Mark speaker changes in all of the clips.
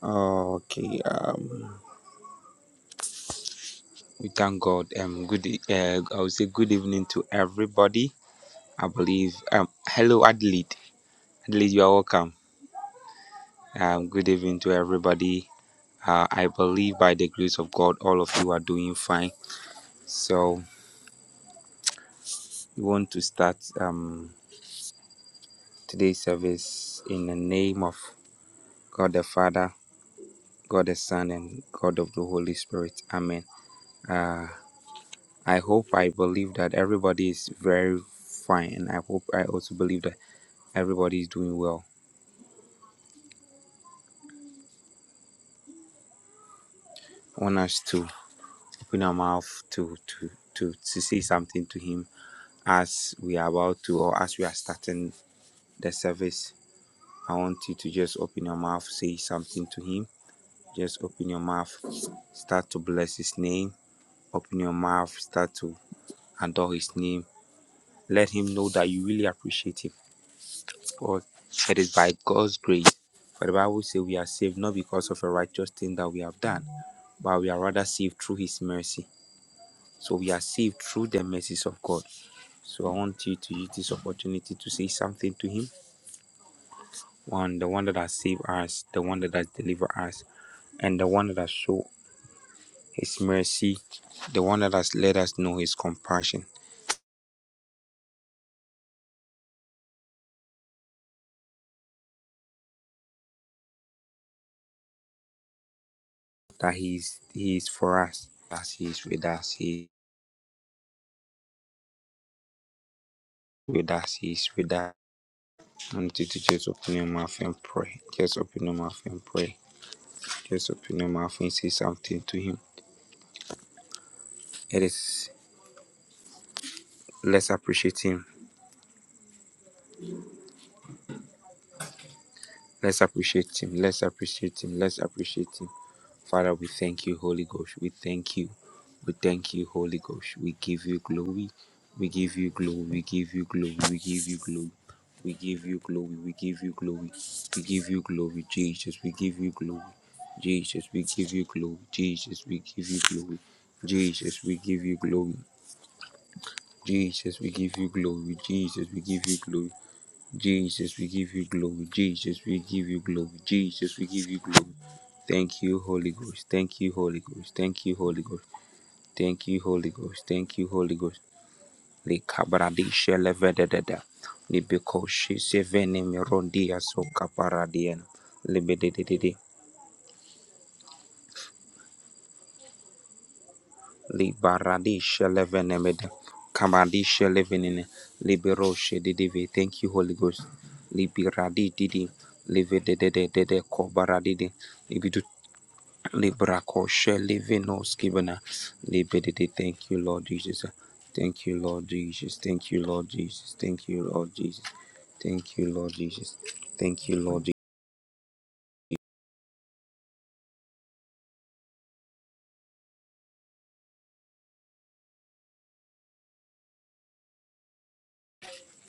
Speaker 1: Okay, um, we thank God. Um, good. e- Uh, I would say good evening to everybody. I believe. Um, hello, Adelaide. Adelaide, you are welcome. Um, good evening to everybody. Uh, I believe by the grace of God, all of you are doing fine. So we want to start um today's service in the name of God the Father, God the Son, and God of the Holy Spirit. Amen. Uh, I hope I believe that everybody is very fine, and I hope I also believe that Everybody's doing well. I want us to open our mouth to to to to say something to him as we are about to or as we are starting the service. I want you to just open your mouth, say something to him. Just open your mouth, start to bless his name. Open your mouth, start to adore his name. Let him know that you really appreciate him. Because it is by God's grace. For the Bible says we are saved not because of a righteous thing that we have done, but we are rather saved through his mercy. So we are saved through the mercies of God. So I want you to use this opportunity to say something to Him. One, the one that has saved us, the one that has delivered us, and the one that has shown His mercy, the one that has let us know His compassion, that He is, he is for us, that He is with us, He is with us, He is with us. I want you to just open your mouth and pray. Just open your mouth and pray. Just open your mouth and say something to Him. It is, let's appreciate Him Let's appreciate Him. Let's appreciate Him. Let's appreciate Him. Father, we thank you, Holy Ghost. We thank you. We thank you, Holy Ghost. We give you glory. We give you glory. We give you glory. We give you glory. We give you glory. We give you glory. We give you glory, Jesus. We give you glory. Jesus, we give you glory. Jesus, we give you glory. Jesus, we give you glory. Jesus, we give you glory. Jesus, we give you glory. Jesus, we give you glory. Jesus, we give you glory. Jesus, we give you glory. Thank you, Holy Ghost. Thank you, Holy Ghost. Thank you, Holy Ghost. Thank you, Holy Ghost. Thank you, Holy Ghost. Le cabradisha levedededa. Libekoshi sevene mirondia so caparadiana. Libededede. Libaradisha levenemeda. Kamadisha levenene. Liberoshe didive. Thank you, Holy Ghost. Liberadi didi. Livedededede kobaradidi. Librakoshe Livinos Kivana Libidity. Thank you, Lord Jesus. Thank you, Lord Jesus. Thank you, Lord Jesus. Thank you, Lord Jesus. Thank you, Lord Jesus. Thank you, Lord Jesus.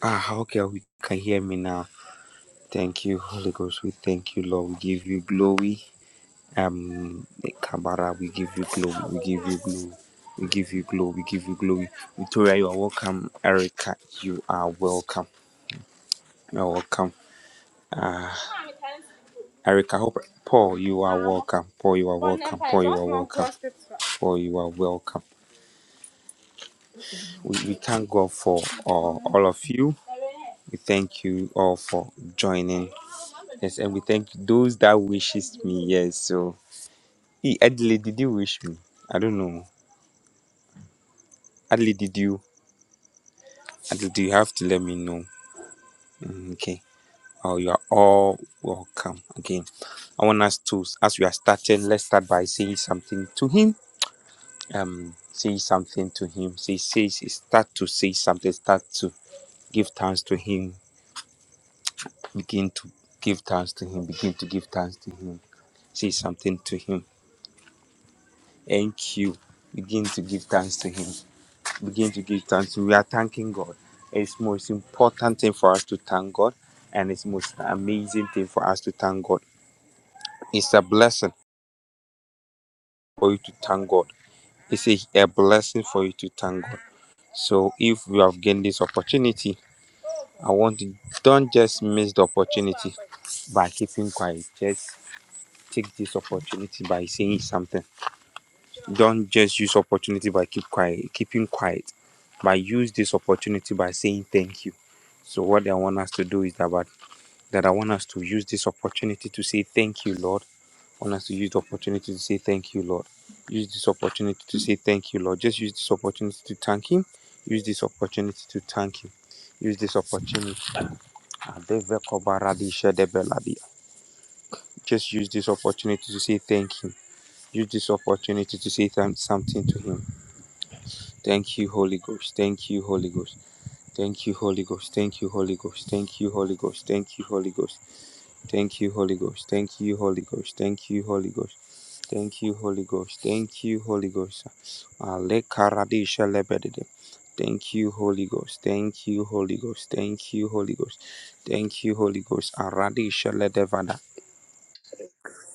Speaker 1: Ah, okay, we can hear me now. Thank you, Holy Ghost. We thank you, Lord. We give you glory. Um, Kabara, we give you glory. We give you glory. We give you glory. We give you glory. Victoria, you are welcome. Erica, you are welcome. You are welcome. Ah, Erica, hope Paul, you are welcome. Paul, you are Paul, you are welcome. We, we thank God for uh, all of you. We thank you all for joining. Yes, and we thank those that wishes me. Yes, so hey, Adley, did you wish me? I don't know. Adley, did you? Adley, do you have to let me know? Mm, okay. Oh, you are all welcome again. I want us to, as we are starting, let's start by saying something to him. Um, say something to him. Say, say, say- start to say something. Start to Give thanks to Him. Begin to give thanks to Him. Begin to give thanks to Him. Say something to Him. Thank you. Begin to give thanks to Him. Begin to give thanks. to him. We are thanking God. It's most important thing for us to thank God, and it's most amazing thing for us to thank God. It's a blessing for you to thank God. It's a, a blessing for you to thank God. So if you have gained this opportunity, I want to don't just miss the opportunity by keeping quiet. Just take this opportunity by saying something. Don't just use opportunity by keep quiet, keeping quiet, but use this opportunity by saying thank you. So what I want us to do is that, but that I want us to use this opportunity to say thank you, Lord. I want us to use the opportunity to say thank you, Lord. Use this opportunity to say thank you, Lord. Just use this opportunity to thank Him. Use this opportunity to thank Him. Use this opportunity. Adeve kobaradi shedebeladea. Just use this opportunity to say thank Him Use this opportunity to say thank something to Him. Thank you, Holy Ghost. Thank you, Holy Ghost. Thank you, Holy Ghost. Thank you, Holy Ghost. Thank you, Holy Ghost. Thank you, Holy Ghost. Thank you, Holy Ghost. Thank you, Holy Ghost. Thank you, Holy Ghost. Thank you, Holy Ghost. Thank you, Holy Ghost. Ale karadisha lebedede. Thank you, Holy Ghost. Thank you, Holy Ghost. Thank you, Holy Ghost. Thank you, Holy Ghost. Aradisha ledevada.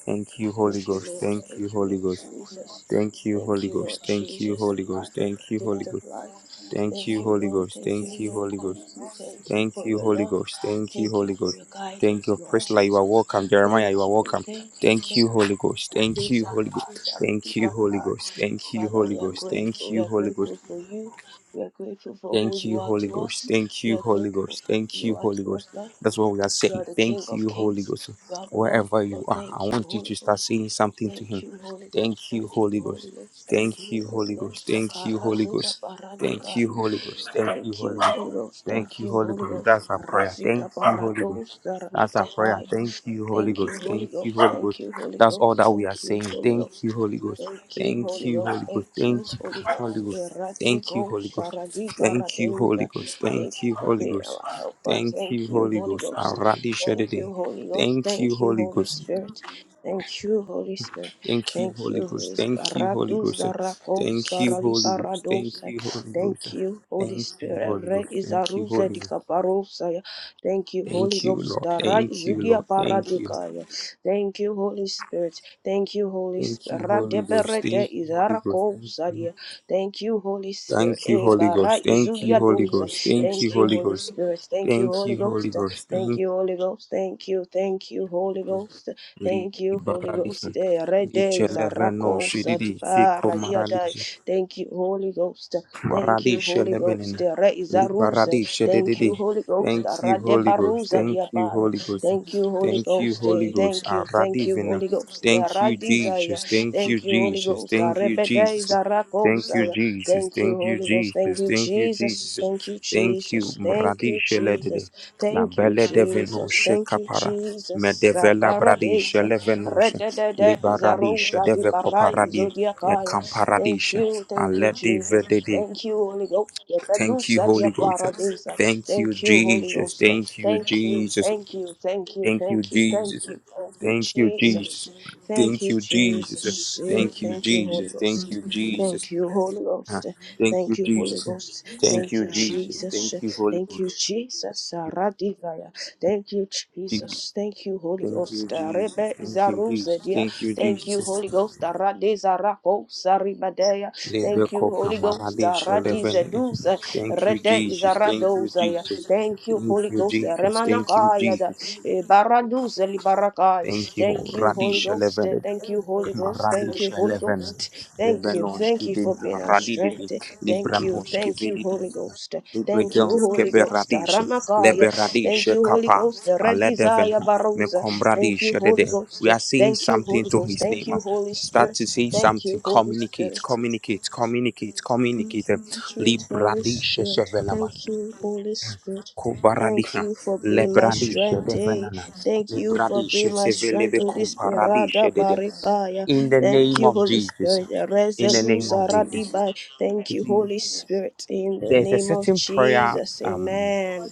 Speaker 1: Thank you, Holy
Speaker 2: Thank you,
Speaker 1: Ghost.
Speaker 2: Lord.
Speaker 1: Thank
Speaker 2: Thank
Speaker 1: you,
Speaker 2: you,
Speaker 1: Holy
Speaker 2: Lord
Speaker 1: Ghost.
Speaker 2: Jesus.
Speaker 1: Thank you,
Speaker 2: Thank
Speaker 1: Holy
Speaker 2: you, Lord
Speaker 1: Ghost. Thank you,
Speaker 2: Jesus.
Speaker 1: Holy
Speaker 2: Thank you
Speaker 1: Ghost.
Speaker 2: for the
Speaker 1: Thank you,
Speaker 2: gift
Speaker 1: Holy
Speaker 2: of
Speaker 1: Ghost.
Speaker 2: life.
Speaker 1: Thank
Speaker 2: Thank
Speaker 1: you,
Speaker 2: you,
Speaker 1: Holy
Speaker 2: Lord.
Speaker 1: Ghost.
Speaker 2: Thank you,
Speaker 1: Thank you,
Speaker 2: Lord.
Speaker 1: Holy Ghost.
Speaker 2: Thank you. Thank you
Speaker 1: Thank
Speaker 2: for
Speaker 1: you,
Speaker 2: your
Speaker 1: Holy
Speaker 2: love.
Speaker 1: Ghost. Thank you,
Speaker 2: Thank you
Speaker 1: Holy
Speaker 2: for
Speaker 1: Ghost.
Speaker 2: your
Speaker 1: Thank
Speaker 2: guidance,
Speaker 1: you,
Speaker 2: Lord
Speaker 1: Priscilla. You are
Speaker 2: Jesus.
Speaker 1: welcome. Jeremiah, you
Speaker 2: Thank
Speaker 1: are
Speaker 2: you.
Speaker 1: welcome.
Speaker 2: Thank you.
Speaker 1: Thank
Speaker 2: Thank
Speaker 1: you, Holy Ghost.
Speaker 2: you.
Speaker 1: Thank you,
Speaker 2: Jesus.
Speaker 1: Holy Ghost. Thank you, Holy Ghost. Thank you,
Speaker 2: Father,
Speaker 1: Holy
Speaker 2: we are
Speaker 1: Ghost. Thank
Speaker 2: grateful. We
Speaker 1: you,
Speaker 2: are
Speaker 1: Holy Ghost.
Speaker 2: grateful for you. We are grateful for who
Speaker 1: Thank
Speaker 2: you
Speaker 1: you,
Speaker 2: are
Speaker 1: Holy
Speaker 2: to
Speaker 1: Ghost.
Speaker 2: us.
Speaker 1: Thank
Speaker 2: We
Speaker 1: you,
Speaker 2: are
Speaker 1: Holy
Speaker 2: grateful
Speaker 1: Ghost.
Speaker 2: for who
Speaker 1: Thank you,
Speaker 2: you are
Speaker 1: Holy
Speaker 2: to us,
Speaker 1: Ghost.
Speaker 2: Lord.
Speaker 1: That's what we are
Speaker 2: You
Speaker 1: saying.
Speaker 2: are the King
Speaker 1: Thank
Speaker 2: of
Speaker 1: you, Holy
Speaker 2: Kings.
Speaker 1: Ghost.
Speaker 2: You are the Lord of
Speaker 1: Wherever you
Speaker 2: Lords.
Speaker 1: are, I
Speaker 2: Thank you,
Speaker 1: want you
Speaker 2: Holy
Speaker 1: to
Speaker 2: Ghost.
Speaker 1: start saying something to
Speaker 2: Thank
Speaker 1: Him.
Speaker 2: you, Holy Ghost.
Speaker 1: Thank you,
Speaker 2: Thank you,
Speaker 1: Holy
Speaker 2: Holy
Speaker 1: Ghost.
Speaker 2: Ghost. Thank
Speaker 1: Thank
Speaker 2: you,
Speaker 1: you,
Speaker 2: Holy
Speaker 1: Holy Ghost.
Speaker 2: Ghost.
Speaker 1: Thank you,
Speaker 2: Takara
Speaker 1: Holy
Speaker 2: zida
Speaker 1: Ghost. Thank
Speaker 2: baraduka
Speaker 1: you, Holy Ghost. Thank you,
Speaker 2: Thank
Speaker 1: Holy
Speaker 2: you, Holy
Speaker 1: Ghost.
Speaker 2: Ghost.
Speaker 1: Thank
Speaker 2: Thank
Speaker 1: you,
Speaker 2: you,
Speaker 1: Holy
Speaker 2: Holy
Speaker 1: Ghost.
Speaker 2: Ghost.
Speaker 1: That's our prayer. Thank
Speaker 2: Rasita
Speaker 1: you, Holy Ghost.
Speaker 2: parados
Speaker 1: That's our prayer.
Speaker 2: darandikapaya.
Speaker 1: Thank you, Holy
Speaker 2: Thank you,
Speaker 1: Ghost.
Speaker 2: Holy
Speaker 1: Thank you,
Speaker 2: Ghost.
Speaker 1: Holy
Speaker 2: Thank
Speaker 1: Ghost.
Speaker 2: you, Holy
Speaker 1: That's all
Speaker 2: Ghost.
Speaker 1: that we are
Speaker 2: Thank you,
Speaker 1: saying.
Speaker 2: Holy
Speaker 1: Thank you,
Speaker 2: Ghost.
Speaker 1: Holy Ghost.
Speaker 2: Thank you,
Speaker 1: Thank
Speaker 2: Holy
Speaker 1: you,
Speaker 2: Ghost.
Speaker 1: Holy Ghost.
Speaker 2: Thank you,
Speaker 1: Thank you,
Speaker 2: Holy Ghost.
Speaker 1: Holy Ghost. Thank you,
Speaker 2: Eratico
Speaker 1: Holy Ghost.
Speaker 2: saradi
Speaker 1: Thank you, Holy
Speaker 2: baradeza.
Speaker 1: Ghost. Thank
Speaker 2: Thank you
Speaker 1: you,
Speaker 2: for
Speaker 1: Holy
Speaker 2: being
Speaker 1: Ghost.
Speaker 2: our helper.
Speaker 1: Thank
Speaker 2: Thank
Speaker 1: you,
Speaker 2: you,
Speaker 1: Holy
Speaker 2: Holy
Speaker 1: Ghost.
Speaker 2: Ghost.
Speaker 1: Aradi
Speaker 2: Thank
Speaker 1: Shadede.
Speaker 2: you, Holy Ghost.
Speaker 1: Thank you,
Speaker 2: Thank you,
Speaker 1: Holy
Speaker 2: Holy
Speaker 1: Ghost.
Speaker 2: Spirit. Thank you, Holy Spirit.
Speaker 1: Thank you,
Speaker 2: Thank
Speaker 1: Holy
Speaker 2: you, Holy
Speaker 1: Ghost.
Speaker 2: Spirit.
Speaker 1: Thank you, Holy
Speaker 2: Radu
Speaker 1: Ghost.
Speaker 2: zarako
Speaker 1: Thank you,
Speaker 2: sarali
Speaker 1: Holy Ghost.
Speaker 2: parados.
Speaker 1: Thank you, Holy Ghost.
Speaker 2: Thank you, Holy
Speaker 1: Thank you,
Speaker 2: Spirit.
Speaker 1: Holy
Speaker 2: Re
Speaker 1: Ghost. Thank you,
Speaker 2: izaruze
Speaker 1: Holy Ghost.
Speaker 2: dikaparosaya. Thank you, Holy
Speaker 1: Thank you,
Speaker 2: Ghost.
Speaker 1: Lord.
Speaker 2: Dara
Speaker 1: Thank you,
Speaker 2: izudia
Speaker 1: Lord. Thank you.
Speaker 2: paradikaya. Thank you, Holy Spirit. Thank you, Holy
Speaker 1: Thank
Speaker 2: Spirit.
Speaker 1: you, Holy Ghost.
Speaker 2: Radebere de
Speaker 1: Thank you, Holy Ghost. Thank you.
Speaker 2: izarakosadia. Thank you, Holy Spirit.
Speaker 1: Thank you, Holy
Speaker 2: Ebara
Speaker 1: Ghost. Thank you,
Speaker 2: izudia
Speaker 1: Holy
Speaker 2: dosa.
Speaker 1: Ghost. Thank you,
Speaker 2: Thank you,
Speaker 1: Holy
Speaker 2: Holy
Speaker 1: Ghost.
Speaker 2: Spirit. Thank you,
Speaker 1: Thank
Speaker 2: Holy
Speaker 1: you, Holy
Speaker 2: Ghost.
Speaker 1: Ghost.
Speaker 2: Thank
Speaker 1: Thank
Speaker 2: you, Holy Ghost. Thank you, thank you, Holy Ghost.
Speaker 1: you.
Speaker 2: Thank you, Holy
Speaker 1: Libaradihi.
Speaker 2: Ghost. Eh, Rede
Speaker 1: Licheleveno shididi. Siko
Speaker 2: izarakosadibara yadai.
Speaker 1: maradishi.
Speaker 2: Thank you, Holy Ghost. Thank you,
Speaker 1: Maradishi
Speaker 2: Holy Ghost.
Speaker 1: lebenina.
Speaker 2: The Re is a ruse.
Speaker 1: Libaradi de de
Speaker 2: Thank you,
Speaker 1: de.
Speaker 2: Holy Ghost. The
Speaker 1: Thank you,
Speaker 2: Rade
Speaker 1: Holy Ghost.
Speaker 2: Baruza
Speaker 1: Thank you,
Speaker 2: Diabaya.
Speaker 1: Holy Ghost.
Speaker 2: Thank you, Holy
Speaker 1: Thank you,
Speaker 2: Ghost.
Speaker 1: Holy
Speaker 2: Eh,
Speaker 1: Ghost.
Speaker 2: Thank you,
Speaker 1: Aradi
Speaker 2: thank you,
Speaker 1: Aradivina.
Speaker 2: Holy Ghost. The
Speaker 1: Thank you,
Speaker 2: Radizaya.
Speaker 1: Jesus. Thank you,
Speaker 2: Thank you, Holy
Speaker 1: Jesus.
Speaker 2: Ghost. The
Speaker 1: Thank you,
Speaker 2: Rebede
Speaker 1: Jesus.
Speaker 2: is a
Speaker 1: Thank you,
Speaker 2: Rakosaya.
Speaker 1: Jesus.
Speaker 2: Thank you,
Speaker 1: Thank you,
Speaker 2: Holy Ghost. Thank
Speaker 1: Jesus.
Speaker 2: you,
Speaker 1: Thank you, Jesus.
Speaker 2: Jesus. Thank you,
Speaker 1: Thank you,
Speaker 2: Jesus. Thank you,
Speaker 1: Bradiche
Speaker 2: Jesus.
Speaker 1: Ledede. La
Speaker 2: Thank you,
Speaker 1: belle
Speaker 2: Jesus.
Speaker 1: devenosce
Speaker 2: Thank you,
Speaker 1: capara. Me
Speaker 2: Jesus.
Speaker 1: devela bradiche
Speaker 2: Sakaradeza.
Speaker 1: levenosce.
Speaker 2: Redede is a
Speaker 1: Liberadiche
Speaker 2: rosa di
Speaker 1: deve
Speaker 2: barai
Speaker 1: coparadi. E
Speaker 2: zodiacaya. Thank
Speaker 1: camparadiche.
Speaker 2: you, thank you, Jesus.
Speaker 1: Alle
Speaker 2: Thank you, Holy Ghost.
Speaker 1: Thank you,
Speaker 2: Yakadusa dia
Speaker 1: Holy Ghost.
Speaker 2: paradisa.
Speaker 1: Thank you,
Speaker 2: Thank you, Holy
Speaker 1: Jesus.
Speaker 2: Ghost.
Speaker 1: Thank you,
Speaker 2: Thank you,
Speaker 1: Jesus.
Speaker 2: thank you, thank you,
Speaker 1: Thank you,
Speaker 2: thank you, thank
Speaker 1: Jesus.
Speaker 2: you, thank you,
Speaker 1: Thank you, Jesus.
Speaker 2: Jesus. Thank
Speaker 1: Thank
Speaker 2: you,
Speaker 1: you, Jesus.
Speaker 2: Jesus. Eh,
Speaker 1: Thank you,
Speaker 2: Thank you, Holy
Speaker 1: Jesus. Thank
Speaker 2: Ghost.
Speaker 1: you,
Speaker 2: Thank
Speaker 1: Jesus.
Speaker 2: you, Holy
Speaker 1: Ah,
Speaker 2: Ghost.
Speaker 1: Thank you,
Speaker 2: Thank you, Holy
Speaker 1: Jesus.
Speaker 2: Ghost.
Speaker 1: Thank
Speaker 2: Thank
Speaker 1: you,
Speaker 2: you,
Speaker 1: Jesus.
Speaker 2: Jesus.
Speaker 1: Thank you, Holy
Speaker 2: Thank
Speaker 1: Ghost.
Speaker 2: you, Jesus. Radigaya. Thank you,
Speaker 1: Jesus.
Speaker 2: Jesus. Thank you, Holy
Speaker 1: Thank
Speaker 2: Ghost.
Speaker 1: you, Jesus.
Speaker 2: Rebe
Speaker 1: Thank you, Jesus.
Speaker 2: Zarusa
Speaker 1: Thank you,
Speaker 2: Thank you,
Speaker 1: Jesus.
Speaker 2: Holy Ghost. Aradeza rako saribadea.
Speaker 1: Lebe
Speaker 2: Thank you,
Speaker 1: kopa
Speaker 2: Holy Ghost.
Speaker 1: maradesha
Speaker 2: Aradiza
Speaker 1: levenene.
Speaker 2: duza
Speaker 1: Thank you,
Speaker 2: rede
Speaker 1: Jesus. Thank you,
Speaker 2: izaradoza ya.
Speaker 1: Jesus.
Speaker 2: Thank you,
Speaker 1: Thank
Speaker 2: Holy
Speaker 1: you,
Speaker 2: Ghost.
Speaker 1: Jesus. Thank you,
Speaker 2: Remanakaya da
Speaker 1: Jesus.
Speaker 2: Eh, baraduza libarakai.
Speaker 1: Thank you,
Speaker 2: Thank you, Holy
Speaker 1: Radish
Speaker 2: Ghost.
Speaker 1: Eleven,
Speaker 2: Thank you, Holy Ghost. Thank
Speaker 1: Radish
Speaker 2: you, Holy
Speaker 1: Eleven,
Speaker 2: Ghost. Thank you. Thank
Speaker 1: Lebenonski,
Speaker 2: you for being our
Speaker 1: Radididi,
Speaker 2: strength. Thank you.
Speaker 1: Librandoski,
Speaker 2: Thank you,
Speaker 1: Velidi,
Speaker 2: Holy Ghost. Thank you,
Speaker 1: Libredonski,
Speaker 2: Holy Ghost.
Speaker 1: Beradish,
Speaker 2: Ramakaya. Thank
Speaker 1: Leberadish,
Speaker 2: you, Holy
Speaker 1: Kappa,
Speaker 2: Ghost. Red
Speaker 1: Aledeven,
Speaker 2: desire, Barosa. Thank you,
Speaker 1: Mekombradish,
Speaker 2: Holy
Speaker 1: Dede.
Speaker 2: Ghost.
Speaker 1: We are saying
Speaker 2: Thank you,
Speaker 1: something
Speaker 2: Holy
Speaker 1: to
Speaker 2: Ghost.
Speaker 1: his
Speaker 2: Thank
Speaker 1: name.
Speaker 2: you, Holy
Speaker 1: Start
Speaker 2: Spirit.
Speaker 1: to say
Speaker 2: Thank
Speaker 1: something.
Speaker 2: you, Holy
Speaker 1: Communicate,
Speaker 2: Spirit.
Speaker 1: communicate, communicate, communicate.
Speaker 2: Sweet Holy
Speaker 1: Libradish,
Speaker 2: Spirit.
Speaker 1: Shevelama.
Speaker 2: Thank you, Holy Spirit. Thank
Speaker 1: Cobaradisha,
Speaker 2: you for being my
Speaker 1: Lebradisha,
Speaker 2: strength. eh.
Speaker 1: Devanana,
Speaker 2: Thank you for being
Speaker 1: Lebradisha,
Speaker 2: my strength,
Speaker 1: Sevelebe
Speaker 2: Holy Spirit.
Speaker 1: Comparadisha,
Speaker 2: Rada
Speaker 1: Dede.
Speaker 2: barikaya.
Speaker 1: In the
Speaker 2: Thank
Speaker 1: name
Speaker 2: you,
Speaker 1: of
Speaker 2: Holy
Speaker 1: Jesus.
Speaker 2: Spirit.
Speaker 1: In the name
Speaker 2: Reselusa
Speaker 1: of Jesus.
Speaker 2: radibai. Thank
Speaker 1: You
Speaker 2: you,
Speaker 1: see,
Speaker 2: Holy Spirit. In the
Speaker 1: there's a
Speaker 2: name of
Speaker 1: certain prayer.
Speaker 2: Jesus.
Speaker 1: Um,
Speaker 2: Amen.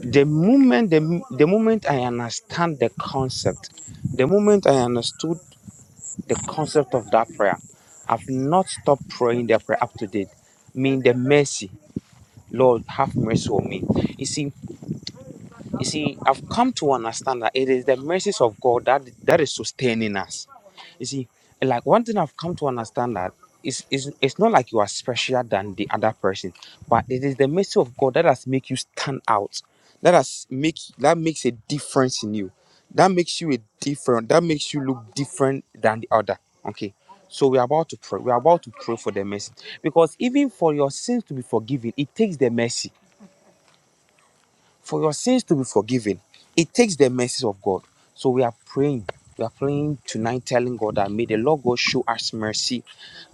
Speaker 1: the moment the, the moment I understand the concept, the moment I understood the concept of that prayer, I've not stopped praying that prayer up to date. Mean the mercy, Lord, have mercy on me. You see, You see, I've come to understand that it is the mercies of God that that is sustaining us. You see, like one thing I've come to understand that is is it's not like you are special than the other person, but it is the mercy of God that has make you stand out. That has make that makes a difference in you. That makes you a different. That makes you look different than the other. Okay. So we're about to pray. We're about to pray for the mercy. Because even for your sins to be forgiven, it takes the mercy for your sins to be forgiven, it takes the mercies of God. So we are praying. We are praying tonight, telling God that may the Lord God show us mercy,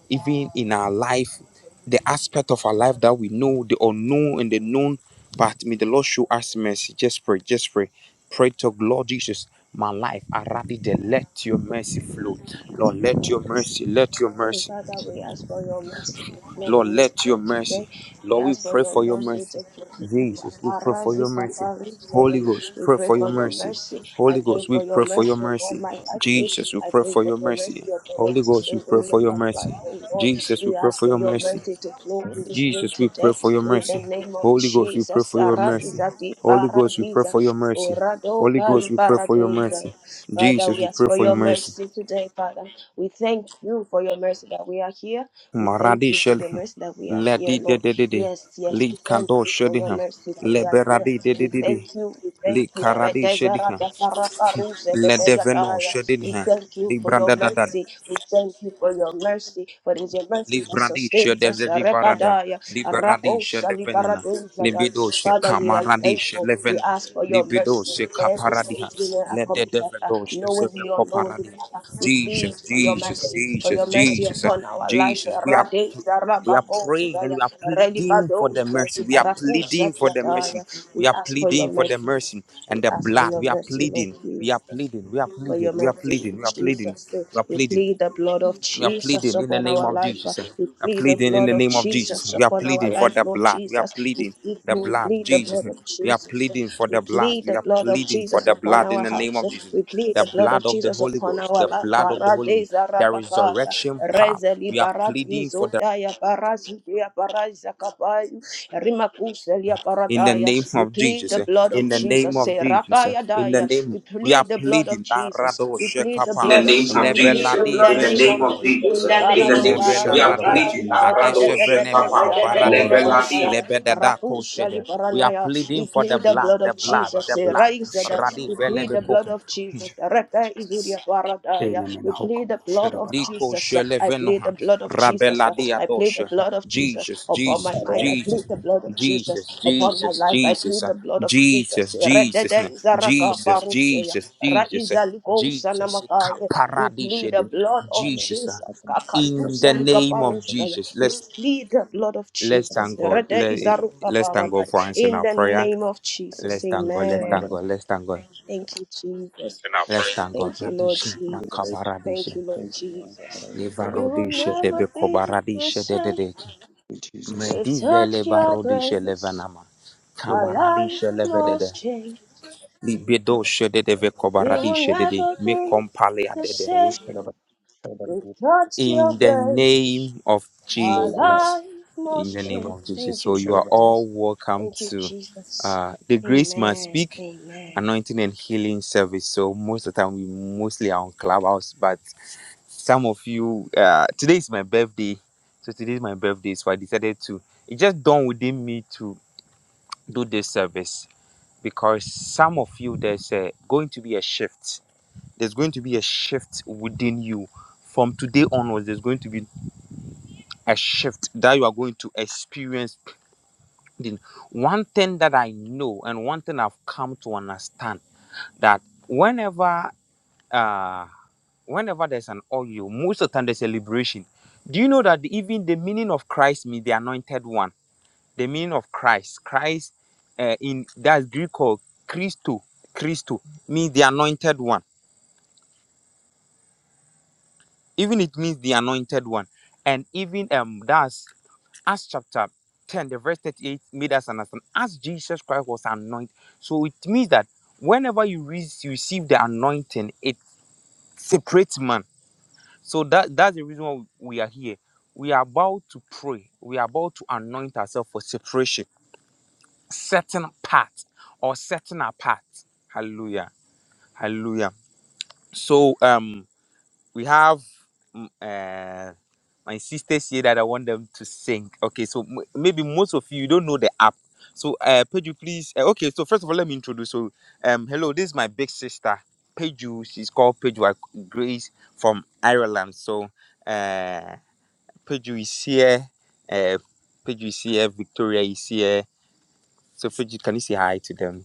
Speaker 1: even in our life, the aspect of our life that we know, the unknown and the known. But may the Lord show us mercy. Just pray, just pray. Pray to Lord Jesus, my life. I rather let your mercy flow. Lord, let your mercy, let your
Speaker 2: Hey,
Speaker 1: mercy.
Speaker 2: Father, we ask for your mercy to flow
Speaker 1: Lord,
Speaker 2: in this
Speaker 1: let
Speaker 2: room
Speaker 1: your
Speaker 2: today.
Speaker 1: mercy.
Speaker 2: We
Speaker 1: Lord, we
Speaker 2: ask for
Speaker 1: pray
Speaker 2: your
Speaker 1: for your
Speaker 2: mercy
Speaker 1: mercy.
Speaker 2: to flow in this
Speaker 1: Jesus, we pray for your
Speaker 2: Parazika
Speaker 1: mercy.
Speaker 2: Parusaya.
Speaker 1: Holy Ghost,
Speaker 2: We
Speaker 1: pray
Speaker 2: pray
Speaker 1: for your
Speaker 2: for your
Speaker 1: mercy.
Speaker 2: mercy. I
Speaker 1: Holy
Speaker 2: pray
Speaker 1: Ghost, we
Speaker 2: for your
Speaker 1: pray for your
Speaker 2: mercy upon
Speaker 1: mercy.
Speaker 2: my life.
Speaker 1: Jesus, we
Speaker 2: I
Speaker 1: pray
Speaker 2: pray
Speaker 1: for
Speaker 2: for
Speaker 1: your
Speaker 2: your
Speaker 1: mercy.
Speaker 2: mercy upon
Speaker 1: Holy
Speaker 2: every
Speaker 1: Ghost, we pray
Speaker 2: single
Speaker 1: for your
Speaker 2: member's life,
Speaker 1: mercy.
Speaker 2: oh Lord.
Speaker 1: Jesus, we
Speaker 2: We
Speaker 1: pray
Speaker 2: ask
Speaker 1: for
Speaker 2: for
Speaker 1: your
Speaker 2: your
Speaker 1: mercy.
Speaker 2: mercy to flow in this room
Speaker 1: Jesus, we
Speaker 2: today.
Speaker 1: pray for your
Speaker 2: In the
Speaker 1: mercy.
Speaker 2: name of
Speaker 1: Holy Ghost, we pray
Speaker 2: Jesus.
Speaker 1: for your
Speaker 2: Ara
Speaker 1: mercy.
Speaker 2: Izati
Speaker 1: Holy Ghost, we pray
Speaker 2: Paradiza.
Speaker 1: for your mercy.
Speaker 2: Orado
Speaker 1: Holy Ghost,
Speaker 2: Kari
Speaker 1: we pray for your
Speaker 2: Paradisa.
Speaker 1: mercy.
Speaker 2: Father,
Speaker 1: Jesus,
Speaker 2: we
Speaker 1: we
Speaker 2: ask
Speaker 1: pray
Speaker 2: for
Speaker 1: for
Speaker 2: your
Speaker 1: your mercy.
Speaker 2: mercy today, Father. We thank you for your mercy that we are here. We thank
Speaker 1: Maradi
Speaker 2: you for your
Speaker 1: Shelham,
Speaker 2: mercy that we are here,
Speaker 1: Lady
Speaker 2: Lord.
Speaker 1: Dedede,
Speaker 2: Yes, yes,
Speaker 1: Lee
Speaker 2: we thank
Speaker 1: Kando
Speaker 2: you for your
Speaker 1: Shediham,
Speaker 2: mercy that we are here.
Speaker 1: Leberadi
Speaker 2: We
Speaker 1: Dedede,
Speaker 2: thank you, we thank
Speaker 1: Lee
Speaker 2: you.
Speaker 1: Karadi
Speaker 2: Redezera
Speaker 1: Shediham,
Speaker 2: de karakaruze de
Speaker 1: Ledeveno
Speaker 2: beyataya. We
Speaker 1: Shediham,
Speaker 2: thank you
Speaker 1: Lee
Speaker 2: for your
Speaker 1: Branda da da
Speaker 2: mercy. We thank you for your mercy. For it is your mercy that
Speaker 1: Libradisha
Speaker 2: sustains
Speaker 1: de
Speaker 2: us.
Speaker 1: Livarada,
Speaker 2: Rebadaya.
Speaker 1: Liberadisha
Speaker 2: Rakosa
Speaker 1: de Venena,
Speaker 2: libaradeza da.
Speaker 1: Libidosha
Speaker 2: Father, we are grateful
Speaker 1: Camaradisha
Speaker 2: merciful. We
Speaker 1: Levena,
Speaker 2: ask for your mercy
Speaker 1: Libidosha
Speaker 2: for every
Speaker 1: Caparadiha,
Speaker 2: sins we may have
Speaker 1: Let the
Speaker 2: committed, uh,
Speaker 1: Devadosh the
Speaker 2: knowingly or unknowingly,
Speaker 1: Coparadi.
Speaker 2: Father. We plead
Speaker 1: Jesus,
Speaker 2: for your
Speaker 1: Jesus,
Speaker 2: mercy, for your
Speaker 1: Jesus,
Speaker 2: mercy
Speaker 1: Jesus, uh,
Speaker 2: upon our life.
Speaker 1: Jesus. We are
Speaker 2: Rade
Speaker 1: we are
Speaker 2: zarababo
Speaker 1: praying and
Speaker 2: shaya,
Speaker 1: we are pleading for
Speaker 2: redibado
Speaker 1: the
Speaker 2: shaya,
Speaker 1: mercy. We are pleading for the mercy.
Speaker 2: rakusatiataya. We
Speaker 1: We are
Speaker 2: ask for your
Speaker 1: pleading for the
Speaker 2: mercy.
Speaker 1: mercy
Speaker 2: We
Speaker 1: and the
Speaker 2: ask for
Speaker 1: blood.
Speaker 2: your
Speaker 1: We are
Speaker 2: mercy, Lord
Speaker 1: pleading. We are
Speaker 2: Jesus
Speaker 1: pleading. We are
Speaker 2: for
Speaker 1: pleading.
Speaker 2: your
Speaker 1: We are
Speaker 2: mercy,
Speaker 1: pleading.
Speaker 2: Lord
Speaker 1: We are pleading.
Speaker 2: Jesus. eh.
Speaker 1: We are
Speaker 2: We
Speaker 1: pleading.
Speaker 2: plead the blood of
Speaker 1: We are
Speaker 2: Jesus
Speaker 1: pleading in the
Speaker 2: upon
Speaker 1: name
Speaker 2: our
Speaker 1: of
Speaker 2: life. uh,
Speaker 1: Jesus. We
Speaker 2: We
Speaker 1: are
Speaker 2: plead the
Speaker 1: pleading in
Speaker 2: blood
Speaker 1: the
Speaker 2: of
Speaker 1: name of Jesus.
Speaker 2: Jesus
Speaker 1: We are
Speaker 2: upon our
Speaker 1: pleading for
Speaker 2: life,
Speaker 1: the
Speaker 2: Lord
Speaker 1: blood. We are
Speaker 2: Jesus. We
Speaker 1: pleading
Speaker 2: plead,
Speaker 1: the
Speaker 2: we
Speaker 1: blood,
Speaker 2: plead the
Speaker 1: Jesus.
Speaker 2: blood of
Speaker 1: We are
Speaker 2: Jesus. uh,
Speaker 1: pleading for
Speaker 2: We
Speaker 1: the blood.
Speaker 2: plead
Speaker 1: We
Speaker 2: the
Speaker 1: are
Speaker 2: blood of
Speaker 1: pleading for
Speaker 2: Jesus
Speaker 1: the
Speaker 2: upon
Speaker 1: blood in
Speaker 2: our
Speaker 1: the name
Speaker 2: house.
Speaker 1: of
Speaker 2: uh,
Speaker 1: Jesus.
Speaker 2: We plead
Speaker 1: The
Speaker 2: the blood of
Speaker 1: blood of the
Speaker 2: Jesus
Speaker 1: Holy
Speaker 2: upon
Speaker 1: Ghost,
Speaker 2: our
Speaker 1: the
Speaker 2: life.
Speaker 1: blood of the Holy Ghost,
Speaker 2: Paradeza
Speaker 1: the
Speaker 2: rabakaya,
Speaker 1: resurrection power.
Speaker 2: rezeli
Speaker 1: We are pleading for
Speaker 2: paradiso daya parazidia parazakabai, Selia
Speaker 1: in the
Speaker 2: Paradaya.
Speaker 1: name
Speaker 2: We
Speaker 1: of
Speaker 2: plead
Speaker 1: Jesus,
Speaker 2: the
Speaker 1: eh,
Speaker 2: blood of
Speaker 1: in the name
Speaker 2: Jesus.
Speaker 1: of
Speaker 2: Say
Speaker 1: Jesus, eh,
Speaker 2: Rakaya
Speaker 1: in the
Speaker 2: Daya.
Speaker 1: name
Speaker 2: We
Speaker 1: we are
Speaker 2: plead the blood of
Speaker 1: pleading
Speaker 2: Jesus.
Speaker 1: Barado
Speaker 2: We plead the
Speaker 3: In
Speaker 1: Shekapam,
Speaker 3: the
Speaker 2: blood of
Speaker 3: name of
Speaker 2: Jesus.
Speaker 3: Jesus, in
Speaker 2: In
Speaker 1: Lebeladi
Speaker 2: the
Speaker 3: the
Speaker 2: name
Speaker 3: name
Speaker 2: of
Speaker 3: of
Speaker 2: Jesus.
Speaker 3: Jesus,
Speaker 1: Vedosh,
Speaker 3: in
Speaker 2: Ikara
Speaker 3: the
Speaker 2: di
Speaker 3: name of
Speaker 1: Odishe
Speaker 3: Jesus,
Speaker 2: para
Speaker 1: Bela
Speaker 3: we are
Speaker 2: desa.
Speaker 1: Radia.
Speaker 3: pleading. Rado
Speaker 1: Adeshe
Speaker 2: Rededededede
Speaker 3: Shekapa,
Speaker 1: Venemeko
Speaker 2: zarado
Speaker 1: Baradish
Speaker 2: saradaya.
Speaker 1: Lebedada
Speaker 2: Raku sali
Speaker 1: Koshede. We are
Speaker 2: paranaya.
Speaker 1: pleading
Speaker 2: We
Speaker 1: for the
Speaker 2: plead the
Speaker 1: blood,
Speaker 2: blood
Speaker 1: the
Speaker 2: of
Speaker 1: blood,
Speaker 2: Jesus.
Speaker 1: the
Speaker 2: Say
Speaker 1: blood.
Speaker 2: Raizada.
Speaker 1: Radi
Speaker 2: We plead the blood
Speaker 1: Velebeko.
Speaker 2: of Jesus.
Speaker 3: Leveladi,
Speaker 2: Reka izuria
Speaker 3: Jesus.
Speaker 2: paradaya.
Speaker 3: Amen.
Speaker 2: We
Speaker 3: Hoka,
Speaker 2: plead the blood of
Speaker 3: Shadabah,
Speaker 2: Jesus.
Speaker 1: Nico
Speaker 2: Jesus. I plead
Speaker 1: Shelevenoha,
Speaker 2: the blood of Jesus.
Speaker 1: Rabeladia
Speaker 2: I plead the
Speaker 1: Dosha,
Speaker 2: blood of Jesus
Speaker 1: Jesus,
Speaker 2: upon my
Speaker 1: Jesus,
Speaker 2: mind. I plead
Speaker 1: Jesus,
Speaker 2: the blood of Jesus
Speaker 1: Jesus,
Speaker 2: upon my
Speaker 1: Jesus,
Speaker 2: life. I
Speaker 1: Jesus,
Speaker 2: plead
Speaker 1: uh,
Speaker 2: the blood of
Speaker 1: Jesus,
Speaker 2: Jesus.
Speaker 1: Jesus,
Speaker 2: Redede
Speaker 1: uh,
Speaker 2: izaraka
Speaker 1: Jesus,
Speaker 2: parousia.
Speaker 1: Jesus, Jesus, uh,
Speaker 2: Raizaliko
Speaker 1: Jesus,
Speaker 2: sanamakaye. We plead the
Speaker 1: Kaparadished,
Speaker 2: blood of
Speaker 1: Jesus, uh,
Speaker 2: Jesus.
Speaker 1: in the
Speaker 2: Kakaduselika
Speaker 1: name of
Speaker 2: parousia.
Speaker 1: Jesus.
Speaker 2: We
Speaker 1: Let's
Speaker 2: plead the blood of
Speaker 1: let's
Speaker 2: Jesus.
Speaker 1: thank God.
Speaker 2: Rede
Speaker 1: Let,
Speaker 2: izaruka
Speaker 1: let's thank God
Speaker 2: paradai.
Speaker 1: for answering
Speaker 2: In
Speaker 1: our
Speaker 2: the
Speaker 1: prayer.
Speaker 2: name of Jesus.
Speaker 1: Let's thank God. Let's
Speaker 2: Amen.
Speaker 1: thank God. Let's thank God.
Speaker 2: Thank you, Jesus. in our
Speaker 1: Let's
Speaker 2: prayer.
Speaker 1: thank God.
Speaker 2: Thank you, Lord
Speaker 1: Radish,
Speaker 2: Jesus. Thank
Speaker 1: Makabaradish.
Speaker 2: you, Lord Jesus. We will
Speaker 1: Levarodisha de
Speaker 2: never be the
Speaker 1: Becobaradisha de
Speaker 2: same.
Speaker 1: Dedeki.
Speaker 3: Jesus.
Speaker 2: We've
Speaker 1: Medive
Speaker 2: touched your
Speaker 1: levarodisha
Speaker 2: grace.
Speaker 1: levanama.
Speaker 2: Our
Speaker 3: Shadabah,
Speaker 2: life
Speaker 1: Camaradisha
Speaker 3: Shadabah,
Speaker 1: levedede.
Speaker 2: must change.
Speaker 1: Libedosha de
Speaker 2: We will
Speaker 1: Becobaradisha de de.
Speaker 2: never
Speaker 1: Me
Speaker 2: be
Speaker 1: compalia
Speaker 2: the
Speaker 1: de de.
Speaker 2: same. We've touched your
Speaker 1: In the
Speaker 2: grace.
Speaker 1: name of
Speaker 2: Our
Speaker 3: Shadabah,
Speaker 1: Jesus.
Speaker 2: life
Speaker 1: In
Speaker 2: must
Speaker 1: the name
Speaker 3: Shadabah, Shadabah,
Speaker 2: change.
Speaker 1: of Jesus.
Speaker 2: Thank you,
Speaker 1: So you are
Speaker 3: Shadabah,
Speaker 1: all
Speaker 2: Jesus.
Speaker 1: welcome
Speaker 2: Thank you,
Speaker 1: to
Speaker 2: Jesus.
Speaker 1: uh, the Grace Must
Speaker 2: Amen.
Speaker 1: Speak
Speaker 2: Amen.
Speaker 1: Anointing and Healing Service. So most of the time we mostly are on Clubhouse, but some of you uh, today is my birthday. So today is my birthday. So I decided to it just dawned within me to do this service because some of you there's a, going to be a shift. There's going to be a shift within you. From today onwards, there's going to be a shift that you are going to experience in one thing that i know and one thing i've come to understand that whenever uh whenever there's an oil most of the time there's a liberation do you know that even the meaning of christ means the anointed one the meaning of christ christ uh, in that's greek called christo christo means the anointed one even it means the anointed one and even um that's Acts chapter 10, the verse 38 made us understand as Jesus Christ was anointed. So it means that whenever you re- receive the anointing, it separates man. So that, that's the reason why we are here. We are about to pray. We are about to anoint ourselves for separation, certain part or setting apart. Hallelujah. Hallelujah. So um we have m- uh, my sister said that I want them to sing. Okay, so m- maybe most of you don't know the app. So, uh, Peju, please. Uh, okay, so first of all, let me introduce. So, um, hello, this is my big sister, Peju. She's called Peju Ak- Grace from Ireland. So, uh, Peju is here. Uh, Peju is here. Victoria is here. So, Peju, can you say hi to them?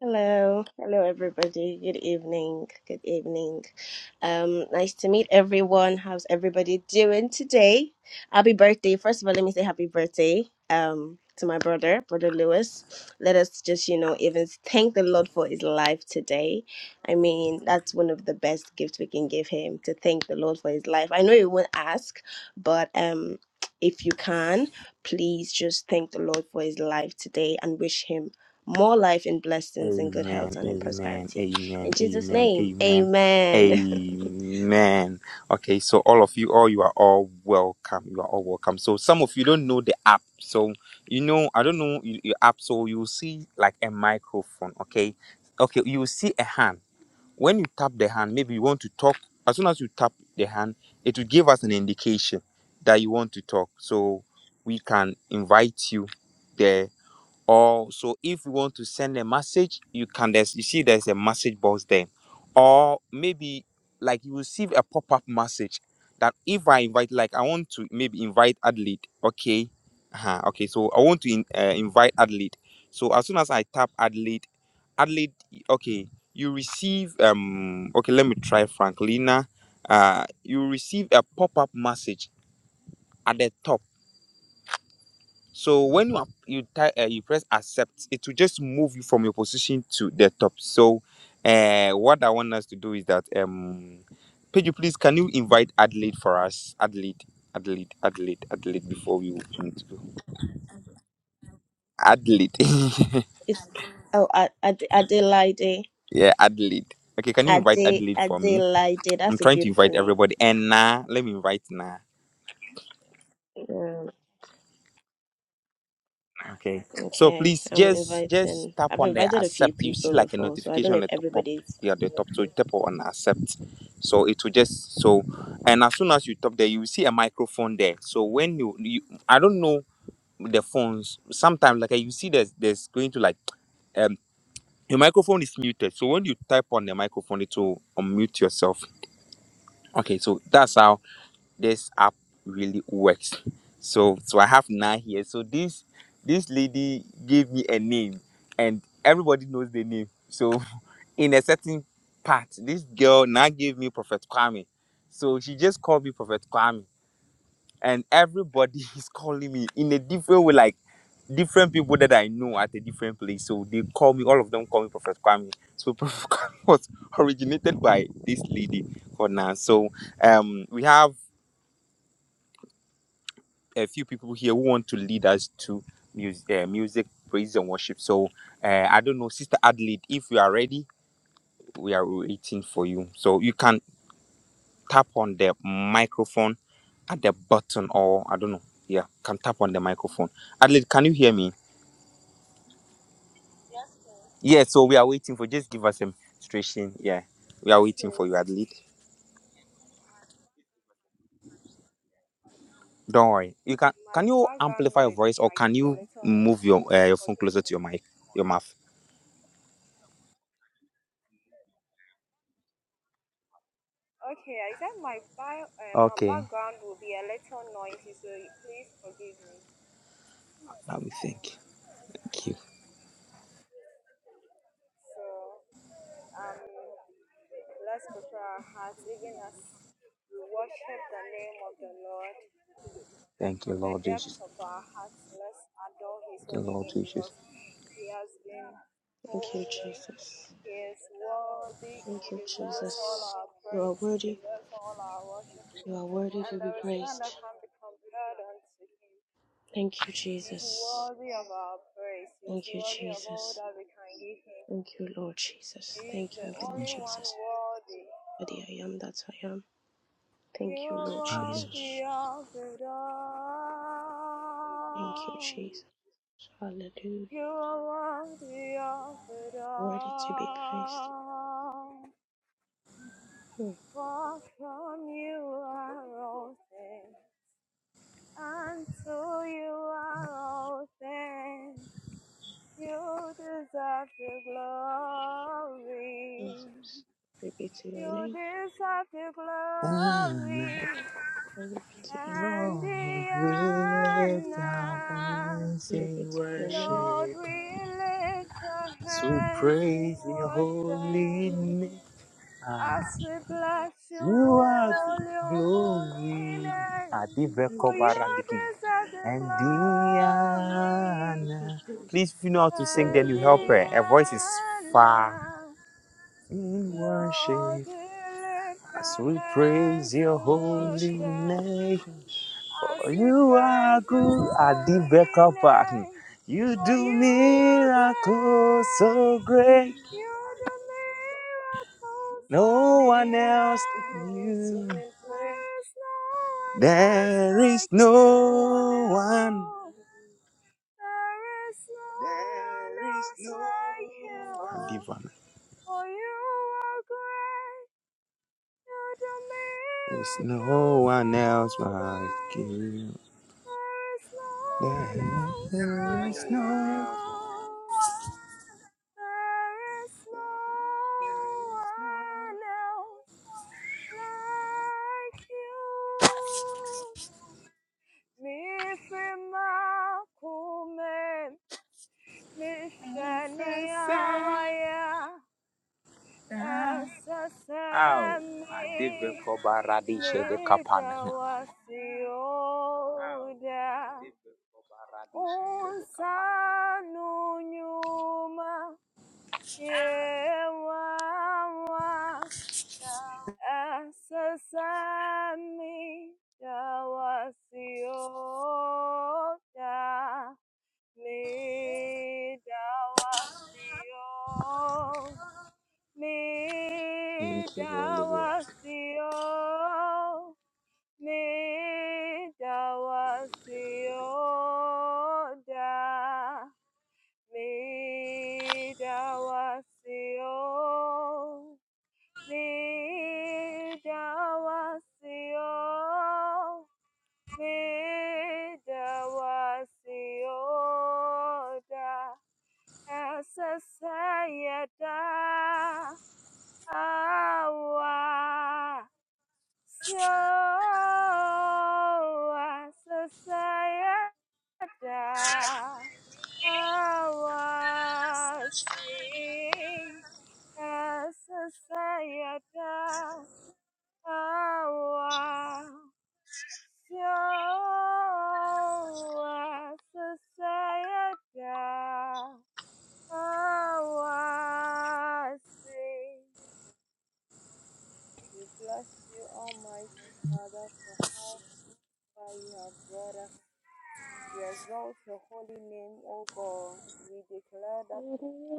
Speaker 2: Hello, hello everybody. Good evening. Good evening. Um, nice to meet everyone. How's everybody doing today? Happy birthday! First of all, let me say happy birthday. Um, to my brother, brother Lewis. Let us just you know even thank the Lord for his life today. I mean, that's one of the best gifts we can give him to thank the Lord for his life. I know you won't ask, but um, if you can, please just thank the Lord for his life today and wish him more life and blessings and good health
Speaker 1: Amen,
Speaker 2: and in
Speaker 1: amen,
Speaker 2: prosperity. In
Speaker 1: amen,
Speaker 2: Jesus'
Speaker 1: amen,
Speaker 2: name,
Speaker 1: amen,
Speaker 2: amen.
Speaker 1: amen. Okay, so all of you, all you are all welcome. You are all welcome. So some of you don't know the app. So you know, I don't know y- your app. So you see like a microphone. Okay, okay, you will see a hand. When you tap the hand, maybe you want to talk. As soon as you tap the hand, it will give us an indication that you want to talk. So we can invite you there or so if you want to send a message you can there's you see there's a message box there or maybe like you receive a pop-up message that if i invite like i want to maybe invite adlead okay uh okay so i want to in, uh, invite adlead so as soon as i tap adlead adlead okay you receive um okay let me try franklina uh you receive a pop-up message at the top so when you are- you type uh, you press accept, it will just move you from your position to the top. So uh, what I want us to do is that um, Pedro, please can you invite Adelaide for us? Adelaide, Adelaide, Adelaide, Adelaide. Before we need to go, Adelaide,
Speaker 2: It's oh I I Adelaide.
Speaker 1: yeah, Adelaide. Okay, can you invite
Speaker 2: Ade
Speaker 1: Adelaide for me?
Speaker 2: Adelaide.
Speaker 1: I'm
Speaker 2: That's a
Speaker 1: trying to
Speaker 2: beautiful
Speaker 1: invite
Speaker 2: name.
Speaker 1: everybody. And nah, let me invite Nah.
Speaker 2: Um,
Speaker 1: Okay. So
Speaker 2: okay.
Speaker 1: please
Speaker 2: I'm
Speaker 1: just just
Speaker 2: inviting
Speaker 1: tap
Speaker 2: I've
Speaker 1: on the
Speaker 2: invited a few
Speaker 1: accept. You see
Speaker 2: people
Speaker 1: like a
Speaker 2: before, so I don't
Speaker 1: notification
Speaker 2: know
Speaker 1: on
Speaker 2: if
Speaker 1: the top up
Speaker 2: everybody's
Speaker 1: here at the top. So you tap on accept. So it will just so and as soon as you tap there, you will see a microphone there. So when you, you I don't know the phones. Sometimes like you see there's there's going to like um your microphone is muted. So when you type on the microphone, it will unmute yourself. Okay, so that's how this app really works. So so I have nine here. So this this lady gave me a name and everybody knows the name. So in a certain part, this girl now gave me Prophet Kwame. So she just called me Prophet Kwame. And everybody is calling me in a different way, like different people that I know at a different place. So they call me, all of them call me Prophet Kwame. So Prophet Kwame was originated by this lady called Nan. So um we have a few people here who want to lead us to music, uh, music praise and worship. So uh, I don't know, Sister Adelaide, if you are ready, we are waiting for you. So you can tap on the microphone at the button, or I don't know, yeah, can tap on the microphone. Adelaide, can you hear me? Yeah. So we are waiting for. Just give us a illustration. Yeah, we are
Speaker 4: Yes,
Speaker 1: waiting for you,
Speaker 4: please.
Speaker 1: Adelaide. Don't worry. You can. Can
Speaker 4: My
Speaker 1: you
Speaker 4: background
Speaker 1: amplify your
Speaker 4: might
Speaker 1: voice, or
Speaker 4: might
Speaker 1: can
Speaker 4: be a
Speaker 1: you
Speaker 4: little
Speaker 1: move your
Speaker 4: noisy.
Speaker 1: uh, your phone
Speaker 4: Forgive
Speaker 1: closer to
Speaker 4: me.
Speaker 1: your mic, your mouth?
Speaker 4: Okay, I said my bio, uh, my
Speaker 1: Okay.
Speaker 4: background will be a little noisy, so please forgive me.
Speaker 1: Let me think. Thank you.
Speaker 4: So um, let's prepare our hearts, even as we worship the name of the Lord
Speaker 1: Thank you,
Speaker 4: from the
Speaker 1: Lord
Speaker 4: depth
Speaker 1: Jesus.
Speaker 4: of our hearts. Let's adore His
Speaker 1: Thank you,
Speaker 4: holy
Speaker 1: Lord
Speaker 4: name
Speaker 1: Jesus.
Speaker 4: because He has been
Speaker 2: Thank you,
Speaker 4: holy
Speaker 2: Jesus.
Speaker 4: He is worthy.
Speaker 2: Thank
Speaker 4: He
Speaker 2: you,
Speaker 4: deserves all
Speaker 2: Jesus.
Speaker 4: our
Speaker 2: You are
Speaker 4: praise. He
Speaker 2: worthy.
Speaker 4: deserves all our worship.
Speaker 2: You are worthy
Speaker 4: And
Speaker 2: to be
Speaker 4: there is none
Speaker 2: praised.
Speaker 4: that can be compared unto him.
Speaker 2: Thank you,
Speaker 4: He is
Speaker 2: Jesus.
Speaker 4: worthy of our praise. He is
Speaker 2: Thank you,
Speaker 4: worthy of all
Speaker 2: Jesus.
Speaker 4: that we can give him.
Speaker 2: Thank you, Lord Jesus.
Speaker 4: He is
Speaker 2: Thank
Speaker 4: the
Speaker 2: you, Lord
Speaker 4: only one
Speaker 2: Jesus.
Speaker 4: worthy.
Speaker 2: Almighty, I am that I am.
Speaker 4: You
Speaker 2: Thank you,
Speaker 4: are
Speaker 2: Lord
Speaker 1: Hallelujah.
Speaker 2: Jesus.
Speaker 4: worthy of it
Speaker 2: Thank you,
Speaker 4: all.
Speaker 2: Jesus. Hallelujah.
Speaker 4: You are worthy of it
Speaker 2: Worthy to be praised.
Speaker 4: all.
Speaker 2: Hmm.
Speaker 4: For from you are all things. Until you are all things. You deserve the glory.
Speaker 2: Jesus. Glory be to your
Speaker 4: You
Speaker 2: name.
Speaker 4: deserve the
Speaker 1: And
Speaker 4: glory
Speaker 2: Glory be to
Speaker 4: and
Speaker 1: Lord,
Speaker 4: the
Speaker 1: we lift our
Speaker 4: honor.
Speaker 1: voice
Speaker 2: your, glory be
Speaker 1: in
Speaker 2: to your name.
Speaker 4: Lord,
Speaker 1: worship
Speaker 4: we lift our
Speaker 1: as we
Speaker 4: hands in
Speaker 1: praise your
Speaker 4: worship
Speaker 1: holy name. Ah,
Speaker 4: as we bless you,
Speaker 1: you are
Speaker 4: all your holy
Speaker 1: glory.
Speaker 4: name.
Speaker 2: Thank
Speaker 4: For
Speaker 1: Adiveko
Speaker 2: you, Jesus.
Speaker 4: you
Speaker 1: baradikin.
Speaker 4: deserve the
Speaker 1: And
Speaker 4: glory
Speaker 2: Thank
Speaker 1: Diana.
Speaker 2: you, Jesus.
Speaker 1: Please, if you know
Speaker 2: Thank
Speaker 1: how
Speaker 2: you
Speaker 1: to
Speaker 2: for
Speaker 1: sing, then
Speaker 2: your
Speaker 4: and
Speaker 1: you help
Speaker 2: glory.
Speaker 1: her. Her voice is
Speaker 4: Diana.
Speaker 1: far in
Speaker 4: Lord,
Speaker 1: worship
Speaker 4: we lift
Speaker 1: as
Speaker 4: our
Speaker 1: we praise
Speaker 4: hands
Speaker 1: your
Speaker 4: to
Speaker 2: Thank you, Jesus.
Speaker 1: holy
Speaker 4: worship
Speaker 1: name.
Speaker 4: as we
Speaker 1: You are
Speaker 4: praise your
Speaker 1: good at the
Speaker 4: holy
Speaker 1: backup. back.
Speaker 4: name.
Speaker 1: You
Speaker 4: For
Speaker 1: do
Speaker 4: you are
Speaker 1: miracles so
Speaker 4: great,
Speaker 1: great.
Speaker 4: you're the miracle so
Speaker 1: No
Speaker 4: great.
Speaker 1: one else you.
Speaker 4: There is no one else
Speaker 1: There is
Speaker 4: like you.
Speaker 1: no one.
Speaker 4: you. There is no one one else like you.
Speaker 1: Adiva.
Speaker 4: For you are great, you do
Speaker 1: There's no
Speaker 4: miracles so
Speaker 1: one else like
Speaker 4: great.
Speaker 1: you.
Speaker 4: There is no
Speaker 1: There
Speaker 4: one else No like
Speaker 1: is
Speaker 4: one
Speaker 1: no.
Speaker 4: else you. else like you. There is no There is no one else like you. Mi firma kume, mi shani awaya. Sasa
Speaker 1: Ow. Adiva
Speaker 4: sami
Speaker 1: Koba Radisha de Kapan.
Speaker 4: mida wasioda unsanu nyuma yewawa Sasa sami mida wasioda mida mi
Speaker 1: Thank you, Holy Ghost.
Speaker 4: dawasio, mi dawasio da, mi dawasio, mi dawasio, mi dawasio da, essa saia Hawa sio sasa yada hawa si sasa yada hawa sio sasa yada We bless you, Almighty Father, for how far you have brought us. We exalt your holy name, O God. We declare that,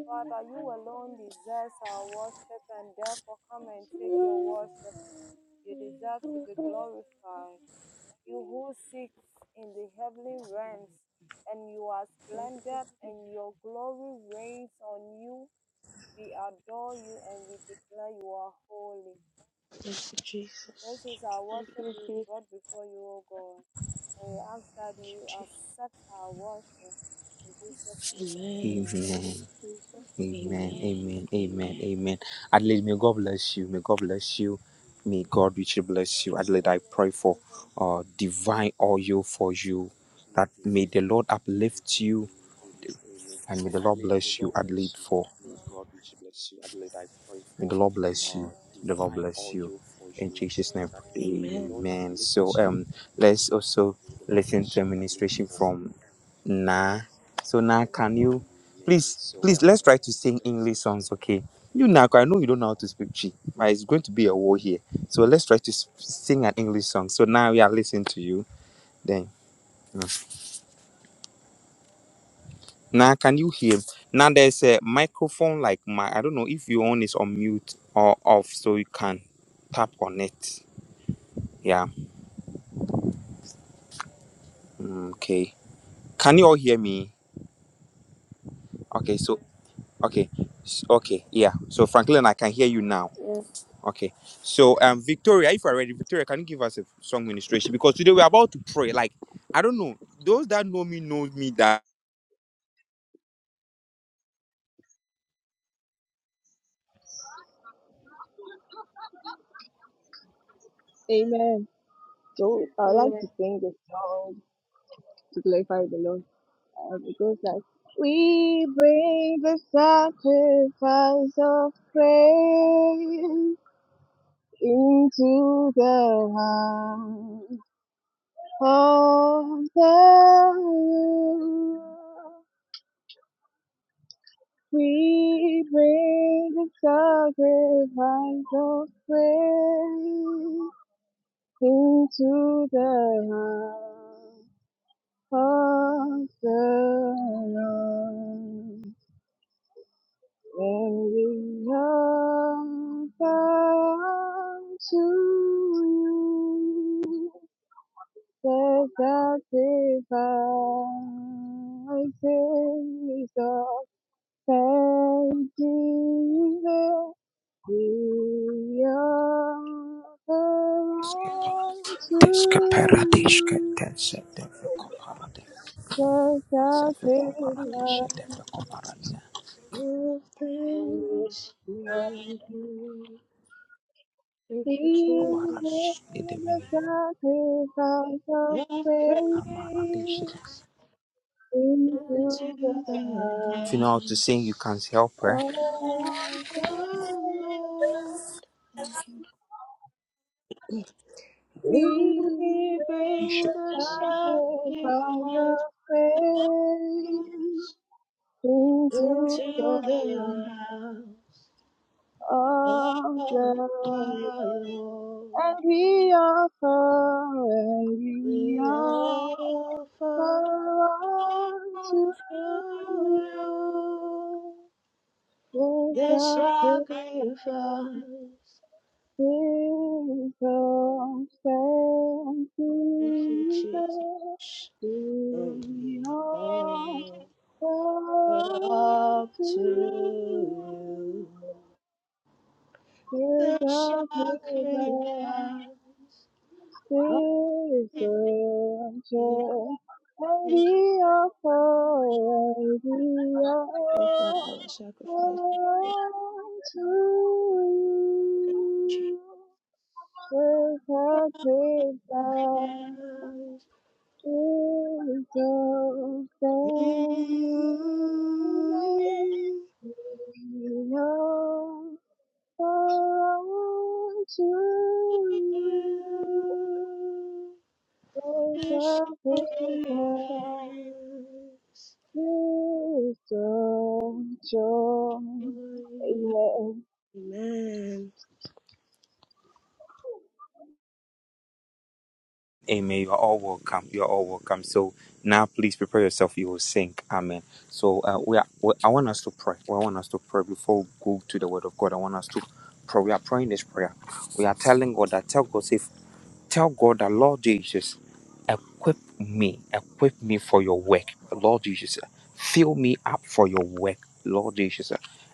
Speaker 4: Father, you alone deserve our worship, and therefore come and take your worship. You deserve to be glorified. You who sits in the heavenly realms, and you are splendid, and your glory reigns on you. We adore you and we declare you are holy.
Speaker 2: Thank you,
Speaker 4: This
Speaker 2: Jesus.
Speaker 4: is our worship we brought before you, O God. And we ask that
Speaker 2: Thank you,
Speaker 4: you
Speaker 2: Jesus.
Speaker 4: accept our worship. In Jesus' name,
Speaker 2: Amen.
Speaker 4: amen.
Speaker 1: Amen. Amen.
Speaker 2: Amen.
Speaker 1: Amen. Amen.
Speaker 2: Amen.
Speaker 1: Amen. Adelaide, may God bless you. May God bless you. May
Speaker 4: Amen.
Speaker 1: God richly
Speaker 4: uh,
Speaker 1: bless you.
Speaker 4: Amen.
Speaker 1: Adelaide, I pray for uh, divine oil for you. That may the Lord uplift you and may the Lord bless you, Adelaide, for May the Lord bless
Speaker 4: Oh,
Speaker 1: you. May The Lord bless you. In Jesus' name,
Speaker 4: Amen.
Speaker 1: I pray.
Speaker 2: Amen.
Speaker 1: Amen. So um, let's also listen to a ministration from Nah. So now, can
Speaker 4: Amen.
Speaker 1: you please, please, let's try to
Speaker 4: Amen.
Speaker 1: sing English songs, okay? You now, I know you don't know how to speak G, but it's going to be a war here. So let's try to s- sing an English song. So now we are listening to you. Then mm. now, can you hear? Now there's a microphone like my. I don't know if your own is on mute or off, so you can tap on it. Yeah. Mm, Okay. Can you all hear me? Okay. So okay. S- Okay. Yeah. So Franklin, I can hear you now. Okay. So um, Victoria, if you're ready, Victoria, can you give us a song ministration? Because today we're about to pray. Like I don't know. Those that know me know me that.
Speaker 5: Amen. So I would like to sing this song to glorify the Lord. Um, it goes like, We bring the sacrifice of praise into the house of the Lord. We bring the sacrifice of praise into the house. Hosanna, very welcome to you, the sacrifices of thanksgiving we offer to
Speaker 1: Deska paradis ke
Speaker 5: you.
Speaker 1: tense deve koparade.
Speaker 5: The
Speaker 1: Seve
Speaker 5: sacrifice
Speaker 1: koparadis deve koparania.
Speaker 2: Give
Speaker 5: Your
Speaker 2: thanks. We will Thank you,
Speaker 5: peace
Speaker 1: Koparadis
Speaker 5: is
Speaker 2: Jesus.
Speaker 5: the
Speaker 1: idemini
Speaker 5: sacrifice of
Speaker 2: Your
Speaker 5: faith
Speaker 1: amaradis.
Speaker 2: praise into
Speaker 5: into the
Speaker 2: the
Speaker 1: If you
Speaker 5: heart.
Speaker 1: know how to sing, you can
Speaker 2: house
Speaker 1: help her.
Speaker 2: of the
Speaker 5: Oh,
Speaker 2: Lord. Thank you. Jesus.
Speaker 5: We
Speaker 2: We
Speaker 5: make
Speaker 2: bring
Speaker 5: the
Speaker 2: the
Speaker 5: sacrifice of
Speaker 2: sacrifice
Speaker 5: faith into
Speaker 2: into
Speaker 5: the
Speaker 2: the
Speaker 5: heart
Speaker 2: house
Speaker 5: of
Speaker 2: of
Speaker 5: the
Speaker 2: the
Speaker 5: Lord. And
Speaker 2: Lord.
Speaker 5: we offer, and
Speaker 2: We
Speaker 5: we offer.
Speaker 2: offer
Speaker 5: belong
Speaker 2: up
Speaker 5: to
Speaker 2: to
Speaker 5: you.
Speaker 2: you.
Speaker 5: There's
Speaker 2: The
Speaker 5: nothing
Speaker 2: sacrifice.
Speaker 5: Jesus, thank Jesus, Jesus, belong
Speaker 2: Thank you, Jesus. And
Speaker 5: to
Speaker 2: we offer up to
Speaker 5: you.
Speaker 2: you
Speaker 5: There's
Speaker 2: the sacrifice.
Speaker 5: nothing
Speaker 2: of praise.
Speaker 5: Praise the Lord. And
Speaker 2: Thank you
Speaker 5: the offer and the
Speaker 2: Lord, for our sacrifice.
Speaker 5: offering to you. With a praise
Speaker 2: Sacrifice
Speaker 5: that
Speaker 2: to
Speaker 5: is of
Speaker 2: you.
Speaker 5: thanksgiving. We offer unto you. Oh,
Speaker 2: The
Speaker 5: the river is so strong.
Speaker 2: sacrifice.
Speaker 5: Amen.
Speaker 2: Amen.
Speaker 1: Amen. You are all welcome. You are all welcome. So now, please prepare yourself. You will sing. Amen. So uh, we are. We, I want us to pray. Well, I want us to pray before we go to the Word of God. I want us to pray. We are praying this prayer. We are telling God that tell God say Tell God that, Lord Jesus, equip me, equip me for your work. Lord Jesus, fill me up for your work. Lord Jesus,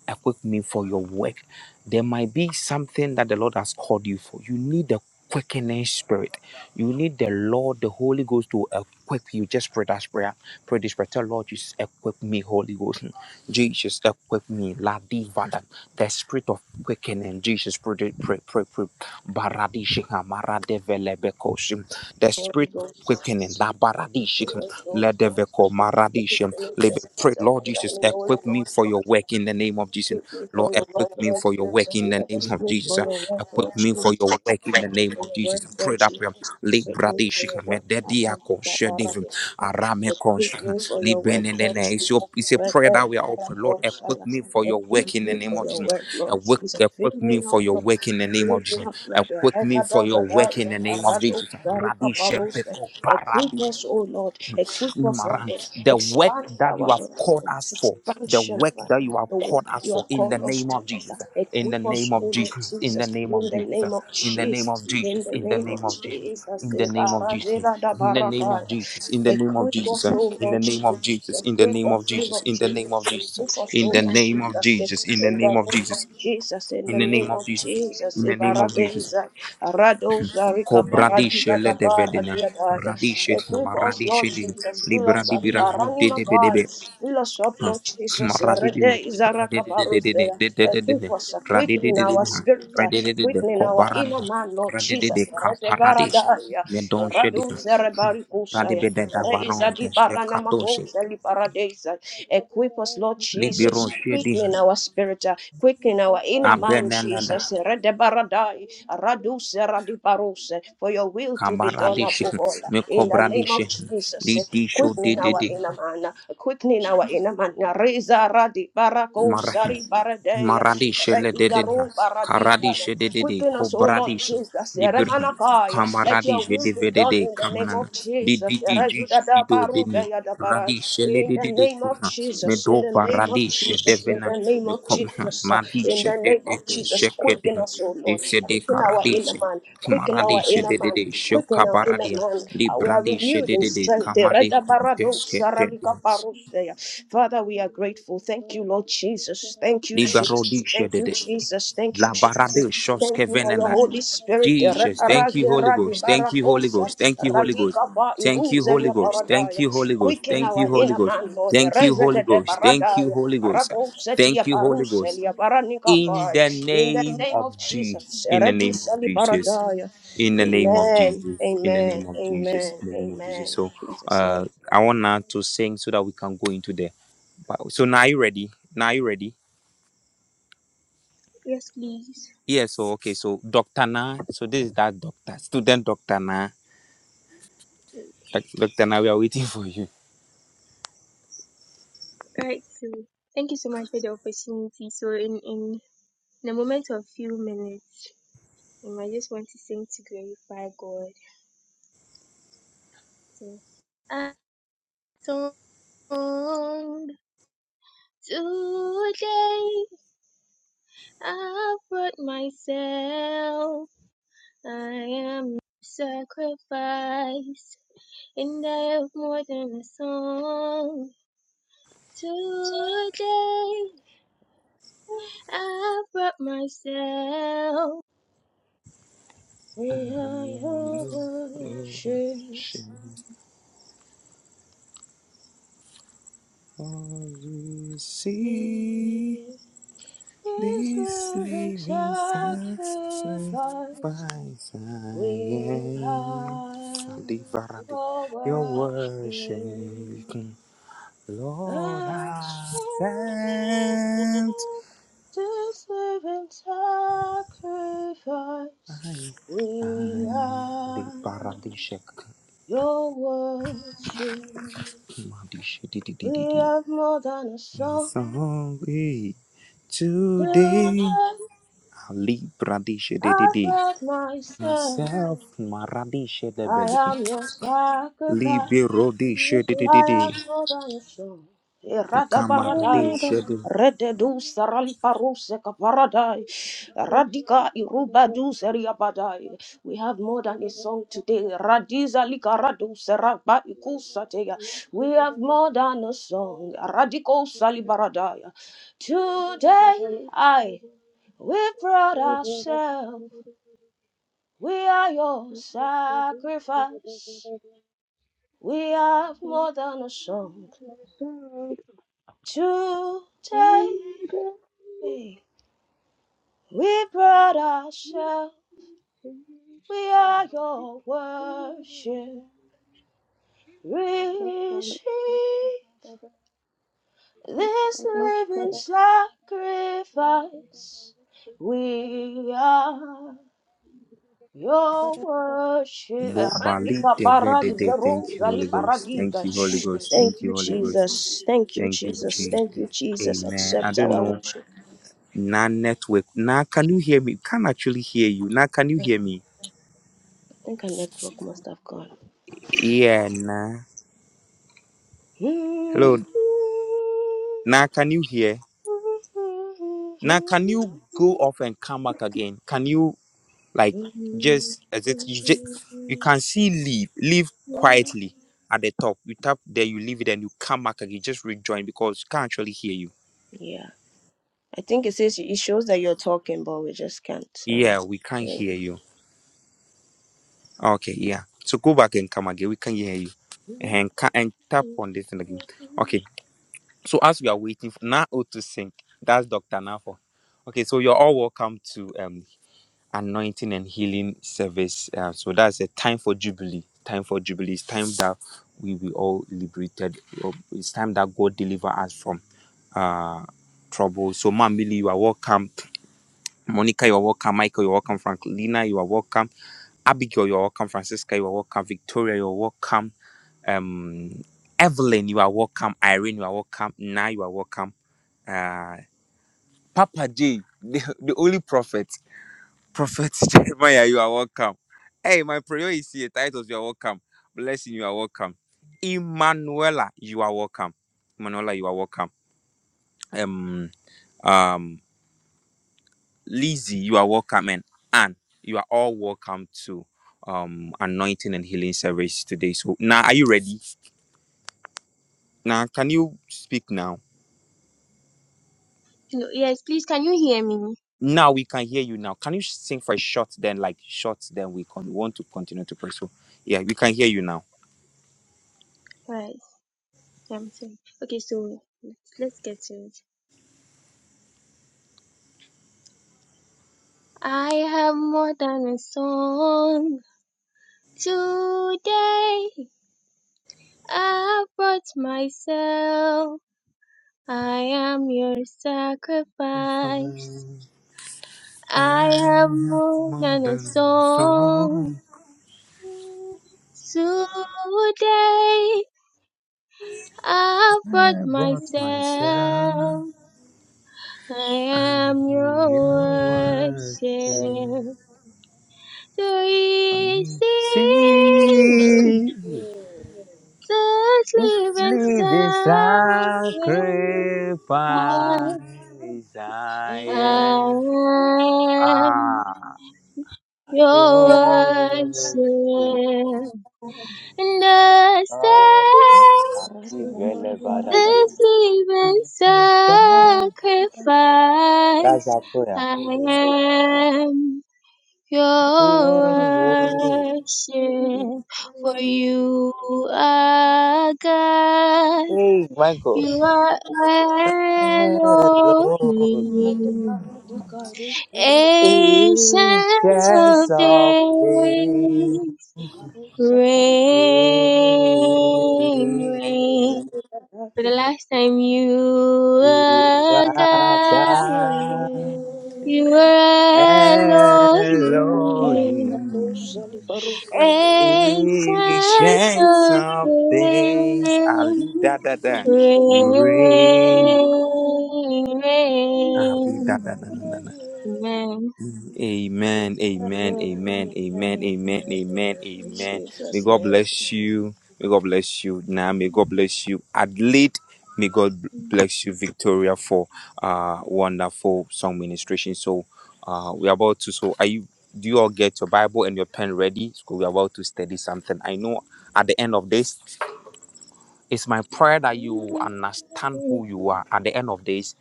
Speaker 1: equip me for your work. There might be something that the Lord has called you for. You need the quickening spirit. You need the Lord, the Holy Ghost to equip you. Just pray that prayer. Pray this prayer. Tell Lord Jesus, equip me, Holy Ghost. Jesus, equip me. La diva, the spirit of quickening. Jesus, pray, pray, pray, pray, Baradishika Maradevelebekoshin. The
Speaker 2: Holy
Speaker 1: spirit of
Speaker 2: Ghost,
Speaker 1: quickening, La
Speaker 2: we pray,
Speaker 1: Baradishika
Speaker 2: Holy Ghost,
Speaker 1: Ledeveko
Speaker 2: we
Speaker 1: Maradishim.
Speaker 2: pray in the
Speaker 1: Pray,
Speaker 2: spirit of
Speaker 1: Lord
Speaker 2: faith in
Speaker 1: Jesus,
Speaker 2: the Holy
Speaker 1: equip me
Speaker 2: Ghost.
Speaker 1: for your work in the name of Jesus.
Speaker 2: We pray for
Speaker 1: Lord,
Speaker 2: your word,
Speaker 1: equip me
Speaker 2: Lord
Speaker 1: for your work
Speaker 2: Jesus.
Speaker 1: in the name
Speaker 2: We
Speaker 1: of
Speaker 2: pray
Speaker 1: Jesus.
Speaker 2: for your word, Lord
Speaker 1: Equip me
Speaker 2: Jesus.
Speaker 1: for your work in the name
Speaker 2: for
Speaker 1: of
Speaker 2: your work,
Speaker 1: Jesus. Pray
Speaker 2: Lord
Speaker 1: that prayer.
Speaker 2: Jesus. we me for your
Speaker 1: Libradishika
Speaker 2: work, God.
Speaker 1: Medediako Shedivim
Speaker 2: Amatabarate. Equip
Speaker 1: Aramekoshin.
Speaker 2: me for your work, Lord
Speaker 1: Libenene. It's your
Speaker 2: Jesus.
Speaker 1: it's a prayer
Speaker 2: Rede,
Speaker 1: that we are offering. Lord, equip
Speaker 2: barakosaya.
Speaker 1: me for your work
Speaker 2: Equip
Speaker 1: in the
Speaker 2: me
Speaker 1: name
Speaker 2: for
Speaker 1: of
Speaker 2: your
Speaker 1: Jesus.
Speaker 2: work, Lord
Speaker 1: Awake,
Speaker 2: Jesus. Fill
Speaker 1: awake me
Speaker 2: me up,
Speaker 1: for your
Speaker 2: Lord.
Speaker 1: work in the name
Speaker 2: Fill
Speaker 1: of
Speaker 2: me
Speaker 1: Jesus.
Speaker 2: up, Lord.
Speaker 1: Awake me for your
Speaker 2: Rekadazadai,
Speaker 1: work in the name of
Speaker 2: arado,
Speaker 1: Jesus. Rabbi
Speaker 2: darikabarose.
Speaker 1: Shebeko
Speaker 2: Equip
Speaker 1: Parabi
Speaker 2: us, O Lord. Equip us, O
Speaker 1: Umaran.
Speaker 2: Lord.
Speaker 1: The work
Speaker 2: Expand our
Speaker 1: that you have
Speaker 2: work
Speaker 1: called us for, the
Speaker 2: expansion,
Speaker 1: work that you
Speaker 2: Father,
Speaker 1: have
Speaker 2: the
Speaker 1: called
Speaker 2: work
Speaker 1: us
Speaker 2: you
Speaker 1: for
Speaker 2: have
Speaker 1: in
Speaker 2: called
Speaker 1: the
Speaker 2: us
Speaker 1: name
Speaker 2: to,
Speaker 1: of Jesus.
Speaker 2: Father.
Speaker 1: In the
Speaker 2: Equip us,
Speaker 1: name
Speaker 2: O
Speaker 1: of
Speaker 2: Lord
Speaker 1: Jesus. In the
Speaker 2: Jesus,
Speaker 1: name
Speaker 2: in
Speaker 1: of
Speaker 2: the name
Speaker 1: Jesus.
Speaker 2: of
Speaker 1: In the name of
Speaker 2: Jesus, in
Speaker 1: Jesus.
Speaker 2: the
Speaker 1: In the
Speaker 2: name
Speaker 1: name
Speaker 2: of
Speaker 1: of Jesus.
Speaker 2: Jesus.
Speaker 1: In the name of Jesus.
Speaker 2: Barazela da
Speaker 1: In the name of
Speaker 2: baraka,
Speaker 1: Jesus. In the name of
Speaker 2: Equip
Speaker 1: Jesus.
Speaker 2: us, O
Speaker 1: In the
Speaker 2: Lord
Speaker 1: name of
Speaker 2: Jesus.
Speaker 1: Jesus. In the
Speaker 2: Equip
Speaker 1: name of
Speaker 2: us, O
Speaker 1: Jesus.
Speaker 2: Lord
Speaker 1: In the name
Speaker 2: Jesus.
Speaker 1: of Jesus.
Speaker 2: Equip us,
Speaker 1: In
Speaker 2: O
Speaker 1: the
Speaker 2: Lord
Speaker 1: name of
Speaker 2: Jesus.
Speaker 1: Jesus. In the
Speaker 2: In the
Speaker 1: name of
Speaker 2: name of
Speaker 1: Jesus.
Speaker 2: Jesus, in the
Speaker 1: In the
Speaker 2: name
Speaker 1: name
Speaker 2: of
Speaker 1: of Jesus.
Speaker 2: Jesus,
Speaker 1: In the name of Jesus.
Speaker 2: Ibaradeza, Aradoza, Rika,
Speaker 1: Kobradishe
Speaker 2: Paradiza,
Speaker 1: le de
Speaker 2: Dabara,
Speaker 1: vedina.
Speaker 2: Diadaya.
Speaker 1: Radishe di
Speaker 2: Equip
Speaker 1: ma
Speaker 2: us, Lord
Speaker 1: radishe di.
Speaker 2: Jesus. Fill us
Speaker 1: Libradi
Speaker 2: up,
Speaker 1: bira rude
Speaker 2: Aranima,
Speaker 1: de be de be.
Speaker 2: guys. Fill us up,
Speaker 1: Ha.
Speaker 2: Lord
Speaker 1: Ma
Speaker 2: Jesus.
Speaker 1: radi di ni.
Speaker 2: Eredeza,
Speaker 1: Radi
Speaker 2: Raka,
Speaker 1: de de de de
Speaker 2: Parusea.
Speaker 1: de de de de de.
Speaker 2: Equip us uh,
Speaker 1: Radi
Speaker 2: quickly
Speaker 1: de
Speaker 2: in
Speaker 1: de de
Speaker 2: our
Speaker 1: de. Ha.
Speaker 2: spirit, uh,
Speaker 1: Radi de de de.
Speaker 2: quickly in our
Speaker 1: Kobarani.
Speaker 2: inner man man, Lord
Speaker 1: Radi de de
Speaker 2: Jesus. Rete
Speaker 1: kaparadishe.
Speaker 2: baradaria,
Speaker 1: Me don shedi.
Speaker 2: raduce
Speaker 1: Radi
Speaker 2: rebarikusaya,
Speaker 1: be de da
Speaker 2: reisa
Speaker 1: baron
Speaker 2: di
Speaker 1: de she kadoshe.
Speaker 2: paranamakosa li paradesa. Equip us, Lord
Speaker 1: Libero
Speaker 2: Jesus.
Speaker 1: shedi.
Speaker 2: Quicken our spirit, uh, quicken our inner man,
Speaker 1: Abenelada.
Speaker 2: Jesus. Rete baradai, raduce radiparose, for your will to be done
Speaker 1: Kabaradishi,
Speaker 2: above all. uh, In the name of
Speaker 1: Mekobradishi,
Speaker 2: Jesus,
Speaker 1: Lidisho de
Speaker 2: quickening
Speaker 1: de
Speaker 2: our
Speaker 1: de,
Speaker 2: inner man, uh, quickening our inner man. Reza radi
Speaker 1: Mar-
Speaker 2: barakosa ri baradea,
Speaker 1: Maradisha
Speaker 2: reiza
Speaker 1: lededena,
Speaker 2: ro
Speaker 1: Karadisha
Speaker 2: baradika.
Speaker 1: dedede,
Speaker 2: Quicken us, oh Lord
Speaker 1: Kobradisha,
Speaker 2: Jesus.
Speaker 1: Libirna,
Speaker 2: Eremanakaya. Let your
Speaker 1: Kamaradisha
Speaker 2: will be done
Speaker 1: devedede,
Speaker 2: in the name
Speaker 1: Kamanana,
Speaker 2: of Jesus.
Speaker 1: Dididi, jish Dido dene,
Speaker 2: Erezudadabarukayadabarai.
Speaker 1: Radisha
Speaker 2: In the
Speaker 1: lededede,
Speaker 2: name of
Speaker 1: Kuna,
Speaker 2: Jesus. In the
Speaker 1: Medoba
Speaker 2: name of
Speaker 1: Radisha
Speaker 2: Jesus. In
Speaker 1: devena,
Speaker 2: the name of
Speaker 1: Mekoma,
Speaker 2: Jesus. uh, In
Speaker 1: Madisha
Speaker 2: the name of
Speaker 1: dedede,
Speaker 2: Jesus. Quicken
Speaker 1: Shekedin,
Speaker 2: us, oh Lord.
Speaker 1: Desede
Speaker 2: Quicken our inner
Speaker 1: Karadisha.
Speaker 2: man. Quicken our
Speaker 1: Maradisha
Speaker 2: inner man.
Speaker 1: dedede,
Speaker 2: Quicken our inner
Speaker 1: Shokabaradia,
Speaker 2: man. Uh, We are
Speaker 1: Librandisha
Speaker 2: renewed in
Speaker 1: dedede,
Speaker 2: strength.
Speaker 1: Kamade Conteske dedede,
Speaker 2: Eredabaradosaralikaparo. Father, we are grateful. Thank you, Lord Jesus. Thank you, Jesus. Thank you,
Speaker 1: Liberodisha
Speaker 2: Jesus. Thank you,
Speaker 1: La
Speaker 2: Jesus.
Speaker 1: barade shoske
Speaker 2: Thank you for your
Speaker 1: venena.
Speaker 2: Holy Spirit.
Speaker 1: Jesus, thank you, Holy Ghost. Thank you, Holy
Speaker 2: Ra-ra-ra-ra-di-ba-ra-kosa.
Speaker 1: Ghost. Thank you, Holy Ghost.
Speaker 2: ka ba i
Speaker 1: Thank
Speaker 2: ru
Speaker 1: you,
Speaker 2: ze
Speaker 1: Holy
Speaker 2: lia ba
Speaker 1: Ghost. Thank you, Holy Ghost.
Speaker 2: Quicken
Speaker 1: Thank you,
Speaker 2: our
Speaker 1: Holy
Speaker 2: inner
Speaker 1: Ghost.
Speaker 2: man, Lord.
Speaker 1: Thank
Speaker 2: re
Speaker 1: you,
Speaker 2: ze
Speaker 1: Holy
Speaker 2: de de ba
Speaker 1: Ghost.
Speaker 2: ra
Speaker 1: Thank
Speaker 2: da
Speaker 1: you,
Speaker 2: ya
Speaker 1: Holy Ghost.
Speaker 2: go se tia
Speaker 1: Thank you,
Speaker 2: ba
Speaker 1: Holy
Speaker 2: se
Speaker 1: Ghost.
Speaker 2: lia ba ni ka
Speaker 1: In
Speaker 2: ba
Speaker 1: the
Speaker 2: In the
Speaker 1: name
Speaker 2: name
Speaker 1: of
Speaker 2: of
Speaker 1: G.
Speaker 2: Jesus.
Speaker 1: In
Speaker 2: re
Speaker 1: the
Speaker 2: du
Speaker 1: name of
Speaker 2: se li ba
Speaker 1: Jesus.
Speaker 2: Amen.
Speaker 1: In the name of Jesus. In the
Speaker 2: Amen.
Speaker 1: name of Jesus.
Speaker 2: Amen.
Speaker 1: In the name of
Speaker 2: Amen.
Speaker 1: Jesus.
Speaker 2: In
Speaker 1: So
Speaker 2: Jesus'
Speaker 1: uh
Speaker 2: name.
Speaker 1: I want now to sing so that we can go into the Bible. So now you ready? Now you ready?
Speaker 6: Yes, please.
Speaker 1: Yeah, so okay, so Dr. Na, so this is that doctor, student Dr. Na. Doc- Dr. Na, we are waiting for you.
Speaker 6: Right. So thank you so much for the opportunity. So in in the moment of few minutes, um, I just want to sing to glorify God. So I song today. I brought myself. I am sacrifice, and I have more than a song today. I brought myself.
Speaker 2: May I
Speaker 1: I am
Speaker 2: your
Speaker 1: your
Speaker 2: worship.
Speaker 1: ocean. All you see
Speaker 2: you. Is
Speaker 1: this
Speaker 2: there in
Speaker 1: living
Speaker 2: sacrifice
Speaker 1: sacrifice I
Speaker 2: we
Speaker 1: am.
Speaker 2: have
Speaker 1: Salivarade.
Speaker 2: your
Speaker 1: Your worship,
Speaker 2: worship
Speaker 1: Lord,
Speaker 2: and strength?
Speaker 1: accept.
Speaker 2: This living sacrifice
Speaker 1: I
Speaker 2: we
Speaker 1: the
Speaker 2: have
Speaker 1: paradise.
Speaker 2: your worship. We
Speaker 1: Madisha-di-di-di-di-di.
Speaker 2: have more than a
Speaker 1: And the
Speaker 2: song
Speaker 1: song hey,
Speaker 2: to
Speaker 1: today Ali Bradisha de Myself,
Speaker 2: I've
Speaker 1: de
Speaker 2: myself.
Speaker 1: himself Maradisha de
Speaker 2: I
Speaker 1: Belica
Speaker 2: am your sacrifice.
Speaker 1: Libero de de de de de
Speaker 2: Ayagodanso, Iradabaradaya,
Speaker 1: Camaradisha de
Speaker 2: Rededu Sarali Paruseka Paradai, Radika Irubadu Seriabadai. We have more than a song today. Radiza Likaradu Seraba Ikusateya. We have more than a song. Radiko Salibaradaya. Today I we brought ourselves. We are your sacrifice. We have more than a song. Today we brought ourselves, we are your worship. Receive this living sacrifice. We are your worship.
Speaker 1: Bobali de de de de Thank you Holy Ghost Thank you Holy Ghost
Speaker 2: Thank
Speaker 1: Thank
Speaker 2: you,
Speaker 1: you Holy Ghost
Speaker 2: Jesus. Thank you,
Speaker 1: Thank you
Speaker 2: Jesus.
Speaker 1: Jesus
Speaker 2: Thank you, Jesus.
Speaker 1: Amen I
Speaker 2: Accept
Speaker 1: don't
Speaker 2: our
Speaker 1: know
Speaker 2: worship.
Speaker 1: Nah, network Nah, can you hear me can actually hear you Nah, can you hear me
Speaker 2: I think our network must have gone.
Speaker 1: yeah nah.
Speaker 2: Yeah,
Speaker 1: Hello Now, can you hear? Now, can you go off and come back again? Can you like just as it you just you can see leave leave quietly at the top. You tap there, you leave it, and you come back again. Just rejoin because we can't actually hear you.
Speaker 2: I think it says it shows that you're talking, but we just can't. Um,
Speaker 1: Yeah, we can't hear you. Okay, yeah. So go back and come again. We can hear you and ca- and tap on this thing again. Okay. So as we are waiting for now to sync, that's Doctor Nafo. Okay, so you're all welcome to um anointing and healing service. Uh, so that's a time for jubilee. Time for jubilee. It's time that we be all liberated. Uh, It's time that God deliver us from uh trouble. So Mamili, you are welcome. Monica, you are welcome. Michael, you are welcome. Franklina, you are welcome. Abigail, you are welcome. Francisca, you are welcome. Victoria, you are welcome. Um, Evelyn, you are welcome. Irene, you are welcome. Na, you are welcome. Uh, Papa J, the, the only prophet. Prophet Jeremiah, you are welcome. Hey, my prayer is here. Titus, you are welcome. Blessing, you are welcome. Emanuela, you are welcome. Emanuela, you are welcome. Um, um, Lizzie, you are welcome. And Anne, you are all welcome to um anointing and healing service today. So now are you ready? Now can you speak now?
Speaker 6: Hello. Yes, please. Can you hear me?
Speaker 1: Now we can hear you now. Can you sing for a short then like short then we can want to continue to pray. So yeah, we can hear you now.
Speaker 6: Right. yeah, I'm sorry. Okay. So let's let's get to it. I have more than a song today. I brought myself. I am your sacrifice.
Speaker 1: I
Speaker 6: I have
Speaker 1: have
Speaker 6: more
Speaker 1: more
Speaker 6: than a
Speaker 1: than
Speaker 6: song
Speaker 1: song.
Speaker 6: today. I brought
Speaker 1: I brought myself.
Speaker 6: myself. I
Speaker 1: I'm
Speaker 6: am your
Speaker 1: your worship.
Speaker 6: worship.
Speaker 1: I
Speaker 6: Three
Speaker 1: see
Speaker 6: seas, the sleeping
Speaker 1: Richly the
Speaker 6: sound.
Speaker 1: sacrifice
Speaker 6: when
Speaker 1: I am.
Speaker 6: I am
Speaker 1: Ah,
Speaker 6: your
Speaker 1: your
Speaker 6: worship.
Speaker 1: worship,
Speaker 6: And I
Speaker 1: God,
Speaker 6: say,
Speaker 1: Ivelebadada.
Speaker 6: this living
Speaker 1: That's
Speaker 6: sacrifice
Speaker 1: a prayer.
Speaker 6: I am. your
Speaker 1: Your worship.
Speaker 6: worship, for
Speaker 2: really.
Speaker 6: you are God,
Speaker 1: Hey, my God.
Speaker 6: you are
Speaker 1: Elohim
Speaker 6: Elohim,
Speaker 1: is
Speaker 6: ancient of
Speaker 1: just of
Speaker 6: days,
Speaker 1: thee.
Speaker 6: rain, rain. For the last time you
Speaker 1: You
Speaker 6: are
Speaker 1: are
Speaker 6: God,
Speaker 1: God.
Speaker 6: you are
Speaker 1: Elohim
Speaker 6: Elohim.
Speaker 1: is
Speaker 6: Ancient
Speaker 1: just
Speaker 6: of
Speaker 1: of days. Ali
Speaker 6: Days,
Speaker 1: da da da. You reign. Ali da
Speaker 6: reign.
Speaker 1: da da da da.
Speaker 6: Amen.
Speaker 1: Amen, amen,
Speaker 2: Amen.
Speaker 1: amen, amen,
Speaker 2: Amen.
Speaker 1: amen, amen,
Speaker 2: In
Speaker 1: amen. May
Speaker 2: Jesus'
Speaker 1: God
Speaker 2: name.
Speaker 1: bless you. May God bless you now. May God bless you. Adelaide, may God bless you, Victoria, for uh wonderful song ministration. So uh we're about to so are you do you all get your Bible and your pen ready? Because we're about to study something. I know at the end of this, it's my prayer that you understand who you are. At the end of this,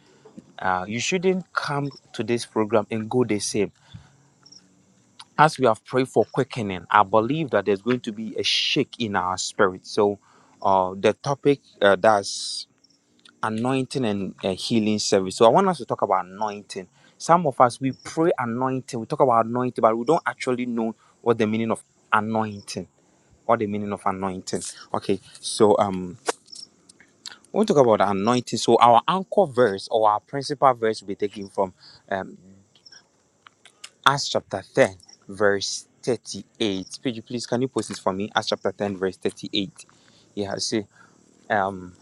Speaker 1: uh, you shouldn't come to this program and go the same as we have prayed for quickening, I believe that there's going to be a shake in our spirit. So, uh, the topic uh, that's anointing and uh, healing service. So, I want us to talk about anointing. Some of us we pray anointing, we talk about anointing, but we don't actually know what the meaning of anointing or the meaning of anointing. Okay, so um, we'll talk about anointing. So, our anchor verse or our principal verse will be taken from. um, Acts chapter 10, verse 38. Pidgey, please, can you post it for me? Acts chapter 10, verse 38. Yeah, see, um,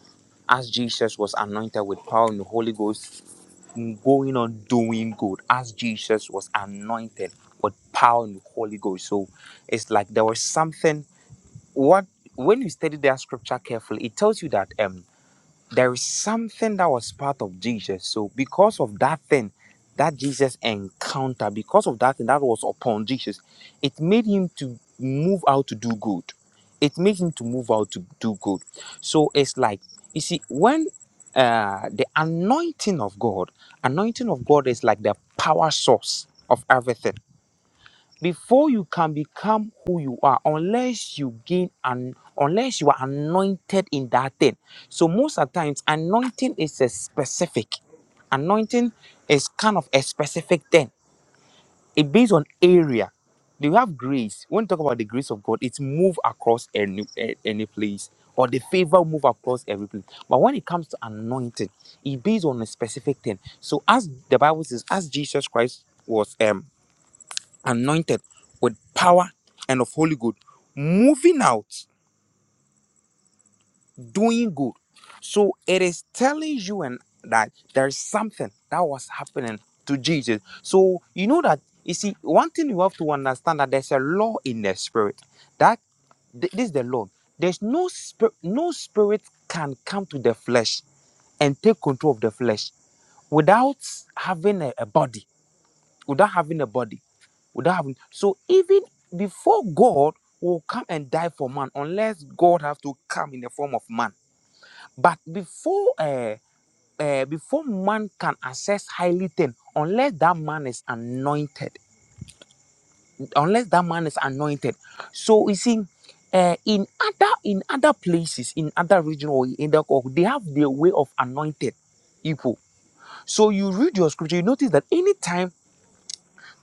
Speaker 1: as Jesus was anointed with power and the Holy Ghost, mm, going on doing good, as Jesus was anointed with power and the Holy Ghost. So it's like there was something, what when you study that scripture carefully, it tells you that um there is something that was part of Jesus. So because of that thing that Jesus encountered, because of that thing that was upon Jesus, it made him to move out to do good. It made him to move out to do good. So it's like you see when uh, the anointing of God, anointing of God is like the power source of everything before you can become who you are, unless you gain and unless you are anointed in that thing. So most of the times, anointing is a specific. Anointing is kind of a specific thing. It based on area. Do you have grace? When you talk about the grace of God, it's move across any a- any place, or the favor move across every place. But when it comes to anointing, it based on a specific thing. So as the Bible says, as Jesus Christ was um anointed with power and of Holy Ghost, moving out, doing good. So it is telling you and that there is something that was happening to Jesus. So you know that you see one thing you have to understand that there's a law in the spirit that th- this is the law. There's no spirit, no spirit can come to the flesh and take control of the flesh without having a, a body without having a body, without having. So even before God will come and die for man, unless God have to come in the form of man. But before uh, uh, before man can access highly thing, unless that man is anointed, unless that man is anointed. So you see. Uh, in other in other places in other region or in the or they have their way of anointed people so you read your scripture you notice that anytime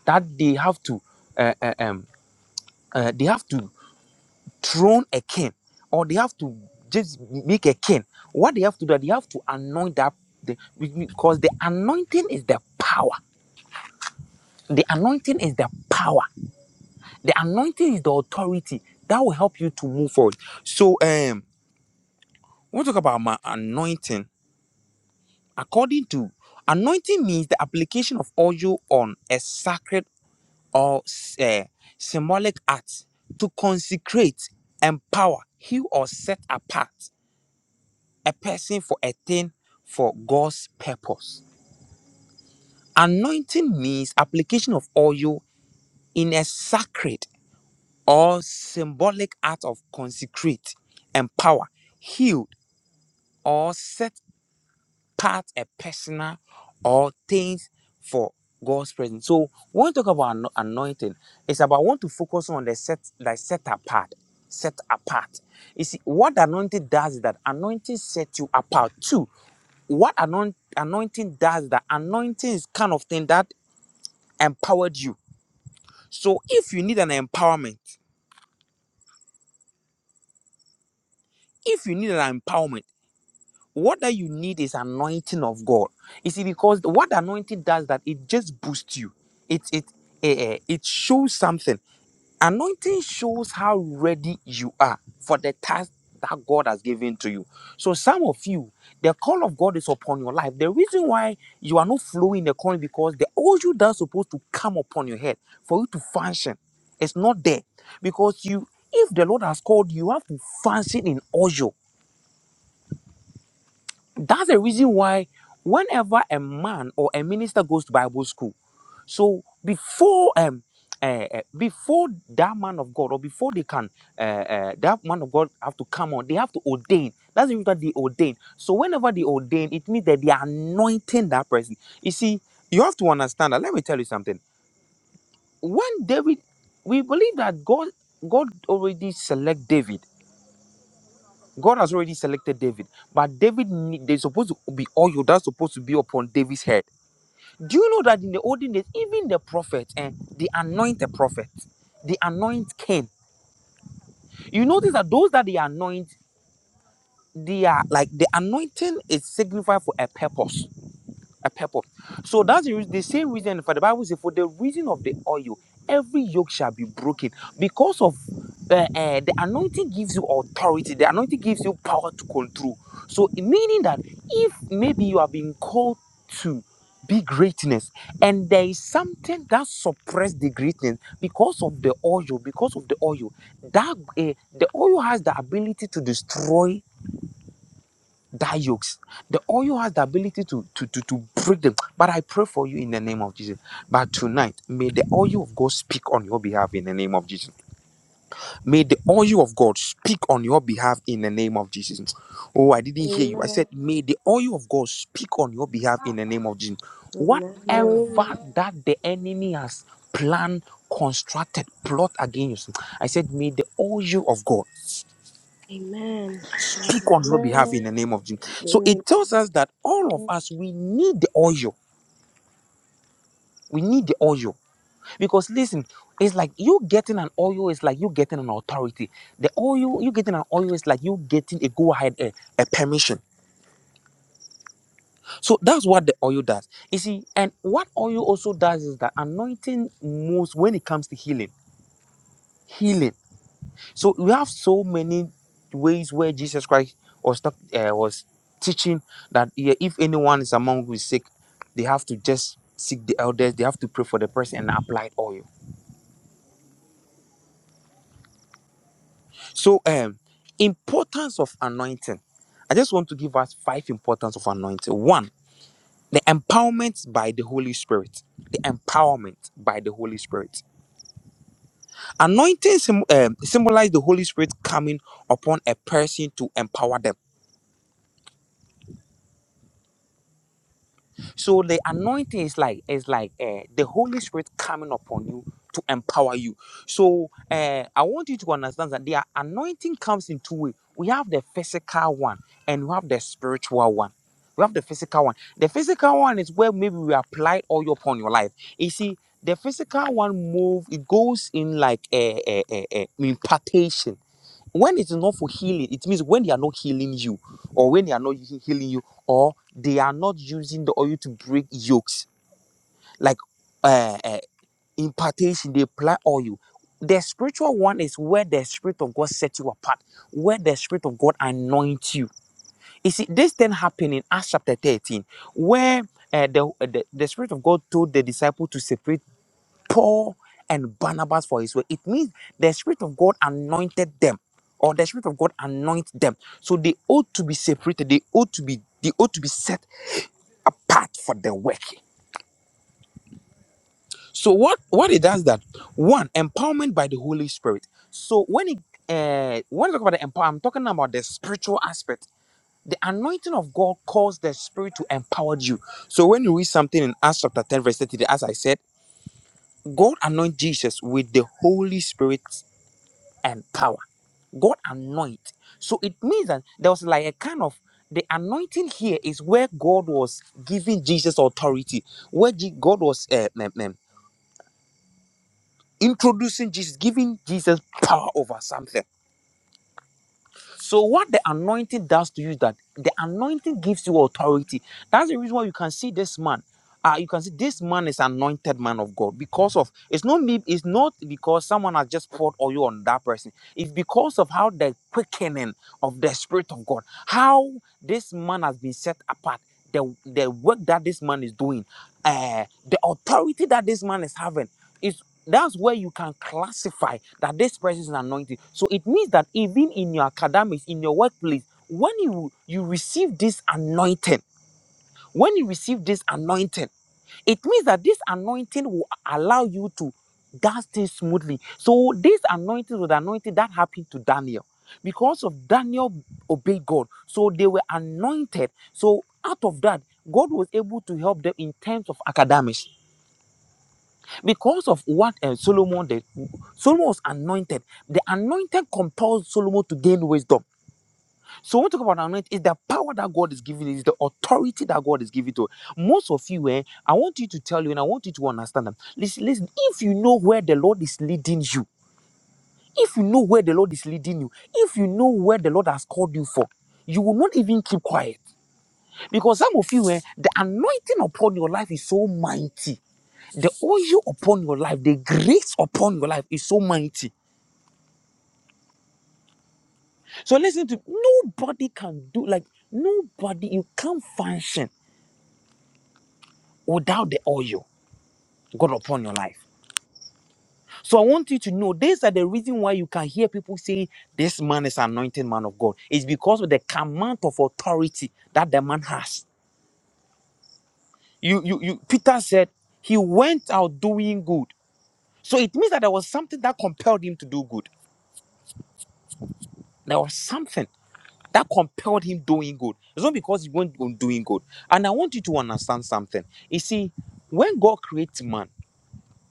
Speaker 1: that they have to uh, uh, um. uh, they have to throne a king or they have to just make a king what they have to do they have to anoint that the, because the anointing is the power the anointing is the power the anointing is the authority that will help you to move forward so um we'll talk about my anointing according to anointing means the application of oil on a sacred or uh, symbolic act to consecrate empower heal or set apart a person for a thing for God's purpose. Anointing means application of oil in a sacred or symbolic act of consecrate, empower, healed, or set apart a personal or things for God's presence. So when we talk about ano- anointing, it's about want to focus on the set like set apart. Set apart. You see, what the anointing does is that anointing sets you apart too. what anoint, anointing does that anointing is kind of thing that empowered you so if you need an empowerment if you need an empowerment what that you need is anointing of god you see because what anointing does that it just boosts you it it eh, eh, it shows something Anointing shows how ready you are for the task that God has given to you. So, some of you, the call of God is upon your life. The reason why you are not flowing the calling because the oil that's supposed to come upon your head for you to function is not there. Because you, if the Lord has called you, you have to function in oil. That's the reason why whenever a man or a minister goes to Bible school, so before um uh, uh, before that man of God or before they can uh, uh, that man of God have to come on, they have to ordain. That's the reason that they ordain. So whenever they ordain, it means that they are anointing that person. You see, you have to understand that. Let me tell you something. When David, we believe that God God already select David. God has already selected David, but David need- there's supposed to be oil that's supposed to be upon David's head. Do you know that in the olden days, even the prophets and they anoint the prophet, they anoint king. You notice that those that they anoint, they are like the anointing is signified for a purpose. a purple. So that's the, the same reason for the Bible says, for the reason of the oil, every yoke shall be broken because of uh, uh, the anointing gives you authority. The anointing gives you power to control. So meaning that if maybe you have been called to be greatness and there is something that suppressed the greatness because of the oil because of the oil that uh, the oil has the ability to destroy die yokes. The oil has the ability to, to, to, to break them. But I pray for you in the name of Jesus. But tonight, may the oil of God speak on your behalf in the name of Jesus. May the oil of God speak on your behalf in the name of Jesus. Oh, I didn't hear you. I said, may the oil of God speak on your behalf in the name of Jesus.
Speaker 2: Amen.
Speaker 1: Whatever that the enemy has planned, constructed, plot against you, I said, may the oil of God.
Speaker 2: Amen.
Speaker 1: Speak on your behalf in the name of Jesus. So
Speaker 2: Amen.
Speaker 1: it tells us that all of us, we need the oil. We need the oil. Because listen, it's like you getting an oil is like you getting an authority. The oil, you getting an oil is like you getting a go ahead, a, a permission. So that's what the oil does. You see, and what oil also does is that anointing moves when it comes to healing. Healing. So we have so many ways where Jesus Christ was talk, uh, was teaching that yeah, if anyone is among who is sick, they have to just seek the elders. They have to pray for the person and apply oil. So, um, importance of anointing. I just want to give us five importance of anointing. One, the empowerment by the Holy Spirit. The empowerment by the Holy Spirit. Anointing sim- um, symbolize the Holy Spirit coming upon a person to empower them. So the anointing is like is like uh, the Holy Spirit coming upon you to empower you. So uh, I want you to understand that the anointing comes in two ways. We have the physical one and we have the spiritual one. We have the physical one. The physical one is where maybe we apply oil upon your life. You see, the physical one move it goes in like a, a, a, a impartation when it is not for healing it means when they are not healing you or when they are not he- healing you or they are not using the oil to break yokes like uh, uh impartation they apply oil the spiritual one is where the spirit of god sets you apart where the spirit of god anoints you you see this thing happened in acts chapter 13 where uh, the, the the spirit of god told the disciple to separate Paul and Barnabas for his work. It means the Spirit of God anointed them, or the Spirit of God anoints them. So they ought to be separated. They ought to be they ought to be set apart for the work. So what what it does that one empowerment by the Holy Spirit. So when it uh, when I talk about the empower, I'm talking about the spiritual aspect. The anointing of God calls the Spirit to empower you. So when you read something in Acts chapter 10, verse 30, as I said, God anointed Jesus with the Holy Spirit and power. God anoint. So it means that there was like a kind of the anointing here is where God was giving Jesus authority, where Je- God was uh, um, um, introducing Jesus, giving Jesus power over something. So what the anointing does to you is that the anointing gives you authority. That's the reason why you can see this man. Uh, you can see this man is anointed man of God because of it's not me, it's not because someone has just poured oil on that person. It's because of how the quickening of the spirit of God, how this man has been set apart, the the work that this man is doing, uh, the authority that this man is having. It's that's where you can classify that this person is anointed. So it means that even in your academics, in your workplace, when you you receive this anointing, when you receive this anointing, it means that this anointing will allow you to dance things smoothly. So this anointing was the anointing that happened to Daniel. Because of Daniel obeyed God. So they were anointed. So out of that, God was able to help them in terms of academics because of what uh, Solomon did, Solomon was anointed. The anointing compelled Solomon to gain wisdom. So when we talk about anointing, is the power that God is giving, is the authority that God is giving to. us. Most of you, eh, I want you to tell you, and I want you to understand them. Listen, listen. If you know where the Lord is leading you, if you know where the Lord is leading you, if you know where the Lord has called you for, you will not even keep quiet because some of you, eh, the anointing upon your life is so mighty the oil upon your life, the grace upon your life is so mighty. So listen to nobody can do like nobody, you can't function without the oil God upon your life. So I want you to know these are the reason why you can hear people saying this man is anointed man of God. It's because of the command of authority that the man has. You you you Peter said he went out doing good. So it means that there was something that compelled him to do good. There was something. that compelled him doing good. It's not because he went on doing good. And I want you to understand something. You see, when God creates man,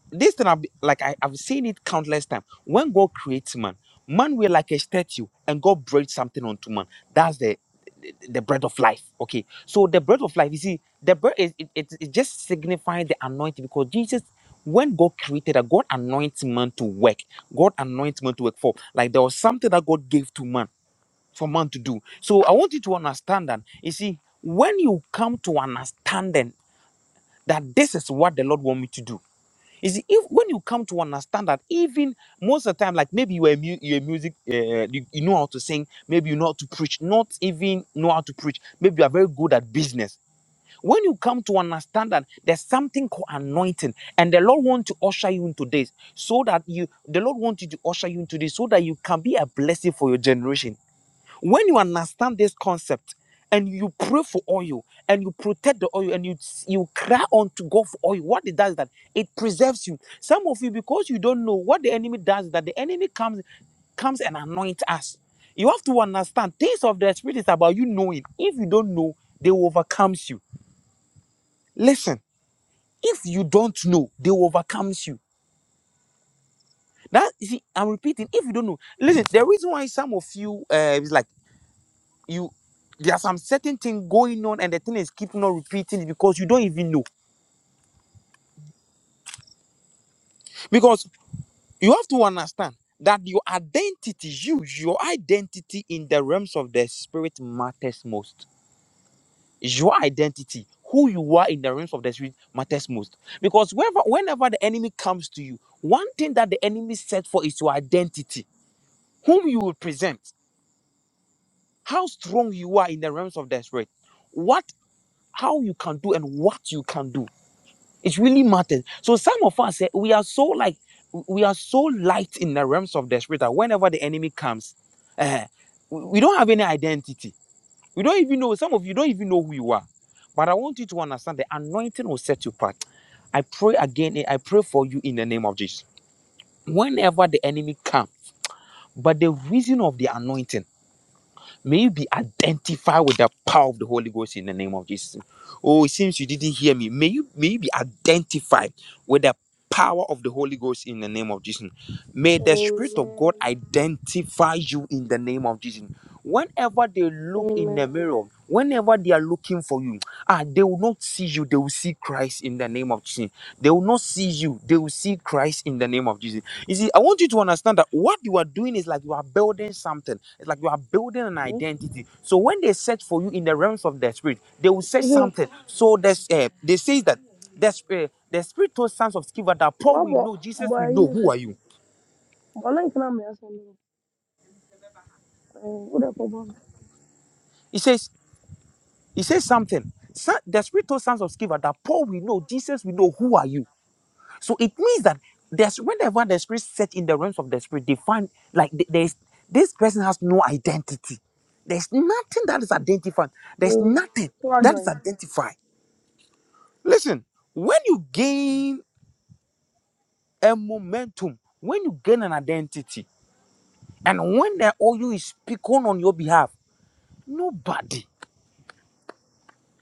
Speaker 1: this thing I've, be- like I, I've seen it countless times. When God creates man, man will like a statue, and God breathes something onto man. That's the the the bread of life. Okay, so the bread of life. You see, the bread is it, it, it just signifying the anointing because Jesus. When God created that, God anoints man to work. God anoints man to work for. Like there was something that God gave to man for man to do. So I want you to understand that. You see, when you come to understanding that this is what the Lord want me to do. You see, if when you come to understand that, even most of the time, like maybe you are mu- you're a music, uh, you, you know how to sing, maybe you know how to preach, not even know how to preach. Maybe you are very good at business. When you come to understand that there's something called anointing, and the Lord want to usher you into this, so that you, the Lord wants you to usher you into this, so that you can be a blessing for your generation. When you understand this concept and you pray for oil and you protect the oil and you you cry unto God for oil, what it does is that it preserves you. Some of you, because you don't know what the enemy does, is that the enemy comes comes and anoints us. You have to understand things of the spirit is about you knowing. If you don't know, they will overcomes you. Listen, if you don't know, they will overcomes you. That you see, I'm repeating. If you don't know, listen. The reason why some of you, uh, it's like. you there's some certain thing going on and the thing is keeping on repeating it because you don't even know because you have to understand that your identity you your identity in the realms of the spirit matters most your identity who you are in the realms of the spirit matters most because whenever whenever the enemy comes to you one thing that the enemy sets for is your identity whom you represent how strong you are in the realms of the spirit what how you can do and what you can do It really matters. So some of us eh, we are so like we are so light in the realms of the spirit that whenever the enemy comes, eh, we we don't have any identity. We don't even know. Some of you don't even know who you are. But I want you to understand the anointing will set you apart. I pray again. eh, I pray for you in the name of Jesus. Whenever the enemy comes, but the reason of the anointing. May you be identified with the power of the Holy Ghost in the name of Jesus. Oh, it seems you didn't hear me. May you may you be identified with the power of the Holy Ghost in the name of Jesus. May the Spirit of God identify you in the name of Jesus. Whenever they look in the mirror, whenever they are looking for you, ah, they will not see you, they will see Christ in the name of Jesus. They will not see you, they will see Christ in the name of Jesus. You see, I want you to understand that what you are doing is like you are building something. It's like you are building an identity. So when they search for you in the realms of the spirit, they will search something. So there's, uh, they say that the, sp- uh, the spiritual sons of Sceva that Paul we know, Jesus we know. Who are you? He says, he says something. Son- The spiritual sons of Sceva that Paul we know, Jesus we know. Who are you? So it means that there's whenever the spirit search in the realms of the spirit, they find like th- there's this person has no identity. There's nothing that is identified. There's nothing that is identified. Listen, when you gain a momentum, when you gain an identity, and when the OU is speaking on your behalf, nobody,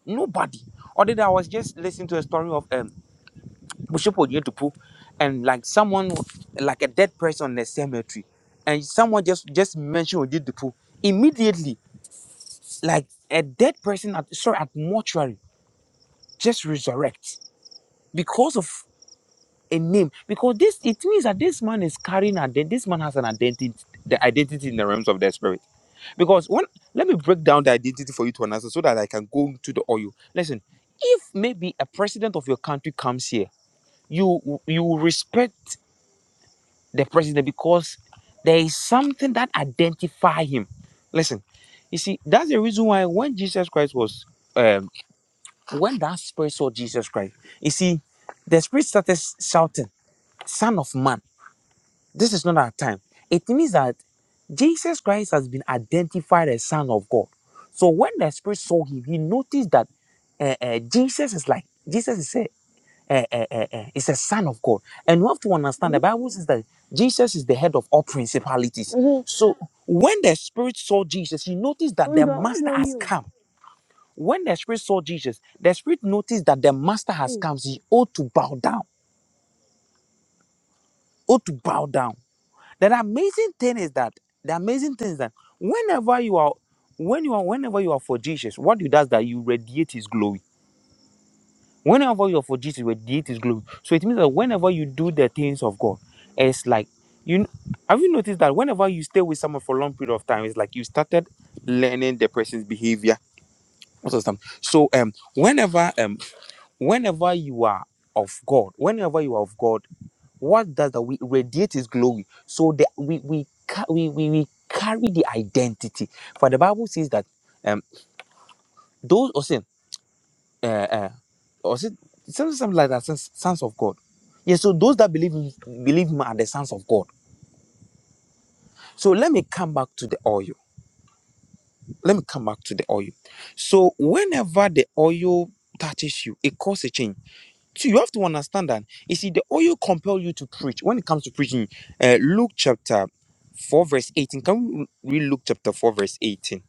Speaker 1: nobody. Or did I was just listening to a story of um Mushipo Yetupu, and like someone like a dead person in the cemetery, and someone just just mentioned Oyedepo, immediately like a dead person at sorry at mortuary just resurrects because of a name. Because this it means that this man is carrying a this man has an identity the identity in the realms of the spirit. Because when let me break down the identity for you to understand so that I can go to the oil. Listen, if maybe a president of your country comes here, you you will respect. the president because there is something that identify him. Listen, you see, that's the reason why when Jesus Christ was, um, when that spirit saw Jesus Christ, you see, the spirit started shouting, "Son of Man, this is not our time." It means that Jesus Christ has been identified as Son of God. So when the spirit saw him, he noticed that uh, uh, Jesus is like Jesus is here eh, eh, eh, eh, is a son of God. And you have to understand the Bible says that Jesus is the head of all principalities. So when the Spirit saw Jesus, he noticed that the Master has come. When the Spirit saw Jesus, the Spirit noticed that the Master has come. So he ought to bow down, ought to bow down. The amazing thing is that the amazing thing is that whenever you are, when you are, whenever you are for Jesus, what you does that you radiate His glory. Whenever you're for Jesus, you radiate His glory. So it means that whenever you do the things of God, it's like you. kn- Have you noticed that whenever you stay with someone for a long period of time, it's like you started learning the person's behavior Most of the something. So um, whenever um, whenever you are of God, whenever you are of God, what does that we radiate His glory? So that we we ca- we we, we carry the identity. For the Bible says that um those or uh, uh, or is it something, something like that? Sons, sons of God. Yeah, so those that believe in, believe him are the sons of God. So let me come back to the oil. Let me come back to the oil. So whenever the oil touches you, it causes a change. So you have to understand that. You see, the oil compel you to preach. When it comes to preaching, uh, Luke chapter 4, verse 18. Can we read Luke chapter 4, verse 18?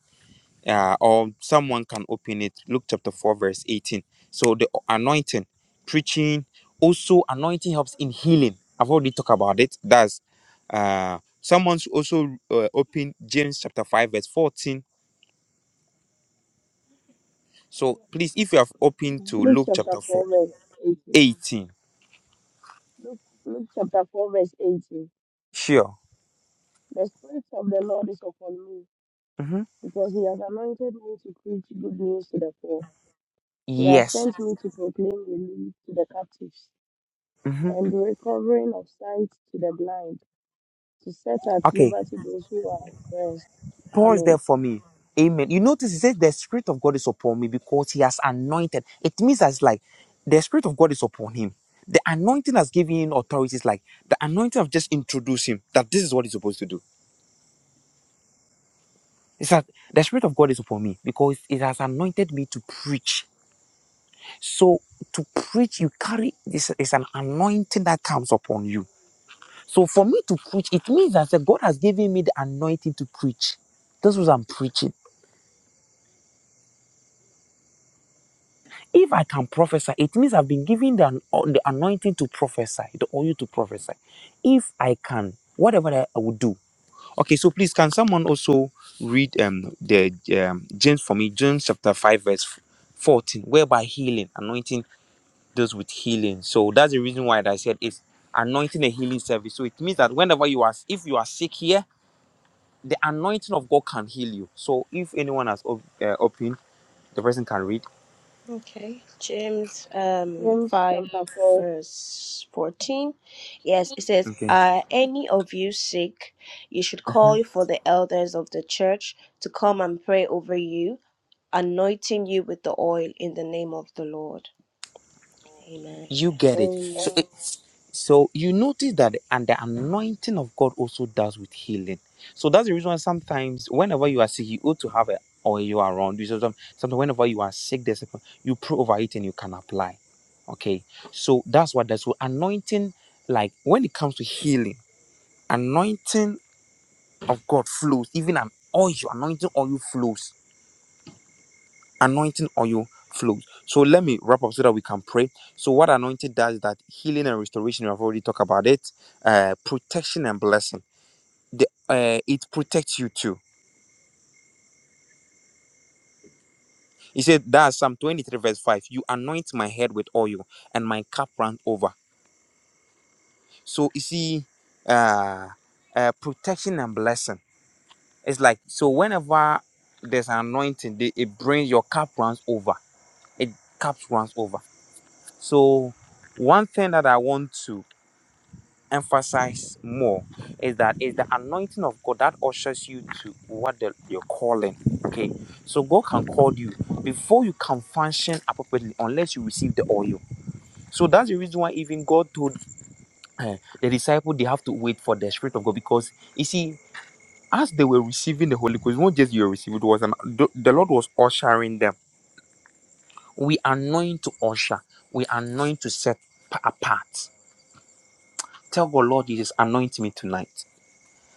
Speaker 1: uh, or someone can open it luke chapter 4 verse 18 so the anointing preaching also anointing helps in healing i've already talked about it that's uh someone should also uh, open james chapter 5 verse 14 so please if you have opened to luke chapter four, eighteen, sure hmm yes hmm okay Paul is there for me. Amen. You notice he says the Spirit of God is upon me because he has anointed. It means as like the Spirit of God is upon him. The anointing has given him authority. It's like the anointing of just introduce him that this is what he's supposed to do. It's that the Spirit of God is upon me because it has anointed me to preach. So to preach, you carry this is an anointing that comes upon you. So for me to preach, it means that God has given me the anointing to preach. This was I'm preaching. If I can prophesy, it means I've been given the, the anointing to prophesy, the oil to prophesy. If I can, whatever that I would do. Okay, so please, can someone also read um, the um, James for me, James chapter 5, verse 14, whereby healing, anointing deals with healing. So that's the reason why I said it's anointing a healing service. So it means that whenever you are, if you are sick here, the anointing of God can heal you. So if anyone has op- uh, opened, the person can read.
Speaker 2: Okay. James um five verse fourteen. Yes, it says,
Speaker 1: Okay.
Speaker 2: Are any of you sick? You should call for the elders of the church to come and pray over you, anointing you with the oil in the name of the Lord. Amen.
Speaker 1: You get it. So it, So you notice that, and the anointing of God also does with healing. So that's the reason why sometimes, whenever you are sick, you ought to have a or you are around. You should some- Sometimes, whenever you are sick, there's a, you pray over it and you can apply. Okay, so that's what that's so anointing. Like when it comes to healing, anointing of God flows. Even an oil, anointing oil flows anointing oil flows. So let me wrap up so that we can pray. So what anointing does is that healing and restoration, we have already talked about it, uh, protection and blessing. The, uh, it protects you too. He said that's Psalm 23 verse 5. You anoint my head with oil and my cup runs over. So you see, uh, uh, protection and blessing. It's like, so whenever there's an anointing, they, it brings your cup runs over. It cups runs over. So one thing that I want to emphasize more is that it's the anointing of God that ushers you to what the, you're calling. Okay, so God can call you before you can function appropriately unless you receive the oil. So that's the reason why even God told eh, the disciple they have to wait for the Spirit of God because you see, as they were receiving the Holy Ghost, not just you received it was an, the, the Lord was ushering them. We anoint to usher. We anoint to set pa- apart. Tell God, Lord Jesus, anoint me tonight.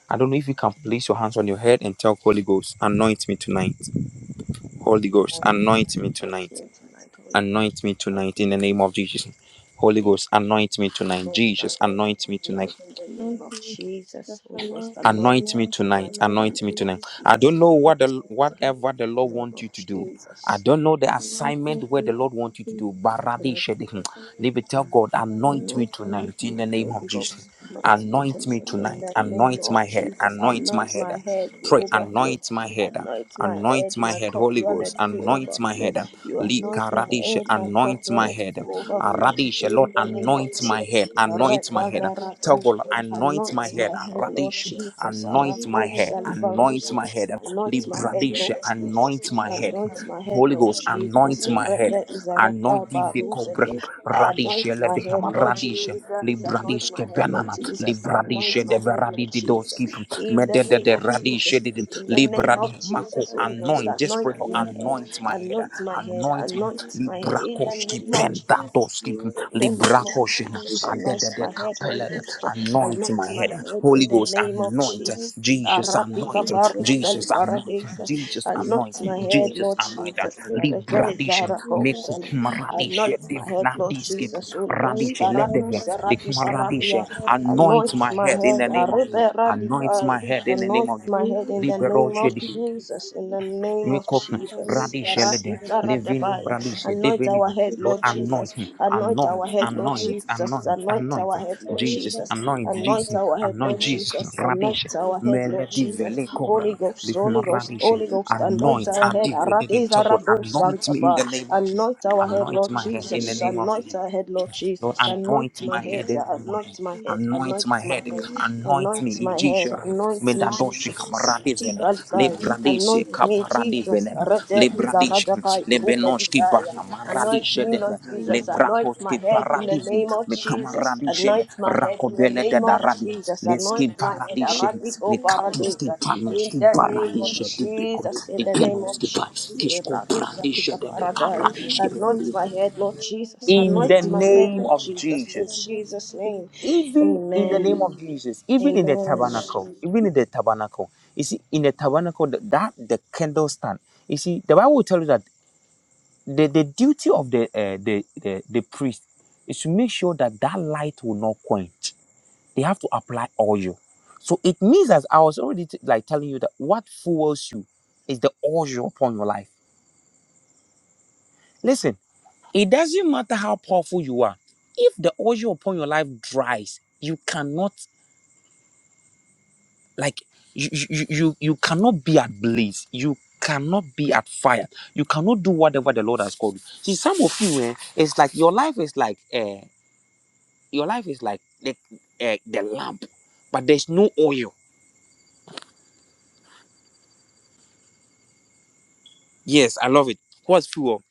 Speaker 1: I don't know if you can place your hands on your head and tell Holy Ghost, anoint me tonight. Holy Ghost, anoint me
Speaker 2: But
Speaker 1: tonight.
Speaker 2: tonight, Holy Ghost.
Speaker 1: Anoint me
Speaker 2: But
Speaker 1: tonight in the name
Speaker 2: tonight,
Speaker 1: of Jesus. Holy Ghost, anoint me tonight.
Speaker 2: Jesus. Holy
Speaker 1: Jesus,
Speaker 2: Ghost, anoint
Speaker 1: anoint me
Speaker 2: me
Speaker 1: tonight.
Speaker 2: tonight in the name of Jesus. Holy Ghost, anoint
Speaker 1: Anoint
Speaker 2: me
Speaker 1: me
Speaker 2: tonight
Speaker 1: tonight.
Speaker 2: in the
Speaker 1: Anoint me
Speaker 2: name of
Speaker 1: tonight. I
Speaker 2: Jesus.
Speaker 1: don't know
Speaker 2: Anoint
Speaker 1: what the
Speaker 2: me tonight
Speaker 1: whatever the
Speaker 2: in
Speaker 1: Lord
Speaker 2: the name
Speaker 1: wants
Speaker 2: of
Speaker 1: you to do. I
Speaker 2: Jesus.
Speaker 1: don't know the assignment where the Lord wants you to do. Barade shede. Leave it. Tell God, anoint me
Speaker 2: Anoint me
Speaker 1: tonight in
Speaker 2: my
Speaker 1: the name of
Speaker 2: Holy
Speaker 1: Jesus.
Speaker 2: Ghost. Anoint me
Speaker 1: Anoint
Speaker 2: my
Speaker 1: me
Speaker 2: in
Speaker 1: tonight.
Speaker 2: the name
Speaker 1: Anoint
Speaker 2: of
Speaker 1: my head.
Speaker 2: Jesus.
Speaker 1: Anoint my
Speaker 2: Anoint
Speaker 1: head.
Speaker 2: my head to
Speaker 1: Pray,
Speaker 2: overflow.
Speaker 1: anoint my head up.
Speaker 2: Anoint my head,
Speaker 1: Anoint my
Speaker 2: my
Speaker 1: head,
Speaker 2: cup
Speaker 1: Holy Ghost.
Speaker 2: runneth to
Speaker 1: Anoint my
Speaker 2: overflow.
Speaker 1: head.
Speaker 2: You anoint my
Speaker 1: Likaradish,
Speaker 2: head, my cup
Speaker 1: anoint my
Speaker 2: runneth
Speaker 1: head.
Speaker 2: to overflow
Speaker 1: Aradish, Lord,
Speaker 2: in the name of
Speaker 1: anoint my
Speaker 2: Jesus.
Speaker 1: head. Anoint my head. Tell God,
Speaker 2: Rekazarados.
Speaker 1: anoint
Speaker 2: Anoint
Speaker 1: my head.
Speaker 2: my head, Lord
Speaker 1: Aradish,
Speaker 2: Jesus.
Speaker 1: anoint my
Speaker 2: Arakos
Speaker 1: head.
Speaker 2: alibarus.
Speaker 1: Anoint my head.
Speaker 2: Anoint my head,
Speaker 1: Libradish,
Speaker 2: Lord Jesus.
Speaker 1: anoint my head.
Speaker 2: Anoint my head,
Speaker 1: Holy
Speaker 2: Lord
Speaker 1: Ghost,
Speaker 2: Jesus.
Speaker 1: anoint my head
Speaker 2: Rede is
Speaker 1: Anointi
Speaker 2: a
Speaker 1: vekobre
Speaker 2: Anoint
Speaker 1: radishe le
Speaker 2: my
Speaker 1: dehama
Speaker 2: head, Lord
Speaker 1: radishe
Speaker 2: Jesus.
Speaker 1: libradish
Speaker 2: Anoint
Speaker 1: ke
Speaker 2: my head, Lord
Speaker 1: banana
Speaker 2: Jesus.
Speaker 1: libradishe
Speaker 2: Anoint my
Speaker 1: de
Speaker 2: head,
Speaker 1: veradi
Speaker 2: Lord Jesus.
Speaker 1: didoski
Speaker 2: In
Speaker 1: mede
Speaker 2: the
Speaker 1: de
Speaker 2: name
Speaker 1: de
Speaker 2: of
Speaker 1: radishe
Speaker 2: Jesus.
Speaker 1: de de.
Speaker 2: In the name
Speaker 1: libradi
Speaker 2: of
Speaker 1: mako
Speaker 2: Jesus, Holy Ghost,
Speaker 1: anoint just
Speaker 2: anoint
Speaker 1: pray for
Speaker 2: my head.
Speaker 1: anoint my head
Speaker 2: Anoint my head.
Speaker 1: anoint my
Speaker 2: Anoint my head. In the
Speaker 1: librakoski
Speaker 2: name of Jesus.
Speaker 1: pendadoski
Speaker 2: In the name of
Speaker 1: librakoshi
Speaker 2: Jesus,
Speaker 1: adede
Speaker 2: anoint
Speaker 1: de
Speaker 2: my head, Holy
Speaker 1: capella head,
Speaker 2: Ghost.
Speaker 1: anoint
Speaker 2: Anoint
Speaker 1: my
Speaker 2: my
Speaker 1: head.
Speaker 2: head in
Speaker 1: Holy
Speaker 2: the
Speaker 1: Ghost,
Speaker 2: name of
Speaker 1: anoint.
Speaker 2: Jesus.
Speaker 1: Jesus,
Speaker 2: Arabi
Speaker 1: anoint.
Speaker 2: babaru sali
Speaker 1: Jesus, anoint.
Speaker 2: paradisa.
Speaker 1: Jesus,
Speaker 2: Anoint
Speaker 1: anoint.
Speaker 2: my head,
Speaker 1: Jesus,
Speaker 2: Lord
Speaker 1: anoint.
Speaker 2: Jesus. Aradeza
Speaker 1: Libradish, meku
Speaker 2: rakosali.
Speaker 1: kumaradish,
Speaker 2: Anoint my head, Lord
Speaker 1: divinadiske,
Speaker 2: Jesus. Holy Ghost.
Speaker 1: radish,
Speaker 2: Aradu
Speaker 1: ledeve, the
Speaker 2: saradi
Speaker 1: kumaradish.
Speaker 2: paradia.
Speaker 1: Anoint
Speaker 2: Anoint
Speaker 1: my
Speaker 2: my
Speaker 1: head in
Speaker 2: head.
Speaker 1: the name of
Speaker 2: Arebe
Speaker 1: Jesus. Anoint my
Speaker 2: radikai.
Speaker 1: head in the name
Speaker 2: Anoint
Speaker 1: of Jesus.
Speaker 2: my head in the name of
Speaker 1: Liberoche,
Speaker 2: Jesus. In the name name of
Speaker 1: Recognize
Speaker 2: Jesus.
Speaker 1: Radishelede, Levino Radishe,
Speaker 2: Anoint our
Speaker 1: Divinina.
Speaker 2: head,
Speaker 1: Lord,
Speaker 2: Lord
Speaker 1: anoint
Speaker 2: Jesus.
Speaker 1: him,
Speaker 2: Anoint our
Speaker 1: anoint,
Speaker 2: head, Lord
Speaker 1: anoint,
Speaker 2: Jesus.
Speaker 1: anoint,
Speaker 2: Anoint
Speaker 1: anoint
Speaker 2: our head, Lord
Speaker 1: Jesus,
Speaker 2: Jesus.
Speaker 1: anoint
Speaker 2: Anoint
Speaker 1: Jesus,
Speaker 2: our head,
Speaker 1: anoint
Speaker 2: Lord
Speaker 1: Jesus,
Speaker 2: Jesus.
Speaker 1: Radishe,
Speaker 2: Anoint our head, Lord
Speaker 1: Melody
Speaker 2: Jesus.
Speaker 1: Vele Cobra,
Speaker 2: Holy Ghost,
Speaker 1: Lihuma
Speaker 2: Holy Ghost,
Speaker 1: Radishe,
Speaker 2: Holy Ghost. Anoint
Speaker 1: anoint,
Speaker 2: our head.
Speaker 1: Adivede, Togod, anoint me in the name of Jesus.
Speaker 2: Anoint our head,
Speaker 1: Anoint
Speaker 2: Lord
Speaker 1: my head in the
Speaker 2: Jesus.
Speaker 1: name of
Speaker 2: Anoint
Speaker 1: Jesus.
Speaker 2: our head, Lord Jesus.
Speaker 1: Lord,
Speaker 2: Jesus. Anoint
Speaker 1: anoint
Speaker 2: my
Speaker 1: my
Speaker 2: head,
Speaker 1: head in the name of
Speaker 2: anoint
Speaker 1: Jesus.
Speaker 2: my head,
Speaker 1: Anoint my
Speaker 2: anoint my
Speaker 1: head.
Speaker 2: head,
Speaker 1: Anoint
Speaker 2: anoint
Speaker 1: me.
Speaker 2: my head,
Speaker 1: Ijisha.
Speaker 2: anoint me,
Speaker 1: Medadoshi
Speaker 2: Jesus.
Speaker 1: kamaradiven.
Speaker 2: Sakajikalikai,
Speaker 1: Lebradishi
Speaker 2: Anoint me,
Speaker 1: kaparadiven.
Speaker 2: Jesus. Rede
Speaker 1: Lebradishi.
Speaker 2: izaradakai,
Speaker 1: Lebenoshki
Speaker 2: rupedikai. Anoint
Speaker 1: barnamaradishe
Speaker 2: me, Lord
Speaker 1: deven.
Speaker 2: Jesus. Anoint my
Speaker 1: Lebrakoski
Speaker 2: head in the
Speaker 1: paradishin.
Speaker 2: name of Jesus.
Speaker 1: Mekamaradishe de.
Speaker 2: Anoint my head in the
Speaker 1: Rakobele de
Speaker 2: name of
Speaker 1: daradi.
Speaker 2: Jesus. Anoint
Speaker 1: Leski
Speaker 2: my head.
Speaker 1: paradishe.
Speaker 2: Aradiko
Speaker 1: Lekatuski
Speaker 2: paradisa. In
Speaker 1: panoski
Speaker 2: the name of
Speaker 1: paradishe dibeko.
Speaker 2: Jesus. In the name of
Speaker 1: Lekenoski
Speaker 2: Jesus.
Speaker 1: pa. Kisko
Speaker 2: Barusa
Speaker 1: paradishe
Speaker 2: tika
Speaker 1: de.
Speaker 2: paradai.
Speaker 1: Lekaradishi.
Speaker 2: Anoint my head, Lord Jesus.
Speaker 1: In the
Speaker 2: Anoint my head,
Speaker 1: name
Speaker 2: Lord
Speaker 1: of
Speaker 2: Jesus. In
Speaker 1: Jesus
Speaker 2: Jesus' name.
Speaker 1: even in the
Speaker 2: Amen.
Speaker 1: name of Jesus, even in the
Speaker 2: Amen.
Speaker 1: tabernacle, even in the tabernacle, you see, in the tabernacle that, that the candle stand, you see, the Bible will tell you that the, the duty of the, uh, the the the priest is to make sure that that light will not quench. They have to apply oil, so it means as I was already t- like telling you that what fuels you is the oil upon your life. Listen, it doesn't matter how powerful you are. If the oil upon your life dries, you cannot like you you you, you cannot be at blaze you cannot be at fire you cannot do whatever the lord has called you see some of you eh, it's like your life is like uh your life is like the, uh, the lamp but there's no oil yes i love it what's fuel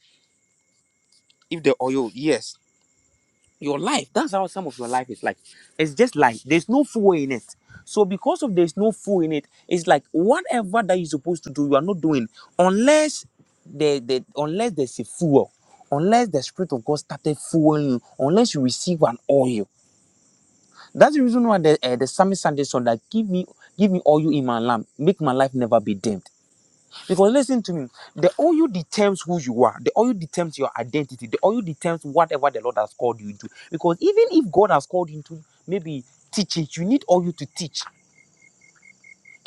Speaker 1: if the oil yes your life that's how some of your life is like it's just like there's no fuel in it so because of there's no fuel in it it's like whatever that you're supposed to do you are not doing unless the, the unless there's a fuel unless the spirit of god started fueling you unless you receive an oil that's the reason why the uh, the psalmist sang this song that give me give me oil in my lamp make my life never be dim because listen to me, the oil determines who you are. The oil determines your identity. The oil determines whatever the Lord has called you into. Because even if God has called you into maybe teaching, you need oil to teach.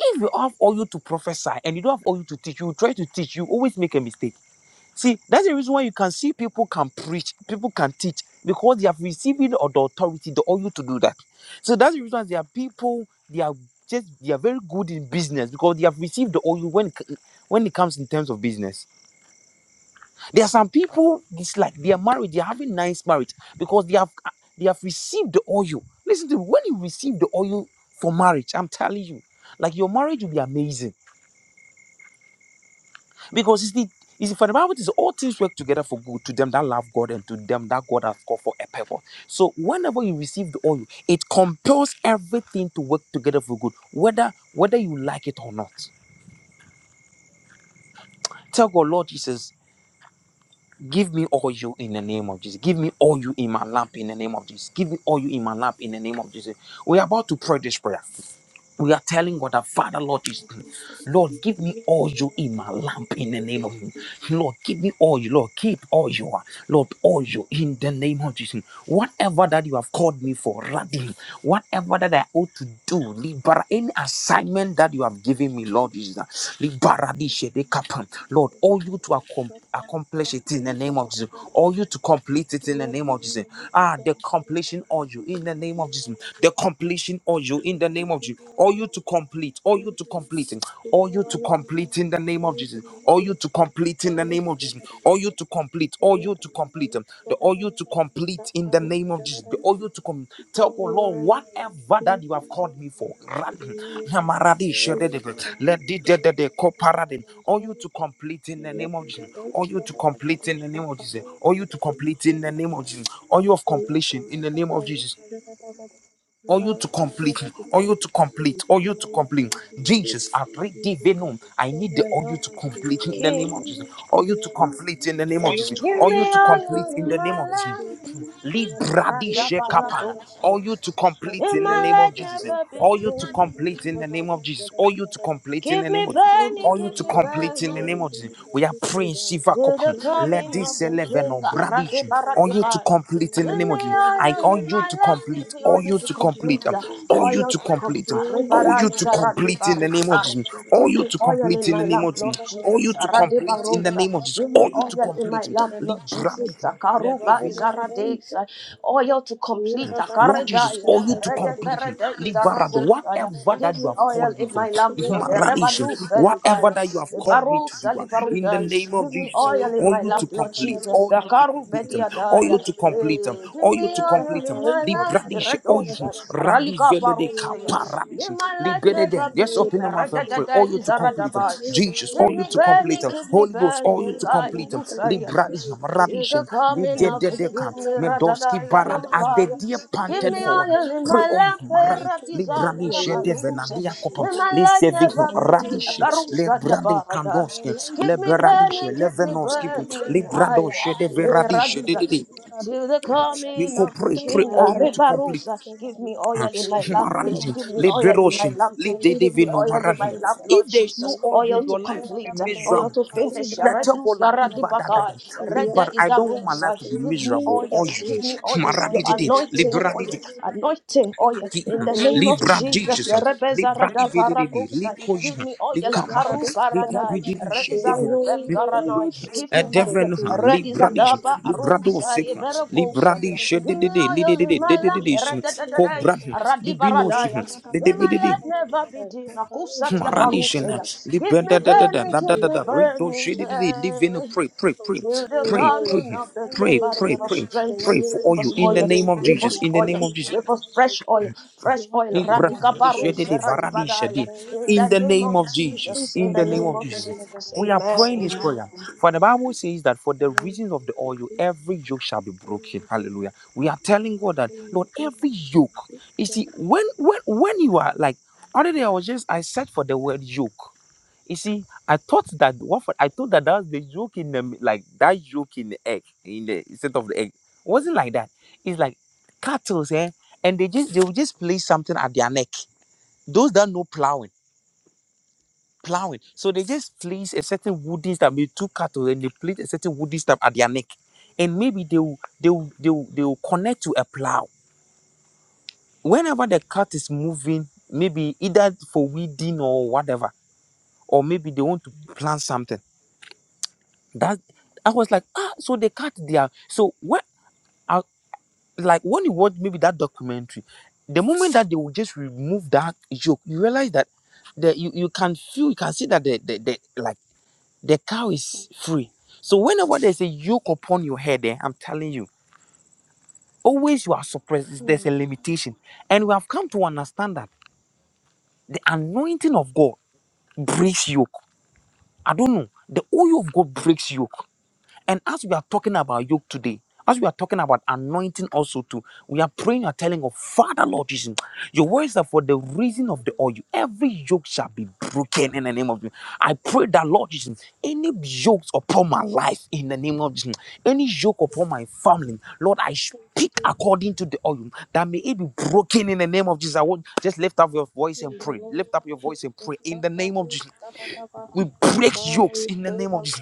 Speaker 1: If you have oil to prophesy and you don't have oil to teach, you try to teach, you always make a mistake. See, that's the reason why you can see people can preach, people can teach because they have received the authority, the oil to do that. So that's the reason why there are people, they are just they are very good in business because they have received the oil when when it comes in terms of business. There are some people They are married. They are having nice marriage because they have they have received the oil. Listen to me. When you receive the oil for marriage, I'm telling you, like your marriage will be amazing because it's the it's for the Bible it is all things work together for good to them that love God and to them that God has called for a purpose. So whenever you receive the oil, it compels everything to work together for good, whether whether you like it or not. Tell God, Lord Jesus, Give me all you in the name of Jesus. Give me all you in my lamp in the name of Jesus. Give me all you in my lamp in the name of Jesus. We are about to pray this prayer. We are telling God, that Father, Lord Jesus, Lord, give me all you in my lamp in the name of Jesus. Lord, give me all you, Lord, keep all you are, Lord, all you in the name of Jesus. Whatever that you have called me for, Radim, whatever that I ought to do, Libera, any assignment that you have given me, Lord Jesus, Libera, di shede kapan. Lord, all you to accomplish accomplish it in the name of Jesus. Or you to complete it in the name of Jesus. Ah, the completion or you in the name of Jesus. The completion or you in the name of Jesus. Or you to complete. Or you to complete. Or you to complete in the name of Jesus. Or you to complete in the name of Jesus. Or you to complete. Or you to complete. The oil to complete in the name of Jesus. The oil to come. Tell God, Lord, whatever that you have called me for. Let the the- the- the koparade. Oil to complete in the name of Jesus. Oil to complete in the name of Jesus. Oil to complete in the name of Jesus. Oil of completion in the name of Jesus. Or you to complete, me. or you to complete, or you to complete. Jesus, I pray divinum. I need the oil to complete in the name of Jesus.
Speaker 2: King,
Speaker 1: Or you to complete in the name of Jesus.
Speaker 2: give
Speaker 1: Or
Speaker 2: me
Speaker 1: you to complete
Speaker 2: oil
Speaker 1: in
Speaker 2: in
Speaker 1: the name
Speaker 2: my
Speaker 1: of Jesus.
Speaker 2: lamp.
Speaker 1: Libradi shekapana.
Speaker 2: Ra-da-ba-ra-do-sa-ya.
Speaker 1: Or you to complete
Speaker 2: Let
Speaker 1: in the
Speaker 2: my
Speaker 1: name of
Speaker 2: light
Speaker 1: Jesus.
Speaker 2: never be
Speaker 1: All you to
Speaker 2: dim.
Speaker 1: complete in the name of Jesus. All you to complete in
Speaker 2: Give
Speaker 1: the name
Speaker 2: me
Speaker 1: of Jesus.
Speaker 2: burning,
Speaker 1: All you
Speaker 2: give
Speaker 1: to
Speaker 2: me
Speaker 1: complete in the
Speaker 2: burning.
Speaker 1: name of Jesus. We are praying Shiva
Speaker 2: To the
Speaker 1: Kopan. Let
Speaker 2: coming of
Speaker 1: this
Speaker 2: the
Speaker 1: eleven
Speaker 2: king,
Speaker 1: on
Speaker 2: Rati
Speaker 1: brandish. All you to
Speaker 2: Paratika.
Speaker 1: complete in
Speaker 2: Give
Speaker 1: the name of
Speaker 2: me
Speaker 1: Jesus. I
Speaker 2: oil
Speaker 1: all
Speaker 2: in
Speaker 1: you
Speaker 2: my
Speaker 1: to
Speaker 2: lap, give
Speaker 1: complete.
Speaker 2: me
Speaker 1: All
Speaker 2: oil
Speaker 1: you
Speaker 2: to
Speaker 1: to complete.
Speaker 2: complete,
Speaker 1: um,
Speaker 2: uh,
Speaker 1: All you
Speaker 2: oil
Speaker 1: to
Speaker 2: to complete.
Speaker 1: complete. um, All you to complete in the name of Jesus. All
Speaker 2: Give
Speaker 1: you
Speaker 2: me
Speaker 1: to
Speaker 2: oil
Speaker 1: complete
Speaker 2: in
Speaker 1: in
Speaker 2: my
Speaker 1: the name
Speaker 2: lamp,
Speaker 1: of
Speaker 2: Lord
Speaker 1: Jesus. All you
Speaker 2: Jesus.
Speaker 1: to
Speaker 2: Rati
Speaker 1: complete in the
Speaker 2: Barosa.
Speaker 1: name of Jesus.
Speaker 2: Give me
Speaker 1: All you to
Speaker 2: oil in my
Speaker 1: complete.
Speaker 2: lamp,
Speaker 1: Leave
Speaker 2: Lord Jesus.
Speaker 1: brandish.
Speaker 2: Karuba is a Aradesa. Oil to complete.
Speaker 1: Lord Jesus,
Speaker 2: Karedaya.
Speaker 1: all you to
Speaker 2: Rede
Speaker 1: complete me.
Speaker 2: Berede is
Speaker 1: Liberad,
Speaker 2: Arakosaya.
Speaker 1: whatever that
Speaker 2: Give
Speaker 1: you
Speaker 2: me
Speaker 1: have
Speaker 2: oil
Speaker 1: called me
Speaker 2: in
Speaker 1: from,
Speaker 2: my lamp, Lord.
Speaker 1: Maradisha,
Speaker 2: Rebadu
Speaker 1: whatever
Speaker 2: Feyakaya.
Speaker 1: that you have called me to
Speaker 2: Barosa
Speaker 1: do, uh, in the
Speaker 2: Libaruda.
Speaker 1: name of
Speaker 2: Give me oil
Speaker 1: Jesus,
Speaker 2: oil in
Speaker 1: all
Speaker 2: my
Speaker 1: you to
Speaker 2: lamp, Lord
Speaker 1: complete,
Speaker 2: Jesus.
Speaker 1: all you to
Speaker 2: Sakaru
Speaker 1: complete them, all
Speaker 2: bediadaya.
Speaker 1: you to complete them,
Speaker 2: Eh, Give
Speaker 1: all you
Speaker 2: me
Speaker 1: to complete
Speaker 2: oil in
Speaker 1: them.
Speaker 2: my lamp.
Speaker 1: Libradish, all you,
Speaker 2: Redosa.
Speaker 1: Radi
Speaker 2: Ralika
Speaker 1: Velede
Speaker 2: parousia. May
Speaker 1: Kaparadish,
Speaker 2: my light
Speaker 1: Libede
Speaker 2: never
Speaker 1: them.
Speaker 2: be
Speaker 1: Just
Speaker 2: dim.
Speaker 1: open your mouth and pray.
Speaker 2: Radadada
Speaker 1: All you to complete complete them.
Speaker 2: izaradaba.
Speaker 1: Jesus,
Speaker 2: Give
Speaker 1: all
Speaker 2: me
Speaker 1: you to complete
Speaker 2: burning,
Speaker 1: them.
Speaker 2: keep me
Speaker 1: Holy Ghost, all you
Speaker 2: burning.
Speaker 1: to
Speaker 2: Ka
Speaker 1: complete them.
Speaker 2: ilusariada.
Speaker 1: Libradisham,
Speaker 2: To
Speaker 1: radishin,
Speaker 2: the coming of the
Speaker 1: lidededeka,
Speaker 2: King.
Speaker 1: medoski
Speaker 2: Radadaya
Speaker 1: barad, as the
Speaker 2: namakaya.
Speaker 1: deer
Speaker 2: Give
Speaker 1: panted
Speaker 2: me
Speaker 1: forward.
Speaker 2: oil in
Speaker 1: Pray
Speaker 2: my
Speaker 1: on
Speaker 2: lamp,
Speaker 1: him, maran,
Speaker 2: era desire,
Speaker 1: libranisha
Speaker 2: rabarusa.
Speaker 1: devenadia kopam,
Speaker 2: May my light never
Speaker 1: lisevignum,
Speaker 2: be dim.
Speaker 1: radish,
Speaker 2: Karusa
Speaker 1: lebrade
Speaker 2: Yabarada.
Speaker 1: kandoski,
Speaker 2: Keep me
Speaker 1: lebradish,
Speaker 2: burning, keep me
Speaker 1: levenoski,
Speaker 2: burning
Speaker 1: librado,
Speaker 2: higher. Hey,
Speaker 1: shedeveradish,
Speaker 2: Radiza.
Speaker 1: dididi.
Speaker 2: Till the
Speaker 1: We
Speaker 2: coming
Speaker 1: go
Speaker 2: of the
Speaker 1: pray, pray
Speaker 2: King,
Speaker 1: all you to complete.
Speaker 2: Arrivarusa, give me oil in my lamp, eh,
Speaker 1: Maranji,
Speaker 2: give me oil in my
Speaker 1: liberoshi,
Speaker 2: lamp, eh, give me
Speaker 1: lidedevino
Speaker 2: oil in my
Speaker 1: maranji.
Speaker 2: lamp, Lord
Speaker 1: If there is
Speaker 2: Jesus,
Speaker 1: no oil,
Speaker 2: oil
Speaker 1: you-
Speaker 2: to
Speaker 1: your life will be
Speaker 2: complete, eh, oil
Speaker 1: miserable.
Speaker 2: to finish,
Speaker 1: Let her go
Speaker 2: Redusa
Speaker 1: la liba da da da.
Speaker 2: Radibakai, Reda
Speaker 1: Liba,
Speaker 2: is
Speaker 1: I
Speaker 2: a
Speaker 1: don't want my
Speaker 2: rusa.
Speaker 1: life to be
Speaker 2: give me
Speaker 1: miserable.
Speaker 2: oil,
Speaker 1: Oil,
Speaker 2: give me oil, your anointing
Speaker 1: maranji,
Speaker 2: oil, anointing oil, in the name of
Speaker 1: Libra
Speaker 2: Jesus,
Speaker 1: Jesus,
Speaker 2: eh, Rebeza
Speaker 1: Libra Divinity,
Speaker 2: Radaparakosai, give
Speaker 1: Licoja,
Speaker 2: me oil,
Speaker 1: Licama,
Speaker 2: Karu Paradai.
Speaker 1: Lidividity, Shedivin, Lico
Speaker 2: Paranoi,
Speaker 1: Brothers,
Speaker 2: Give
Speaker 1: Edevin,
Speaker 2: us
Speaker 1: Libra
Speaker 2: desire.
Speaker 1: Dish, Libra Dosica, Libra
Speaker 2: Give
Speaker 1: Dish,
Speaker 2: me
Speaker 1: Dididi, Lididi,
Speaker 2: da- da-
Speaker 1: Dididi, Cobra, Libino,
Speaker 2: Araya. me
Speaker 1: Lidibidi.
Speaker 2: roofs,
Speaker 1: Maradishin,
Speaker 2: yeah. Give
Speaker 1: Libra,
Speaker 2: me
Speaker 1: da da da da
Speaker 2: burning,
Speaker 1: da da da
Speaker 2: me
Speaker 1: da, Rito,
Speaker 2: burning.
Speaker 1: Shedidi, Living,
Speaker 2: eh.
Speaker 1: pray, pray, pray,
Speaker 2: Till the
Speaker 1: pray, pray,
Speaker 2: coming of the King,
Speaker 1: pray,
Speaker 2: Father,
Speaker 1: pray,
Speaker 2: give us
Speaker 1: pray,
Speaker 2: strength.
Speaker 1: pray for
Speaker 2: Give
Speaker 1: all you
Speaker 2: us
Speaker 1: in the
Speaker 2: oil.
Speaker 1: name of
Speaker 2: Give
Speaker 1: Jesus,
Speaker 2: us
Speaker 1: in the name
Speaker 2: oil.
Speaker 1: of Jesus.
Speaker 2: Give us fresh oil. Fresh oil.
Speaker 1: Libra
Speaker 2: Radika
Speaker 1: handi shede
Speaker 2: parus,
Speaker 1: de varadi
Speaker 2: radibadaya.
Speaker 1: shede.
Speaker 2: In the
Speaker 1: In the
Speaker 2: name
Speaker 1: name
Speaker 2: of
Speaker 1: of Jesus.
Speaker 2: Jesus. In
Speaker 1: In
Speaker 2: the
Speaker 1: the name
Speaker 2: name
Speaker 1: of
Speaker 2: of
Speaker 1: Jesus.
Speaker 2: Jesus.
Speaker 1: We are praying
Speaker 2: Amen.
Speaker 1: this prayer. For the Bible says that for the reasons of the oil, every yoke shall be broken. Hallelujah. We are telling God that Lord, every yoke. You see, when when when you are like other day I was just I searched for the word yoke. You see, I thought that what for, I thought that that was the yoke in the like that yoke in the egg in the instead of the egg. It wasn't like that. It's like cattle, eh? And they just they will just place something at their neck those that know plowing, plowing. So they just place a certain wooden cattle and they place a certain stuff at their neck. And maybe they will they will, they will, they will connect to a plow that is moving, maybe either for weeding or whatever. Or maybe they want to plant something. That I was like, ah, so they cut their so what I like when you watch maybe that documentary, the moment that they will just remove that yoke, you realize that the, you, you can feel you can see that the, the, the like The cow is free. So whenever there's a yoke upon your head, eh, I'm telling you, always you are suppressed. There's a limitation. And we have come to understand that the anointing of God breaks yoke. I don't know. The oil of God breaks yoke. And as we are talking about yoke today, as we are talking about anointing also too, we are praying and telling of Father Lord Jesus, your words are for the reason of the oil. Every yoke shall be broken in the name of Jesus. I pray that Lord Jesus, any yokes upon my life in the name of Jesus, any yoke upon my family, Lord, I speak according to the oil that may it be broken in the name of Jesus. I want just lift up your voice and pray. Lift up your voice and pray in the name of Jesus. We break yokes in the name of Jesus.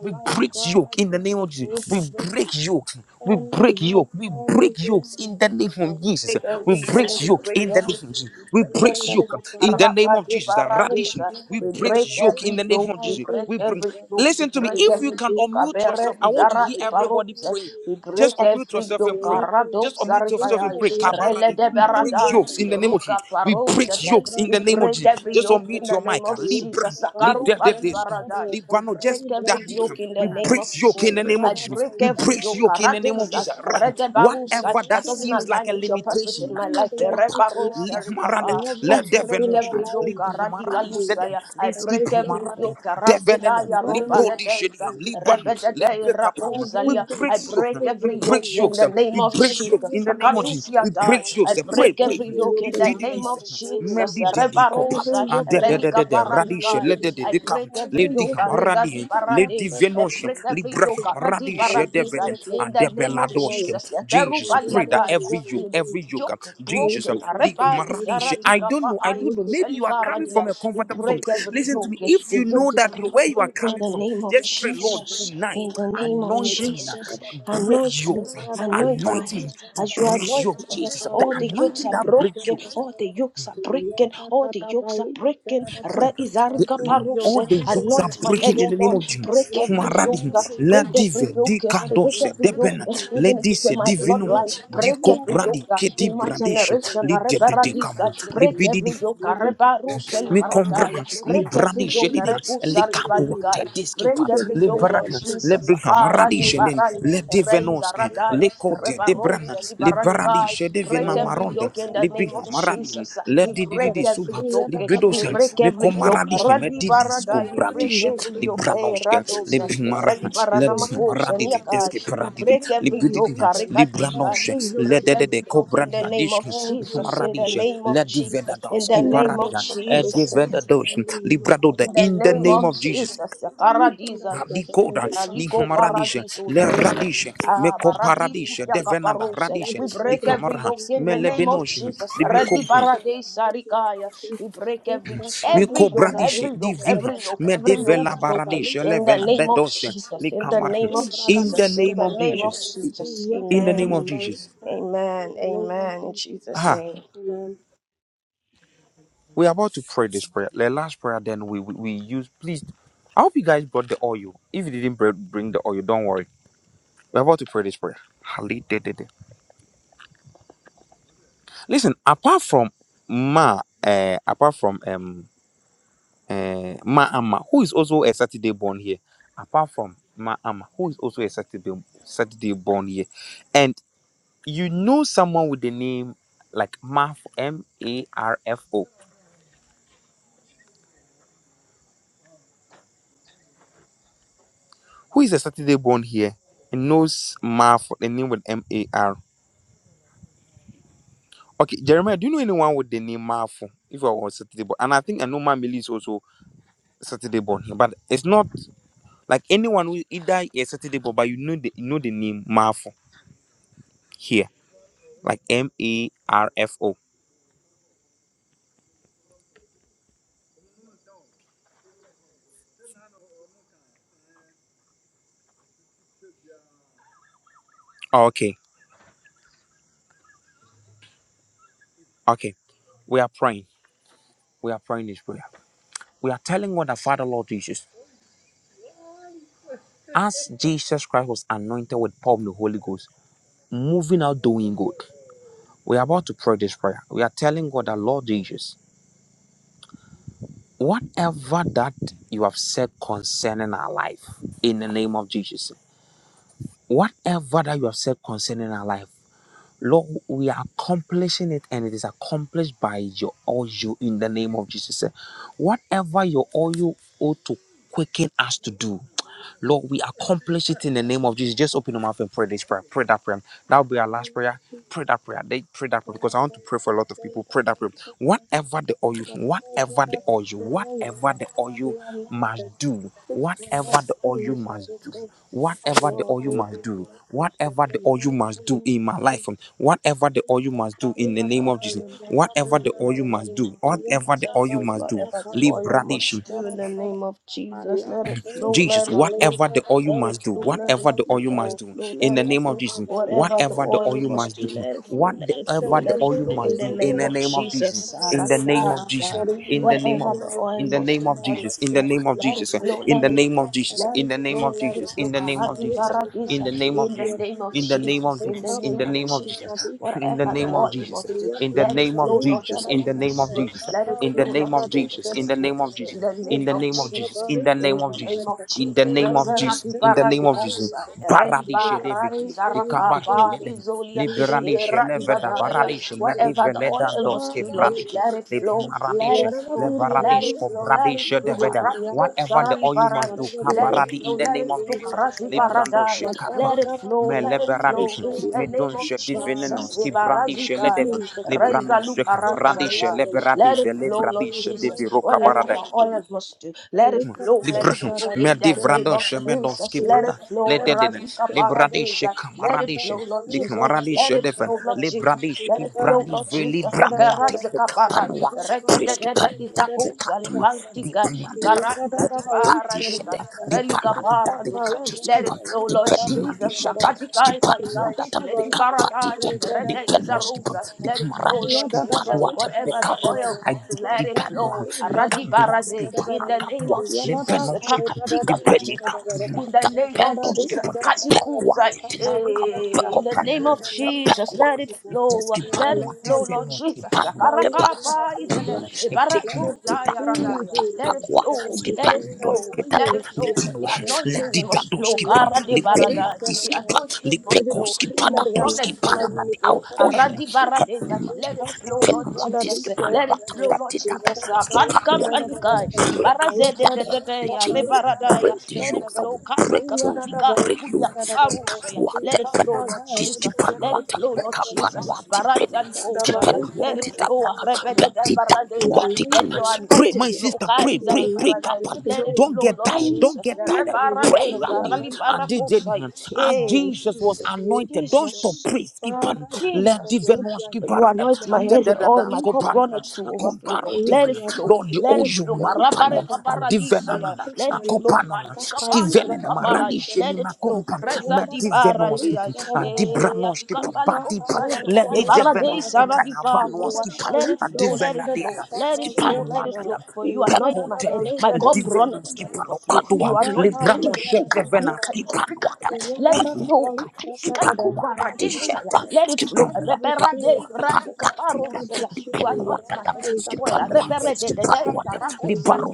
Speaker 1: We break yoke in the name of Jesus. We break yokes. We break yoke. We break yokes in the name of Jesus.
Speaker 2: break
Speaker 1: We
Speaker 2: every
Speaker 1: break
Speaker 2: yoke, we
Speaker 1: yoke
Speaker 2: break
Speaker 1: in the
Speaker 2: every
Speaker 1: name
Speaker 2: yoke,
Speaker 1: of Jesus.
Speaker 2: we
Speaker 1: We
Speaker 2: break
Speaker 1: break
Speaker 2: every
Speaker 1: yoke
Speaker 2: yoke.
Speaker 1: in the name
Speaker 2: Arapa
Speaker 1: of
Speaker 2: de
Speaker 1: Jesus. The radish.
Speaker 2: paradisa.
Speaker 1: We
Speaker 2: We
Speaker 1: break
Speaker 2: break
Speaker 1: yoke in
Speaker 2: every
Speaker 1: the name
Speaker 2: yoke,
Speaker 1: of
Speaker 2: we
Speaker 1: Jesus.
Speaker 2: break
Speaker 1: We bring.
Speaker 2: every yoke, we
Speaker 1: Listen to me.
Speaker 2: break
Speaker 1: If you
Speaker 2: every
Speaker 1: can
Speaker 2: yoke.
Speaker 1: unmute yourself,
Speaker 2: Abere
Speaker 1: I want to
Speaker 2: izara
Speaker 1: hear everybody
Speaker 2: iparose.
Speaker 1: praying.
Speaker 2: We break
Speaker 1: Just unmute
Speaker 2: every
Speaker 1: yourself
Speaker 2: yoke.
Speaker 1: and pray.
Speaker 2: Arado
Speaker 1: Just unmute yourself and
Speaker 2: saripayai.
Speaker 1: pray.
Speaker 2: Rele
Speaker 1: Kabaradi,
Speaker 2: de
Speaker 1: we break
Speaker 2: paradai.
Speaker 1: yokes in the name of
Speaker 2: Ruka
Speaker 1: Jesus. We break
Speaker 2: parose.
Speaker 1: yokes in
Speaker 2: We
Speaker 1: the name of
Speaker 2: break
Speaker 1: Jesus.
Speaker 2: every
Speaker 1: Just
Speaker 2: yoke in
Speaker 1: unmute
Speaker 2: the
Speaker 1: your
Speaker 2: name
Speaker 1: mic.
Speaker 2: of
Speaker 1: Libra,
Speaker 2: Jesus. Sakaru
Speaker 1: Libra,
Speaker 2: pali paradai. We
Speaker 1: Libano,
Speaker 2: break
Speaker 1: just
Speaker 2: every
Speaker 1: that deacon.
Speaker 2: yoke in the
Speaker 1: We
Speaker 2: name
Speaker 1: break
Speaker 2: of
Speaker 1: yoke in the
Speaker 2: Jesus.
Speaker 1: name of
Speaker 2: I
Speaker 1: Jesus.
Speaker 2: break
Speaker 1: We
Speaker 2: every
Speaker 1: break
Speaker 2: yoke.
Speaker 1: yoke in the name of
Speaker 2: Karadisa.
Speaker 1: Jesus. Right.
Speaker 2: Rede barusa.
Speaker 1: Whatever
Speaker 2: That
Speaker 1: that
Speaker 2: doesn't
Speaker 1: seems
Speaker 2: align
Speaker 1: like a
Speaker 2: with your purpose
Speaker 1: limitation,
Speaker 2: in my life.
Speaker 1: Nakatuapa,
Speaker 2: Erebaro serikapa. I break
Speaker 1: Ligmarandem, Libroshin,
Speaker 2: every yoke,
Speaker 1: Librimaradi Sedem,
Speaker 2: radikalusaya. I
Speaker 1: Liski
Speaker 2: break every
Speaker 1: Primaradi,
Speaker 2: yoke,
Speaker 1: Devenem,
Speaker 2: rasedaya,
Speaker 1: Libodi
Speaker 2: robaredeza,
Speaker 1: Shedam, Liban,
Speaker 2: rebedede,
Speaker 1: Lebekapam. We
Speaker 2: rakosalia.
Speaker 1: break
Speaker 2: I
Speaker 1: yokes,
Speaker 2: break
Speaker 1: we
Speaker 2: every yoke
Speaker 1: break
Speaker 2: in
Speaker 1: yokes,
Speaker 2: the name
Speaker 1: we
Speaker 2: of
Speaker 1: break yokes
Speaker 2: Jesus.
Speaker 1: in the name of Jesus. We
Speaker 2: Sakadusia die.
Speaker 1: break
Speaker 2: I
Speaker 1: yokes, pray,
Speaker 2: break
Speaker 1: pray.
Speaker 2: every yoke in the name
Speaker 1: Lidididis,
Speaker 2: of Jesus.
Speaker 1: Medididikopa,
Speaker 2: Rebarosa,
Speaker 1: and
Speaker 2: relika
Speaker 1: the Radish,
Speaker 2: paradikai.
Speaker 1: Let the
Speaker 2: I break
Speaker 1: Ledidikam,
Speaker 2: every
Speaker 1: Lady
Speaker 2: yoke, areza di
Speaker 1: Hamaradi, Lady
Speaker 2: parade. I break every yoke,
Speaker 1: Venoshin,
Speaker 2: radi paradiza.
Speaker 1: Radishedevedem,
Speaker 2: In the name of
Speaker 1: Adebeladoshkem.
Speaker 2: Jesus. Ekeru
Speaker 1: Jesus, pray that every yoke,
Speaker 2: paliadai
Speaker 1: every yoke, uh,
Speaker 2: yoke
Speaker 1: Jesus,
Speaker 2: broken.
Speaker 1: um, leak
Speaker 2: Reba
Speaker 1: maradishe. I
Speaker 2: isaratika
Speaker 1: don't
Speaker 2: pa
Speaker 1: know, I
Speaker 2: ai
Speaker 1: don't know. Maybe you are
Speaker 2: selika
Speaker 1: coming
Speaker 2: radia.
Speaker 1: from a
Speaker 2: We
Speaker 1: comfortable from.
Speaker 2: break every
Speaker 1: Listen to me.
Speaker 2: yoke.
Speaker 1: If
Speaker 2: The
Speaker 1: you know
Speaker 2: yoke is
Speaker 1: that you
Speaker 2: broken.
Speaker 1: where you are
Speaker 2: In
Speaker 1: coming
Speaker 2: the
Speaker 1: from,
Speaker 2: name of
Speaker 1: just pray, Lord,
Speaker 2: Jesus,
Speaker 1: tonight,
Speaker 2: in the name of
Speaker 1: anoint me, uh,
Speaker 2: Jesus,
Speaker 1: break
Speaker 2: anoint me,
Speaker 1: yoke,
Speaker 2: anoint my
Speaker 1: anoint me
Speaker 2: head.
Speaker 1: to
Speaker 2: As you
Speaker 1: break
Speaker 2: anoint
Speaker 1: yoke.
Speaker 2: my head,
Speaker 1: Jesus, the
Speaker 2: all the yokes
Speaker 1: anointing
Speaker 2: are
Speaker 1: that breaks you.
Speaker 2: broken, all the yokes are breaking, all the yokes are breaking.
Speaker 1: break. The-
Speaker 2: Reizarga parose,
Speaker 1: all the yokes are
Speaker 2: anoint my head,
Speaker 1: breaking in
Speaker 2: oh
Speaker 1: the name
Speaker 2: Lord.
Speaker 1: of Jesus.
Speaker 2: Break every
Speaker 1: Maradi,
Speaker 2: yoke, break every
Speaker 1: Ladive,
Speaker 2: yoke, break
Speaker 1: Dicandose,
Speaker 2: every yoke,
Speaker 1: Deben,
Speaker 2: even if it's
Speaker 1: Ladies,
Speaker 2: in my
Speaker 1: Divino,
Speaker 2: bloodline, break
Speaker 1: Dico
Speaker 2: every yoke
Speaker 1: Brandi, Kitty
Speaker 2: in my
Speaker 1: Brandish,
Speaker 2: generation.
Speaker 1: Lidia de de de
Speaker 2: Reberadisa,
Speaker 1: kaman, li
Speaker 2: break
Speaker 1: bidi,
Speaker 2: every
Speaker 1: di
Speaker 2: yoke, rebaruseli
Speaker 1: mi combran,
Speaker 2: paradaya,
Speaker 1: li Decaman, le
Speaker 2: break
Speaker 1: Micombran,
Speaker 2: every
Speaker 1: Librandi Shedida,
Speaker 2: yoke, kusari
Speaker 1: Licabuata,
Speaker 2: valigai. Break
Speaker 1: Diskipa,
Speaker 2: every
Speaker 1: Le
Speaker 2: yoke, Lord Jesus.
Speaker 1: Lebriha,
Speaker 2: Akara
Speaker 1: Maradi
Speaker 2: di
Speaker 1: Shedin,
Speaker 2: barai, reza
Speaker 1: Ledivenoske,
Speaker 2: radaya,
Speaker 1: Lecode,
Speaker 2: revarose
Speaker 1: Debrana, Libradi
Speaker 2: libaranigai. Break
Speaker 1: Shedivena
Speaker 2: every
Speaker 1: Maronda,
Speaker 2: yoke in the name of
Speaker 1: Libiha, Maradin,
Speaker 2: Jesus.
Speaker 1: le
Speaker 2: We
Speaker 1: di di di
Speaker 2: break
Speaker 1: di
Speaker 2: every
Speaker 1: Suba,
Speaker 2: yoke. We
Speaker 1: Libidosa,
Speaker 2: break every yoke.
Speaker 1: Micomaradi,
Speaker 2: Radi
Speaker 1: Didisko
Speaker 2: baradai, we break
Speaker 1: brandish,
Speaker 2: every yoke. Eh,
Speaker 1: libranoshka,
Speaker 2: radosa,
Speaker 1: libimara,
Speaker 2: radi baranamakose
Speaker 1: ledimaradidi,
Speaker 2: niakai.
Speaker 1: deski
Speaker 2: We
Speaker 1: paradidi,
Speaker 2: break every yoke.
Speaker 1: libididina,
Speaker 2: Karikadika. We
Speaker 1: libranosh,
Speaker 2: break
Speaker 1: ledede de
Speaker 2: every yoke in the
Speaker 1: cobrania
Speaker 2: name
Speaker 1: dish,
Speaker 2: of Jesus. In the
Speaker 1: limaradish,
Speaker 2: name of
Speaker 1: lediveda
Speaker 2: Jesus. In the
Speaker 1: doski
Speaker 2: name of
Speaker 1: paradia,
Speaker 2: Jesus.
Speaker 1: ediveda dosh, librado, de
Speaker 2: In the
Speaker 1: in the
Speaker 2: name
Speaker 1: name
Speaker 2: of
Speaker 1: of Jesus.
Speaker 2: Jesus, the Paradiso,
Speaker 1: Adikoda,
Speaker 2: Ralico
Speaker 1: Nihumaradisha,
Speaker 2: Paradiso, da,
Speaker 1: Le Radisha,
Speaker 2: ah,
Speaker 1: Meko
Speaker 2: Paradiso,
Speaker 1: Paradisha,
Speaker 2: dia
Speaker 1: Devenada
Speaker 2: caparose, ya.
Speaker 1: Radisha,
Speaker 2: we break every
Speaker 1: Likamaraha,
Speaker 2: yoke in the name of Jesus. Ready
Speaker 1: Melebenosha,
Speaker 2: Paradisa Ricaya, we break every every
Speaker 1: Miko
Speaker 2: yoke,
Speaker 1: bradish
Speaker 2: every yoke,
Speaker 1: divina
Speaker 2: every yoke, every yoke
Speaker 1: medevela
Speaker 2: is broken
Speaker 1: baradish
Speaker 2: in the
Speaker 1: levena
Speaker 2: name of
Speaker 1: bedosha
Speaker 2: Jesus, in the
Speaker 1: likamar.
Speaker 2: name of
Speaker 1: In the
Speaker 2: Jesus, in
Speaker 1: name
Speaker 2: the
Speaker 1: of
Speaker 2: name of
Speaker 1: Jesus.
Speaker 2: Jesus.
Speaker 1: In the
Speaker 2: Amen,
Speaker 1: name of Jesus.
Speaker 2: amen, amen, in Jesus'
Speaker 1: Ah,
Speaker 2: name.
Speaker 1: we're about to pray this prayer. The last prayer, then we, we we use. Please, I hope you guys brought the oil. If you didn't br- bring the oil, don't worry. We're about to pray this prayer. Halidedede. Listen, apart from Ma, uh, apart from um uh, Ma Amma, who is also a Saturday born here, apart from Ma Amma, who is also a Saturday Saturday born here and you know someone with the name like Marfo, M A R F O, who is a Saturday born here and knows Marfo, the name with M A R. Okay, Jeremiah, do you know anyone with the name Marfo? If I was Saturday born, and I think I know Mamili is also Saturday born here, but it's not like anyone who either is Saturday born, but you know the you know the name Marfo here, like M A R F O. Okay, okay, we are praying. We are praying this prayer. We are telling God the Father, Lord Jesus. As Jesus Christ was anointed with power of the Holy Ghost, moving out doing good, we are about to pray this prayer. We are telling God that Lord Jesus, whatever that you have said concerning our life, in the name of Jesus, whatever that you have said concerning our life, Lord, we are accomplishing it and it is accomplished by your oil in the name of Jesus. Whatever your oil ought to quicken us to do. Lord, we accomplish it in the name of Jesus. Just open your mouth and pray this prayer. Pray that prayer. That'll be our last prayer. Pray that prayer. They pray that prayer because I want to pray for a lot of people. Pray that prayer. Whatever the oil, whatever the oil, whatever the oil must do, whatever the oil must do, whatever the oil must do, whatever the oil must do in my life, um, whatever the oil must do in the
Speaker 2: Whatever
Speaker 1: name
Speaker 2: the
Speaker 1: of
Speaker 2: oil
Speaker 1: Jesus,
Speaker 2: must do
Speaker 1: whatever the
Speaker 2: in
Speaker 1: oil
Speaker 2: the
Speaker 1: must
Speaker 2: name
Speaker 1: do,
Speaker 2: of
Speaker 1: whatever the oil
Speaker 2: Jesus.
Speaker 1: must do,
Speaker 2: Whatever the oil must
Speaker 1: liberation.
Speaker 2: do in the name of Jesus. Let it flow,
Speaker 1: Jesus,
Speaker 2: let it flow.
Speaker 1: whatever the oil
Speaker 2: Let it
Speaker 1: must do,
Speaker 2: flow, let it
Speaker 1: whatever the
Speaker 2: flow,
Speaker 1: oil
Speaker 2: let
Speaker 1: must
Speaker 2: it
Speaker 1: do,
Speaker 2: flow,
Speaker 1: in
Speaker 2: let
Speaker 1: the
Speaker 2: it
Speaker 1: name of
Speaker 2: flow.
Speaker 1: Jesus,
Speaker 2: Whatever the
Speaker 1: whatever the
Speaker 2: oil
Speaker 1: oil
Speaker 2: must
Speaker 1: must
Speaker 2: do,
Speaker 1: do,
Speaker 2: let it flow, let it flow,
Speaker 1: whatever the
Speaker 2: let it
Speaker 1: oil
Speaker 2: flow in
Speaker 1: must
Speaker 2: the
Speaker 1: do, in
Speaker 2: name
Speaker 1: the
Speaker 2: of
Speaker 1: name of Jesus,
Speaker 2: Jesus.
Speaker 1: in the
Speaker 2: Araki
Speaker 1: name of Jesus,
Speaker 2: paradai.
Speaker 1: in the name
Speaker 2: Whatever
Speaker 1: of
Speaker 2: the oil
Speaker 1: in the
Speaker 2: must
Speaker 1: name
Speaker 2: do,
Speaker 1: of
Speaker 2: let it
Speaker 1: Jesus, in the
Speaker 2: flow,
Speaker 1: name of
Speaker 2: let it
Speaker 1: Jesus,
Speaker 2: flow,
Speaker 1: in
Speaker 2: let
Speaker 1: the
Speaker 2: it
Speaker 1: name
Speaker 2: flow.
Speaker 1: of Jesus,
Speaker 2: Let
Speaker 1: in
Speaker 2: it
Speaker 1: the name
Speaker 2: flow,
Speaker 1: of
Speaker 2: let it
Speaker 1: Jesus,
Speaker 2: flow,
Speaker 1: in the name of
Speaker 2: karate
Speaker 1: Jesus, in
Speaker 2: paradisa,
Speaker 1: the name of
Speaker 2: in the
Speaker 1: Jesus,
Speaker 2: name of
Speaker 1: in the name of
Speaker 2: Jesus, in the
Speaker 1: Jesus, in
Speaker 2: name
Speaker 1: the
Speaker 2: of
Speaker 1: name of Jesus,
Speaker 2: Jesus.
Speaker 1: in the
Speaker 2: Whatever the
Speaker 1: name of
Speaker 2: oil
Speaker 1: Jesus,
Speaker 2: must do,
Speaker 1: in the
Speaker 2: let it
Speaker 1: name
Speaker 2: flow,
Speaker 1: of
Speaker 2: Lord,
Speaker 1: Jesus,
Speaker 2: today
Speaker 1: in the
Speaker 2: in
Speaker 1: name
Speaker 2: this
Speaker 1: of
Speaker 2: room.
Speaker 1: Jesus,
Speaker 2: Let it
Speaker 1: in the
Speaker 2: flow,
Speaker 1: name
Speaker 2: Lord,
Speaker 1: of
Speaker 2: today in
Speaker 1: Jesus, in
Speaker 2: this
Speaker 1: the
Speaker 2: room.
Speaker 1: name of
Speaker 2: In
Speaker 1: Jesus,
Speaker 2: the
Speaker 1: in
Speaker 2: name
Speaker 1: the
Speaker 2: of
Speaker 1: name of Jesus,
Speaker 2: Jesus.
Speaker 1: in the
Speaker 2: In
Speaker 1: name of
Speaker 2: the name
Speaker 1: Jesus,
Speaker 2: of
Speaker 1: in the
Speaker 2: Jesus.
Speaker 1: name of
Speaker 2: Reverati
Speaker 1: Jesus, in the name of Jesus.
Speaker 2: baradigosa. Ereli
Speaker 1: Paradisha
Speaker 2: bara
Speaker 1: deviki, the
Speaker 2: izaraka
Speaker 1: kabaka mede,
Speaker 2: barizolia.
Speaker 1: liberalisha
Speaker 2: Era
Speaker 1: leveda,
Speaker 2: izadaya.
Speaker 1: paradisha,
Speaker 2: Whatever the
Speaker 1: lediveleda,
Speaker 2: oil must
Speaker 1: doske,
Speaker 2: do, Lord,
Speaker 1: bradish,
Speaker 2: let it
Speaker 1: it.
Speaker 2: flow, let it
Speaker 1: Maradisha,
Speaker 2: flow, let it
Speaker 1: Lebaradisco,
Speaker 2: flow, let it
Speaker 1: Bradisha,
Speaker 2: flow.
Speaker 1: Deveda.
Speaker 2: Aratiko
Speaker 1: Whatever the
Speaker 2: sarali
Speaker 1: oil must
Speaker 2: barali.
Speaker 1: do,
Speaker 2: Let it
Speaker 1: Kabaradi
Speaker 2: flow,
Speaker 1: in the
Speaker 2: let
Speaker 1: name
Speaker 2: it
Speaker 1: of
Speaker 2: flow.
Speaker 1: Jesus.
Speaker 2: Karasi paradaya.
Speaker 1: Lebrandoshe, Kappa,
Speaker 2: Let it
Speaker 1: Me
Speaker 2: flow, let it flow
Speaker 1: Leberadisha,
Speaker 2: in the name of
Speaker 1: Medonshe,
Speaker 2: Jesus.
Speaker 1: Divininos, Kibrandisha,
Speaker 2: Ebarazikaya,
Speaker 1: Ledevil, Lebranoshe, Radisha,
Speaker 2: Rezalukarazadai. Let
Speaker 1: Leberadive,
Speaker 2: it flow, Lord
Speaker 1: Lebradisha,
Speaker 2: Jesus. Whatever
Speaker 1: Diviro,
Speaker 2: the oil must do, let it flow, let
Speaker 1: Libra,
Speaker 2: it flow in
Speaker 1: Merdi
Speaker 2: the name of
Speaker 1: Vradosh, Mendovsky
Speaker 2: Jesus. Let
Speaker 1: Brada,
Speaker 2: it flow,
Speaker 1: Lededin,
Speaker 2: Razika
Speaker 1: Libradish,
Speaker 2: Paradisa. Let it
Speaker 1: Kamaradish,
Speaker 2: flow, Lord Jesus.
Speaker 1: Limaradish,
Speaker 2: Let it
Speaker 1: Defen,
Speaker 2: flow, Lord Jesus.
Speaker 1: Libradish, Brandi, Veli,
Speaker 2: Jesus,
Speaker 1: Branoate,
Speaker 2: Karaja Kaparai,
Speaker 1: Panoa, Prisk,
Speaker 2: Izako
Speaker 1: Panitatum,
Speaker 2: Salipantika,
Speaker 1: Librand,
Speaker 2: Karaja di
Speaker 1: di
Speaker 2: Paradesa,
Speaker 1: shete
Speaker 2: Relica
Speaker 1: palanda di
Speaker 2: Paradosa,
Speaker 1: kacu
Speaker 2: let it
Speaker 1: skipan
Speaker 2: flow, Lord
Speaker 1: pedina di
Speaker 2: Jesus,
Speaker 1: shete
Speaker 2: Sakadika
Speaker 1: skipan manda
Speaker 2: Kaikai, let
Speaker 1: tepe
Speaker 2: the
Speaker 1: kapa di
Speaker 2: paradise,
Speaker 1: tem di
Speaker 2: Rede
Speaker 1: peno skipan
Speaker 2: Izarosa,
Speaker 1: di
Speaker 2: let it
Speaker 1: mara
Speaker 2: flow, Lord Jesus, Wherever the oil
Speaker 1: I
Speaker 2: wants to
Speaker 1: di
Speaker 2: let
Speaker 1: di
Speaker 2: it
Speaker 1: penua
Speaker 2: flow,
Speaker 1: di
Speaker 2: Radi
Speaker 1: kadua
Speaker 2: Barade,
Speaker 1: skipan
Speaker 2: in the name
Speaker 1: kadua
Speaker 2: of
Speaker 1: di
Speaker 2: Jesus,
Speaker 1: peno skipan
Speaker 2: Kakatika Patika in the
Speaker 1: mata
Speaker 2: name of
Speaker 1: peto
Speaker 2: Jesus.
Speaker 1: skipan pekwa
Speaker 2: Katikusai. Eh, In the name of Jesus, let it flow.
Speaker 1: Iteski
Speaker 2: Let it
Speaker 1: panwa
Speaker 2: flow, Lord
Speaker 1: tizenoski
Speaker 2: Jesus.
Speaker 1: panwa tepa
Speaker 2: Sakarakaba izele.
Speaker 1: kapuma etekna
Speaker 2: Ebarazota
Speaker 1: tita
Speaker 2: yaradaya.
Speaker 1: tuata
Speaker 2: Let it
Speaker 1: takwa
Speaker 2: flow. Let it
Speaker 1: skipando
Speaker 2: flow.
Speaker 1: skitata
Speaker 2: Let it flow. The
Speaker 1: litinwa
Speaker 2: anointing
Speaker 1: ledida
Speaker 2: must flow.
Speaker 1: doski pan
Speaker 2: Karade
Speaker 1: lipenwa
Speaker 2: baradai. The
Speaker 1: diski pan
Speaker 2: anointing must
Speaker 1: lipeko
Speaker 2: flow. You
Speaker 1: skipada
Speaker 2: must run
Speaker 1: doski
Speaker 2: it
Speaker 1: pan
Speaker 2: through
Speaker 1: amadi au
Speaker 2: flow.
Speaker 1: oyu
Speaker 2: Aradi baradeza.
Speaker 1: kapuma ti
Speaker 2: Let it flow, Lord
Speaker 1: lipenwa
Speaker 2: Jesus.
Speaker 1: diski pan
Speaker 2: Let it
Speaker 1: wata
Speaker 2: flow, Lord
Speaker 1: patita da
Speaker 2: Jesus. Kati
Speaker 1: skipando wata
Speaker 2: kampanikai.
Speaker 1: breka
Speaker 2: Ibaraze de
Speaker 1: tita
Speaker 2: de
Speaker 1: ya
Speaker 2: de
Speaker 1: the that skip on. What the break at it that the
Speaker 2: de ya
Speaker 1: chains
Speaker 2: rebaradaya.
Speaker 1: break
Speaker 2: Let it
Speaker 1: yokes that
Speaker 2: flow.
Speaker 1: will break
Speaker 2: Kati
Speaker 1: chains, we
Speaker 2: kapanika
Speaker 1: break
Speaker 2: ikudia
Speaker 1: yokes. The
Speaker 2: kaparusaya.
Speaker 1: Kapua
Speaker 2: Let it flow,
Speaker 1: Tepen,
Speaker 2: Lord
Speaker 1: this
Speaker 2: Jesus. Let
Speaker 1: Kipanua
Speaker 2: it flow, Lord
Speaker 1: Tepeka
Speaker 2: Jesus.
Speaker 1: Panua Tipen,
Speaker 2: Baraiza likosaya.
Speaker 1: Kipanua
Speaker 2: Let it flow.
Speaker 1: Titapana,
Speaker 2: Rebede de
Speaker 1: Betty
Speaker 2: baradeza. Let your
Speaker 1: Tatuatikana. Pray,
Speaker 2: anointing
Speaker 1: my
Speaker 2: flow.
Speaker 1: sister, pray,
Speaker 2: Kaiza
Speaker 1: pray, pray,
Speaker 2: libaradaya.
Speaker 1: Kapan.
Speaker 2: Let it
Speaker 1: Don't
Speaker 2: flow,
Speaker 1: get
Speaker 2: Lord
Speaker 1: tired, don't
Speaker 2: Jesus.
Speaker 1: get tired. Pray,
Speaker 2: Rebaradeza.
Speaker 1: Randy,
Speaker 2: Rali
Speaker 1: and they did.
Speaker 2: barakosaya.
Speaker 1: as
Speaker 2: Hey,
Speaker 1: Jesus was anointed. Don't stop
Speaker 2: Jesus.
Speaker 1: praise. Keep on. Let the
Speaker 2: Jesus.
Speaker 1: venos keep
Speaker 2: But
Speaker 1: on.
Speaker 2: you anoint my
Speaker 1: And da-
Speaker 2: head
Speaker 1: da-
Speaker 2: with
Speaker 1: da-
Speaker 2: oil,
Speaker 1: da-
Speaker 2: my
Speaker 1: scoop
Speaker 2: cup
Speaker 1: on. And
Speaker 2: runneth to
Speaker 1: come
Speaker 2: overflow.
Speaker 1: borrow the
Speaker 2: Let it
Speaker 1: venom.
Speaker 2: flow,
Speaker 1: Lord, the
Speaker 2: let
Speaker 1: old
Speaker 2: it
Speaker 1: you
Speaker 2: flow.
Speaker 1: man, pan.
Speaker 2: Karabareka
Speaker 1: And the venom,
Speaker 2: paradisaya.
Speaker 1: and
Speaker 2: Let
Speaker 1: a
Speaker 2: it
Speaker 1: cup
Speaker 2: flow.
Speaker 1: on.
Speaker 2: Kandikapandi
Speaker 1: Steven and a
Speaker 2: lukaparai.
Speaker 1: radish
Speaker 2: Let
Speaker 1: in
Speaker 2: it
Speaker 1: my
Speaker 2: flow.
Speaker 1: compound.
Speaker 2: Reza
Speaker 1: Met
Speaker 2: di
Speaker 1: the venos keep
Speaker 2: baraliai.
Speaker 1: on. And the
Speaker 2: Eh,
Speaker 1: branos keep on.
Speaker 2: adikambaliko
Speaker 1: Body pan.
Speaker 2: sayana.
Speaker 1: Let
Speaker 2: Eh,
Speaker 1: the
Speaker 2: baradei
Speaker 1: venos keep on. And a vanos
Speaker 2: saradipakoa.
Speaker 1: keep on.
Speaker 2: Let it
Speaker 1: And the
Speaker 2: flow, let
Speaker 1: venom,
Speaker 2: it
Speaker 1: the
Speaker 2: flow,
Speaker 1: other.
Speaker 2: let it
Speaker 1: Skip
Speaker 2: flow,
Speaker 1: on
Speaker 2: let
Speaker 1: one
Speaker 2: it flow. For
Speaker 1: another.
Speaker 2: you anoint my head.
Speaker 1: Prakotebe,
Speaker 2: My cup runneth
Speaker 1: Divenuski
Speaker 2: to overflow. You
Speaker 1: Panokadua,
Speaker 2: are not.
Speaker 1: Librano Shedevenaski Panuata,
Speaker 2: Let it flow.
Speaker 1: Panuata, Skipanuata, Tisheta,
Speaker 2: Let it flow.
Speaker 1: Skipanuata,
Speaker 2: Repera de radica
Speaker 1: Patatita,
Speaker 2: parosaya. You anoint my
Speaker 1: Dipenuata,
Speaker 2: head with oil.
Speaker 1: Skipanua,
Speaker 2: Repere de de de
Speaker 1: Skipanuata,
Speaker 2: zarakosa di
Speaker 1: Libaro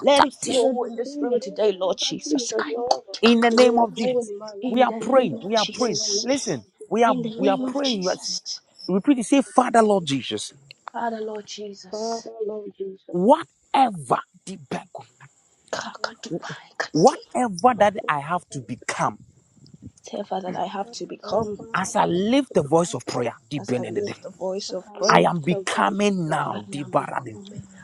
Speaker 2: Let it flow in this room today, Lord Jesus.
Speaker 1: In the name of Jesus, we
Speaker 2: In
Speaker 1: are
Speaker 2: the name
Speaker 1: praying,
Speaker 2: of
Speaker 1: we are praying.
Speaker 2: Jesus.
Speaker 1: Listen, we are
Speaker 2: In the
Speaker 1: we are
Speaker 2: name of
Speaker 1: praying. Let's
Speaker 2: Jesus.
Speaker 1: Repeat it, say, Father Lord Jesus,
Speaker 2: Father, Lord Jesus.
Speaker 1: whatever the back,
Speaker 2: Kaka- kati.
Speaker 1: whatever that I have to become.
Speaker 2: Tell Father that I have to become.
Speaker 1: As I lift the voice of prayer, deep
Speaker 2: As I
Speaker 1: in the day,
Speaker 2: lift the voice of
Speaker 1: I
Speaker 2: prayer,
Speaker 1: am becoming
Speaker 2: I
Speaker 1: now, deep
Speaker 2: am
Speaker 1: Baradin.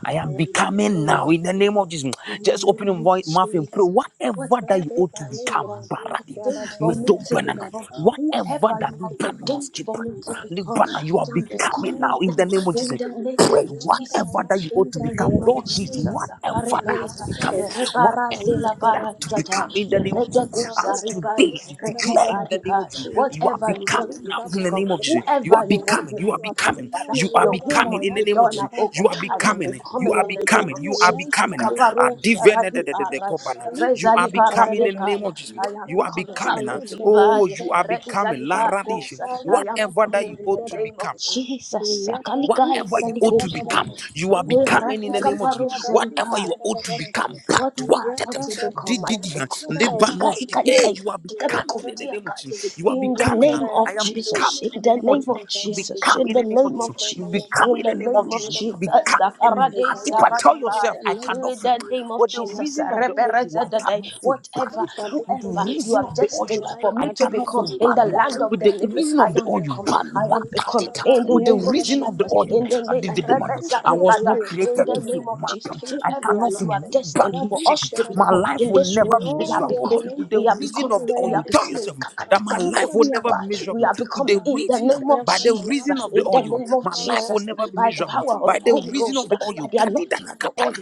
Speaker 1: I am becoming now in the name of Jesus. Just open your voi- mouth and pray. Whatever that you ought to become, Baradim, Medobanana, whatever that Libanon was given, Libana, you are becoming now in the name of Jesus. Pray whatever that you ought to become. Lord, Jesus, whatever that I have to become. Whatever that I have to become in the name of Jesus. As today I declare in the name of Jesus, you are becoming now in the name of
Speaker 2: becoming
Speaker 1: Jesus. You are becoming.
Speaker 2: to
Speaker 1: You are
Speaker 2: become,
Speaker 1: becoming.
Speaker 2: Father.
Speaker 1: You are
Speaker 2: Your will
Speaker 1: becoming
Speaker 2: must
Speaker 1: in the
Speaker 2: be
Speaker 1: name of
Speaker 2: done
Speaker 1: Jesus.
Speaker 2: above all.
Speaker 1: You are
Speaker 2: I am
Speaker 1: becoming. You
Speaker 2: becoming
Speaker 1: are
Speaker 2: in the name
Speaker 1: becoming.
Speaker 2: of
Speaker 1: You are
Speaker 2: Jesus.
Speaker 1: becoming. Ah,
Speaker 2: Kaparo
Speaker 1: divine- de-
Speaker 2: zaradi
Speaker 1: de- de- de-
Speaker 2: parai,
Speaker 1: covenant. You
Speaker 2: rezali
Speaker 1: are becoming in the name
Speaker 2: paradekaya.
Speaker 1: of Jesus.
Speaker 2: I am
Speaker 1: You are
Speaker 2: becoming
Speaker 1: becoming. ah. Oh,
Speaker 2: kapudibai,
Speaker 1: you are
Speaker 2: rezali
Speaker 1: becoming. La radish.
Speaker 2: parakosa. I am
Speaker 1: Whatever that
Speaker 2: becoming
Speaker 1: you
Speaker 2: in the
Speaker 1: ought to
Speaker 2: name
Speaker 1: become.
Speaker 2: of Jesus. Sakalikai
Speaker 1: Whatever you ought to
Speaker 2: salikosa.
Speaker 1: become, you are becoming in
Speaker 2: Erati
Speaker 1: the name of
Speaker 2: kaparo
Speaker 1: Jesus. Whatever
Speaker 2: zeribai.
Speaker 1: you ought to become, but
Speaker 2: whatever
Speaker 1: what
Speaker 2: I ought to become,
Speaker 1: did
Speaker 2: I
Speaker 1: did
Speaker 2: shall become. Ika, ika,
Speaker 1: Lebanon,
Speaker 2: ika,
Speaker 1: hey,
Speaker 2: ika, ika,
Speaker 1: you are
Speaker 2: dika-
Speaker 1: becoming
Speaker 2: become,
Speaker 1: in the
Speaker 2: dear
Speaker 1: name of
Speaker 2: God.
Speaker 1: Jesus. You are
Speaker 2: In the
Speaker 1: becoming.
Speaker 2: name
Speaker 1: um, I
Speaker 2: of
Speaker 1: am
Speaker 2: Jesus,
Speaker 1: becoming
Speaker 2: in
Speaker 1: in the
Speaker 2: the
Speaker 1: name of
Speaker 2: name
Speaker 1: Jesus.
Speaker 2: of Jesus,
Speaker 1: Become
Speaker 2: in
Speaker 1: in
Speaker 2: the
Speaker 1: the name of
Speaker 2: name
Speaker 1: Jesus.
Speaker 2: of
Speaker 1: You
Speaker 2: Jesus,
Speaker 1: become
Speaker 2: in
Speaker 1: in
Speaker 2: the
Speaker 1: the name of
Speaker 2: name of
Speaker 1: Jesus. You
Speaker 2: Jesus,
Speaker 1: Become in the name.
Speaker 2: Sakarade,
Speaker 1: Tell
Speaker 2: Saradai,
Speaker 1: yourself, I
Speaker 2: in
Speaker 1: cannot fail.
Speaker 2: the name of
Speaker 1: With the
Speaker 2: Jesus,
Speaker 1: reason of the oil, I cannot
Speaker 2: Reberezadadai
Speaker 1: feel
Speaker 2: whatever,
Speaker 1: bad. With the
Speaker 2: whoever you
Speaker 1: reason
Speaker 2: are
Speaker 1: of the
Speaker 2: destined
Speaker 1: oil,
Speaker 2: for
Speaker 1: I
Speaker 2: me to
Speaker 1: cannot feel
Speaker 2: become in the
Speaker 1: bad.
Speaker 2: land of
Speaker 1: With
Speaker 2: the
Speaker 1: the
Speaker 2: living,
Speaker 1: reason
Speaker 2: I
Speaker 1: of the
Speaker 2: am
Speaker 1: oil,
Speaker 2: becoming,
Speaker 1: bad.
Speaker 2: I am becoming in the
Speaker 1: With the
Speaker 2: name of
Speaker 1: reason of the
Speaker 2: Jesus, in
Speaker 1: oil,
Speaker 2: the
Speaker 1: I
Speaker 2: name
Speaker 1: did the man. I was not
Speaker 2: in
Speaker 1: created
Speaker 2: the
Speaker 1: to feel
Speaker 2: name of Jesus,
Speaker 1: bad. I
Speaker 2: whoever
Speaker 1: cannot
Speaker 2: you
Speaker 1: feel
Speaker 2: are destined
Speaker 1: badly
Speaker 2: for
Speaker 1: shape.
Speaker 2: us to
Speaker 1: My
Speaker 2: become
Speaker 1: life
Speaker 2: in
Speaker 1: will
Speaker 2: this
Speaker 1: never
Speaker 2: room,
Speaker 1: be
Speaker 2: we are
Speaker 1: miserable.
Speaker 2: becoming,
Speaker 1: With the
Speaker 2: we are
Speaker 1: reason
Speaker 2: becoming.
Speaker 1: of the oil,
Speaker 2: We
Speaker 1: you
Speaker 2: are
Speaker 1: tell
Speaker 2: becoming
Speaker 1: yourself that my life will never be
Speaker 2: we
Speaker 1: miserable.
Speaker 2: are
Speaker 1: With the
Speaker 2: becoming in the
Speaker 1: reason,
Speaker 2: name of
Speaker 1: by the
Speaker 2: Jesus,
Speaker 1: reason of the
Speaker 2: in the
Speaker 1: oil,
Speaker 2: name of
Speaker 1: my life will
Speaker 2: Jesus,
Speaker 1: never be
Speaker 2: by the
Speaker 1: miserable.
Speaker 2: power of
Speaker 1: By
Speaker 2: the
Speaker 1: the
Speaker 2: Holy
Speaker 1: reason
Speaker 2: Ghost,
Speaker 1: of the
Speaker 2: by the anointing of the
Speaker 1: oil,
Speaker 2: oil.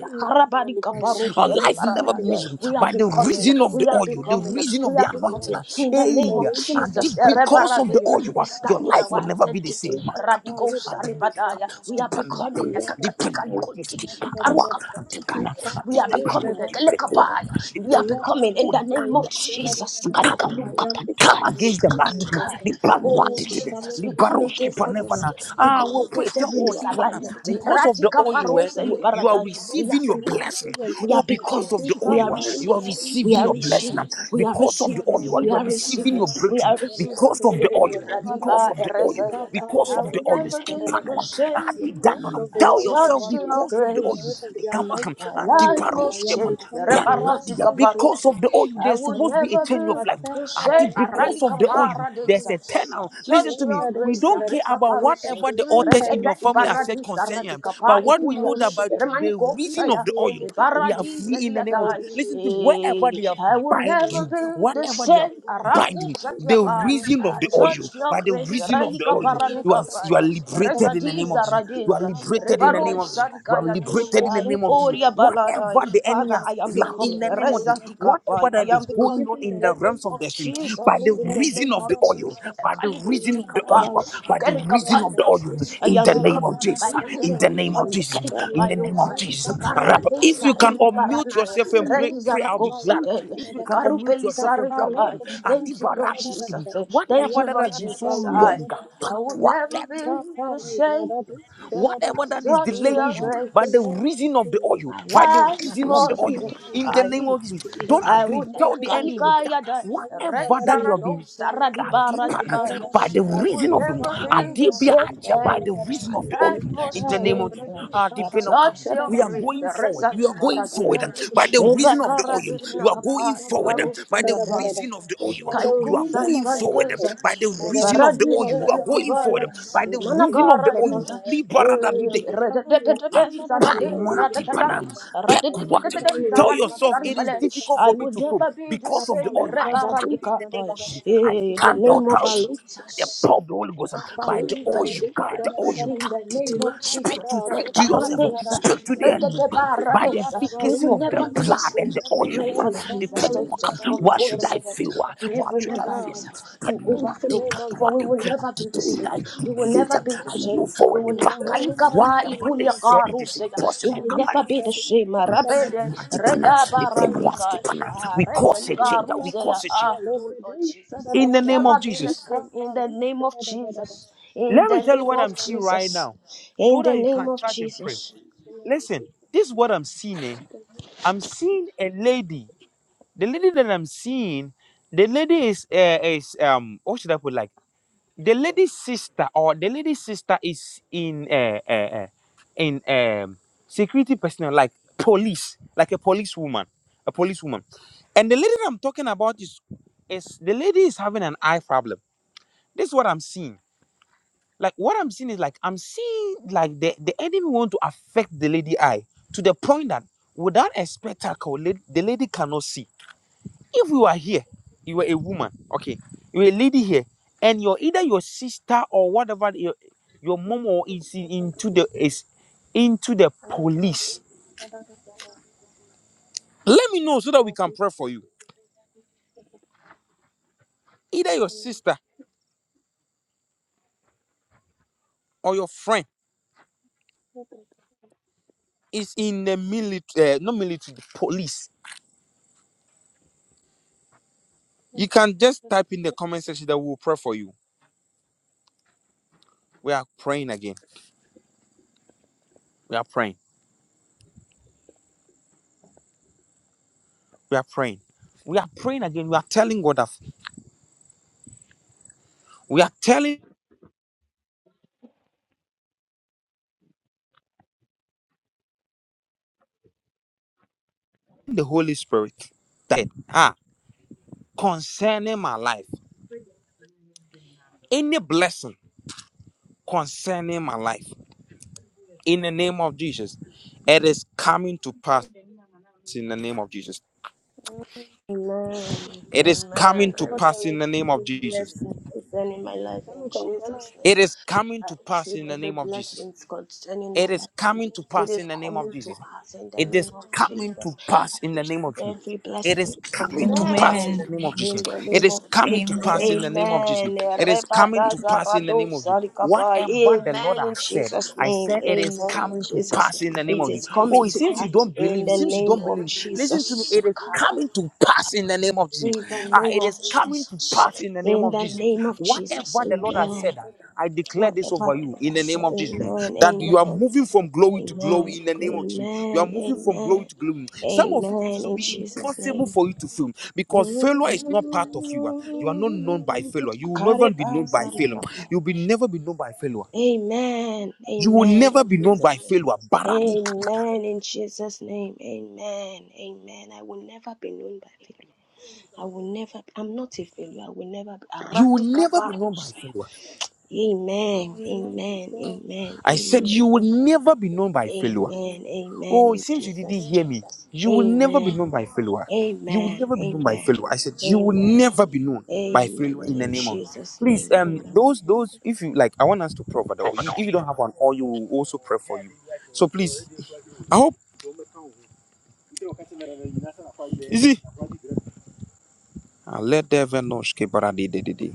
Speaker 1: our life will never be miserable
Speaker 2: We are
Speaker 1: by the
Speaker 2: becoming.
Speaker 1: reason of
Speaker 2: We
Speaker 1: the
Speaker 2: are
Speaker 1: oil, the
Speaker 2: becoming.
Speaker 1: reason of
Speaker 2: We
Speaker 1: the
Speaker 2: are
Speaker 1: anointing.
Speaker 2: becoming. In the name
Speaker 1: Hey,
Speaker 2: of
Speaker 1: and
Speaker 2: Jesus.
Speaker 1: this because of the
Speaker 2: Erebarades.
Speaker 1: oil,
Speaker 2: We
Speaker 1: your
Speaker 2: stand in
Speaker 1: life
Speaker 2: our
Speaker 1: will never be the same.
Speaker 2: identity.
Speaker 1: Makapa,
Speaker 2: Radical
Speaker 1: adina,
Speaker 2: Saribadaya. We are
Speaker 1: stipendwa,
Speaker 2: becoming. a
Speaker 1: dipendwa,
Speaker 2: Kakatikankunti.
Speaker 1: diskipatua, adipina,
Speaker 2: Iparukapantikaya. We are
Speaker 1: aditapina,
Speaker 2: becoming. a
Speaker 1: dipekua,
Speaker 2: Kelekapaya. We are
Speaker 1: dipana,
Speaker 2: becoming. In the name of
Speaker 1: ulikanwa.
Speaker 2: Jesus.
Speaker 1: Come, come against
Speaker 2: Karikalukapantikaya.
Speaker 1: them.
Speaker 2: Kakatikaya. Oh
Speaker 1: Libaruatidide,
Speaker 2: Jesus, we come against every
Speaker 1: libaroskipanevana.
Speaker 2: skill. We
Speaker 1: Ah,
Speaker 2: come
Speaker 1: we pray,
Speaker 2: against
Speaker 1: tell
Speaker 2: every
Speaker 1: God, Libana,
Speaker 2: misalignment.
Speaker 1: because of the
Speaker 2: Radical
Speaker 1: oil you are,
Speaker 2: parose
Speaker 1: you, you are
Speaker 2: liberada. We are
Speaker 1: receiving your
Speaker 2: becoming.
Speaker 1: blessing.
Speaker 2: We are
Speaker 1: Oh, because
Speaker 2: becoming.
Speaker 1: of the oil
Speaker 2: We are
Speaker 1: you are, you are
Speaker 2: receiving. We
Speaker 1: receiving
Speaker 2: are
Speaker 1: your blessing.
Speaker 2: receiving. We are
Speaker 1: Because of the
Speaker 2: receiving.
Speaker 1: oil you are,
Speaker 2: We
Speaker 1: you are
Speaker 2: are
Speaker 1: receiving
Speaker 2: receiving.
Speaker 1: your
Speaker 2: We
Speaker 1: breakthrough.
Speaker 2: are receiving.
Speaker 1: Because of the oil, because
Speaker 2: Radiba
Speaker 1: of the oil,
Speaker 2: erezeyada.
Speaker 1: because
Speaker 2: I
Speaker 1: of
Speaker 2: will
Speaker 1: the oil
Speaker 2: never
Speaker 1: is keep
Speaker 2: be the
Speaker 1: on. Ah,
Speaker 2: same.
Speaker 1: di- dan- on- on.
Speaker 2: I've
Speaker 1: Tell yourself
Speaker 2: touched your
Speaker 1: because of the oil.
Speaker 2: grace.
Speaker 1: Likama-
Speaker 2: My
Speaker 1: ah,
Speaker 2: life must change.
Speaker 1: dibaroskipan.
Speaker 2: Reparazi
Speaker 1: Branadia, Because
Speaker 2: kaparuse.
Speaker 1: of the oil,
Speaker 2: I
Speaker 1: there's
Speaker 2: will
Speaker 1: supposed to be a
Speaker 2: never
Speaker 1: change of
Speaker 2: be
Speaker 1: life.
Speaker 2: the
Speaker 1: Adi,
Speaker 2: same. Arali
Speaker 1: Because of the oil, there's
Speaker 2: kaparadisa.
Speaker 1: a turnaround. Listen
Speaker 2: Touch
Speaker 1: to me.
Speaker 2: your
Speaker 1: We
Speaker 2: grace.
Speaker 1: don't care
Speaker 2: Arika
Speaker 1: about
Speaker 2: paruse.
Speaker 1: whatever the authors in
Speaker 2: Redede
Speaker 1: your family have said
Speaker 2: ibaradisa
Speaker 1: concerning them.
Speaker 2: radika pa
Speaker 1: But what we
Speaker 2: ikulia.
Speaker 1: know that by to- the
Speaker 2: Remaniko
Speaker 1: reason of
Speaker 2: saya.
Speaker 1: the oil, we are
Speaker 2: Ibaradisa
Speaker 1: free in the name of
Speaker 2: liadai.
Speaker 1: Jesus. Listen to me. Wherever
Speaker 2: Eh,
Speaker 1: they have
Speaker 2: I will
Speaker 1: bind
Speaker 2: never
Speaker 1: you,
Speaker 2: be the
Speaker 1: whatever they have.
Speaker 2: same.
Speaker 1: Binding
Speaker 2: Araku
Speaker 1: The
Speaker 2: satyapa.
Speaker 1: reason of the oil,
Speaker 2: Touch your
Speaker 1: by the
Speaker 2: grace.
Speaker 1: reason of
Speaker 2: Arali
Speaker 1: the oil, you are
Speaker 2: kaparanika
Speaker 1: you are
Speaker 2: paya.
Speaker 1: liberated in the name of
Speaker 2: Rezadiza
Speaker 1: Jesus. You are
Speaker 2: radiza.
Speaker 1: liberated in the name
Speaker 2: Reparu
Speaker 1: of Jesus. You are liberated in
Speaker 2: Ah,
Speaker 1: the name of Jesus.
Speaker 2: Ikoria Baladai.
Speaker 1: Whatever the enemy
Speaker 2: Father,
Speaker 1: has
Speaker 2: I am
Speaker 1: planned in
Speaker 2: becoming.
Speaker 1: the name of Jesus, whatever
Speaker 2: Rezadikapai. I
Speaker 1: that
Speaker 2: am
Speaker 1: is going
Speaker 2: becoming
Speaker 1: on
Speaker 2: in
Speaker 1: in
Speaker 2: the
Speaker 1: the
Speaker 2: name
Speaker 1: realms of
Speaker 2: of
Speaker 1: the spirit, by
Speaker 2: Jesus.
Speaker 1: the
Speaker 2: In the
Speaker 1: reason
Speaker 2: name
Speaker 1: of
Speaker 2: of
Speaker 1: the oil,
Speaker 2: Jesus.
Speaker 1: by the reason of the
Speaker 2: Kalikutikapai.
Speaker 1: oil, by the reason of the oil,
Speaker 2: Ikerikapayosai. I
Speaker 1: in
Speaker 2: am
Speaker 1: the name
Speaker 2: becoming
Speaker 1: of Jesus,
Speaker 2: by the
Speaker 1: in
Speaker 2: reason
Speaker 1: the
Speaker 2: of
Speaker 1: name of
Speaker 2: oil.
Speaker 1: Jesus, in the name of
Speaker 2: Ikerikapayosai.
Speaker 1: Jesus. Rap- If you can unmute
Speaker 2: Iparadesaraliparanai.
Speaker 1: yourself and pray, pray, I'll be glad. If
Speaker 2: Reizarakosete.
Speaker 1: you can unmute yourself in prayer, we can-
Speaker 2: Ikarupelisarikapai. Thank you, Lord
Speaker 1: Adibaradiski.
Speaker 2: Jesus. Thank
Speaker 1: whatever
Speaker 2: you,
Speaker 1: that
Speaker 2: Lord
Speaker 1: has been so
Speaker 2: Jesus. I,
Speaker 1: long,
Speaker 2: I will never
Speaker 1: patwaket.
Speaker 2: be the same.
Speaker 1: whatever that is
Speaker 2: Touch
Speaker 1: delaying
Speaker 2: your
Speaker 1: you
Speaker 2: grace.
Speaker 1: by the reason of the oil,
Speaker 2: My
Speaker 1: by the
Speaker 2: life
Speaker 1: reason of the
Speaker 2: must
Speaker 1: oil, in the name
Speaker 2: shine.
Speaker 1: of Jesus, don't
Speaker 2: I will
Speaker 1: agree.
Speaker 2: ne-
Speaker 1: Tell the enemy that
Speaker 2: kanikaya dai.
Speaker 1: whatever that you have
Speaker 2: Rezarado
Speaker 1: been
Speaker 2: saradi baradi
Speaker 1: Adibana,
Speaker 2: baya.
Speaker 1: by the
Speaker 2: I will
Speaker 1: reason of the
Speaker 2: never be the
Speaker 1: Adibia
Speaker 2: same.
Speaker 1: Acha, by
Speaker 2: Hey,
Speaker 1: the reason of the oil.
Speaker 2: Life must
Speaker 1: in in the name of
Speaker 2: shine.
Speaker 1: uh, the
Speaker 2: Atare
Speaker 1: Benokam. We are going forward. You
Speaker 2: sati
Speaker 1: are going
Speaker 2: baradi.
Speaker 1: forward um, by the
Speaker 2: Eva
Speaker 1: reason of the oil.
Speaker 2: karadi
Speaker 1: You are going
Speaker 2: nakapai
Speaker 1: forward um,
Speaker 2: baru
Speaker 1: by the
Speaker 2: Seliapai.
Speaker 1: reason of the oil.
Speaker 2: Kaiku
Speaker 1: You are
Speaker 2: sai
Speaker 1: going forward um,
Speaker 2: pandesa,
Speaker 1: by the
Speaker 2: e
Speaker 1: reason of the oil.
Speaker 2: paradiso
Speaker 1: You are
Speaker 2: ya
Speaker 1: going
Speaker 2: kubaya,
Speaker 1: forward um, by
Speaker 2: e
Speaker 1: the reason of
Speaker 2: manakara
Speaker 1: the oil.
Speaker 2: disa, e
Speaker 1: Liberanda
Speaker 2: radadadadai, zarade, radadadai, radadadadai,
Speaker 1: Tell
Speaker 2: zaradu,
Speaker 1: yourself it is
Speaker 2: zaribale.
Speaker 1: difficult
Speaker 2: I
Speaker 1: for me
Speaker 2: will
Speaker 1: to film
Speaker 2: never be the
Speaker 1: because of the
Speaker 2: same.
Speaker 1: oil. I stand in the
Speaker 2: Reparadika
Speaker 1: name
Speaker 2: boy.
Speaker 1: of Jesus. I
Speaker 2: In the
Speaker 1: stand the
Speaker 2: name of
Speaker 1: authority. by The
Speaker 2: Jesus.
Speaker 1: power of the Holy Ghost,
Speaker 2: God,
Speaker 1: by
Speaker 2: come
Speaker 1: the
Speaker 2: to the
Speaker 1: oil, by the oil, you
Speaker 2: In
Speaker 1: cut
Speaker 2: the
Speaker 1: it.
Speaker 2: name of
Speaker 1: Speak
Speaker 2: Jesus.
Speaker 1: to speak to yourself to the enemy uh, by the
Speaker 2: We
Speaker 1: efficacy
Speaker 2: will
Speaker 1: of the
Speaker 2: never be the
Speaker 1: blood
Speaker 2: same.
Speaker 1: and the
Speaker 2: We
Speaker 1: oil.
Speaker 2: pray
Speaker 1: uh,
Speaker 2: for the
Speaker 1: The penny will
Speaker 2: manifestation
Speaker 1: come.
Speaker 2: of the
Speaker 1: What
Speaker 2: Holy
Speaker 1: should I
Speaker 2: Spirit
Speaker 1: feel?
Speaker 2: upon
Speaker 1: What
Speaker 2: every
Speaker 1: should I
Speaker 2: member in
Speaker 1: feel?
Speaker 2: this house to
Speaker 1: Penny will
Speaker 2: overflow.
Speaker 1: take up
Speaker 2: For
Speaker 1: what
Speaker 2: we
Speaker 1: they-
Speaker 2: will
Speaker 1: I
Speaker 2: never be
Speaker 1: did
Speaker 2: the
Speaker 1: it in, I
Speaker 2: same. We will
Speaker 1: take
Speaker 2: never be
Speaker 1: it,
Speaker 2: the
Speaker 1: I move
Speaker 2: same. We
Speaker 1: forward the
Speaker 2: will
Speaker 1: precaution.
Speaker 2: Akalikaba
Speaker 1: whatever they said, it is
Speaker 2: ikuliakarusega. We
Speaker 1: impossible.
Speaker 2: will
Speaker 1: Come
Speaker 2: never be
Speaker 1: on.
Speaker 2: the same. Rabede
Speaker 1: I take it now. The penny will
Speaker 2: redabaradika.
Speaker 1: skip it now.
Speaker 2: Ah,
Speaker 1: We cause a change. uh, We
Speaker 2: rezalikarusega.
Speaker 1: cause a change.
Speaker 2: Ah, oh Lord Jesus. We
Speaker 1: In the
Speaker 2: will
Speaker 1: name
Speaker 2: never
Speaker 1: of
Speaker 2: be the
Speaker 1: Jesus.
Speaker 2: same in the name of Jesus. In
Speaker 1: Let
Speaker 2: the
Speaker 1: me tell you
Speaker 2: name
Speaker 1: what
Speaker 2: of
Speaker 1: I'm seeing right
Speaker 2: Jesus.
Speaker 1: now
Speaker 2: In
Speaker 1: so
Speaker 2: the
Speaker 1: that you
Speaker 2: name
Speaker 1: can
Speaker 2: of
Speaker 1: charge and pray.
Speaker 2: Jesus.
Speaker 1: Listen, this is what I'm seeing. eh. I'm seeing a lady. the lady that I'm seeing, the lady is uh, is um what should I put like the lady's sister or the lady's sister is in uh, uh, uh in um security personnel like police like a police woman a police woman and the lady that I'm talking about is is the lady is having an eye problem. This is what I'm seeing. Like what I'm seeing is like I'm seeing like the the enemy want to affect the lady eye to the point that without a spectacle la- the lady cannot see if you are here you are a woman okay you're a lady here and you're either your sister or whatever your, your mom or is into the is into the police let me know so that we can pray for you either your sister or your friend is in the military uh, not military the police you can just type in the comment section that we'll pray for you we are praying again we are praying we are praying we are praying again we are telling god that we are telling the holy spirit that ah concerning my life, any blessing concerning my life, in the name of Jesus, it is coming to pass in the name of Jesus.
Speaker 2: Amen.
Speaker 1: It is
Speaker 2: Amen.
Speaker 1: coming
Speaker 2: I
Speaker 1: to pass in
Speaker 2: receive
Speaker 1: the name of
Speaker 2: every
Speaker 1: Jesus.
Speaker 2: blessing concerning my life in Jesus' name.
Speaker 1: It is coming
Speaker 2: I
Speaker 1: to pass
Speaker 2: receive
Speaker 1: in the
Speaker 2: every
Speaker 1: name of Jesus.
Speaker 2: blessing concerning
Speaker 1: It
Speaker 2: my
Speaker 1: is
Speaker 2: life.
Speaker 1: coming to
Speaker 2: It
Speaker 1: pass
Speaker 2: is
Speaker 1: in the name of
Speaker 2: coming to
Speaker 1: Jesus.
Speaker 2: pass in the
Speaker 1: It
Speaker 2: name
Speaker 1: is
Speaker 2: of
Speaker 1: coming
Speaker 2: Jesus.
Speaker 1: to pass
Speaker 2: I
Speaker 1: in the name of
Speaker 2: receive
Speaker 1: Jesus.
Speaker 2: every
Speaker 1: It is
Speaker 2: blessing
Speaker 7: Amen.
Speaker 1: coming to
Speaker 2: concerning my
Speaker 1: pass in
Speaker 7: Amen.
Speaker 1: the
Speaker 2: life
Speaker 1: name of Jesus.
Speaker 2: in the
Speaker 1: It
Speaker 2: name
Speaker 1: is
Speaker 2: of
Speaker 1: coming to
Speaker 2: Jesus.
Speaker 1: pass in the name of Jesus.
Speaker 2: Amen.
Speaker 1: It is coming to pass in the name of Jesus.
Speaker 2: Rebadazaradosalikapa.
Speaker 1: Whatever the Lord
Speaker 2: Amen in
Speaker 1: has said,
Speaker 2: Jesus'
Speaker 1: I
Speaker 2: name.
Speaker 1: said it is
Speaker 2: Amen in
Speaker 1: coming to
Speaker 2: Jesus'
Speaker 1: pass
Speaker 2: name.
Speaker 1: in the name
Speaker 2: It
Speaker 1: of
Speaker 2: is
Speaker 1: Jesus. Oh,
Speaker 2: coming
Speaker 1: it
Speaker 2: to
Speaker 1: seems you
Speaker 2: pass
Speaker 1: don't
Speaker 2: in
Speaker 1: believe. It
Speaker 2: the
Speaker 1: seems you
Speaker 2: name
Speaker 1: don't
Speaker 2: of
Speaker 1: believe. Listen to me.
Speaker 2: Jesus.
Speaker 1: It is coming to pass in the name of Jesus.
Speaker 2: In the
Speaker 1: Ah,
Speaker 2: name
Speaker 1: it
Speaker 2: of
Speaker 1: is coming to pass
Speaker 2: Jesus.
Speaker 1: in the name
Speaker 2: In
Speaker 1: of
Speaker 2: the
Speaker 1: Jesus.
Speaker 2: name of Jesus.
Speaker 1: Whatever the Lord has
Speaker 2: Amen.
Speaker 1: said. I declare this
Speaker 2: Whatever
Speaker 1: over
Speaker 2: the
Speaker 1: you
Speaker 2: Lord
Speaker 1: in the
Speaker 2: has
Speaker 1: name
Speaker 2: said.
Speaker 1: of Jesus
Speaker 2: Amen.
Speaker 1: that
Speaker 2: Amen.
Speaker 1: you are moving from glory to glory
Speaker 2: Amen.
Speaker 1: in the name of Jesus. You are
Speaker 2: Amen.
Speaker 1: moving from glory
Speaker 2: Amen.
Speaker 1: to glory. Some of you, this
Speaker 2: Amen.
Speaker 1: will
Speaker 2: In
Speaker 1: be
Speaker 2: Jesus'
Speaker 1: impossible
Speaker 2: name.
Speaker 1: for you to film because
Speaker 2: Amen. Amen. In
Speaker 1: failure is not part of you. You are not known by failure. You will never be known by failure. You will be, never be known by failure. You will never be known
Speaker 2: Jesus'
Speaker 1: by
Speaker 2: name.
Speaker 1: failure. Baradi kakata.
Speaker 2: Amen. In Jesus' name. Amen. Amen. I will never be known by people. I will never, I'm not a failure. I will never be.
Speaker 1: You will
Speaker 2: Aratika
Speaker 1: never be known by
Speaker 2: barusaya.
Speaker 1: failure.
Speaker 2: Amen. Amen. Amen.
Speaker 1: I said
Speaker 2: Amen.
Speaker 1: you will never be known by failure.
Speaker 2: Amen. Amen.
Speaker 1: Oh, it
Speaker 2: In
Speaker 1: seems you didn't
Speaker 2: Jesus'
Speaker 1: hear
Speaker 2: name.
Speaker 1: me. You will never be
Speaker 2: Amen.
Speaker 1: known by failure. You will
Speaker 2: Amen.
Speaker 1: never be known by
Speaker 2: Amen.
Speaker 1: failure. I said you will
Speaker 2: Amen.
Speaker 1: never be known by
Speaker 2: Amen.
Speaker 1: failure in the
Speaker 2: In
Speaker 1: name of.
Speaker 2: Jesus'
Speaker 1: Please,
Speaker 2: name.
Speaker 1: um,
Speaker 2: Amen.
Speaker 1: those those if you like, I want us to pray for the oil. You- If you don't have an oil, you will also pray for you. So please, I hope you see. Ah, Let the venosh ke bara de de de de.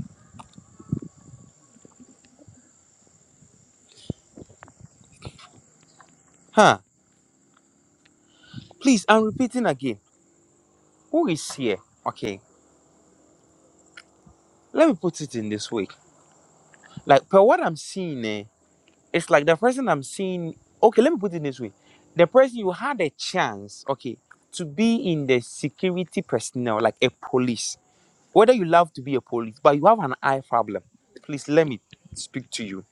Speaker 1: Huh? Please, I'm repeating again. Who is here? Okay, let me put it in this way. Like per what I'm seeing, eh? It's like the person I'm seeing. Okay, let me put it this way: the person you had a chance, okay, to be in the security personnel, like a police. Whether you love to be a police, but you have an eye problem. Please let me speak to you.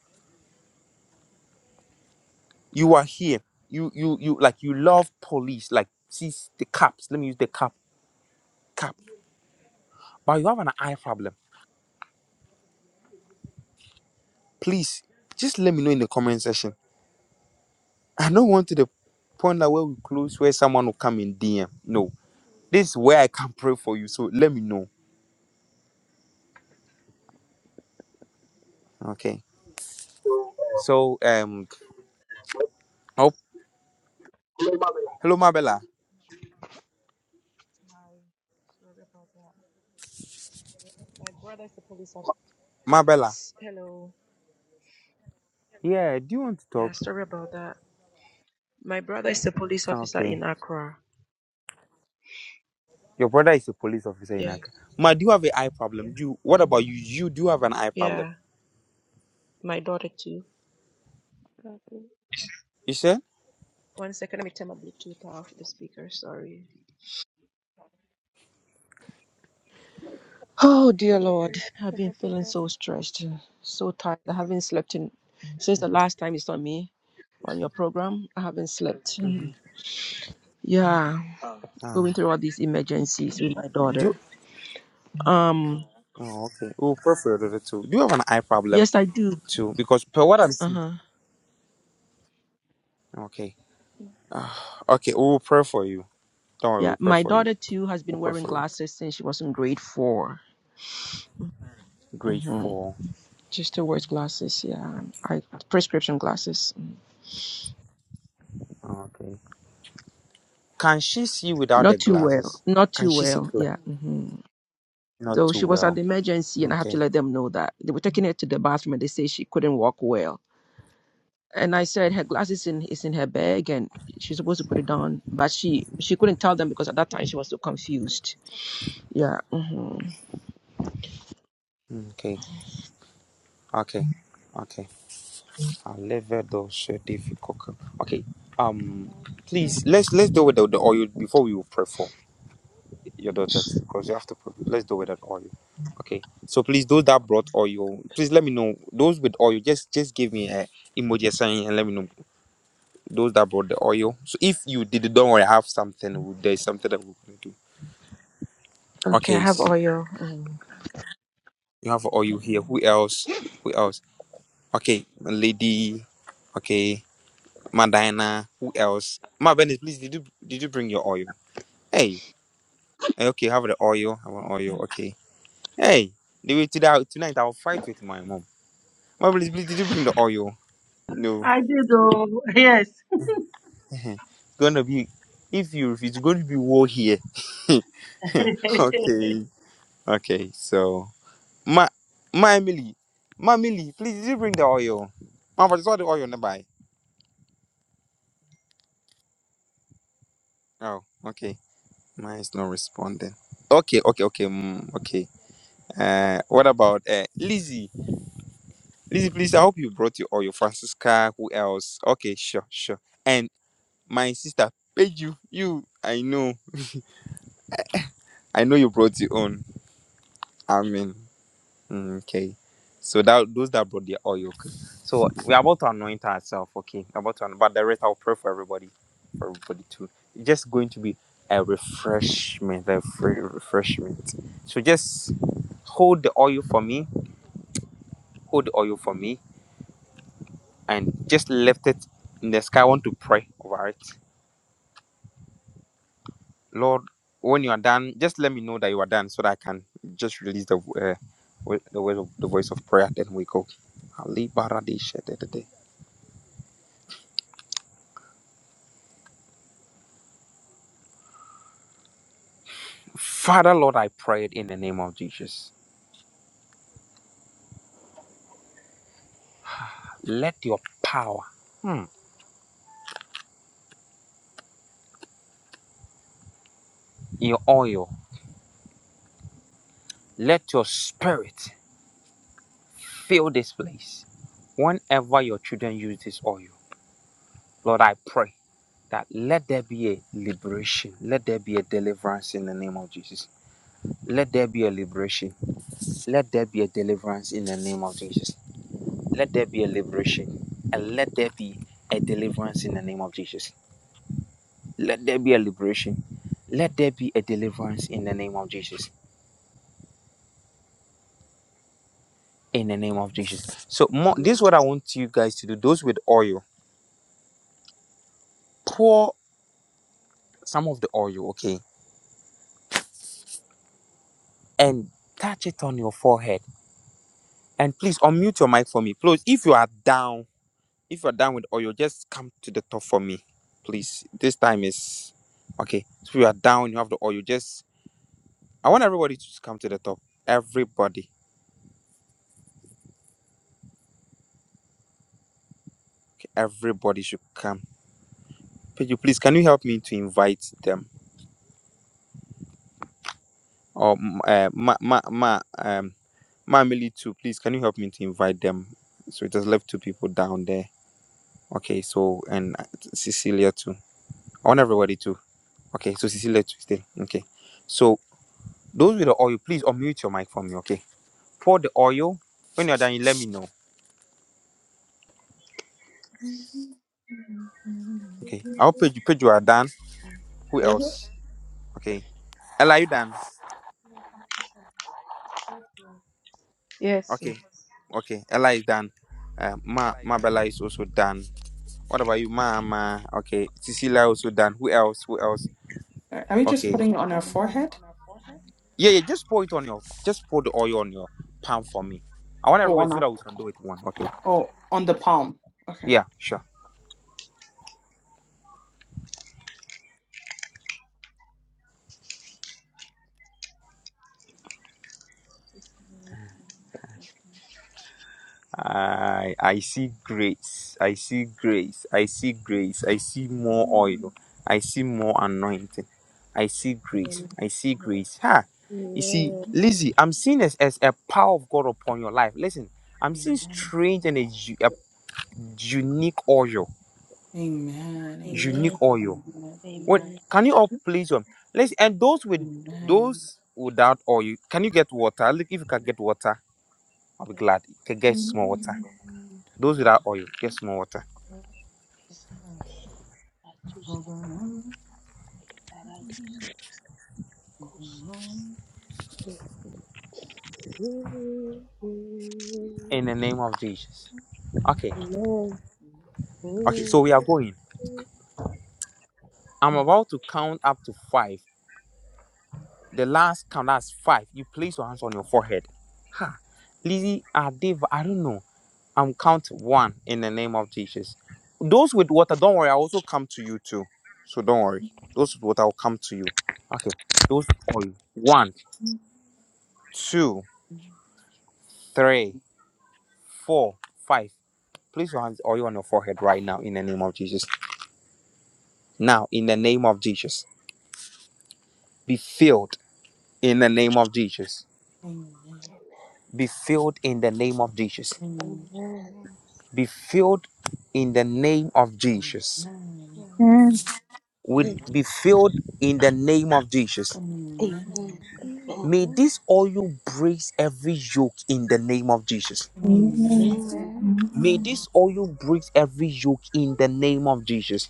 Speaker 1: You are here. You you you like you love police, like see the caps. Let me use the cap cap. But you have an eye problem. Please just let me know in the comment section. I don't want to the point that where we close where someone will come in DM. No. This is where I can pray for you. So let me know. Okay. So um oh
Speaker 8: Global
Speaker 1: hello Mabella.
Speaker 8: Sorry about that. My brother is a police
Speaker 1: Mabella.
Speaker 8: officer. Hello.
Speaker 1: Yeah, do you want to
Speaker 8: Yeah,
Speaker 1: talk?
Speaker 8: sorry about that. My brother is a police
Speaker 1: Ah,
Speaker 8: officer
Speaker 1: Okay.
Speaker 8: in Accra.
Speaker 1: Your brother is a police officer in
Speaker 8: Yeah.
Speaker 1: Accra. Ma, do you have an eye problem? Do you, what about you? You do have an eye problem.
Speaker 8: Yeah. My daughter too.
Speaker 1: You sure?
Speaker 8: One second, let me turn my Bluetooth off the speaker. Sorry. Oh dear Lord, I've been feeling so stressed, uh, so tired. I haven't slept in since the last time you saw me on your program. I haven't slept. Yeah,
Speaker 1: Ah.
Speaker 8: going through all these emergencies with my
Speaker 1: Do you,
Speaker 8: daughter. Um,
Speaker 1: oh okay. We'll pray for your daughter too. Do you have an eye problem
Speaker 8: yes, I do.
Speaker 1: too? Because per what I'm
Speaker 8: Uh
Speaker 1: seeing.
Speaker 8: huh.
Speaker 1: Okay. Okay, we'll pray for you. Don't worry,
Speaker 8: Yeah,
Speaker 1: we'll pray
Speaker 8: my
Speaker 1: for you.
Speaker 8: daughter too has
Speaker 1: We'll
Speaker 8: been
Speaker 1: pray
Speaker 8: wearing
Speaker 1: for you.
Speaker 8: glasses since she was in grade 4
Speaker 1: Grade
Speaker 8: Mm-hmm.
Speaker 1: four.
Speaker 8: She still wears glasses. Yeah, I prescription glasses. Mm.
Speaker 1: Okay. Can she see without the
Speaker 8: Not too well.
Speaker 1: glasses?
Speaker 8: Not
Speaker 1: Can
Speaker 8: too
Speaker 1: she see
Speaker 8: well.
Speaker 1: clear?
Speaker 8: Yeah. hmm
Speaker 1: Not
Speaker 8: So
Speaker 1: too
Speaker 8: she was at
Speaker 1: well.
Speaker 8: the emergency, and I had to
Speaker 1: Okay.
Speaker 8: let them know that they were taking her to the bathroom, and they say she couldn't walk well. And I said her glasses in is in her bag, and she's supposed to put it on, but she she couldn't tell them because at that time she was so confused. Yeah. hmm
Speaker 1: Okay. Okay, okay. Alevedo certificocal. Okay. Um, please let's let's do without the oil before we will pray for your daughters because you have to. pray. Let's do without oil. Okay. So please, those that brought oil, please let me know. Those with oil, just just give me a emoji sign and let me know those that brought the oil. So if you did, it, don't worry. I have something. There's something that we're gonna do.
Speaker 8: Okay,
Speaker 1: Okay.
Speaker 8: I have
Speaker 1: s-
Speaker 8: oil. Mm.
Speaker 1: You have oil here. Who else? Who else? Okay, lady. Okay. Madina, who else? Ma Venice, please, did you did you bring your oil? Hey, eh, okay, have the oil. I want oil. Okay. Hey, the way today tonight I'll fight with my mom. Ma Venice, please, did you bring the oil? No.
Speaker 9: I did. Oh, yes.
Speaker 1: it's gonna be if you if it's gonna be war here. okay. Okay, so Ma Ma Emily. Ma Emily, please did you bring the oil? Ma Venice, all the oil nearby. Oh, okay. Mine is not responding. Okay, okay, okay, mm, okay. Uh, what about uh, Lizzie? Lizzie, please. I hope you brought your or your Francisca. Who else? Okay, sure, sure. And my sister, Peju, you. I know, I know you brought your own. I mean, mm, okay. So that those that brought their oil. Okay. So we're about to anoint ourselves. Okay, we're about to. anoint- But the rest, I'll pray for everybody, for everybody too. It's just going to be a refreshment, a free refreshment. So just hold the oil for me. Hold the oil for me and just left it in the sky. I want to pray over it. Lord, when you are done, just let me know that you are done so that I can just release the uh, wo- the, voice of, the voice of prayer. Then we go. Ali baradi shededede. Father, Lord, I prayed in the name of Jesus. Let your power, hmm, your oil, let your spirit fill this place. Whenever your children use this oil, Lord, I pray that let there be a liberation, let there be a deliverance in the name of Jesus. Let there be a liberation. Let there be a deliverance in the name of Jesus. Let there be a liberation. And let there be a deliverance in the name of Jesus. Let there be a liberation. Let there be a deliverance in the name of Jesus. In the name of Jesus. So, more, this is what I want you guys to do. Those with oil, pour some of the oil, okay? And touch it on your forehead. And please unmute your mic for me. Please, if you are down, If you're done with oil, just come to the top for me, please. This time is okay. So you are down, you have the oil. Just I want everybody to come to the top. Everybody, everybody should come. Could please? Can you help me to invite them? Or mm, uh, ma, ma, ma, um, ma, Emily too. Please, can you help me to invite them? So it just left two people down there. Okay, so and uh, Cecilia too. I want everybody to. Okay, so Cecilia too. Stay. Okay, so those with the oil, please unmute your mic for me. Okay. Pour the oil. When you're done, you let me know. Okay.
Speaker 2: Amen.
Speaker 1: I hope you, you are done. Who
Speaker 2: Mhm.
Speaker 1: else? Okay. Ella, you done?
Speaker 8: Yes. mm.
Speaker 1: Okay. Okay. Ella is done.
Speaker 10: Okay,
Speaker 1: Uh,
Speaker 10: okay, I
Speaker 1: Ma
Speaker 10: like
Speaker 1: Ma
Speaker 10: that.
Speaker 1: Bella is also done. What about you, Mama? Okay. Cecilia also done. Who else? Who else?
Speaker 11: Are are we just
Speaker 1: Okay.
Speaker 11: putting it on
Speaker 10: Are we
Speaker 11: our
Speaker 10: just Okay, putting it
Speaker 11: forehead?
Speaker 10: on our forehead?
Speaker 1: Yeah, yeah. Just pour it on your. Just pour the oil on your palm for me. I want
Speaker 11: Or
Speaker 1: everybody
Speaker 11: on
Speaker 1: so
Speaker 11: our
Speaker 1: that we can do it one. Okay.
Speaker 11: oh on the palm. Okay.
Speaker 1: Yeah. Sure. I I see grace. I see grace. I see grace. I see more
Speaker 11: Amen.
Speaker 1: oil. I see more anointing. I see grace.
Speaker 2: Amen.
Speaker 1: I see grace. Ha! You see, Lizzie, I'm seeing as, as a power of God upon your life. Listen, I'm seeing
Speaker 11: Amen.
Speaker 1: strange and a, u- a unique oil.
Speaker 11: Amen.
Speaker 2: Amen.
Speaker 1: Unique oil.
Speaker 11: Amen.
Speaker 1: When
Speaker 2: Amen.
Speaker 1: can you all please um let's and those with those without oil, can you get water? Look if you can get water, I'll be
Speaker 2: Like
Speaker 1: glad. You can get small water. Those without oil, get small water.
Speaker 2: they said, that you said,
Speaker 11: Amen.
Speaker 2: really bad idea, said, go said. Mhm.
Speaker 1: in the name of Jesus. Okay,
Speaker 2: Amen.
Speaker 1: okay,
Speaker 2: Mhm.
Speaker 1: so we are going. I'm about to count up to five. The last count, that's five. You place your hands on your forehead. Lizzie, Adiv, I don't know. I'm count one in the name of Jesus. Those with water, don't worry, i also come to you too. So don't worry. Those with water will come to you. Okay, those on one, two, three, four, five. Place your hands oil on your forehead right now in the name of Jesus. Now, in the name of Jesus, be filled in the name of Jesus
Speaker 11: Amen.
Speaker 1: Be filled in the name of Jesus.
Speaker 11: Amen.
Speaker 2: Amen.
Speaker 10: Amen.
Speaker 1: Be filled in the name of
Speaker 11: Amen.
Speaker 1: Jesus.
Speaker 11: Amen.
Speaker 12: Amen.
Speaker 10: Amen.
Speaker 1: Would be
Speaker 11: Amen.
Speaker 1: filled in the name of
Speaker 11: Amen.
Speaker 1: Jesus.
Speaker 2: Amen.
Speaker 11: Amen.
Speaker 2: Amen.
Speaker 10: Amen.
Speaker 1: May this oil breaks every yoke in the name of Jesus.
Speaker 12: Amen.
Speaker 2: Amen.
Speaker 10: Amen.
Speaker 1: May this oil breaks every yoke in the name of Jesus.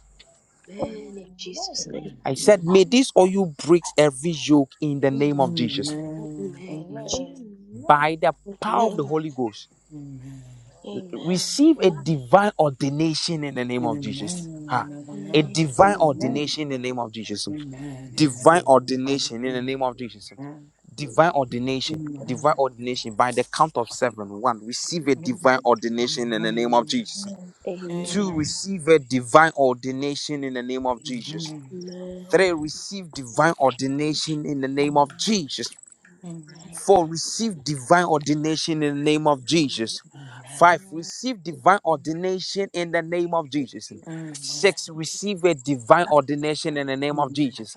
Speaker 2: Amen. Amen. In
Speaker 10: Amen.
Speaker 2: Jesus' name.
Speaker 11: Amen.
Speaker 1: I said, may this oil breaks every yoke in the
Speaker 2: Amen.
Speaker 1: name of Jesus.
Speaker 11: Amen.
Speaker 2: In
Speaker 11: Amen.
Speaker 10: Amen.
Speaker 2: Jesus'
Speaker 1: By the power of the
Speaker 2: name.
Speaker 1: Holy Ghost
Speaker 10: Yes,
Speaker 11: Amen.
Speaker 10: Lord.
Speaker 2: Amen.
Speaker 1: receive a
Speaker 2: Amen.
Speaker 1: divine ordination in the
Speaker 11: Hallelujah. Amen. Amen. Amen. Amen. Amen.
Speaker 1: name
Speaker 11: Amen.
Speaker 1: of Jesus.
Speaker 10: I
Speaker 1: Ha.
Speaker 11: Amen.
Speaker 10: receive
Speaker 1: A
Speaker 11: Amen.
Speaker 10: it
Speaker 2: Amen.
Speaker 10: in the name
Speaker 1: divine
Speaker 10: of Jesus.
Speaker 1: ordination in the name of Jesus.
Speaker 11: Amen.
Speaker 1: Divine ordination in
Speaker 10: Christ.
Speaker 1: the name of Jesus. Divine ordination.
Speaker 11: Amen.
Speaker 1: Divine ordination by the count of seven. One, receive a divine
Speaker 11: Amen.
Speaker 1: ordination in the name of
Speaker 11: Amen.
Speaker 1: Jesus.
Speaker 10: I
Speaker 1: Two,
Speaker 2: Amen.
Speaker 10: receive it in
Speaker 11: Amen.
Speaker 10: the name of Jesus. Christ. I receive it in the name
Speaker 1: receive
Speaker 10: of
Speaker 1: a
Speaker 10: Jesus.
Speaker 1: divine ordination in the name of Jesus. Three,
Speaker 2: Amen.
Speaker 10: Amen. I
Speaker 1: receive
Speaker 10: receive it
Speaker 1: divine
Speaker 10: in
Speaker 1: ordination in the name of Jesus.
Speaker 10: the name of
Speaker 1: Four,
Speaker 10: Jesus.
Speaker 1: receive divine ordination in the name of Jesus. Five,
Speaker 10: Amen.
Speaker 1: receive divine ordination in the name of Jesus. Six, receive a divine ordination in the name of Jesus.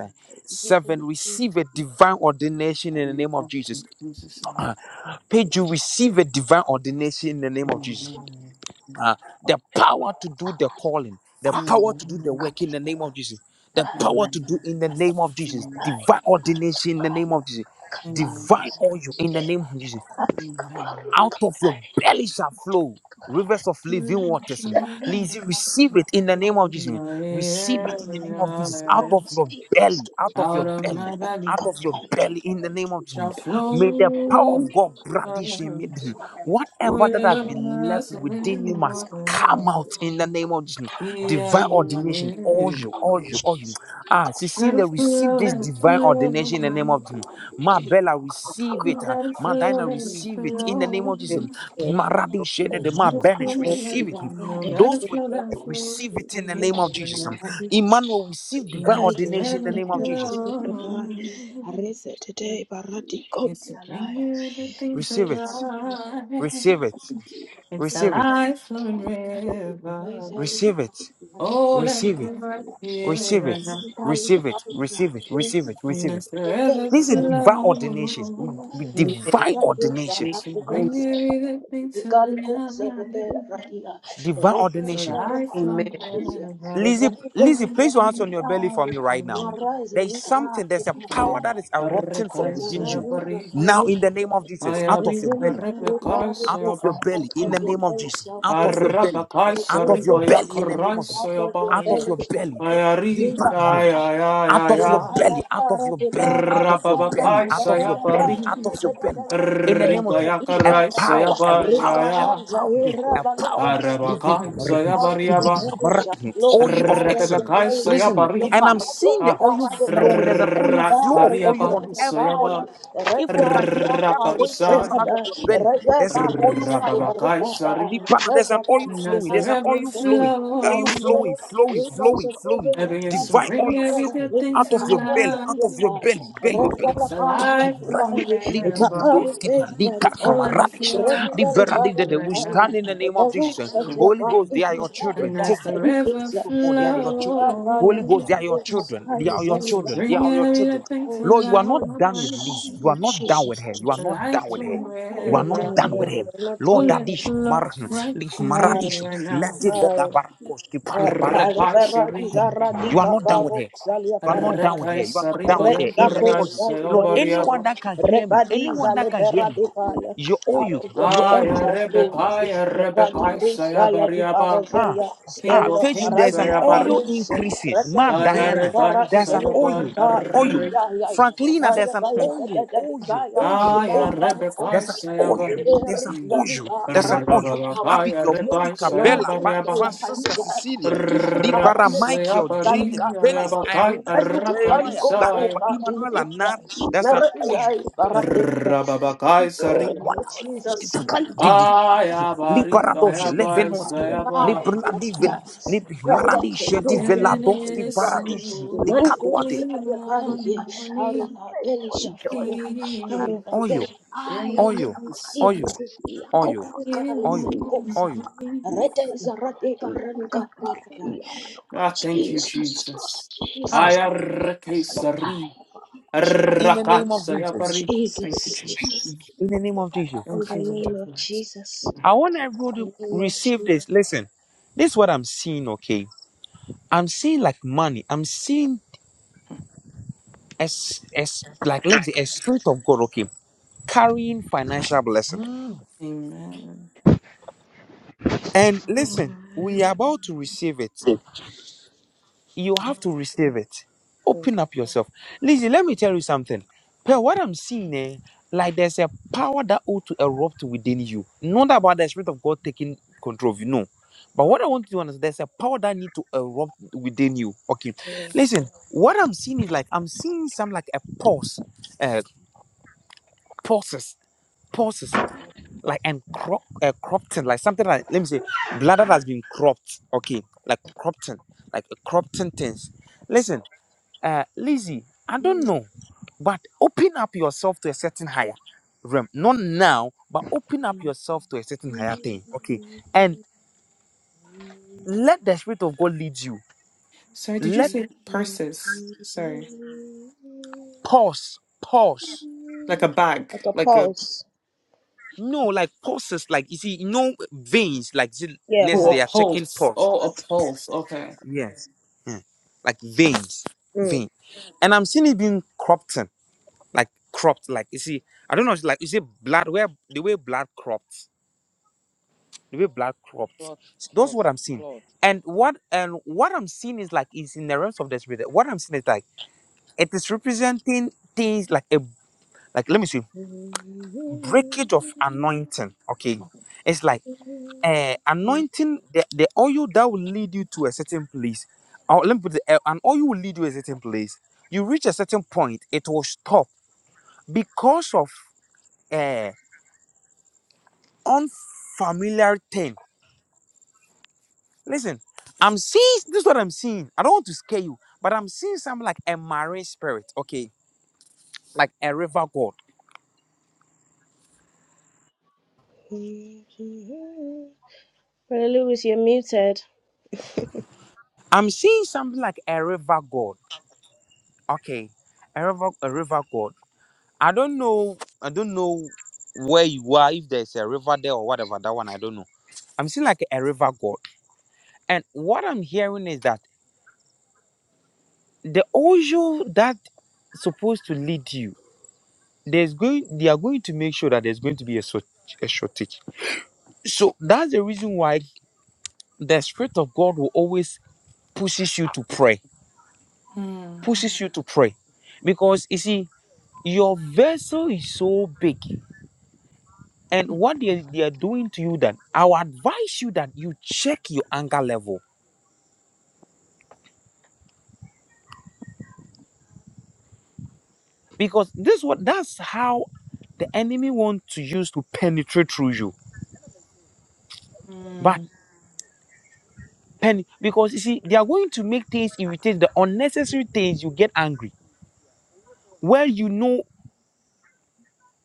Speaker 2: Jesus.
Speaker 1: Seven, receive a divine ordination in the name of Jesus.
Speaker 11: In Jesus' name.
Speaker 1: Uh, Page, you receive a divine ordination in the name of Jesus.
Speaker 11: Amen.
Speaker 1: Uh,
Speaker 2: Oh,
Speaker 1: the power to do the calling, the power to do the
Speaker 11: Amen.
Speaker 1: work in the name of Jesus, the
Speaker 2: hi.
Speaker 1: power to
Speaker 11: Amen.
Speaker 1: do in the name of Jesus,
Speaker 11: Amen.
Speaker 1: divine ordination in the name of Jesus
Speaker 11: Amen.
Speaker 1: divine oil in the name of Jesus out of your belly shall flow rivers of living
Speaker 11: Amen.
Speaker 1: waters. And Lizzie, receive it in the name of Jesus. Receive it in the name of Jesus. Out of your belly, out of your
Speaker 11: Out of
Speaker 1: belly,
Speaker 11: my
Speaker 1: out
Speaker 11: belly
Speaker 1: of your belly in the name of Jesus.
Speaker 11: shall flow
Speaker 1: May the power
Speaker 11: rivers,
Speaker 1: of God brandish in midden. Whatever that has been left
Speaker 11: rivers of
Speaker 1: within
Speaker 11: living
Speaker 1: you must
Speaker 11: water.
Speaker 1: come out in the name of Jesus.
Speaker 11: Be I
Speaker 1: Divine
Speaker 11: my
Speaker 1: ordination. All
Speaker 11: name.
Speaker 1: you, all you, all you. Ah,
Speaker 11: Let
Speaker 1: Cecilia,
Speaker 11: it
Speaker 1: receive
Speaker 11: flow,
Speaker 1: this
Speaker 11: let it
Speaker 1: divine
Speaker 11: flow, let
Speaker 1: ordination in the name of Jesus. Ma Bella, receive it. Ah,
Speaker 11: it
Speaker 1: Ma
Speaker 11: flow,
Speaker 1: Dinah,
Speaker 11: let it
Speaker 1: receive it in the name of
Speaker 11: flow.
Speaker 1: Jesus.
Speaker 8: Yeah.
Speaker 1: Ma Rabbi
Speaker 11: No
Speaker 1: Shedede, Ma
Speaker 11: matter flow,
Speaker 1: Benish,
Speaker 8: yeah.
Speaker 1: receive
Speaker 11: no
Speaker 1: it.
Speaker 11: no matter
Speaker 1: Those with
Speaker 11: flow,
Speaker 1: all
Speaker 11: no
Speaker 1: you,
Speaker 11: flow.
Speaker 1: receive it in the
Speaker 11: You
Speaker 1: name of
Speaker 11: never
Speaker 1: Jesus.
Speaker 11: know.
Speaker 1: Emmanuel, receive divine
Speaker 11: Mr.
Speaker 1: ordination in the name of Jesus.
Speaker 11: Everflow.
Speaker 2: Arese today, Barati
Speaker 11: It's
Speaker 2: Conti
Speaker 11: to bring
Speaker 2: Alaya.
Speaker 11: you everything to
Speaker 1: Receive it.
Speaker 11: life.
Speaker 1: Receive it.
Speaker 11: It's a
Speaker 1: Receive it.
Speaker 11: life flowing river.
Speaker 2: Zali
Speaker 1: Receive it.
Speaker 11: Oh, let it
Speaker 1: Receive it.
Speaker 11: right here,
Speaker 1: Receive it.
Speaker 11: right now.
Speaker 1: Receive it. Receive it.
Speaker 2: Kali
Speaker 1: Receive it. Receive it.
Speaker 11: Mr.
Speaker 2: Mara
Speaker 1: This is a divine ordination. We- we
Speaker 11: Everflow.
Speaker 1: Divine ordination.
Speaker 11: You should
Speaker 8: Amen.
Speaker 11: bring everything to life.
Speaker 1: Divine
Speaker 11: It's a
Speaker 1: ordination.
Speaker 11: life
Speaker 8: Amen.
Speaker 11: flowing
Speaker 1: Listen, listen,
Speaker 11: river.
Speaker 2: is a little Reprove the revival out of your belly shall flow rivers. Reprove the rivers out of your belly shall flow rivers.
Speaker 11: Arabakaisayabariaba,
Speaker 1: happen.
Speaker 2: and waters. Out of The belly shall flow,
Speaker 1: Oil of
Speaker 2: out of the
Speaker 1: excellence.
Speaker 2: belly shall
Speaker 1: Listen,
Speaker 2: flow,
Speaker 1: and
Speaker 11: Rebebekaisayabari,
Speaker 1: I'm seeing
Speaker 2: Carado,
Speaker 1: the
Speaker 11: Ah,
Speaker 1: oil flowing.
Speaker 2: Sarade,
Speaker 1: There's an
Speaker 2: The
Speaker 1: oil flow of
Speaker 2: fire is
Speaker 1: oil on
Speaker 2: in the
Speaker 11: Rariaba,
Speaker 1: everybody.
Speaker 2: fire,
Speaker 1: here.
Speaker 2: The red
Speaker 1: If you
Speaker 2: bar
Speaker 1: can
Speaker 2: is
Speaker 1: hear
Speaker 2: up,
Speaker 1: everybody,
Speaker 2: Paris, and
Speaker 1: place
Speaker 11: Rapaisai,
Speaker 1: your hands on your
Speaker 2: the
Speaker 1: belly.
Speaker 2: red
Speaker 1: There's
Speaker 2: bar
Speaker 1: an oil
Speaker 2: is high,
Speaker 1: flowing.
Speaker 2: The red bar
Speaker 1: The
Speaker 11: Rapabakaisari,
Speaker 1: banner, there's an oil
Speaker 2: is
Speaker 11: as
Speaker 1: flowing.
Speaker 2: high,
Speaker 11: the
Speaker 1: There's
Speaker 2: out
Speaker 1: an
Speaker 2: of
Speaker 11: river
Speaker 2: the
Speaker 1: oil
Speaker 2: belly
Speaker 1: flowing.
Speaker 2: shall
Speaker 1: Oil
Speaker 11: flows.
Speaker 1: flowing,
Speaker 2: flow,
Speaker 1: flowing,
Speaker 2: rivers
Speaker 1: flowing,
Speaker 2: of
Speaker 1: flowing.
Speaker 2: living
Speaker 11: Every is
Speaker 2: water,
Speaker 11: to
Speaker 1: Divine
Speaker 11: bring
Speaker 1: oil
Speaker 11: every
Speaker 2: rivers of
Speaker 1: flowing
Speaker 11: good
Speaker 2: living
Speaker 11: thing
Speaker 1: out of
Speaker 11: to
Speaker 1: your
Speaker 2: Carada,
Speaker 1: belly,
Speaker 11: life.
Speaker 1: out
Speaker 2: The
Speaker 1: of your belly, belly, your belly.
Speaker 11: It's a life
Speaker 1: Pikubrasi,
Speaker 2: fire,
Speaker 11: flowing river.
Speaker 1: lidididoskitan,
Speaker 2: Reza la
Speaker 11: Oh,
Speaker 2: barra,
Speaker 11: let it
Speaker 1: likakamaradish.
Speaker 11: flow
Speaker 1: The
Speaker 2: Regali
Speaker 1: brother
Speaker 11: right now.
Speaker 2: Barahaya, the Rus at Yaba, it is
Speaker 11: And
Speaker 2: Haida,
Speaker 11: as the river
Speaker 2: Rikuza,
Speaker 11: flows,
Speaker 2: Ilukabaya,
Speaker 11: it's to
Speaker 2: Kakaiza,
Speaker 11: bring every good thing to
Speaker 2: Oh
Speaker 11: life.
Speaker 2: Jesus, oh Jesus,
Speaker 11: It's a life flowing
Speaker 2: you're not
Speaker 11: river.
Speaker 2: doing it, you're not
Speaker 11: Oh,
Speaker 2: doing
Speaker 11: let's look right here, right now.
Speaker 2: it. Libera
Speaker 11: Rekaisari.
Speaker 2: izara di kaparo zalia paradaza.
Speaker 11: Rekaisari
Speaker 2: Re
Speaker 11: baya
Speaker 2: izako sa
Speaker 11: raisaya
Speaker 2: iberu
Speaker 11: bariaba.
Speaker 2: zelia. Rebadi za
Speaker 1: that can hear
Speaker 2: libera
Speaker 1: me.
Speaker 2: di paya.
Speaker 1: Your
Speaker 2: Out
Speaker 1: oil,
Speaker 2: of your
Speaker 1: your
Speaker 2: belly
Speaker 1: oil.
Speaker 11: Aya
Speaker 2: shall flow.
Speaker 11: rebekaya
Speaker 2: Radiko
Speaker 11: rebekaisaya
Speaker 2: saya di
Speaker 11: bariaba.
Speaker 1: Ah,
Speaker 2: parazeya.
Speaker 1: ah,
Speaker 11: King
Speaker 2: Staring
Speaker 11: of
Speaker 2: up
Speaker 1: Pedro,
Speaker 11: kings,
Speaker 1: there's an
Speaker 2: parazila
Speaker 11: saya
Speaker 1: oil
Speaker 11: bari.
Speaker 2: barose.
Speaker 1: increasing.
Speaker 2: Reka
Speaker 1: Ma
Speaker 11: Aya
Speaker 2: izulia
Speaker 1: Diana,
Speaker 2: para
Speaker 1: there's an
Speaker 11: rekaisaya
Speaker 2: izele
Speaker 1: oil,
Speaker 2: manaka.
Speaker 1: oil.
Speaker 11: bari.
Speaker 2: Iya ya isa.
Speaker 1: Franklina,
Speaker 2: Kaya
Speaker 1: there's
Speaker 2: kaya
Speaker 1: an
Speaker 2: kaya kaya
Speaker 1: oil, oil,
Speaker 2: kaya
Speaker 1: oil,
Speaker 11: Aya
Speaker 1: oil.
Speaker 2: kaya
Speaker 1: There's an
Speaker 11: rebekaisaya
Speaker 1: oil,
Speaker 11: bari.
Speaker 1: there's an
Speaker 2: kaya
Speaker 1: oil, there's
Speaker 2: kaya
Speaker 1: an oil.
Speaker 2: kaya
Speaker 11: Rababakaya
Speaker 1: Abigail, Monica,
Speaker 11: rekaisaya
Speaker 2: Mana
Speaker 1: Bella, Bat,
Speaker 2: kusa
Speaker 11: bariaba.
Speaker 2: ya
Speaker 1: Francisca,
Speaker 2: faida
Speaker 1: Cecilia,
Speaker 2: katiku ba
Speaker 1: Libara,
Speaker 2: ile
Speaker 1: Michael,
Speaker 2: bani
Speaker 11: Rapseapari,
Speaker 1: Janet,
Speaker 2: ka ba
Speaker 1: Venice,
Speaker 11: Ayabakai,
Speaker 1: Irene,
Speaker 2: kaju ka bani
Speaker 11: Arakai,
Speaker 1: Jeremiah,
Speaker 2: kusa
Speaker 1: Bakoba,
Speaker 11: Saya,
Speaker 2: ka ile
Speaker 1: Emanuela,
Speaker 2: kusa
Speaker 1: Nabi,
Speaker 2: mara izai baradeza.
Speaker 11: Rababakai, Sari,
Speaker 2: Oh,
Speaker 1: Water,
Speaker 2: Jesus.
Speaker 1: Skip,
Speaker 2: Sakaliku,
Speaker 1: Didi.
Speaker 11: Ayabari,
Speaker 1: Liberadoshe,
Speaker 2: Jesus.
Speaker 11: Kayabai,
Speaker 1: Levenoski,
Speaker 2: Ibari,
Speaker 11: Sayaba,
Speaker 2: yadita.
Speaker 1: Libradivina, Lib
Speaker 2: Rete
Speaker 1: Maradishe,
Speaker 2: kanto, zelipa,
Speaker 1: Diveladoski,
Speaker 11: Yesu,
Speaker 2: igari.
Speaker 1: Baradish,
Speaker 2: Imani
Speaker 1: Licaduate,
Speaker 2: kusa, yabari, ye. Out of
Speaker 11: Imani,
Speaker 2: our belly shall flow. Out
Speaker 11: Yesu,
Speaker 2: of our
Speaker 1: Oyo,
Speaker 2: belly.
Speaker 1: Oyo,
Speaker 2: Jesus.
Speaker 1: Oyo, Oyo,
Speaker 2: Nakopuka ize
Speaker 1: Oyo,
Speaker 2: kosa.
Speaker 1: Oyo.
Speaker 11: Imani.
Speaker 2: Rete iza rate karanka parada.
Speaker 11: Ah, thank you,
Speaker 2: Jesus.
Speaker 11: Jesus.
Speaker 1: Huh.
Speaker 2: Jesus.
Speaker 11: Ayarake,
Speaker 2: I.
Speaker 11: Sari,
Speaker 1: In the
Speaker 11: Arakai,
Speaker 1: name of Jesus.
Speaker 11: Sayabari. Thank you,
Speaker 2: Jesus.
Speaker 11: Jesus.
Speaker 2: Jesus.
Speaker 1: In the name of Jesus.
Speaker 2: In
Speaker 11: Thank
Speaker 2: the
Speaker 11: you, Lord
Speaker 2: name
Speaker 11: of
Speaker 2: of
Speaker 11: Mercy.
Speaker 2: Jesus.
Speaker 1: I want everyone to
Speaker 2: In the name of
Speaker 1: receive
Speaker 2: Jesus.
Speaker 1: this. Listen, this is what I'm seeing, okay? I'm seeing like money. I'm seeing as as like let me say a spirit of God, okay, carrying financial blessing.
Speaker 11: Amen.
Speaker 1: And listen,
Speaker 10: I'm
Speaker 1: we are about to receive it. you have to receive it. Open up yourself. Listen, let me tell you something. But what I'm seeing, eh, like there's a power that ought to erupt within you. Not about the spirit of God taking control of you, no. But what I want you to understand, there's a power that need to erupt within you. Okay, listen. What I'm seeing is like I'm seeing some like a pulse, uh, pulses, pulses, like and crop, uh, corrupting, like something like let me say, blood that has been cropped. Okay, like corrupting, like uh, corrupting things. Listen uh, lazy. I don't
Speaker 2: Mm,
Speaker 1: know, but open up yourself to a certain higher realm. Not now, but open up yourself to a certain higher thing. Okay, and
Speaker 2: mm.
Speaker 1: let the spirit of God lead you.
Speaker 11: Sorry, did you
Speaker 1: Let
Speaker 11: say purses? Sorry.
Speaker 1: pause, pause.
Speaker 11: Like a bag,
Speaker 2: Like a
Speaker 11: like a.
Speaker 2: pulse.
Speaker 1: No, like pauses, like you see, no veins, like
Speaker 2: Yeah,
Speaker 1: nurses
Speaker 11: Oh,
Speaker 1: they
Speaker 11: a
Speaker 1: are
Speaker 2: pulse.
Speaker 1: checking
Speaker 11: pulse.
Speaker 1: pulse.
Speaker 11: Oh, a pulse. Okay.
Speaker 1: Yes, yeah. like veins, vein. And I'm seeing it being cropped, in, like cropped, like you see. I don't know, it's like you see blood where the way blood cropped. the way black cropped. So That's what I'm seeing. And what and what I'm seeing is like is in the realms of the spirit. What I'm seeing is like it is representing things like a like let me see breakage of
Speaker 2: Mm.
Speaker 1: anointing. Okay, it's like uh, anointing the, the oil that will lead you to a certain place. Or let me put it, uh, an oil will lead you to a certain place. You reach a certain point, it will stop because of uh unfamiliar thing Listen, I'm seeing this is what I'm seeing. I don't want to scare you, but I'm seeing something like a marine spirit, okay? Like a river god.
Speaker 2: Mm-hmm. Brother Lewis, you're muted.
Speaker 1: I'm seeing something like a river god. Okay. A river a river god. I don't know I don't know where you are, if there's a river there or whatever, that one I don't know. I'm seeing like a river god. And what I'm hearing is that the oil that supposed to lead you, there's going they are going to make sure that there's going to be a, short- a shortage. So that's the reason why the spirit of god will always pushes you to pray
Speaker 11: Mm.
Speaker 1: pushes you to pray because you see your vessel is so big and what they, they are doing to you then i will advise you that you check your anger level because this what that's how the enemy want to use to penetrate through you but
Speaker 11: Mm.
Speaker 1: pen because you see they are going to make things irritate the unnecessary things you get angry where you know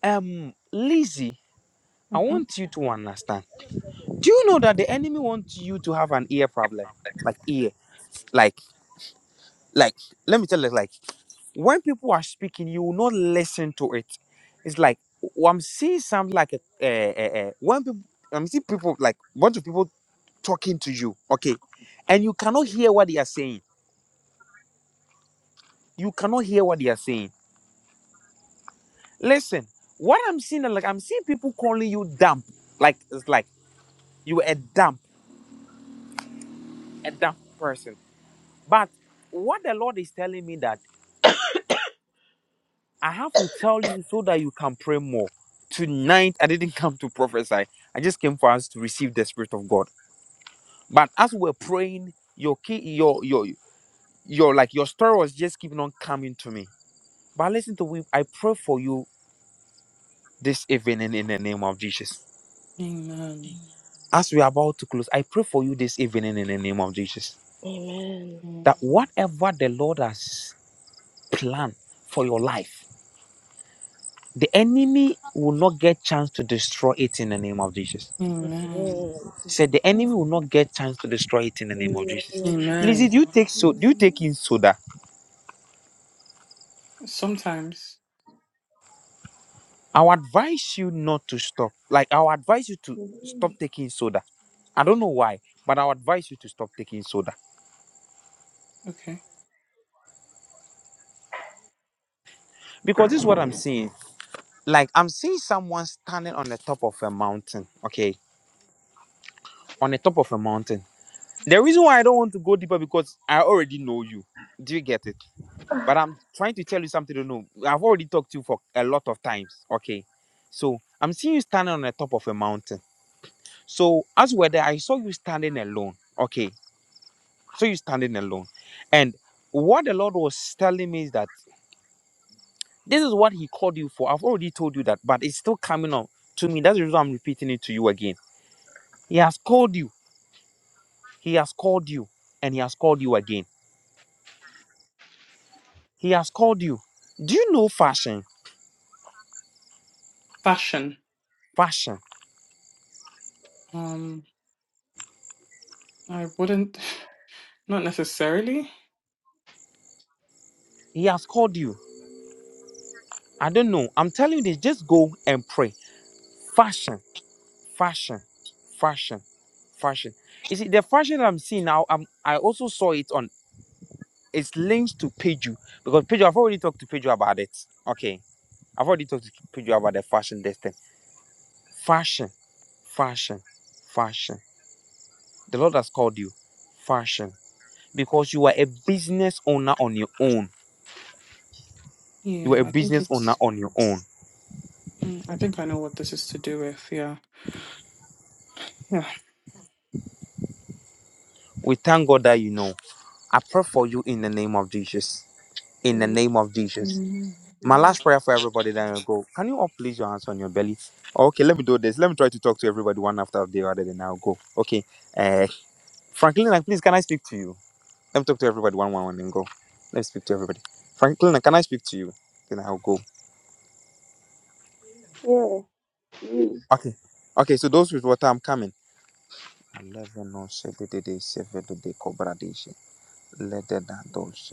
Speaker 1: um Lizzie, i
Speaker 11: Mm-hmm.
Speaker 1: want you to understand Do you know that the enemy wants you to have an ear problem? Like ear, like like let me tell you, like when people are speaking, you will not listen to it. It's like oh, I'm seeing something like a uh, uh, when people I'm seeing people like bunch of people talking to you, okay, and you cannot hear what they are saying. You cannot hear what they are saying. Listen, what I'm seeing, like I'm seeing people calling you dumb, like it's like you a dumb, a dumb person. But what the Lord is telling me that. I have to tell you so that you can pray more. Tonight, I didn't come to prophesy. I just came for us to receive the Spirit of God. But as we're praying, your key, your your your like your story was just keeping on coming to me. But listen to me. I pray for you this evening in the name of Jesus.
Speaker 11: Amen.
Speaker 1: As we are about to close, I pray for you this evening in the name of Jesus.
Speaker 2: Amen.
Speaker 11: Mm.
Speaker 1: That whatever the Lord has planned for your life, the enemy will not get chance to destroy it in the name of Jesus
Speaker 11: Amen.
Speaker 2: Amen.
Speaker 1: said the enemy will not get chance to destroy it in the name of
Speaker 2: Amen.
Speaker 1: Jesus.
Speaker 2: Amen.
Speaker 1: Lizzie,
Speaker 11: Amen.
Speaker 1: do you take so do you take in soda?
Speaker 11: Sometimes.
Speaker 1: I'll advise you not to stop. Like I'll advise you to stop taking soda. I don't know why, but I'll advise you to stop taking soda.
Speaker 11: Okay.
Speaker 1: Because this is what I'm seeing. Like I'm seeing someone standing on the top of a mountain. Okay. On the top of a mountain. The reason why I don't want to go deeper because I already know you. Do you get it? But I'm trying to tell you something to know. I've already talked to you for a lot of times. Okay. So I'm seeing you standing on the top of a mountain. So as whether I saw you standing alone. Okay. So you standing alone. And what the Lord was telling me is that this is what He called you for. I've already told you that, but it's still coming on to me. That's the reason I'm repeating it to you again. He has called you. He has called you. And He has called you again. He has called you. Do you know fashion?
Speaker 11: Fashion.
Speaker 1: Fashion.
Speaker 11: Um, I wouldn't, not necessarily.
Speaker 1: He has called you. I don't know. I'm telling you this. Just go and pray. Fashion, fashion, fashion, fashion. You see, the fashion that I'm seeing now, I'm, I also saw it on. It's linked to Peju because Peju. I've already talked to Peju about it. Okay, I've already talked to Peju about the fashion. This thing, fashion, fashion, fashion. The Lord has called you, fashion, because you are a business owner on your own. You are
Speaker 11: Yeah,
Speaker 1: a
Speaker 11: I think
Speaker 1: business owner
Speaker 11: it's,
Speaker 1: on your own.
Speaker 11: mm, I think I know what this is to do with. Yeah. Yeah.
Speaker 1: We thank God that you know. I pray for you in the name of Jesus. in the name of Jesus.
Speaker 11: Mm.
Speaker 1: My
Speaker 2: Amen.
Speaker 1: last prayer for everybody, then I'll go. Can you all please your hands on your belly? Okay, let me do this. Let me try to talk to everybody one after the other, then I'll go. Okay. Uh, Franklin, like, please, can I speak to you? Let me talk to everybody one, one, one, then go. Let me speak to everybody. Franklin, can I speak to you? Then I'll go. Okay. Okay, so those with water, I'm coming. 11 on Saturday, Saturday, Cobra Dish. Let the Dados,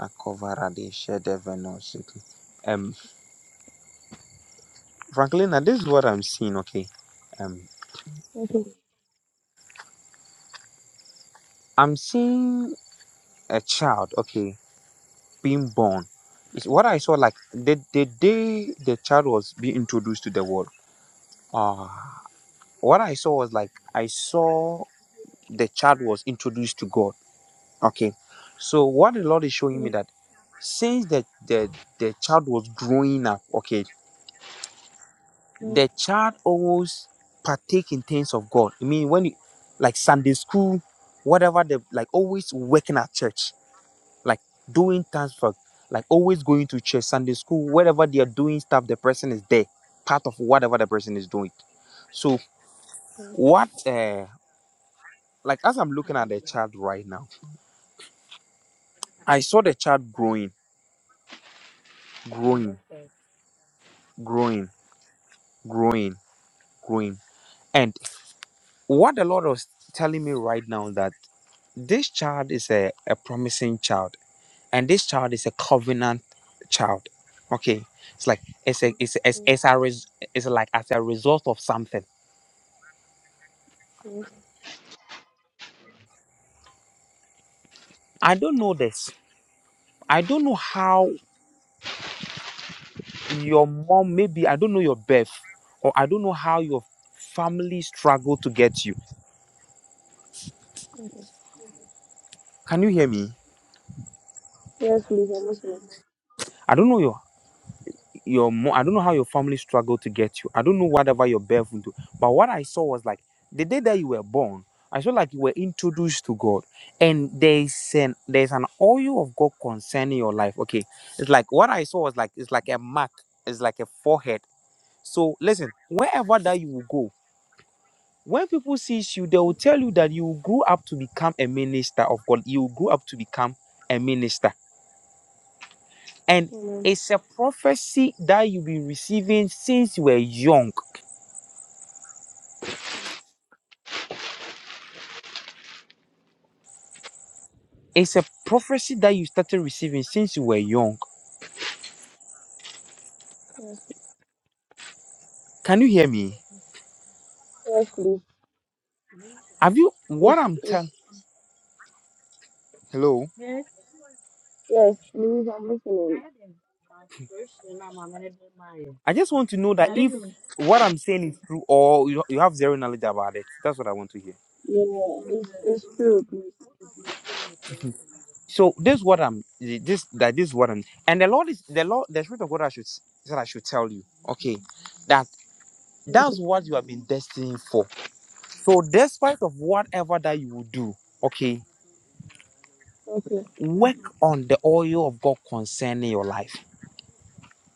Speaker 1: a cover, a dish, a no Um, Franklin, this is what I'm seeing, okay? Um, I'm seeing a child, okay, being born. It's what I saw, like the, the day the child was being introduced to the world. Uh, what I saw was like I saw the child was introduced to God. Okay. So what the Lord is showing me that since the the, the child was growing up, okay, the child always partake in things of God. I mean when you, like Sunday school, whatever the like always working at church like doing things for like always going to church sunday school whatever they are doing stuff the person is there part of whatever the person is doing so what uh like as i'm looking at the child right now i saw the child growing growing growing growing growing and what the lord was telling me right now that this child is a, a promising child and this child is a covenant child okay it's like it's a, it's, a, it's, it's, a res, it's like as a result of something I don't know this. I don't know how your mom, maybe I don't know your birth, or I don't know how your family struggled to get you. Can you hear me? I don't know your your mom. I don't know how your family struggled to get you. I don't know whatever your birth into. But what I saw was like the day that you were born, I saw like you were introduced to God, and there's an there's an oil of God concerning your life. Okay, it's like what I saw was like it's like a mark, it's like a forehead. So listen, wherever that you will go, When people see you, they will tell you that you grew up to become a minister of God. You grew up to become a minister. And it's a prophecy that you've been receiving since you were young. It's a prophecy that you started receiving since you were young. Can you hear me? Have you what I'm telling? Hello? I just want to know that if what I'm saying is true or you, you have zero knowledge about it. That's what I want to hear. So this is what I'm this that this is what I'm and the Lord is the Lord the Spirit of God I should that I should tell you, okay, that that's what you have been destined for. So despite of whatever that you will do, okay, work on the oil of God concerning your life.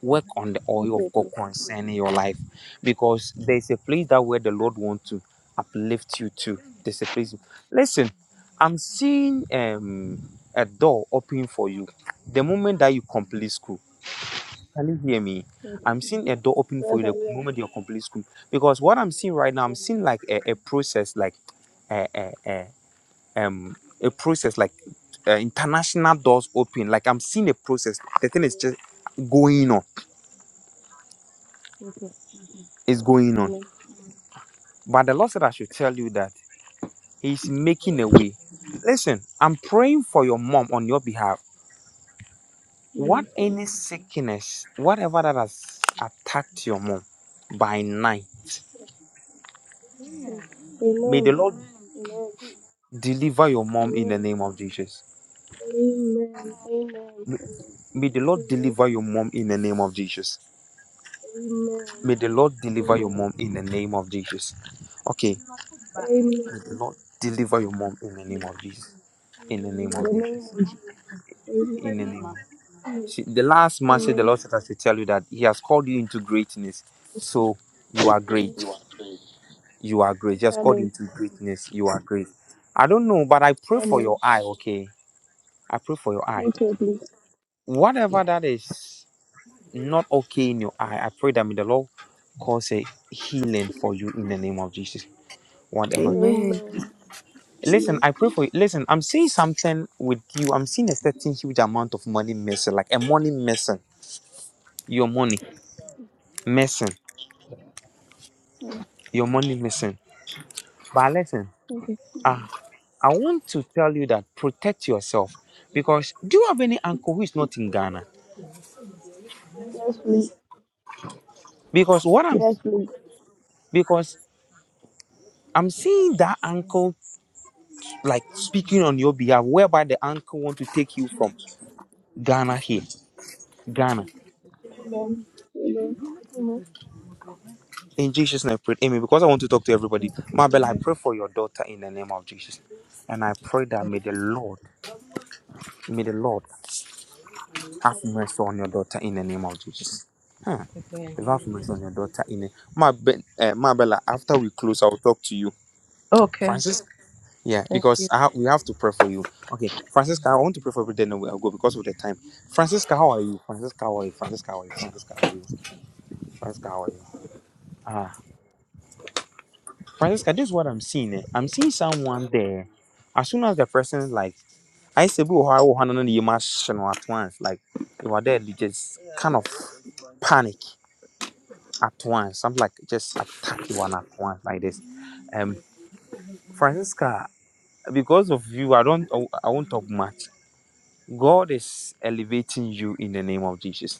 Speaker 1: Work on the oil of God concerning your life. Because there's a place that where the Lord wants to uplift you to. There's a place. Listen, I'm seeing um a door open for you the moment that you complete school Can you hear me? I'm seeing a door open for you the moment you're completely school. Because what I'm seeing right now, I'm seeing like a, a process, like a, a, a, um, a process, like uh, international doors open. Like I'm seeing a process. The thing is just going on. It's going on. But the Lord said I should tell you that He's making a way. Listen, I'm praying for your mom on your behalf. What any sickness, whatever that has attacked your mom by night, may the Lord Deliver your mom in the name of Jesus. May may the Lord deliver your mom in the name of Jesus. May the Lord deliver your mom in the name of Jesus. Okay. May the Lord deliver your mom in the name of Jesus. In the name of Jesus. In the name of See, the last message the Lord said us to tell you that He has called you into greatness. So you are great. You are great. He has called you into greatness. You are great. I don't know, but I pray for your eye, okay? I pray for your eye. Whatever that is, not okay in your eye, I pray that may the Lord cause a healing for you in the name of Jesus. Whatever.
Speaker 13: Amen.
Speaker 1: Listen, I pray for you. Listen, I'm seeing something with you. I'm seeing a certain huge amount of money missing, like a money missing. Your money missing. Your money missing. But listen, uh, I want to tell you that protect yourself because do you have any uncle who is not in Ghana? Because what I'm because I'm seeing that uncle like speaking on your behalf, whereby the uncle want to take you from. Ghana here. Ghana. In Jesus' name, I pray. Amen. Because I want to talk to everybody. Mabel, I pray for your daughter in the name of Jesus. And I pray that may the Lord, may the Lord have mercy on your daughter in the name of Jesus. Huh.
Speaker 8: Amen.
Speaker 1: The Lord have mercy on your daughter in the Mabel, uh, Mabel, after we close, I'll talk to you.
Speaker 8: Okay.
Speaker 1: Francis? Yeah,
Speaker 8: Thank
Speaker 1: because
Speaker 8: you.
Speaker 1: I ha- we have to pray for you. Okay, Francisca, I want to pray for you, then I'll go because of the time. Francisca, how are you? Francisca, how are you? Francisca, how are you? Francisca, how are you? Francisca, how are you? Ah. Francisca, this is what I'm seeing. eh. I'm seeing someone there. As soon as the person like I say, "Oh, how how no no, you must you know at once," like you are there, you just kind of panic at once. Something like just attack you one at once like this. Um, Francisca, because of you, I don't, I I won't talk much. God is elevating you in the name of Jesus.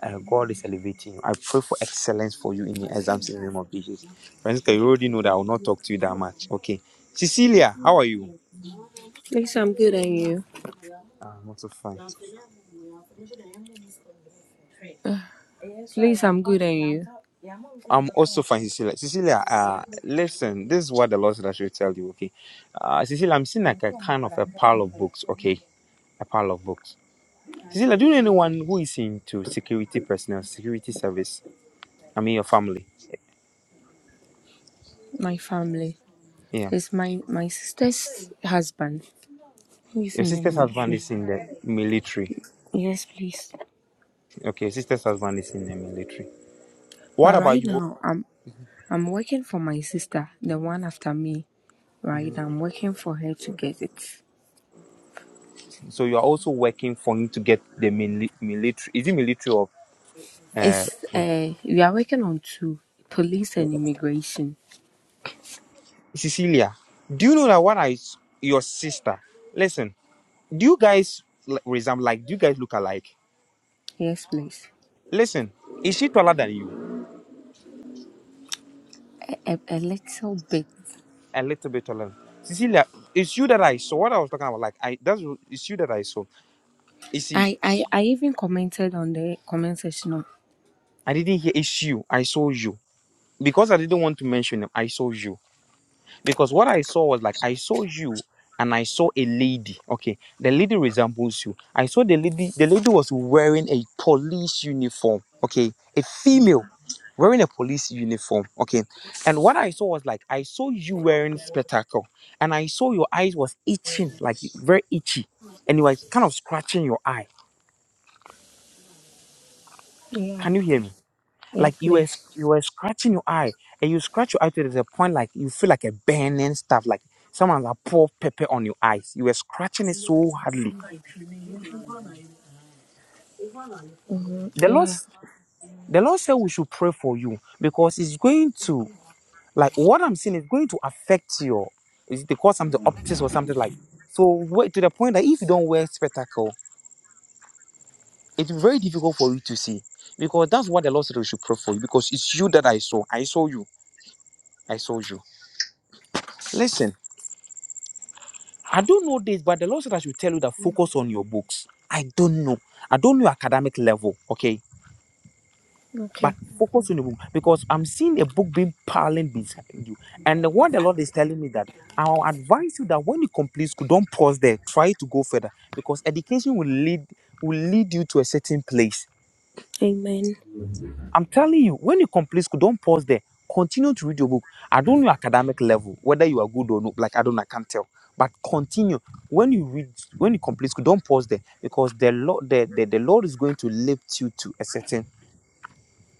Speaker 1: Uh, God is elevating you. I pray for excellence for you in the exams in the name of Jesus. Francisca, you already know that I will not talk to you that much. Okay. Cecilia, how are you?
Speaker 13: At least I'm good at you.
Speaker 1: Ah, I'm also fine.
Speaker 13: At least I'm good at you.
Speaker 1: I'm also fine, Cecilia. Cecilia, uh, listen, this is what the Lord said I should tell you, okay? Uh, Cecilia, I'm seeing like a kind of a pile of books, okay? A pile of books. Cecilia, do you know anyone who is into security personnel, security service? I mean, your family.
Speaker 13: My family.
Speaker 1: Yeah.
Speaker 13: It's my my sister's husband He's
Speaker 1: Your
Speaker 13: in the
Speaker 1: sister's husband
Speaker 13: military.
Speaker 1: is in the military.
Speaker 13: Yes, please.
Speaker 1: Okay, your sister's husband is in the military. What
Speaker 13: But
Speaker 1: about
Speaker 13: right
Speaker 1: you?
Speaker 13: now I'm I'm working for my sister, the one after me. Right, I'm working for her to get it.
Speaker 1: So you are also working for him to get the mili- military. Is it military or
Speaker 13: It's
Speaker 1: uh?
Speaker 13: uh we are working on two police and immigration.
Speaker 1: Cecilia, do you know that when I s- your sister? Listen, do you guys l- resemble like do you guys look alike?
Speaker 13: Yes, please.
Speaker 1: Listen, is she taller than you?
Speaker 13: A, a, a little bit
Speaker 1: A little bit taller. Cecilia, it's you that I saw. What I was talking about, like I that's it's you that I saw. You see,
Speaker 13: I, I, I even commented on the comment section. Of,
Speaker 1: I didn't hear it's you. I saw you. Because I didn't want to mention him, I saw you. because what I saw was like I saw you and I saw a lady. Okay, the lady resembles you. I saw the lady. The lady was wearing a police uniform. Okay, a female wearing a police uniform. Okay, and what I saw was like I saw you wearing spectacle, and I saw your eyes was itching, like very itchy, and you were kind of scratching your eye.
Speaker 13: yeah.
Speaker 1: Can you hear me? Like
Speaker 13: Yes,
Speaker 1: you were sc-
Speaker 13: please.
Speaker 1: you were scratching your eye, and you scratch your eye to the point like you feel like a burning stuff, like someone like pour pepper on your eyes. You were scratching it so hardly.
Speaker 13: Mm-hmm.
Speaker 1: The Lord,
Speaker 13: Yeah.
Speaker 1: s- the Lord said we should pray for you because it's going to like what I'm seeing is going to affect your. Is it they call something optics or something like? So wait to the point that if you don't wear spectacle, it's very difficult for you to see because that's what the Lord said we should pray for you because it's you that I saw. I saw you. I saw you. Listen. I don't know this, but the Lord said I should tell you that focus on your books. I don't know. I don't know academic level, okay? But
Speaker 13: Okay.
Speaker 1: focus on the book because I'm seeing a book being piling beside you. And what the Lord is telling me that I'll advise you that when you complete school, don't pause there. Try to go further because education will lead will lead you to a certain place.
Speaker 13: Amen.
Speaker 1: I'm telling you, when you complete school, don't pause there. Continue to read your book. I don't know academic level, whether you are good or not. Like I don't, I can't tell. But continue. When you read, when you complete school, don't pause there because the Lord, the, the, the Lord is going to lift you to a certain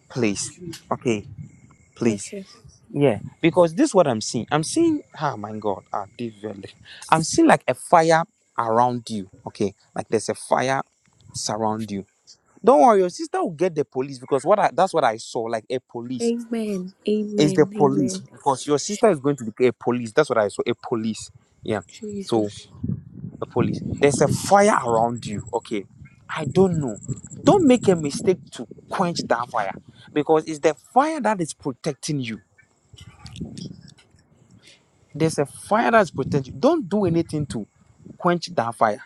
Speaker 1: place. Okay, please.
Speaker 13: Okay.
Speaker 1: Yeah, because this is what I'm seeing. I'm seeing, oh my God, ah, this really- I'm seeing like a fire around you. Okay, like there's a fire surround you. Don't worry, your sister will get the police because what I, that's what I saw, like a police
Speaker 13: Amen.
Speaker 1: it's the
Speaker 13: Amen.
Speaker 1: police
Speaker 13: Amen.
Speaker 1: because your sister is going to be a police. That's what I saw. A police. Yeah. So
Speaker 13: Jesus.
Speaker 1: there's a
Speaker 13: Jesus.
Speaker 1: fire around you. Okay. I don't know. Don't make a mistake to quench that fire because it's the fire that is protecting you. There's a fire that's protecting you. Don't do anything to quench that fire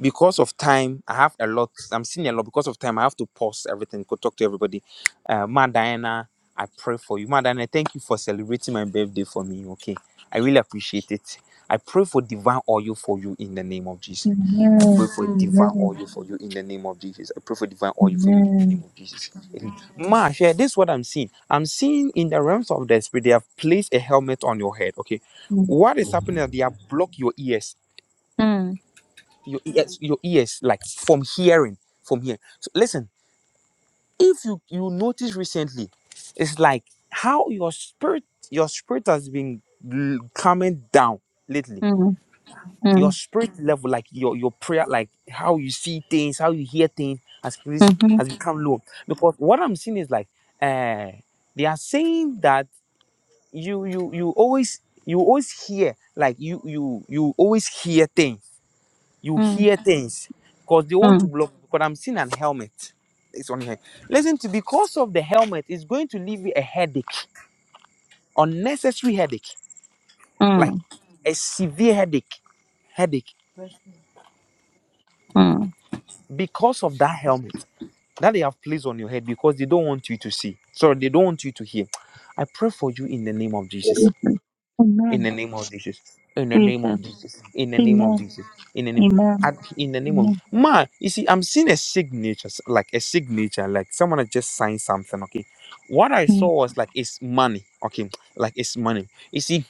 Speaker 1: because of time, I have a lot. I'm seeing a lot because of time. I have to pause everything, go talk to everybody. Uh, Ma Diana, I pray for you. Ma Diana, thank you for celebrating my birthday for me. Okay. I really appreciate it. I pray for divine oil for you in the name of Jesus.
Speaker 12: Amen.
Speaker 1: I pray for divine
Speaker 12: Amen.
Speaker 1: oil for you in the name of Jesus. I pray for divine oil for you in the name
Speaker 12: Amen.
Speaker 1: of Jesus. Amen. Ma, share this is what I'm seeing. I'm seeing in the realms of the spirit, they have placed a helmet on your head. Okay.
Speaker 12: Mm,
Speaker 1: What is happening? is They have blocked your ears
Speaker 12: mm,
Speaker 1: your ears your ears like from hearing from here so listen if you you notice recently it's like how your spirit your spirit has been l- coming down lately
Speaker 12: mm,
Speaker 1: your
Speaker 12: mm,
Speaker 1: spirit Mhm. level like your your prayer like how you see things how you hear things has please
Speaker 12: mhm,
Speaker 1: has become low because what i'm seeing is like uh they are saying that you you you always you always hear like you you you always hear things you
Speaker 12: mm,
Speaker 1: hear things because they want to
Speaker 12: mm,
Speaker 1: block because i'm seeing an helmet it's on here listen to because of the helmet it's going to leave you a headache unnecessary headache like
Speaker 12: mm,
Speaker 1: a severe headache headache because of that helmet that they have placed on your head because they don't want you to see sorry they don't want you to hear i pray for you in the name of
Speaker 12: mm.
Speaker 1: jesus
Speaker 12: Jesus.
Speaker 1: in the
Speaker 12: Amen.
Speaker 1: name of Jesus. In the
Speaker 12: Jesus.
Speaker 1: name of Jesus. In the name of
Speaker 12: Amen.
Speaker 1: Jesus. In the name.
Speaker 12: Amen.
Speaker 1: At, in the name of
Speaker 12: Amen.
Speaker 1: man, you see, I'm seeing a signature, s- like a signature, like someone had just signed something. Okay, what I
Speaker 12: Mm.
Speaker 1: saw was like it's money. Okay, like it's money. You see,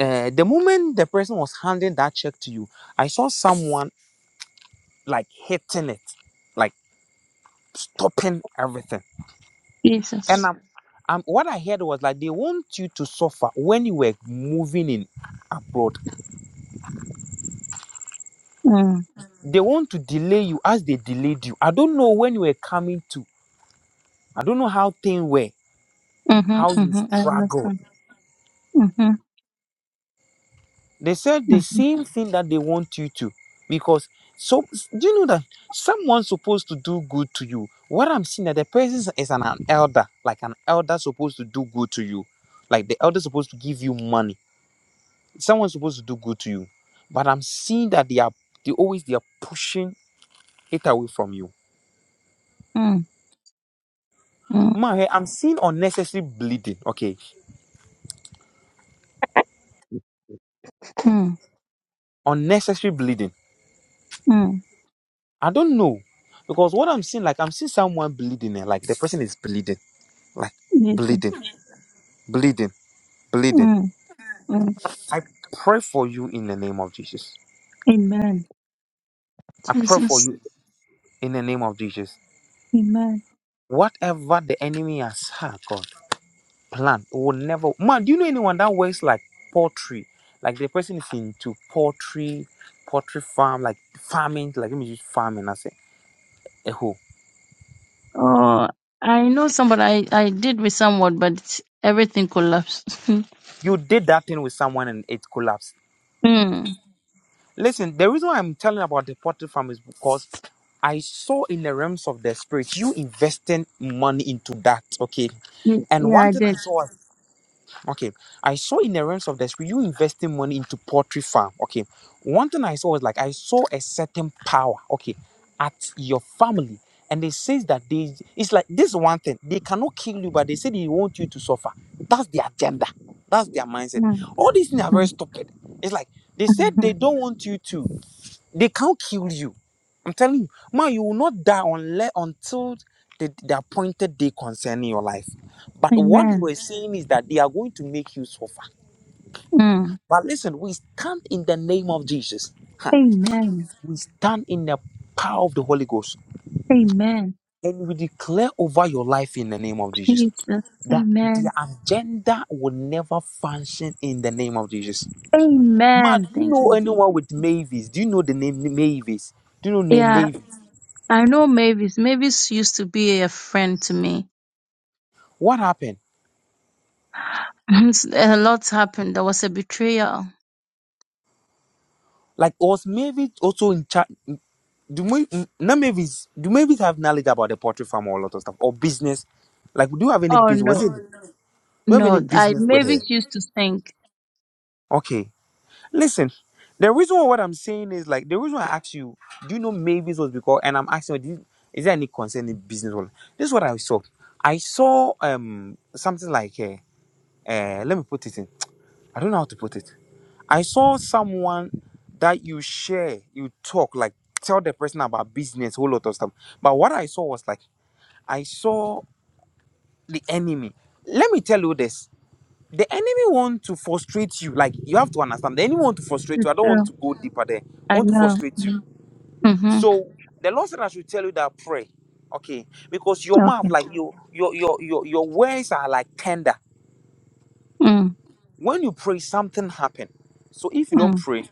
Speaker 1: uh, the moment the person was handing that check to you, I saw someone like hitting it, like stopping everything. And
Speaker 12: Jesus.
Speaker 1: I'm, I'm what I heard was like they want you to suffer when you were moving in abroad
Speaker 12: Mm.
Speaker 1: They want to delay you as they delayed you. I don't know when you were coming to. I don't know how things were,
Speaker 12: Mm-hmm,
Speaker 1: how you
Speaker 12: mm-hmm. I
Speaker 1: struggled.
Speaker 12: understand. Mm-hmm,
Speaker 1: They said the
Speaker 12: mm-hmm,
Speaker 1: same thing that they want you to. Because so do you know that someone's supposed to do good to you? What I'm seeing that the person is an, an elder, like an elder supposed to do good to you. Like the elder supposed to give you money. Someone's supposed to do good to you. But I'm seeing that they are they always they are pushing it away from you.
Speaker 12: mm, mm,
Speaker 1: My, I'm seeing unnecessary bleeding. Okay,
Speaker 12: mm,
Speaker 1: unnecessary bleeding.
Speaker 12: mm.
Speaker 1: I don't know because what I'm seeing, like I'm seeing someone bleeding, and like the person is bleeding, like
Speaker 12: Jesus.
Speaker 1: bleeding, bleeding, bleeding.
Speaker 12: Mm, mm.
Speaker 1: I pray for you in the name of Jesus.
Speaker 12: Amen.
Speaker 1: I pray for you
Speaker 12: Jesus.
Speaker 1: in the name of Jesus. Whatever the enemy has had, God, plan will never. Man, do you know anyone that works like poultry? Like the person is into poultry, poultry farm, like farming. Like let me just farming. I say, eh, who?
Speaker 12: Oh, I know somebody. I, I did with someone, but everything collapsed.
Speaker 1: You did that thing with someone and it collapsed
Speaker 12: mm.
Speaker 1: Listen, the reason why I'm telling about the potted farm is because I saw in the realms of the spirit you investing money into that, okay?
Speaker 12: Y-
Speaker 1: And
Speaker 12: Yeah,
Speaker 1: one
Speaker 12: I
Speaker 1: thing I
Speaker 12: did.
Speaker 1: saw, okay, I saw in the realms of the spirit you investing money into poultry farm, okay? One thing I saw was like I saw a certain power, okay, at your family, and they says that they, it's like this one thing they cannot kill you, but they say they want you to suffer. That's their agenda. That's their mindset.
Speaker 12: Mm.
Speaker 1: All these things are very
Speaker 12: Mm.
Speaker 1: stupid. It's like they said they
Speaker 12: Mhm.
Speaker 1: don't want you to. They can't kill you. I'm telling you, man, you will not die unless until the, the appointed day concerning your life. But what they
Speaker 12: Amen.
Speaker 1: were saying is that they are going to make you suffer.
Speaker 12: Mm.
Speaker 1: But listen, we stand in the name of Jesus. Ha.
Speaker 12: Amen.
Speaker 1: We stand in the power of the Holy Ghost.
Speaker 12: Amen.
Speaker 1: And we declare over your life in the name of Jesus
Speaker 12: Jesus.
Speaker 1: that their
Speaker 12: Amen.
Speaker 1: agenda will never function in the name of Jesus. Ma, do
Speaker 12: Amen.
Speaker 1: you
Speaker 12: Thank you.
Speaker 1: know anyone with Mavis? Do you know the name Mavis? Do you know name
Speaker 12: Yeah,
Speaker 1: Mavis?
Speaker 12: I know Mavis. Mavis used to be a friend to me.
Speaker 1: What happened?
Speaker 12: a lot happened. There was a betrayal.
Speaker 1: Like was Mavis also in charge? Do we not Mavis? Do Mavis have knowledge about the poultry farm or a lot of stuff or business? Like, do you have any
Speaker 12: Oh
Speaker 1: business? Was
Speaker 12: no,
Speaker 1: it? Do you have any
Speaker 12: no. I
Speaker 1: business with her?
Speaker 12: Mavis used to think.
Speaker 1: Okay, listen. The reason why what I'm saying is like the reason why I asked you, do you know Mavis was because, and I'm asking, you, is there any concern in business? Well, this is what I saw. I saw um something like, uh, uh, let me put it in. I don't know how to put it. I saw someone that you share, you talk, like tell the person about business, whole lot of stuff. But what I saw was like, I saw the enemy. Let me tell you this. The enemy want to frustrate you. Like you have to understand. The enemy want to frustrate you.
Speaker 12: It's
Speaker 1: I don't want
Speaker 12: true.
Speaker 1: to go deeper there.
Speaker 12: I
Speaker 1: want to
Speaker 12: know.
Speaker 1: frustrate you.
Speaker 12: Mm-hmm.
Speaker 1: So the Lord said I should tell you that pray. Okay. Because your mouth,
Speaker 12: Okay.
Speaker 1: like your your your your, your words are like tender. When you pray, something happen. So if you don't
Speaker 12: Mm,
Speaker 1: pray,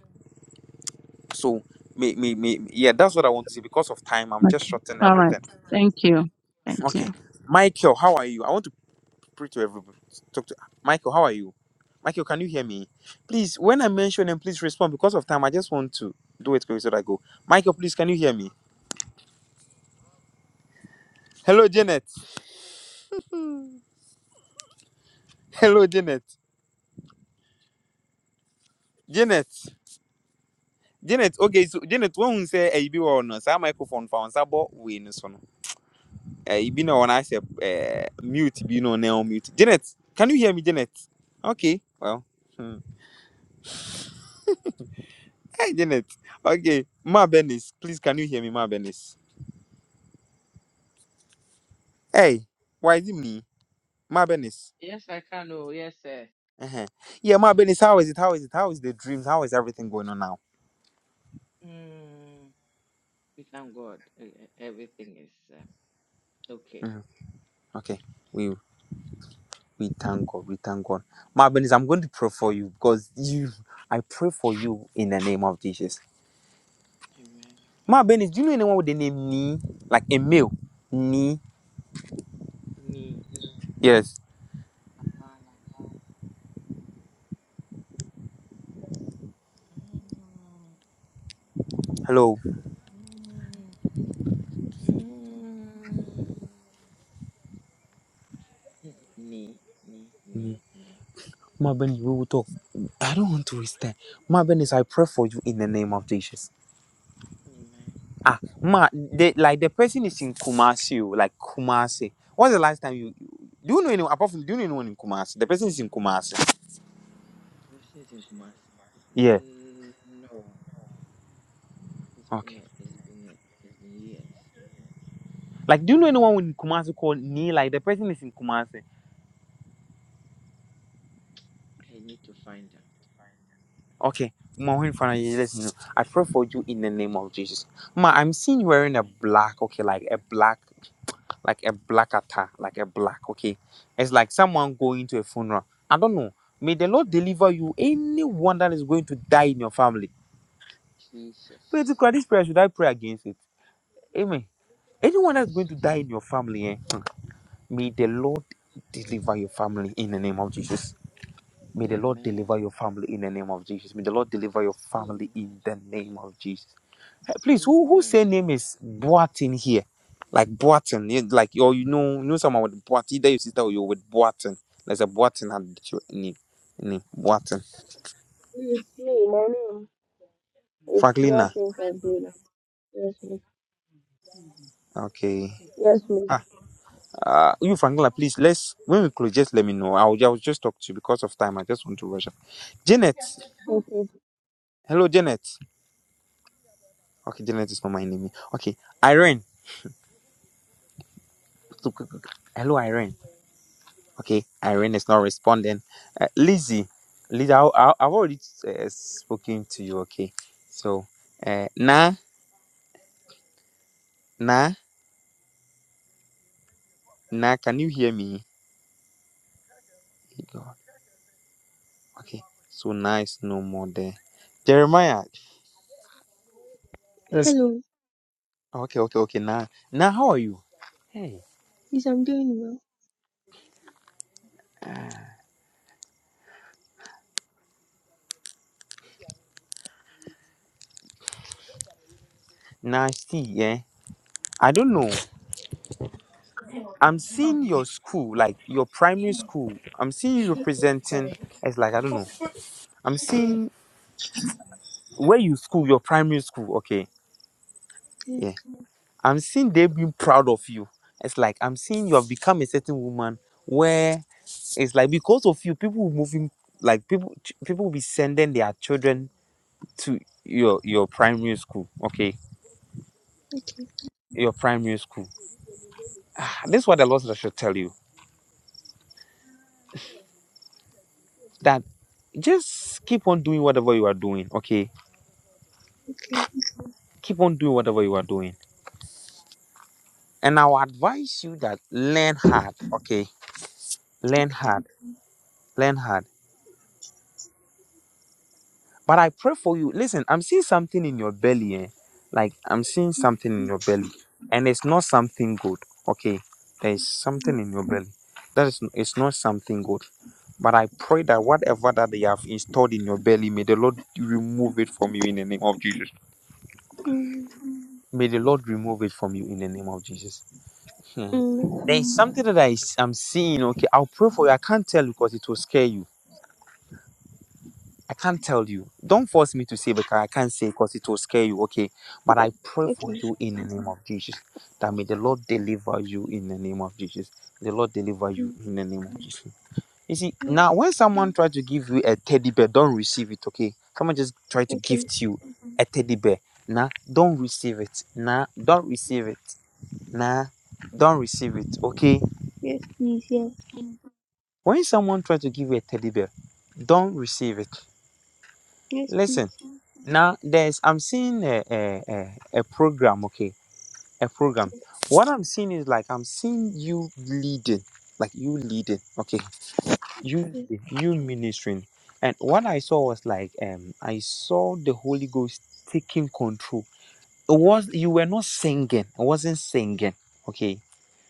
Speaker 1: So me me me yeah, that's what I want to say. Because of time, I'm just
Speaker 12: okay.
Speaker 1: shortening
Speaker 12: All right.
Speaker 1: everything.
Speaker 12: Thank you. Thank you.
Speaker 1: Okay. Michael, how are you? I want to pray to everybody. Talk to Michael, how are you? Michael, can you hear me? Please, when I mention him, please respond. Because of time, I just want to do it quickly so that I go. Michael, please, can you hear me? Hello, Janet. Hello, Janet. Janet. Janet, okay, so Janet, when we say a B or no, on, so our microphone found Sabo, we know so. Uh, you been on I said uh, mute, you know, now mute. Janet, can you hear me, Janet? Okay, well. Hmm. Hey, Janet. Okay, Ma Benis, please, can you hear me, Ma Benis? Hey, why is it me? Ma Benis. Uh-huh. Yeah, Ma Benis, how is it? How is it? How is the dreams? How is everything going on now? Mhm. Okay, we we thank God. We thank God. Ma Benis, I'm going to pray for you because you, I pray for you in the name of Jesus. Ma Benis, do you know anyone with the name Ni? Like a male? Ni? Yes. Hello. Marvin, we will talk. I don't want to waste time. Marvin is I pray for you in the name of Jesus. Ah, Ma, the, like the person is in Kumasi, oh, like Kumasi. What's the last time you do you know anyone apart from do you know anyone in Kumasi? The person is in Kumasi. Yeah. Okay. Like, do you know anyone in Kumasi called Nee? Like the person is in Kumasi. Okay. Ma, when find out, you let me know. I pray for you in the name of Jesus. Ma, I'm seeing you wearing a black, okay, like a black. like a black attack, like a black, okay? It's like someone going to a funeral. I don't know. May the Lord deliver you anyone that is going to die in your family. Pray to God, this prayer, should I pray against it? Amen. Anyone that's going to die in your family, eh, may the Lord deliver your family in the name of Jesus. May the Lord deliver your family in the name of Jesus. May the Lord deliver your family in the name of Jesus. Please, who who say name is Boatin here? Like Boatin, you- like or you know, you know someone with Boatin. Either your sister or you're with Boatin. There's a Boatin and name, name Boatin. Franklina, okay. Ah, uh, you Franklina, please. Let's when we close, just let me know. I will, I will just talk to you because of time. I just want to rush up. Janet, hello, Janet. Okay, Janet is not my name. Okay, Irene, hello, Irene. Okay, Irene is not responding. Uh, Lizzie, Lizzie, I, I, I've already uh, spoken to you. Okay, so uh, nah, nah, nah, can you hear me? Hey, God. Okay, so nah is no more there. Jeremiah,
Speaker 14: Yes.
Speaker 6: Hello,
Speaker 1: okay, okay, okay, nah, nah, how are you?
Speaker 6: Yes, I'm doing well.
Speaker 1: Nah, see, yeah, I don't know. I'm seeing your school, like your primary school. I'm seeing you representing
Speaker 13: Sorry.
Speaker 1: as like I don't know. I'm seeing where you school, your primary school. Okay, yeah. I'm seeing they've been proud of you. It's like I'm seeing you have become a certain woman where it's like because of you, people will moving like people ch- people will be sending their children to your your primary school. Okay. Your primary school. Ah, This is what the Lord said I should tell you. That just keep on doing whatever you are doing. Okay.
Speaker 6: Okay.
Speaker 1: Keep on doing whatever you are doing. And I will advise you that learn hard. Okay. Learn hard. Learn hard But I pray for you. Listen, I'm seeing something in your belly. Eh? Like I'm seeing something in your belly. And it's not something good. Okay. There is something in your belly. That is it's not something good. But I pray that whatever that they have installed in your belly, may the Lord remove it from you in the name of Jesus.
Speaker 6: Mm,
Speaker 1: May the Lord remove it from you in the name of Jesus. Hmm.
Speaker 6: mm,
Speaker 1: There is something that I, am seeing. Okay, I'll pray for you. I can't tell you because it will scare you I can't tell you. Don't force me to say because I can't say because it will scare you. Okay. But I pray for
Speaker 6: okay.
Speaker 1: you in the name of Jesus. That may the Lord deliver you in the name of Jesus. The Lord deliver you
Speaker 6: Mm,
Speaker 1: in the name of Jesus. You see,
Speaker 6: mm,
Speaker 1: now when someone tries to give you a teddy bear, don't receive it, okay? Someone just try to
Speaker 6: okay.
Speaker 1: gift you a teddy bear. Nah, don't receive it. Nah, don't receive it. Nah, don't receive it, okay?
Speaker 6: Yes, please. Yes.
Speaker 1: When someone tries to give you a teddy bear, don't receive it.
Speaker 6: Yes, please.
Speaker 1: Listen. Now there's I'm seeing a a, a, a program, okay, a program.
Speaker 6: Yes,
Speaker 1: What I'm seeing is like I'm seeing you leading, like you leading, okay, you
Speaker 6: yes,
Speaker 1: leading, you ministering. And what I saw was like um I saw the Holy Ghost taking control. It was you were not singing, I wasn't singing, okay,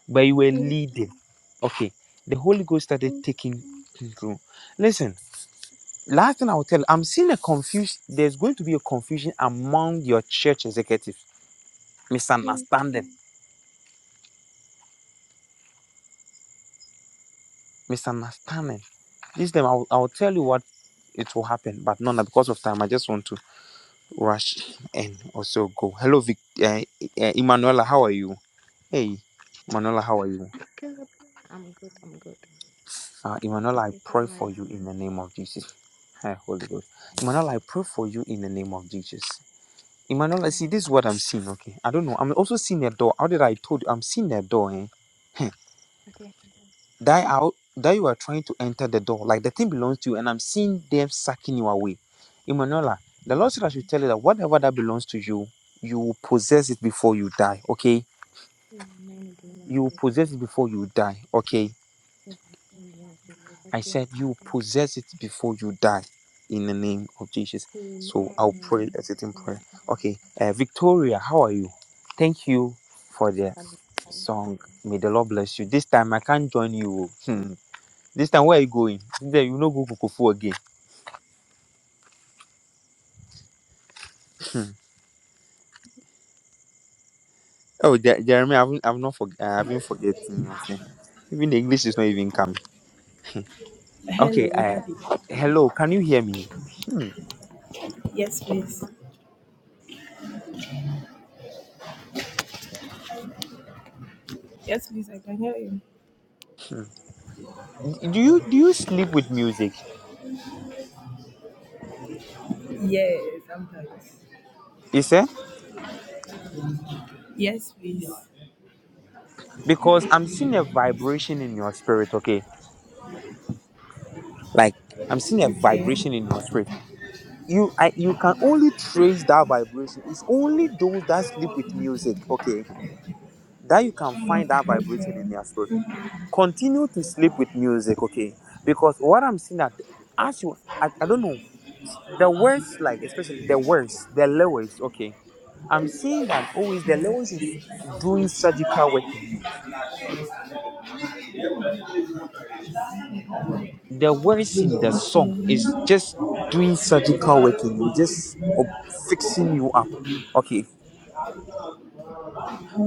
Speaker 1: but you were
Speaker 6: yes.
Speaker 1: leading, okay. The Holy Ghost started
Speaker 6: Mm,
Speaker 1: taking control. Listen. Last thing I will tell, you, I'm seeing a confusion. There's going to be a confusion among your church executives.
Speaker 6: mm.
Speaker 1: Misunderstanding. Misunderstanding. This time I will, I will tell you what it will happen, but not now because of time. I just want to rush and also go. Hello, Vic, uh, uh, Emanuela. How are you? Hey, Emanuela, how are you?
Speaker 10: good. Oh, I'm good. I'm good. I'm good.
Speaker 1: Uh, Emanuela, I
Speaker 10: Is that
Speaker 1: pray for
Speaker 10: right?
Speaker 1: you in the name of Jesus. Hey, Holy Ghost. Emmanuel, I pray for you in the name of Jesus. Emmanuel,
Speaker 10: Amen.
Speaker 1: see, this is what I'm seeing, okay? I don't know. I'm also seeing a door. How did I told you? I'm seeing a door, eh? Hmm.
Speaker 10: Okay.
Speaker 1: that out that you are trying to enter the door, like the thing belongs to you, and I'm seeing them sucking you away. Emanuela, the
Speaker 10: Hmm.
Speaker 1: Lord said I should tell you that whatever that belongs to you, you will possess it before you die. Okay?
Speaker 10: Amen. In the name of
Speaker 1: You will
Speaker 10: Jesus.
Speaker 1: possess it before you die. Okay.
Speaker 10: Amen. Lord Jesus.
Speaker 1: I
Speaker 10: Okay.
Speaker 1: said you will possess it before you die in the name of Jesus. So I'll pray
Speaker 10: Amen.
Speaker 1: a certain prayer.
Speaker 10: Amen.
Speaker 1: Okay. Uh, Victoria, how are you? Thank you for the
Speaker 10: I will say.
Speaker 1: song. May the Lord bless you. This time I can't join you. This time, where are you going? There, you no go Kokofu again. Oh, Je- Jeremy, I've I've not forg I haven't forgotten. Okay, even the English is not even coming. Okay,
Speaker 5: Hello,
Speaker 1: uh,
Speaker 5: Daddy.
Speaker 1: hello, can you hear me?
Speaker 5: Yes, please. Yes, please. I can hear you.
Speaker 1: Do you do you sleep with music?
Speaker 5: Yes, I'm back.
Speaker 1: Is it?
Speaker 5: Yes, please.
Speaker 1: Because I'm seeing a vibration in your spirit. Okay, like I'm
Speaker 5: Okay.
Speaker 1: seeing a
Speaker 5: Okay.
Speaker 1: vibration in your spirit. You I, you can only trace that vibration. It's only those that sleep with music. Okay, that you can find that vibration
Speaker 5: Okay.
Speaker 1: in their spirit. continue to sleep with music, okay? Because what I'm seeing that as you, I, I don't know, the words, like especially the words, the lowest, okay? I'm seeing that always the lowest is doing surgical work in you. The words in the song
Speaker 5: Okay.
Speaker 1: is just doing surgical work in you, just uh, fixing you up, okay?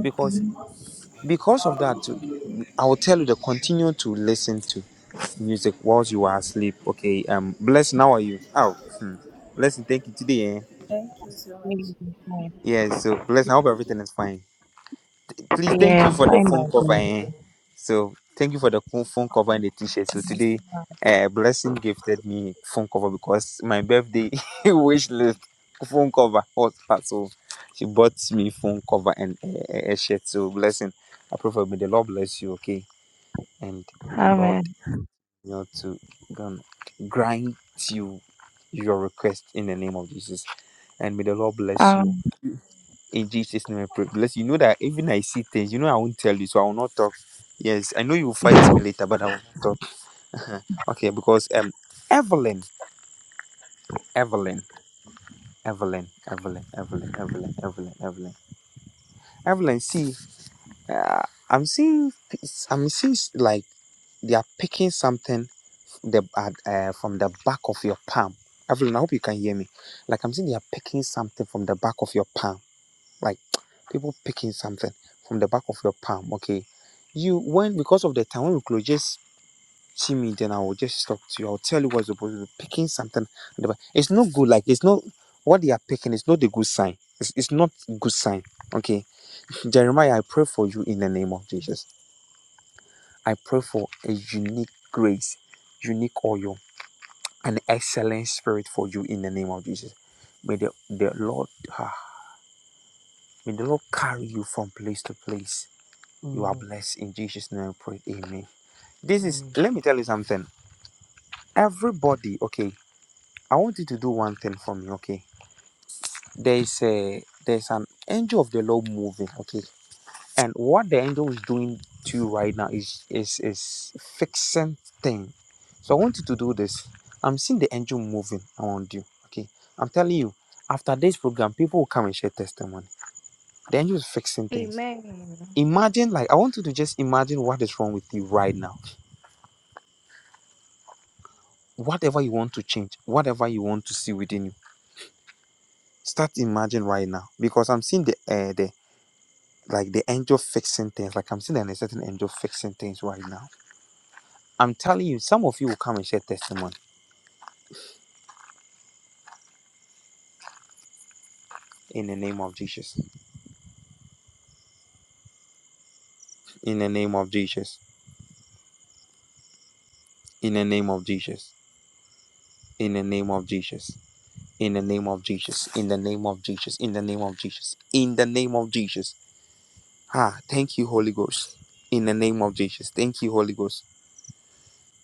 Speaker 1: Because because of that, I will tell you to continue to listen to music whilst you are asleep. Okay. Um, bless. How are you? Oh, hmm. blessing. Thank you today. Eh?
Speaker 5: Thank you so much.
Speaker 15: Maybe it's fine.
Speaker 1: Yeah. So bless. I hope everything is fine. Th- Please, thank
Speaker 15: Yeah,
Speaker 1: you
Speaker 15: I'm
Speaker 1: for the
Speaker 15: fine by
Speaker 1: phone cover.
Speaker 15: God.
Speaker 1: Eh? So thank you for the co- phone cover and the t-shirt. So today, uh, blessing gifted me phone cover because my birthday wish list phone cover was part. So she bought me phone cover and a, a a shirt. So blessing. I pray for me. The Lord bless you. Okay and the Lord
Speaker 15: Amen.
Speaker 1: you know to um, grant you your request in the name of Jesus. And may the Lord bless you.
Speaker 15: Um,
Speaker 1: In Jesus' name I pray. Bless you. You know that even I see things, you know I won't tell you, so I will not talk. Yes, I know you will fight me later, but I will not talk. okay, because um Evelyn, Evelyn, Evelyn, Evelyn, Evelyn, Evelyn, Evelyn, Evelyn. Evelyn, see, uh, I'm seeing, I'm seeing like they are picking something the uh, uh, from the back of your palm. Evelyn, I hope you can hear me. Like I'm saying, they are picking something from the back of your palm. Like people picking something from the back of your palm. Okay, you when because of the time when we close, just see me. Then I will just talk to you. I'll tell you what's supposed to be picking something. at the back. It's not good. Like it's not what they are picking. It's not a good sign. It's, it's not good sign. Okay, Jeremiah, I pray for you in the name of Jesus. I pray for a unique grace, unique oil an excellent spirit for you in the name of Jesus. May the, the Lord ah, may the Lord carry you from place to place. You are
Speaker 14: Mm,
Speaker 1: blessed in Jesus' name. I pray. Amen. This is
Speaker 14: mm.
Speaker 1: let me tell you something. Everybody, okay. I want you to do one thing for me, okay? There is a there's an angel of the Lord moving, okay? And what the angel is doing to you right now is is is fixing thing. So I want you to do this. I'm seeing the angel moving around you. Okay. I'm telling you, after this program, people will come and share testimony. The angel is fixing things.
Speaker 10: Amen.
Speaker 1: Imagine, like, I want you to just imagine what is wrong with you right now. Whatever you want to change, whatever you want to see within you, start imagine right now. Because I'm seeing the uh, the like the angel fixing things. Like I'm seeing an certain angel fixing things right now. I'm telling you, some of you will come and share testimony in the name of Jesus. In the name of Jesus. In the name of Jesus. In the name of Jesus. In the name of Jesus. In the name of Jesus. In the name of Jesus. In the name of Jesus. Ah, thank you, Holy Ghost. In the name of Jesus. Thank you, Holy Ghost.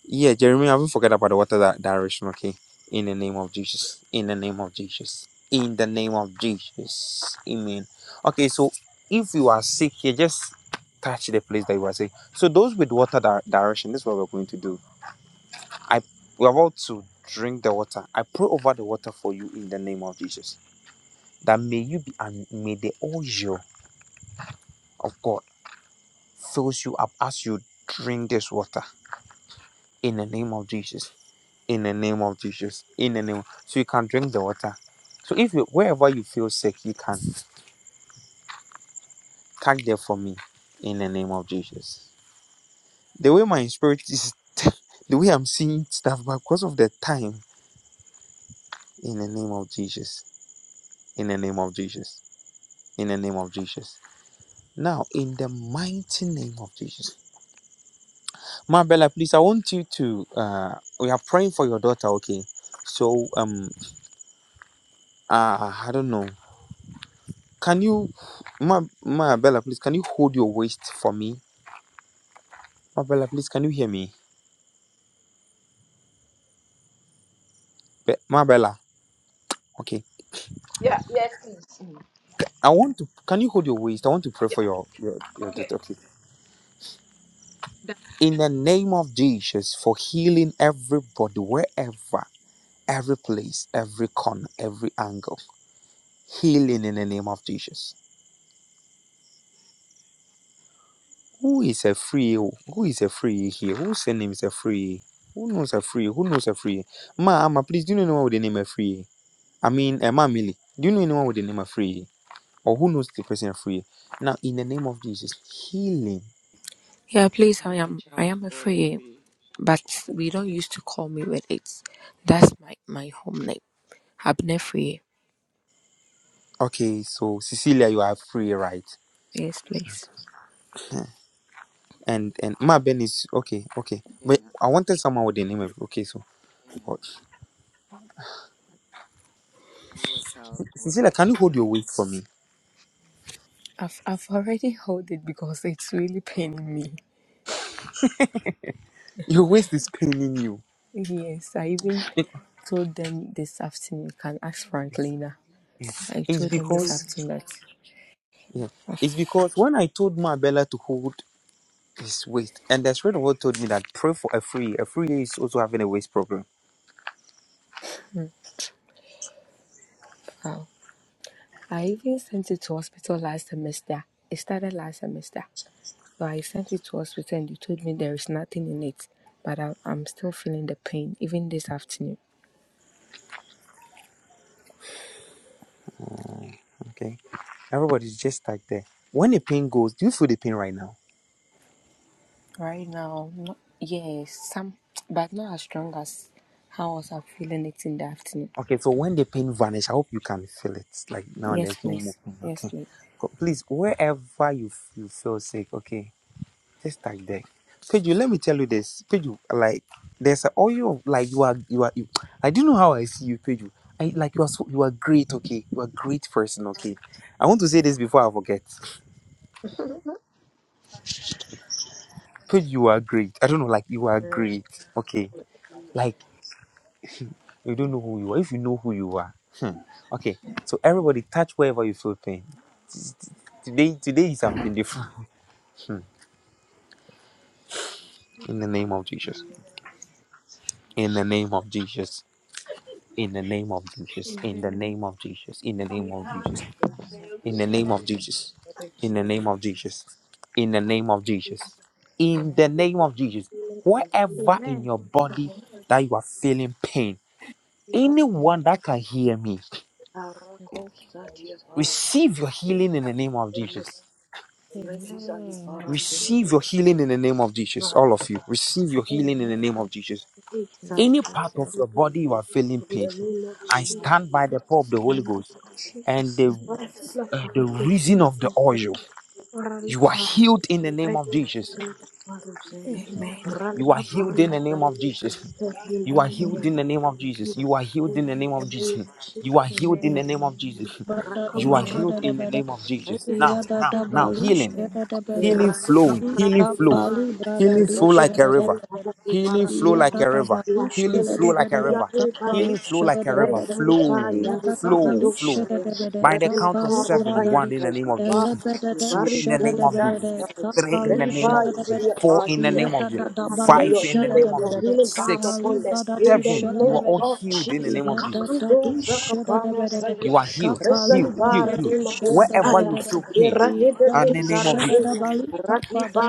Speaker 1: Yeah, Jeremy, I will forget about the water that direction, okay? In the name of Jesus. In the name of Jesus. In the name of Jesus. Amen. Okay, so if you are sick here, just touch the place that you are sick. So those with water di- direction, this is what we're going to do. I we're about to drink the water. I pray over the water for you in the name of Jesus. That may you be and may the oil of God fills you up as you drink this water in the name of Jesus. in the name of Jesus. In the name, so you can drink the water. So if you wherever you feel sick, you can catch there for me. In the name of Jesus. The way my spirit is, the way I'm seeing stuff, but because of the time, in the name of Jesus. In the name of Jesus. In the name of Jesus. Now, in the mighty name of Jesus, Marbella, please, I want you to. Uh, we are praying for your daughter, okay? So, um, uh, I don't know. Can you, Ma, Ma Bella, please, can you hold your waist for me? Ma Bella, please, can you hear me? Be, Ma Bella, okay.
Speaker 8: Yeah, yes, please. Mm.
Speaker 1: I want to, can you hold your waist? I want to pray
Speaker 8: Yeah.
Speaker 1: for your, your, your
Speaker 8: Okay.
Speaker 1: daughter, okay.
Speaker 8: Done.
Speaker 1: In the name of Jesus, for healing everybody, wherever, every place, every corner, every angle. Healing in the name of Jesus. Who is a free? oh? Who is a free here? Whose name is a free? Who knows a free? Who knows a free? Ma, Ama, please, do you know what the name a free? I mean, Emma Millie. do you know anyone with the name of Free or who knows the person Free? Now, in the name of Jesus, healing.
Speaker 13: Yeah, please. I am. I am afraid, but we don't used to call me with it. That's my my home name. Abnefree.
Speaker 1: Okay, so Cecilia, you are free, right?
Speaker 13: Yes, please.
Speaker 1: And and Ma Ben is okay, okay. But I wanted someone with the name of okay, so oh, Cecilia, can you hold your waist for me?
Speaker 13: I've I've already hold it because it's really paining me.
Speaker 1: Your waist is paining you.
Speaker 13: Yes, I even told them this afternoon. You can ask Franklina. I
Speaker 1: It's
Speaker 13: told them this
Speaker 1: because
Speaker 13: afternoon that
Speaker 1: yeah,
Speaker 13: I
Speaker 1: it's because when I told Ma Bella to hold his waist, and the spirit of God told me that pray for a free. A free is also having a waist problem.
Speaker 13: found. I even sent it to hospital last semester. It started last semester. So I sent it to hospital and they told me there is nothing in it. But I, I'm still feeling the pain, even this afternoon.
Speaker 1: Okay Everybody's just like there. When the pain goes, do you feel the pain right now?
Speaker 13: Right now, not, yes, some, but not as strong as how I was feeling it in the afternoon.
Speaker 1: Okay, so when the pain vanishes, I hope you can feel it. Like now
Speaker 13: Yes,
Speaker 1: there's no more
Speaker 13: please.
Speaker 1: pain.
Speaker 13: Yes,
Speaker 1: Okay.
Speaker 13: please.
Speaker 1: Go- Please, wherever you, f- you feel sick, okay, just like there. Peju, let me tell you this. Peju, like there's a oil like you are you are you I do know how I see you, Peju. I like you are so you are great, okay. You are a great person, okay. I want to say this before I forget. Peju, you are great. I don't know, like you are great. Okay. Like You don't know who you are. If you know who you are, hmm. okay. So everybody, touch wherever you feel pain. This- Today, today is something different. Hmm. In the name of Jesus. In the name of Jesus. In the name of Jesus. In the
Speaker 10: Amen.
Speaker 1: name of Jesus. In the name of Jesus. In the name of Jesus.
Speaker 2: What is
Speaker 1: In the
Speaker 2: healing? of
Speaker 1: name of Jesus. In the name of Jesus.
Speaker 2: healing For
Speaker 1: In the
Speaker 10: Amen.
Speaker 2: healing,
Speaker 1: name of Jesus.
Speaker 2: healing for healing,
Speaker 1: Wherever in
Speaker 10: Amen.
Speaker 1: your body that you are feeling pain,
Speaker 2: pick up
Speaker 1: anyone that
Speaker 10: Jesus.
Speaker 1: can hear me,
Speaker 10: Yes.
Speaker 2: Arako Satyavai.
Speaker 1: receive your healing in the name of Jesus
Speaker 2: Rekizali
Speaker 10: Amen. I
Speaker 2: Parazina.
Speaker 10: receive
Speaker 1: receive
Speaker 10: it.
Speaker 1: your
Speaker 10: Lord.
Speaker 1: healing in the name of Jesus. All of you, receive your healing in
Speaker 10: Amen.
Speaker 1: the name
Speaker 10: I
Speaker 1: of Jesus.
Speaker 10: receive it. Lord
Speaker 2: Isai.
Speaker 1: Any part of
Speaker 10: Jesus.
Speaker 1: your
Speaker 2: In
Speaker 1: body you are feeling pain,
Speaker 2: the name of
Speaker 1: I
Speaker 2: Jesus.
Speaker 1: stand by the power of the Holy
Speaker 2: In the name
Speaker 1: Ghost
Speaker 2: of
Speaker 1: and
Speaker 2: Jesus.
Speaker 10: Yes,
Speaker 1: the
Speaker 10: Lord.
Speaker 2: Vasila
Speaker 1: uh, the
Speaker 2: Parakis.
Speaker 1: reason of the oil.
Speaker 2: Paralik
Speaker 1: You are
Speaker 2: Par.
Speaker 1: healed in the name of
Speaker 2: Redis
Speaker 1: Jesus.
Speaker 2: Red Parusea.
Speaker 10: Amen. I receive
Speaker 1: You are
Speaker 10: my
Speaker 2: Ralika
Speaker 1: healed
Speaker 10: healing
Speaker 1: in the
Speaker 10: now.
Speaker 2: Paris.
Speaker 1: name
Speaker 10: Lord
Speaker 1: of Jesus.
Speaker 10: Jesus. Yes,
Speaker 1: You are
Speaker 10: Lord.
Speaker 1: healed
Speaker 13: Amen.
Speaker 1: in the
Speaker 10: Thank
Speaker 1: name of
Speaker 10: you.
Speaker 1: Jesus. You are healed
Speaker 2: In
Speaker 1: in the
Speaker 13: Amen.
Speaker 1: name
Speaker 2: the
Speaker 1: of
Speaker 2: name
Speaker 1: Jesus.
Speaker 2: of
Speaker 1: You are
Speaker 2: Jesus.
Speaker 1: healed in
Speaker 2: Heal.
Speaker 1: the
Speaker 10: Amen.
Speaker 13: Amen.
Speaker 1: name of Jesus. You are
Speaker 13: Amen.
Speaker 1: healed
Speaker 2: Rakaparada.
Speaker 10: Amen.
Speaker 1: in the name of Jesus.
Speaker 2: Redis
Speaker 1: Now, now, now,
Speaker 10: Amen.
Speaker 1: healing
Speaker 13: Amen.
Speaker 10: Amen.
Speaker 13: Amen.
Speaker 1: Healing
Speaker 10: Yes,
Speaker 1: flowing,
Speaker 10: Lord.
Speaker 1: healing flow,
Speaker 10: I receive
Speaker 1: healing flow
Speaker 10: I
Speaker 1: like a river,
Speaker 10: receive
Speaker 1: healing
Speaker 10: it.
Speaker 1: flow like a river,
Speaker 2: You are
Speaker 1: healing
Speaker 2: healing
Speaker 1: flow like a river,
Speaker 2: everybody
Speaker 1: healing flow like a river, flow,
Speaker 2: Resarifaya
Speaker 1: flow, flow.
Speaker 2: riparadosaya
Speaker 1: By the count of seven,
Speaker 2: repelekarofaya
Speaker 1: one in the name of
Speaker 2: saikapa
Speaker 1: Jesus, two in the name of Jesus,
Speaker 2: ibarisenzarifaya
Speaker 1: three in the name of
Speaker 2: relivai
Speaker 1: Jesus, four in the
Speaker 2: zidiapatia.
Speaker 1: name of
Speaker 2: We
Speaker 1: Jesus,
Speaker 2: ask for
Speaker 1: five
Speaker 2: your
Speaker 1: in the name
Speaker 2: healing,
Speaker 1: of
Speaker 2: your
Speaker 1: Jesus,
Speaker 2: healing balm
Speaker 1: six,
Speaker 2: upon them in the
Speaker 1: seven. You are
Speaker 2: name
Speaker 1: all
Speaker 2: of
Speaker 1: healed in the
Speaker 2: Jesus.
Speaker 1: name of Jesus.
Speaker 2: Kakando zakapara
Speaker 1: You are healed, healed, healed,
Speaker 2: Rezalibara
Speaker 1: healed. Wherever
Speaker 2: Magoshaya,
Speaker 1: you feel pain,
Speaker 2: Iradide
Speaker 1: in the name of Jesus.
Speaker 2: Zaradea,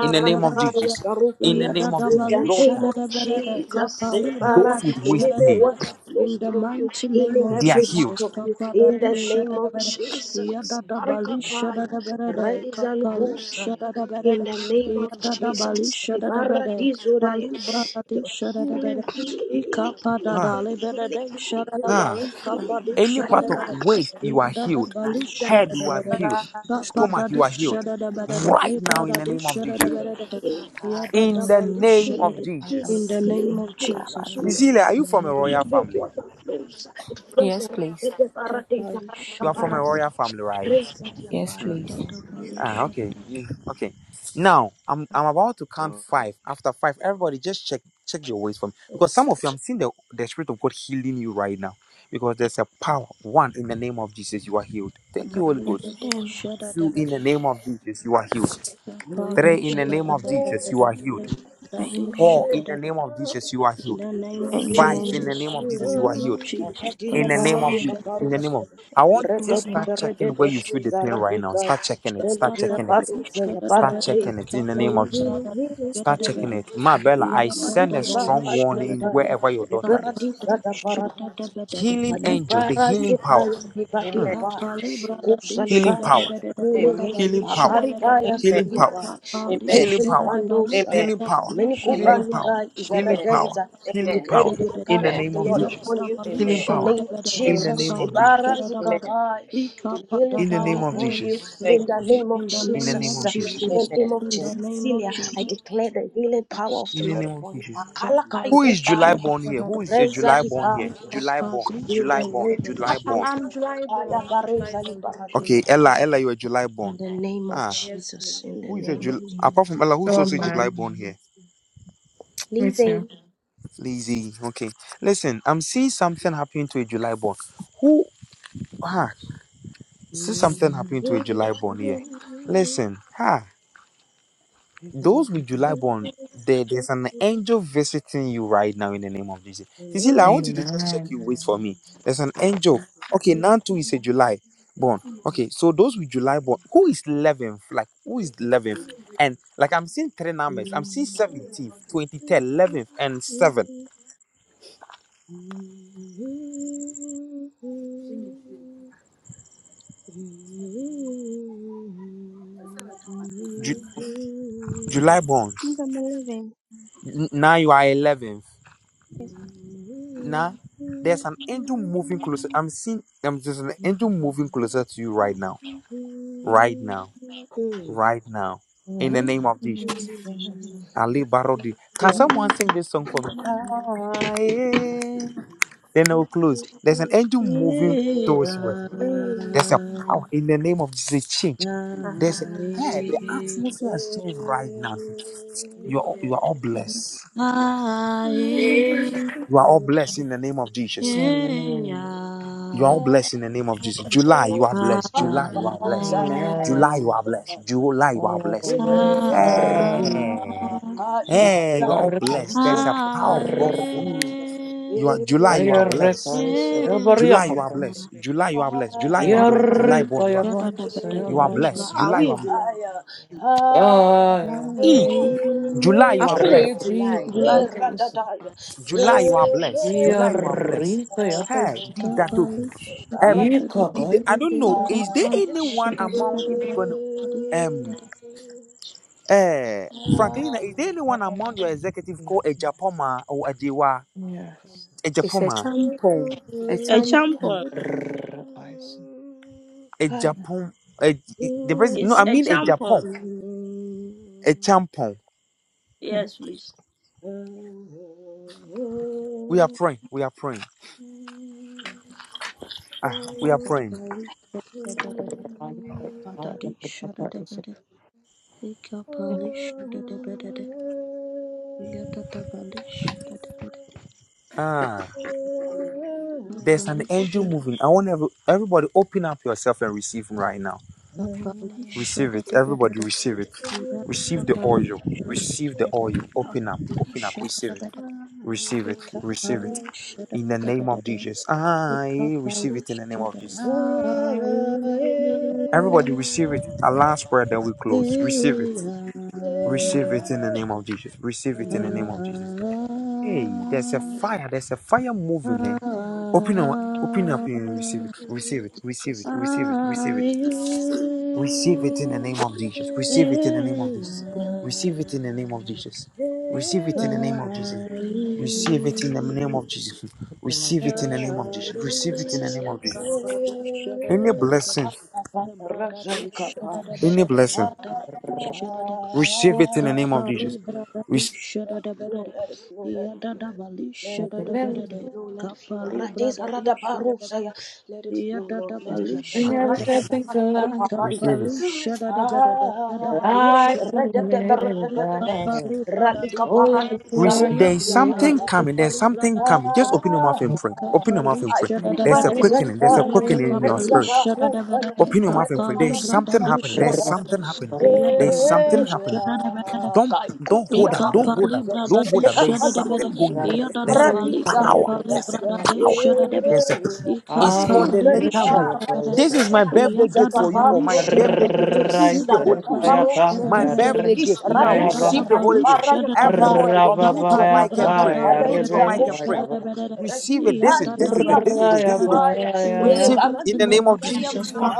Speaker 1: In the name of
Speaker 2: Kaya
Speaker 1: Jesus. In the
Speaker 2: Zarubea.
Speaker 13: Makara
Speaker 1: name of
Speaker 2: In
Speaker 1: Jesus.
Speaker 2: the
Speaker 1: Lord,
Speaker 2: name
Speaker 1: that
Speaker 2: of
Speaker 13: sikete
Speaker 2: Jesus, Separa,
Speaker 1: those with
Speaker 2: the
Speaker 1: waist
Speaker 2: living
Speaker 1: pain,
Speaker 2: water flows through you, healing
Speaker 1: they are
Speaker 2: every part
Speaker 1: healed.
Speaker 2: of you. In the name of Jesus, Harikapaya, Raizal Kusaya. In the name of Jesus, Ibarra Dizoraya, your healing, healing, healing, healing,
Speaker 1: Ah,
Speaker 2: healing, healing, healing,
Speaker 1: ah.
Speaker 2: healing,
Speaker 1: Any part of
Speaker 2: healing.
Speaker 1: waist, you are healed.
Speaker 2: That
Speaker 1: Head, you are healed. Stomach, you are healed. Right now, in the name of Jesus.
Speaker 2: healing, healing,
Speaker 1: In the
Speaker 13: barabasi,
Speaker 1: name of
Speaker 2: healing, healing,
Speaker 13: barabasi,
Speaker 1: Jesus.
Speaker 2: healing, healing. Healing,
Speaker 1: Cecilia, are you from a royal
Speaker 2: healing, The
Speaker 1: family?
Speaker 2: water flows. It flows
Speaker 13: Yes,
Speaker 2: around
Speaker 13: please.
Speaker 2: the Devarate
Speaker 1: You
Speaker 2: Zaraka
Speaker 1: are from a
Speaker 2: Paras.
Speaker 1: royal family, right?
Speaker 2: Raise up your
Speaker 13: Yes,
Speaker 2: prayer.
Speaker 13: please.
Speaker 1: Ah,
Speaker 2: Yes,
Speaker 1: okay. You, okay. Now I'm I'm about to count
Speaker 2: Lord.
Speaker 1: five. After five, everybody just check check your ways for me. Because some of you I'm seeing the the spirit of God healing you right now. Because there's a power. One in the name of Jesus, you are healed. Thank you, Holy Ghost.
Speaker 13: Amen.
Speaker 1: Two in the name of Jesus, you are healed. Three in the
Speaker 13: Amen.
Speaker 1: name of Jesus, you are healed. Four
Speaker 13: Amen.
Speaker 1: in the name of Jesus, you are healed. Five
Speaker 13: Amen.
Speaker 1: in the name of Jesus, you are healed.
Speaker 2: That is the
Speaker 1: In the name of
Speaker 2: Baradu
Speaker 13: Amen.
Speaker 1: Jesus. In the
Speaker 2: Kaparus.
Speaker 1: name of I want just
Speaker 13: Amen.
Speaker 1: start checking where you feel the pain right now.
Speaker 2: Zarabica,
Speaker 1: Start checking it. Start
Speaker 2: Religious
Speaker 1: checking it.
Speaker 2: Parusa,
Speaker 1: Start
Speaker 2: Parade,
Speaker 1: checking it in the name
Speaker 2: Healing,
Speaker 1: of Jesus.
Speaker 2: healing,
Speaker 1: Start
Speaker 2: healing,
Speaker 1: checking it. My
Speaker 2: healing.
Speaker 1: Bella, I send a
Speaker 2: Kakatuki
Speaker 1: strong
Speaker 2: Papa,
Speaker 1: warning
Speaker 2: Zelda,
Speaker 1: wherever your
Speaker 2: the
Speaker 1: daughter is.
Speaker 2: Paradisa, the Paradise.
Speaker 1: Healing angel, the healing power.
Speaker 2: Aliparazikaya
Speaker 1: Hmm.
Speaker 8: Amen.
Speaker 2: ndibadiyapai,
Speaker 1: Healing
Speaker 2: kupsalikaya,
Speaker 1: power.
Speaker 8: Amen.
Speaker 2: ulehengi,
Speaker 1: Healing power.
Speaker 2: akarikaya
Speaker 1: Healing power.
Speaker 2: suriyapai,
Speaker 8: Amen.
Speaker 1: Healing power.
Speaker 2: ezvilipandosa.
Speaker 8: Amen.
Speaker 1: Healing power.
Speaker 2: Many
Speaker 1: Healing power.
Speaker 2: Kubayikai is a
Speaker 1: Healing
Speaker 8: Amen. Amen.
Speaker 1: power.
Speaker 2: redenza. We
Speaker 1: Healing
Speaker 8: Amen.
Speaker 2: declare
Speaker 1: power.
Speaker 2: the healing
Speaker 1: In
Speaker 2: power
Speaker 1: the
Speaker 8: Amen.
Speaker 2: of the
Speaker 1: name of
Speaker 2: Lord
Speaker 1: Jesus.
Speaker 2: upon you
Speaker 1: Healing
Speaker 2: in
Speaker 8: Amen.
Speaker 2: the
Speaker 1: power.
Speaker 2: name of
Speaker 1: In
Speaker 8: Amen. Amen.
Speaker 1: the
Speaker 2: Jesus.
Speaker 1: name of Jesus.
Speaker 8: Amen.
Speaker 2: Ibarazikapai, The healing
Speaker 1: In the
Speaker 2: power
Speaker 1: name of
Speaker 2: upon you
Speaker 1: Jesus.
Speaker 8: Thank
Speaker 2: in the name of
Speaker 1: In the name
Speaker 2: Jesus.
Speaker 1: of Jesus.
Speaker 2: In
Speaker 8: you.
Speaker 2: the name of Jesus, Cecilia, I declare the healing power of the
Speaker 1: In the
Speaker 2: Lord
Speaker 1: name of
Speaker 2: upon you.
Speaker 1: Jesus.
Speaker 2: Akala kai
Speaker 1: Who is July born here? Who is a July born here? July born,
Speaker 2: Rezalibahushai, In
Speaker 1: July
Speaker 2: the name
Speaker 1: born,
Speaker 2: of
Speaker 1: July
Speaker 10: Papa,
Speaker 1: born.
Speaker 2: Jesus.
Speaker 10: I'm dry born. I'm dry bone.
Speaker 2: Ayabarezalibahadeis,
Speaker 1: Okay, Ella, Ella, you're a July born.
Speaker 2: In the name of
Speaker 1: Ah,
Speaker 10: Yes, please.
Speaker 2: Jesus. In the
Speaker 1: who is a
Speaker 2: name of
Speaker 1: July? Apart from Ella, who's
Speaker 11: So
Speaker 1: also a
Speaker 11: am I.
Speaker 1: July born here?
Speaker 11: Me too.
Speaker 2: Lizzie.
Speaker 1: Lizzie. Okay, listen, I'm seeing something happening to a July born. Who? Ah, see something happening to a July born here. Listen, ah. Those with July born, there, there's an angel visiting you right now in the name of Jesus. Cecilia, I want
Speaker 10: Thank
Speaker 1: you
Speaker 11: Amen.
Speaker 1: to just check
Speaker 11: Amen.
Speaker 1: your weight for me. There's an angel. Okay, now too is a July born. Okay, so those with July born, who is 11th? Like, who is 11th? And like, I'm seeing three numbers. I'm seeing 17th, 23rd, 11th, and 7th.
Speaker 2: Mm. Mm. Is
Speaker 1: Ju- July born.
Speaker 6: Please, I'm 11.
Speaker 1: N- now you are 11th.
Speaker 6: Yes.
Speaker 1: Now, there's an angel moving closer. I'm seeing, um, there's an angel moving closer to you right now. Right now right now in the name of Jesus. Ali Barodi. Can someone sing this song for me? Ah, yeah. Then I will close. There's an angel
Speaker 16: July
Speaker 1: moving
Speaker 16: is
Speaker 1: towards you. There's
Speaker 13: Amen.
Speaker 1: a power in the name of Jesus. Change. There's a yeah, the atmosphere has changed right now. You are you are all blessed.
Speaker 16: a
Speaker 1: You are all blessed in the name of Jesus.
Speaker 11: Amen.
Speaker 1: You are all blessed in the name of Jesus. July, you are blessed. July, you are blessed.
Speaker 2: that
Speaker 1: July, you
Speaker 11: Amen.
Speaker 1: are blessed. July, you are
Speaker 11: Oh,
Speaker 1: blessed.
Speaker 11: amen. Arri.
Speaker 1: Hey,
Speaker 11: Ito
Speaker 1: hey, you are all blessed. There's
Speaker 11: yarrekaisa.
Speaker 1: a power of God. for-
Speaker 11: Arri.
Speaker 1: You are July, you are blessed.
Speaker 11: Ayarrekaisa.
Speaker 1: July, you are
Speaker 11: Yabariyakata.
Speaker 10: It
Speaker 1: blessed. July, you are blessed. July, you are blessed. July,
Speaker 11: Yarri
Speaker 1: born, you are
Speaker 11: kayaban.
Speaker 2: good?
Speaker 1: you are blessed. July,
Speaker 11: Sayababa.
Speaker 1: you are.
Speaker 2: Aya, ah,
Speaker 11: Ay.
Speaker 1: Eh,
Speaker 2: eh,
Speaker 1: July,
Speaker 2: eh,
Speaker 1: you
Speaker 13: How
Speaker 1: are
Speaker 13: can
Speaker 1: blessed.
Speaker 13: you
Speaker 11: Arri
Speaker 13: July?
Speaker 2: eh,
Speaker 11: kayabaisa.
Speaker 2: radadaya, eh,
Speaker 1: July, you are blessed. July, you
Speaker 2: eh,
Speaker 1: are
Speaker 11: Yarri
Speaker 1: blessed. Hey,
Speaker 11: kayabaisa.
Speaker 1: did that do? Um,
Speaker 11: Ika
Speaker 1: did the- I don't
Speaker 11: kayabaisa.
Speaker 16: A
Speaker 1: know. Is there
Speaker 10: just
Speaker 1: anyone
Speaker 10: network.
Speaker 1: among the Lebanon? Um, eh, Franklina, is there anyone among your executive called a Japoma or a Dewa?
Speaker 11: Yes.
Speaker 1: A
Speaker 13: It's a
Speaker 1: Japoma,
Speaker 13: tampon. A tampon.
Speaker 16: champion.
Speaker 11: R- I see.
Speaker 1: a
Speaker 2: eh, aya.
Speaker 1: Japon, a, the president? No,
Speaker 13: Eyi-
Speaker 16: is
Speaker 1: I
Speaker 16: a
Speaker 1: mean a Japon,
Speaker 16: champion.
Speaker 1: a champion.
Speaker 11: Hmm.
Speaker 16: Yes, please.
Speaker 1: We are praying. We are praying. Ah, we are praying.
Speaker 11: R- I see. I- I- I see.
Speaker 1: Ah, there's an angel moving. I want every, everybody open up yourself and receive him right now. Receive it. Everybody receive it. Receive the oil. Receive the oil. Open up. Open up. Receive it. Receive it. Receive it. In the name of Jesus. I receive it in the name of Jesus. Everybody receive it. Our last prayer that we
Speaker 2: Rasa
Speaker 1: close. Receive it. Receive it in the name of Jesus. Receive it in the name of Jesus. Hey, there's a fire. There's a fire moving there. Open up. Open up and receive it. Receive it. Receive it. Receive it. Receive it. Receive it in the name of Jesus. Receive it in the name of Jesus. Receive it in the name of Jesus. Receive it in the name of Jesus. Receive it in the name of Jesus. Receive it in
Speaker 11: Supernatural.
Speaker 1: the name of Jesus. Receive it in the name of Jesus. Any blessing, any blessing, receive it
Speaker 2: Ah,
Speaker 1: in the name of Jesus. Receive,
Speaker 2: flow, let it flow, let it, let it flow, let it flow, let it flow. Radiza radabarusaya, let it flow, Lord, let
Speaker 11: Just
Speaker 2: it flow.
Speaker 11: Bring
Speaker 1: it.
Speaker 11: everything to life.
Speaker 2: Karadabarukoparazaya.
Speaker 1: receive it.
Speaker 2: Ah,
Speaker 11: Light
Speaker 2: rededede,
Speaker 11: planet
Speaker 2: rededede.
Speaker 11: All
Speaker 2: Ralika
Speaker 11: over the floor
Speaker 1: Rece-
Speaker 11: right
Speaker 1: there is
Speaker 11: here.
Speaker 2: paradisarukia
Speaker 1: something coming. There's something coming. Just open your mouth
Speaker 2: I
Speaker 1: and
Speaker 11: Nope.
Speaker 1: pray. Open your mouth and pray.
Speaker 11: And the
Speaker 1: There's a
Speaker 2: praise
Speaker 11: river
Speaker 2: and
Speaker 1: quickening. There's a
Speaker 2: praise,
Speaker 1: quickening in your
Speaker 2: praise and
Speaker 11: flows.
Speaker 1: spirit.
Speaker 2: hope,
Speaker 1: Open your mouth and pray. There is
Speaker 2: recognize
Speaker 1: something
Speaker 2: and
Speaker 1: happening. There is
Speaker 2: provide.
Speaker 1: something happening. There is something happening. Don't
Speaker 2: Kai
Speaker 1: don't
Speaker 2: kupia
Speaker 1: hold up. Don't hold up.
Speaker 2: kapisa,
Speaker 1: Don't hold up.
Speaker 2: leka
Speaker 1: There is
Speaker 2: kanto,
Speaker 1: something going on. There's
Speaker 11: People
Speaker 1: a
Speaker 11: in-
Speaker 2: paradiza
Speaker 1: power.
Speaker 2: lebeda.
Speaker 1: There's a power. There's a.
Speaker 2: Kai
Speaker 11: I
Speaker 1: It's called
Speaker 11: am
Speaker 1: the
Speaker 2: kuseli
Speaker 1: letter
Speaker 11: a
Speaker 1: win.
Speaker 11: fire
Speaker 2: baraje,
Speaker 11: voice.
Speaker 1: This is my birthday
Speaker 2: leza
Speaker 1: gift for you, or my
Speaker 11: Yes.
Speaker 2: kaparo,
Speaker 1: birthday gift.
Speaker 2: release,
Speaker 1: Receive the Holy
Speaker 2: reka
Speaker 1: Ghost.
Speaker 2: paro,
Speaker 1: My
Speaker 2: release,
Speaker 1: birthday
Speaker 2: release,
Speaker 1: gift now.
Speaker 2: radosa,
Speaker 1: Receive the Holy Ghost.
Speaker 2: radibara,
Speaker 1: Everybody,
Speaker 2: kapara,
Speaker 1: unmute your
Speaker 2: Ah,
Speaker 1: mic and pray. Unmute your mic and pray. Receive it. This is this is it. This is it. This is it. Receive it in the name of Jesus.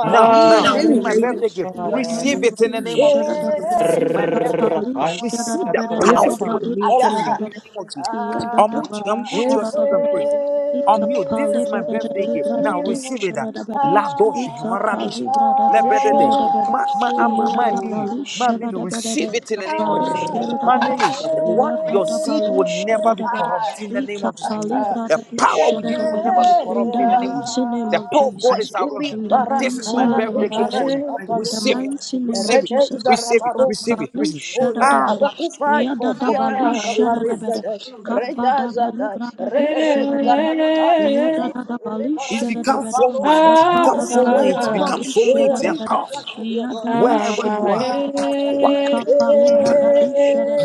Speaker 1: Now, now, this is my
Speaker 13: When
Speaker 1: birthday gift. Receive
Speaker 13: you i
Speaker 1: it in the name of Jesus.
Speaker 13: meeting
Speaker 1: My
Speaker 13: no,
Speaker 1: birthday gift. Now, receive the
Speaker 13: ọ̀nà
Speaker 1: power of
Speaker 13: sísá
Speaker 1: the Holy
Speaker 13: wọ̀
Speaker 1: Ghost. All of
Speaker 13: meeting
Speaker 1: you
Speaker 13: no.
Speaker 1: in the name of Jesus. Unmute, unmute yourself and pray. Unmute. This is my birthday gift. Now receive it. La dosh, my radish, le bedede, my my my my my meal, my
Speaker 16: Shada bada da kapalı shada Shadadabada, Kapalu, Shadadabada, Yadadabalu, Shadadabada, Likapali,
Speaker 2: Ah,
Speaker 16: Brada,
Speaker 1: power
Speaker 16: Shadadabada, in the mighty name of Jesus, in the
Speaker 2: bara
Speaker 16: mighty
Speaker 2: izara
Speaker 16: name
Speaker 2: de
Speaker 16: of
Speaker 1: gift
Speaker 2: bara
Speaker 1: for
Speaker 16: Jesus,
Speaker 2: la
Speaker 1: you.
Speaker 16: in the
Speaker 2: caparuse.
Speaker 16: mighty name
Speaker 1: Receive
Speaker 16: of
Speaker 1: it.
Speaker 2: Rete
Speaker 16: Jesus.
Speaker 2: izara
Speaker 1: Receive it.
Speaker 2: marosa.
Speaker 1: Receive it.
Speaker 16: Kapalu,
Speaker 1: Receive it.
Speaker 2: Oh Lord,
Speaker 16: Shadadabada,
Speaker 2: Arakupai, Utia
Speaker 16: Yadadabalu,
Speaker 2: Navika Parisa,
Speaker 16: Shadadabada,
Speaker 2: Reda
Speaker 16: Kapadadali,
Speaker 2: Zada,
Speaker 16: Brada,
Speaker 2: Rebere
Speaker 16: Shadadabada,
Speaker 2: Zarana Karusa,
Speaker 16: Yadadabalu,
Speaker 1: It's
Speaker 2: Reparazika
Speaker 1: become so
Speaker 16: Shadadabada,
Speaker 2: Parusa,
Speaker 1: mighty. Become so
Speaker 2: Parusa,
Speaker 16: Kapadadali,
Speaker 1: mighty.
Speaker 2: Nama,
Speaker 16: Brada,
Speaker 1: Become so
Speaker 16: Shadadabada,
Speaker 1: mighty and
Speaker 2: Erika
Speaker 1: powerful.
Speaker 2: Kadia
Speaker 1: Wherever you are.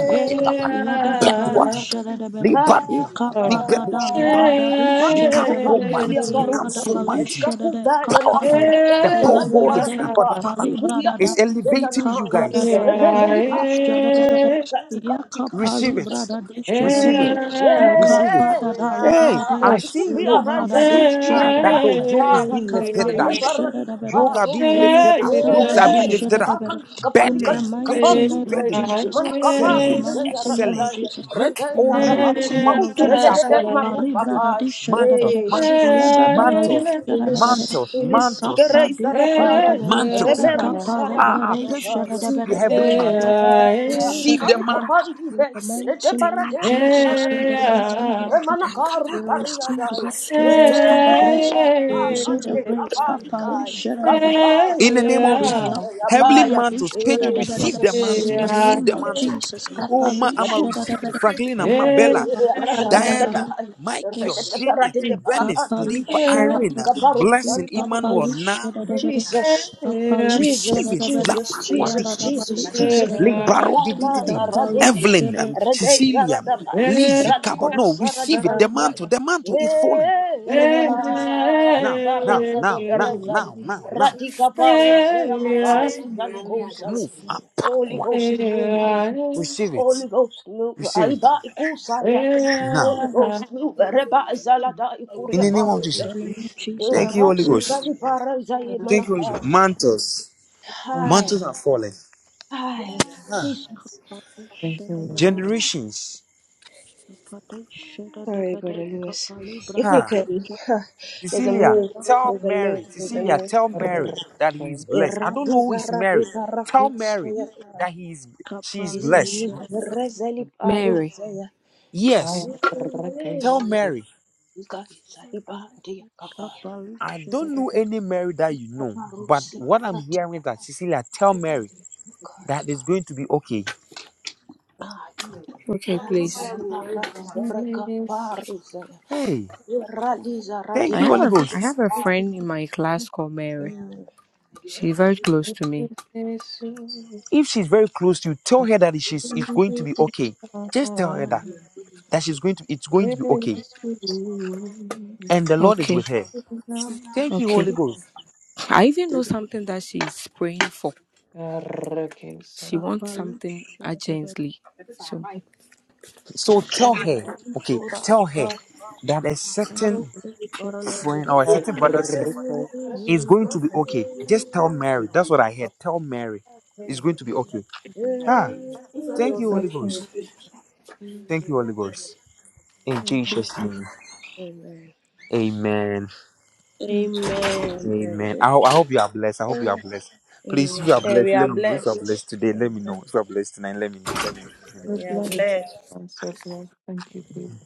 Speaker 1: Black water.
Speaker 2: Katika
Speaker 1: Liban. Liberoskipan. Become so mighty. Become so mighty. Powerful. The power of God is about the It's elevating you guys. Receive it. Receive it.
Speaker 2: Hey,
Speaker 1: Receive it. Hey, I'm seeing yoke. I'm seeing ah that the yoke is being lifted up. Yoke are being lifted up. Yokes are being lifted up. Burdens, burdens,
Speaker 11: Yeah.
Speaker 1: burden. Excellence, excellence. Grace on you. Mountains are falling. Battling. Mantles, mantles,
Speaker 2: Jesus.
Speaker 1: mantles,
Speaker 2: Release,
Speaker 1: mantles,
Speaker 2: release.
Speaker 1: mantles,
Speaker 2: Grace arapara.
Speaker 1: mantles.
Speaker 2: Reberus
Speaker 1: Ah, ah, page you
Speaker 2: aradibalakaya.
Speaker 1: receive the heavenly mantles.
Speaker 2: Yeah.
Speaker 1: Receive the
Speaker 2: Kanka
Speaker 1: mantle.
Speaker 2: pandube. Redebarade saradusa. Remana karu pariadaya. Yeah. Akante kapalikai. Karupa
Speaker 1: In the
Speaker 2: zaria
Speaker 1: name of Jesus.
Speaker 2: kansa
Speaker 1: Heavenly
Speaker 2: yapaya.
Speaker 1: mantles, Page, you
Speaker 2: Eh.
Speaker 1: receive the mantle. Receive the mantle. Oh, ma, I'ma
Speaker 2: Latuke
Speaker 1: receive it. Franklin and Bella, Diana,
Speaker 2: radadadadai.
Speaker 1: Michael, Janet,
Speaker 2: Radete
Speaker 1: Venice,
Speaker 2: paratatusa.
Speaker 1: Lipa, Irene,
Speaker 2: Radika
Speaker 1: Blessing,
Speaker 2: paru
Speaker 1: Emmanuel, now
Speaker 2: Jesus,
Speaker 1: receive
Speaker 2: Jesus,
Speaker 1: it. La
Speaker 2: Jesus,
Speaker 1: Panuadi,
Speaker 2: Jesus,
Speaker 16: Yadadabalu,
Speaker 2: Jesus, Jesus. Radaya,
Speaker 1: Libaro,
Speaker 16: Kapali,
Speaker 2: radeza,
Speaker 1: Evelyn, and
Speaker 2: radeza,
Speaker 1: Cecilia,
Speaker 11: Oh,
Speaker 2: radabai,
Speaker 1: Lizzie,
Speaker 11: thank
Speaker 1: Cabo. No,
Speaker 2: radikosa,
Speaker 1: receive it.
Speaker 11: you,
Speaker 1: The mantle,
Speaker 2: radibanakaya.
Speaker 1: the mantle is falling. In the name of Jesus.
Speaker 2: Yeah,
Speaker 1: Now, now,
Speaker 2: ibaraza de
Speaker 1: now, now,
Speaker 2: berezali,
Speaker 1: now, now, now.
Speaker 2: radika parusa ya makaya, zalikosa ya.
Speaker 1: Move.
Speaker 2: Holy
Speaker 1: Apakwa.
Speaker 2: Ghost move,
Speaker 1: Receive it.
Speaker 2: Holy Ghost move,
Speaker 1: Receive it
Speaker 2: Aiba ikusa ya,
Speaker 1: now.
Speaker 2: Holy Ghost move,
Speaker 1: In the name of
Speaker 2: parusa
Speaker 1: Jesus.
Speaker 2: ya. Eh,
Speaker 1: Thank you, Holy
Speaker 2: Radiza
Speaker 1: Ghost. Thank you,
Speaker 2: nakaya.
Speaker 1: Holy Ghost. Mantles. Mantles are falling.
Speaker 2: Ay,
Speaker 1: Ah.
Speaker 2: Jesus.
Speaker 11: thank you, Lord.
Speaker 1: Generations.
Speaker 2: Sorry, Brother Lewis. If we
Speaker 1: Ah.
Speaker 2: can, there's a
Speaker 1: Cecilia,
Speaker 2: move,
Speaker 1: tell
Speaker 2: there's a move,
Speaker 1: Mary.
Speaker 2: there's a
Speaker 1: Cecilia,
Speaker 2: move,
Speaker 1: tell Mary
Speaker 2: move.
Speaker 1: that he
Speaker 11: Okay.
Speaker 1: is blessed. I don't know who is Mary. Tell Mary
Speaker 2: Eradizaradizarakosaya.
Speaker 1: that he is she is
Speaker 2: There's a
Speaker 1: blessed.
Speaker 2: move.
Speaker 10: Amen.
Speaker 13: Mary.
Speaker 2: Rezeliparuzaya.
Speaker 11: I
Speaker 1: Yes.
Speaker 11: okay,
Speaker 1: Tell
Speaker 11: sorry.
Speaker 1: Mary.
Speaker 2: Ikaisalibadiakabai.
Speaker 1: I don't know any Mary that you know, but
Speaker 2: Aparuse
Speaker 1: what I'm hearing is that Cecilia, tell Mary
Speaker 2: God,
Speaker 1: that it's going to be okay.
Speaker 2: my God.
Speaker 13: Okay, please.
Speaker 11: Yes.
Speaker 2: Razalibarazarakaparuzaya.
Speaker 1: Hey, thank
Speaker 13: I
Speaker 1: you,
Speaker 13: have
Speaker 1: Holy
Speaker 2: Eradizaradipar-
Speaker 13: a I
Speaker 1: Ghost.
Speaker 13: have a friend in my class called Mary.
Speaker 2: Mm.
Speaker 13: She's very close to me.
Speaker 1: If she's very close to you, tell her that she's it's going to be okay. Just tell her that that she's going to it's going to be okay, and the Lord is
Speaker 13: Okay,
Speaker 1: with her.
Speaker 11: Surplus,
Speaker 1: Thank you,
Speaker 13: okay.
Speaker 1: Holy Ghost.
Speaker 13: I even know something that she's praying for. She
Speaker 16: Thank
Speaker 13: wants
Speaker 16: you.
Speaker 13: something urgently. So
Speaker 11: surplus.
Speaker 1: So tell her, okay, tell her that a certain
Speaker 2: Zorakaparuzaya.
Speaker 1: friend or a certain brother said
Speaker 2: Amen.
Speaker 1: it's going to be okay. Just tell Mary. That's what I heard. Tell Mary it's going to be okay. Ah, thank you,
Speaker 2: Amen.
Speaker 1: Holy Ghost. Thank you, Holy Ghost. Jesus' name,
Speaker 2: Amen.
Speaker 1: Amen.
Speaker 13: yeah,
Speaker 16: Amen.
Speaker 1: Amen. I, ho- I hope you are blessed. I hope you are blessed. Please, if
Speaker 2: Amen.
Speaker 1: you are
Speaker 16: Yeah,
Speaker 10: Sure,
Speaker 1: blessed,
Speaker 16: we are
Speaker 1: let me know. If you are
Speaker 16: blessed.
Speaker 1: blessed today,
Speaker 16: We
Speaker 1: let me know. If you are blessed tonight, let me know. Let me let me know.
Speaker 16: are blessed.
Speaker 11: thank you, Jesus.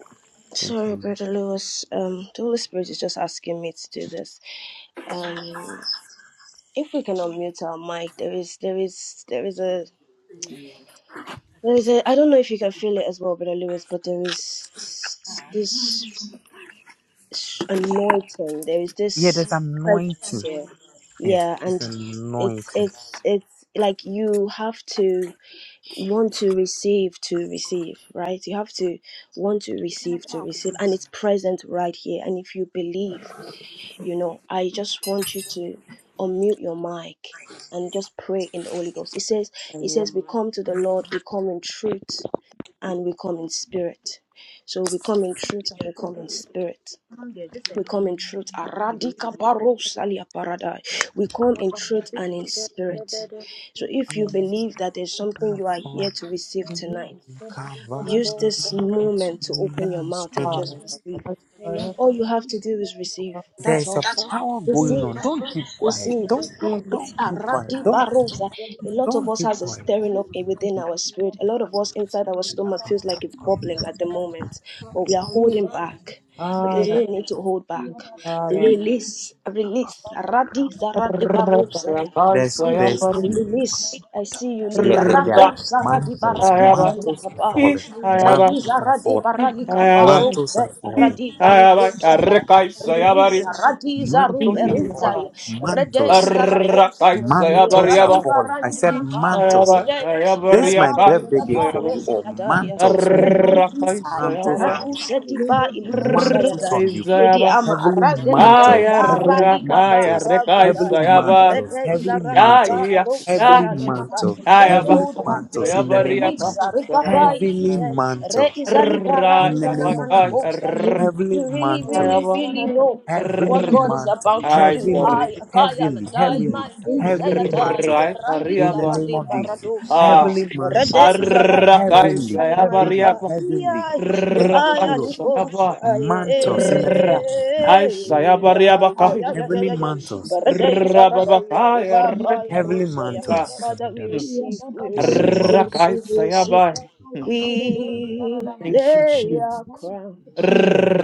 Speaker 1: Thank
Speaker 2: Sorry,
Speaker 1: you.
Speaker 2: Brother Lewis. Um, the Holy Spirit is just asking me to do this. Um, if we can unmute our mic, there is, there is, there is a, there is a. I don't know if you can feel it as well, Brother Lewis, but there is this. s- anointing. There is
Speaker 1: Yeah,
Speaker 2: this
Speaker 1: there's
Speaker 2: presence
Speaker 1: anointing.
Speaker 2: here.
Speaker 1: Yeah,
Speaker 2: Yeah,
Speaker 1: it's
Speaker 2: and it's
Speaker 1: anointing.
Speaker 2: it's it's like you have to want to receive to receive, right? You have to want to receive to receive, and it's present right here. And if you believe, you know, I just want you to unmute your mic and just pray in the Holy Ghost. It says, it
Speaker 11: Hallelujah.
Speaker 2: says, we come to the Lord, we come in truth, and we come in spirit. So we come in truth and
Speaker 16: We
Speaker 2: we come in spirit. We come in truth. Aradika parosalia paradai. We come in truth
Speaker 16: are
Speaker 2: and in
Speaker 16: blessed.
Speaker 2: spirit. So if you believe that there's something you are
Speaker 1: From
Speaker 2: here to receive tonight,
Speaker 1: Calvary
Speaker 2: use this
Speaker 1: to
Speaker 2: moment to open your
Speaker 1: the
Speaker 2: mouth and just
Speaker 1: strength.
Speaker 2: receive.
Speaker 11: Hallelujah.
Speaker 2: All you have to do is receive. That's
Speaker 1: There's a
Speaker 2: all.
Speaker 1: power going on.
Speaker 2: Receive.
Speaker 1: Don't keep quiet.
Speaker 2: Receive.
Speaker 1: Don't don't
Speaker 11: Hallelujah.
Speaker 2: It's
Speaker 1: don't
Speaker 2: a
Speaker 1: keep quiet.
Speaker 2: radi
Speaker 1: Don't
Speaker 2: barosa. A lot of
Speaker 1: don't
Speaker 2: us
Speaker 1: keep
Speaker 2: has a
Speaker 1: quiet.
Speaker 2: stirring up within our spirit. A lot of us inside our stomach feels like it's bubbling at the moment, but we are holding back. But there's
Speaker 11: Ay,
Speaker 2: no need to hold back.
Speaker 11: nada.
Speaker 2: Release, release. Radi zaradi barosa. yeah.
Speaker 11: Ay,
Speaker 1: There's
Speaker 11: soy
Speaker 2: Lizzie,
Speaker 1: there's
Speaker 11: aburrido.
Speaker 2: Elise, I see you, Lizzie.
Speaker 1: there there, there
Speaker 2: Rako
Speaker 1: are
Speaker 2: saradi
Speaker 1: mantles.
Speaker 11: Ay,
Speaker 2: baradi
Speaker 11: abajo.
Speaker 1: Mantles are
Speaker 2: zarikabai.
Speaker 11: Ay,
Speaker 1: falling.
Speaker 2: Rei
Speaker 11: abajo.
Speaker 1: Mantles are
Speaker 2: zaradi
Speaker 1: falling.
Speaker 11: Ay,
Speaker 2: baradi kabaro
Speaker 11: abajo.
Speaker 1: Mantles are falling.
Speaker 2: zaradi
Speaker 11: Ay,
Speaker 2: baniko
Speaker 11: abajo.
Speaker 2: zaya.
Speaker 11: Arreca, soy
Speaker 2: Release,
Speaker 11: aburrido.
Speaker 2: radi zaru
Speaker 1: Mantles are falling.
Speaker 2: Berizaya. Rede
Speaker 1: Mantles.
Speaker 2: izaraposa,
Speaker 1: Mantles are
Speaker 2: ragi
Speaker 11: Arrakaisayabariaba.
Speaker 1: falling. I
Speaker 2: barani
Speaker 1: said
Speaker 2: manakaya,
Speaker 1: mantles.
Speaker 11: Ayaba-
Speaker 2: rede,
Speaker 1: This is
Speaker 2: reda
Speaker 1: my birthday
Speaker 2: zulia
Speaker 1: gift for
Speaker 11: ayabariakaisayaba.
Speaker 1: you,
Speaker 2: pareze
Speaker 1: or
Speaker 2: yadaya,
Speaker 1: mantles. We
Speaker 2: re, lady
Speaker 1: release
Speaker 2: aiza,
Speaker 1: mantles
Speaker 11: Arrakaisayaba.
Speaker 1: on you.
Speaker 2: rakuse dipa ilukusa
Speaker 1: Mantles
Speaker 2: yadaya,
Speaker 1: on you.
Speaker 2: lady
Speaker 11: Arrakaisayaba.
Speaker 2: ama
Speaker 1: Heavenly
Speaker 2: araze dede,
Speaker 1: mantles.
Speaker 2: zara
Speaker 1: Heavenly
Speaker 2: ligaba
Speaker 11: Ayarakaya
Speaker 1: mantles. Heavenly
Speaker 2: razudaya.
Speaker 11: rekaisayaba.
Speaker 1: mantles.
Speaker 2: Rede
Speaker 1: Heavenly mantles.
Speaker 2: izarakaba
Speaker 11: Yaya-
Speaker 2: rose
Speaker 11: yaya-
Speaker 1: Heavenly
Speaker 2: and a maka.
Speaker 1: mantles.
Speaker 2: Don't
Speaker 11: yayaba.
Speaker 1: Heavenly
Speaker 2: hold back. eh.
Speaker 1: mantles. In the name of Jesus.
Speaker 2: Release.
Speaker 11: Yayabariakaisayaba.
Speaker 2: Rekaba
Speaker 1: Heavenly
Speaker 2: ifute. Re
Speaker 1: mantles.
Speaker 2: izalibara
Speaker 1: In the name
Speaker 11: Arrayaba-
Speaker 1: of
Speaker 2: izanamana
Speaker 1: Jesus.
Speaker 2: kosa
Speaker 1: Heavenly
Speaker 2: you really, really,
Speaker 1: mantles
Speaker 11: ayaba.
Speaker 2: really know what
Speaker 1: heavenly
Speaker 11: Arr-
Speaker 2: God is
Speaker 1: mantle,
Speaker 2: about to
Speaker 11: Ay,
Speaker 2: do.
Speaker 1: heavily,
Speaker 2: Ay,
Speaker 11: sorry.
Speaker 2: akaya
Speaker 10: sure.
Speaker 2: la
Speaker 1: heavily,
Speaker 2: dai
Speaker 1: heavily,
Speaker 2: mai kusaya
Speaker 1: heavenly
Speaker 2: dai
Speaker 1: mantle.
Speaker 2: radi
Speaker 1: In the
Speaker 11: Arrayaba.
Speaker 1: name
Speaker 2: zarade
Speaker 1: of Jesus,
Speaker 2: paradosa ya
Speaker 11: Ah.
Speaker 1: heavenly
Speaker 2: rade
Speaker 1: mantle, sir.
Speaker 2: izara pagosa
Speaker 1: Heavenly, heavenly,
Speaker 2: limanaka
Speaker 11: Arrakaisayabariaba,
Speaker 1: heavenly.
Speaker 2: iya
Speaker 1: Thank you, Holy
Speaker 2: ibaya
Speaker 1: Ghost.
Speaker 2: nikosa
Speaker 11: rrakaisayaba,
Speaker 2: ye
Speaker 1: Mantles in the name
Speaker 11: rrra,
Speaker 1: of Jesus.
Speaker 2: ay ay
Speaker 11: aisayabariabakai,
Speaker 2: ay ay
Speaker 1: heavenly
Speaker 2: ay ay.
Speaker 1: mantles,
Speaker 2: barade izara dai ya
Speaker 11: rrababakai,
Speaker 2: riba kaya
Speaker 1: heavenly
Speaker 11: arrakai,
Speaker 2: rusa ya
Speaker 14: Yabado,
Speaker 11: ah,
Speaker 1: mantles
Speaker 2: Father we
Speaker 11: hmm,
Speaker 2: receive we
Speaker 1: in the
Speaker 2: receive
Speaker 1: name
Speaker 2: we
Speaker 1: of.
Speaker 2: receive we receive
Speaker 11: arrakaisayabai. Hmm,
Speaker 2: we
Speaker 11: Thank you,
Speaker 2: lay our
Speaker 11: Jesus.
Speaker 2: crowns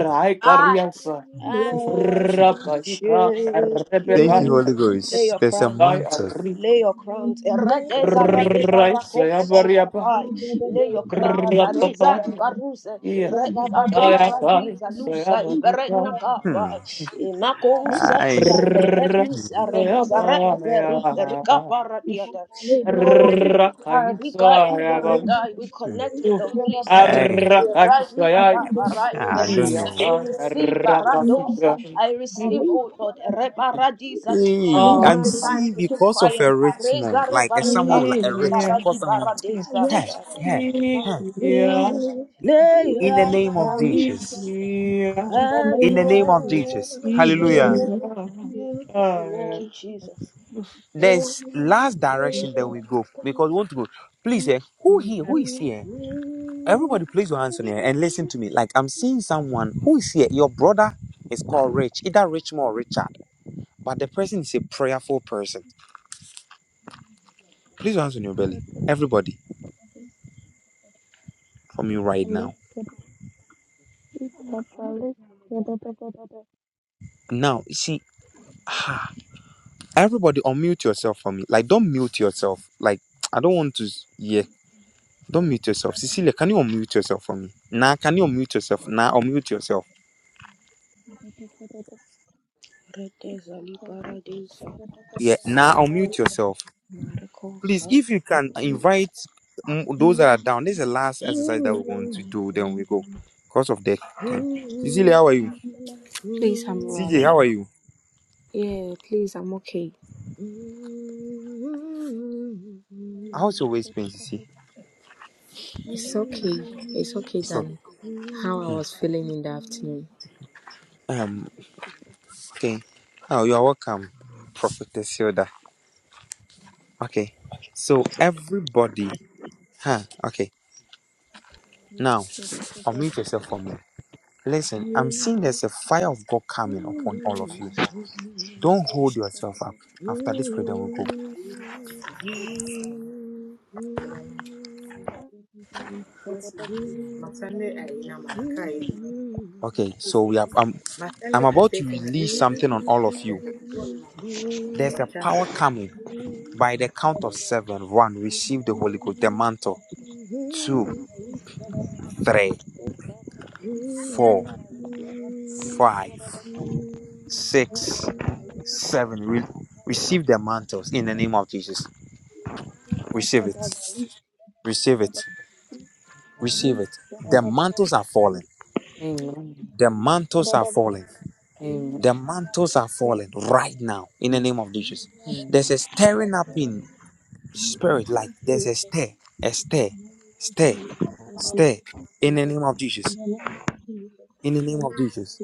Speaker 2: I and
Speaker 11: Rabaika,
Speaker 2: worship
Speaker 1: Thank
Speaker 11: Rebecca,
Speaker 2: you.
Speaker 1: you, Holy
Speaker 2: Lay
Speaker 1: Ghost.
Speaker 2: your
Speaker 1: There's a
Speaker 2: crown
Speaker 11: Sky,
Speaker 1: mantle.
Speaker 11: Ari,
Speaker 2: Lay your crowns. Eredeza rade barako shari
Speaker 11: Raisayabariaba,
Speaker 2: kapai. Lay your crowns. Areza ibaruse.
Speaker 11: Rapapa,
Speaker 2: Re
Speaker 11: Yeah.
Speaker 2: izaka radi zalusa ibere
Speaker 1: Hmm.
Speaker 2: nakapai. Inako
Speaker 10: We
Speaker 1: Aye.
Speaker 2: satia ere isare izara iberu erika paradiata. Oh Lord. Arika izare dai. We
Speaker 1: Hmm.
Speaker 2: connect
Speaker 10: love
Speaker 2: with the Holy Spirit. Erazila da bara
Speaker 1: I
Speaker 2: izeka.
Speaker 1: don't know.
Speaker 2: We receive Aradosa. I receive, oh Lord, Reparadiza. This
Speaker 1: Hey,
Speaker 2: is not
Speaker 1: I'm
Speaker 2: the time
Speaker 1: seeing
Speaker 2: to keep
Speaker 1: because of
Speaker 2: quiet.
Speaker 1: a rich
Speaker 2: Areza
Speaker 1: man, like a
Speaker 2: rebarika
Speaker 1: someone with like a rich,
Speaker 2: lusaradi
Speaker 1: because someone,
Speaker 2: barade
Speaker 1: hey,
Speaker 2: saradaya.
Speaker 1: hey, hey,
Speaker 2: We lay
Speaker 1: in the
Speaker 2: our
Speaker 1: name of Jesus,
Speaker 2: crown and
Speaker 1: in the name of Jesus, hallelujah.
Speaker 2: worship you. Thank you, Jesus. Oh,
Speaker 1: There's last direction
Speaker 2: lay
Speaker 1: that
Speaker 2: our
Speaker 1: we go
Speaker 2: crown
Speaker 1: because we want to go. Please, eh, who here, who is here?
Speaker 2: and
Speaker 1: Everybody, please your hands on here and listen to me. Like I'm seeing someone who is here. Your brother is called Rich, either Richmond or Richard, but the person is a prayerful person. Please your hands on your belly, everybody, from you right now. Now, see. Everybody unmute yourself for me. Like, don't mute yourself. Like, I don't want to. s- Yeah, don't mute yourself. Cecilia, can you unmute yourself for me? Nah, can you unmute yourself? Nah, unmute yourself.
Speaker 2: Redeza libaradeza
Speaker 1: Yeah, nah, unmute yourself. Please,
Speaker 2: maricosa.
Speaker 1: if you can invite mm, those that are down. This is the last exercise that we're going to do. Then we go. Because of the time. Cecilia, how are you?
Speaker 13: please, I'm
Speaker 1: CJ, how are
Speaker 13: rolling.
Speaker 1: you?
Speaker 13: Yeah, please, I'm okay.
Speaker 2: Mm-hmm.
Speaker 1: How's your waist pain, Cecilia?
Speaker 13: It's okay. It's okay
Speaker 1: It's okay.
Speaker 13: than how I
Speaker 1: Hmm.
Speaker 13: was feeling in the afternoon.
Speaker 1: Um, okay. Oh, you're welcome, Prophetess Hilda. Okay. So everybody, huh? Okay. Now, unmute yourself for me. Listen, I'm seeing there's a fire of God coming upon all of you. Don't hold yourself up. After this prayer, then we'll go.
Speaker 13: Madam, my Sunday I na mana kai.
Speaker 1: Okay, so we are. Um,
Speaker 13: My Sunday
Speaker 1: I'm about to
Speaker 13: quotation I
Speaker 1: release
Speaker 13: is na
Speaker 1: something on
Speaker 13: mana.
Speaker 1: all of you. There's
Speaker 13: We're
Speaker 1: a power
Speaker 13: chatting.
Speaker 1: coming. By the count of seven, one, receive the Holy Ghost, the mantle. Two, three,
Speaker 2: Thank you,
Speaker 1: four,
Speaker 2: Lord
Speaker 1: five, six, seven. Re- receive the mantles in the name of Jesus. Receive it. Receive it.
Speaker 11: Amen.
Speaker 1: Receive it. The
Speaker 11: Amen.
Speaker 1: mantles are falling The mantles are falling.
Speaker 11: Amen.
Speaker 1: The mantles are falling right now in the
Speaker 11: Amen.
Speaker 1: name of Jesus. There's a stirring up in spirit, like there's a stir, a stir, stir, stir in the name of Jesus. In the name of Jesus.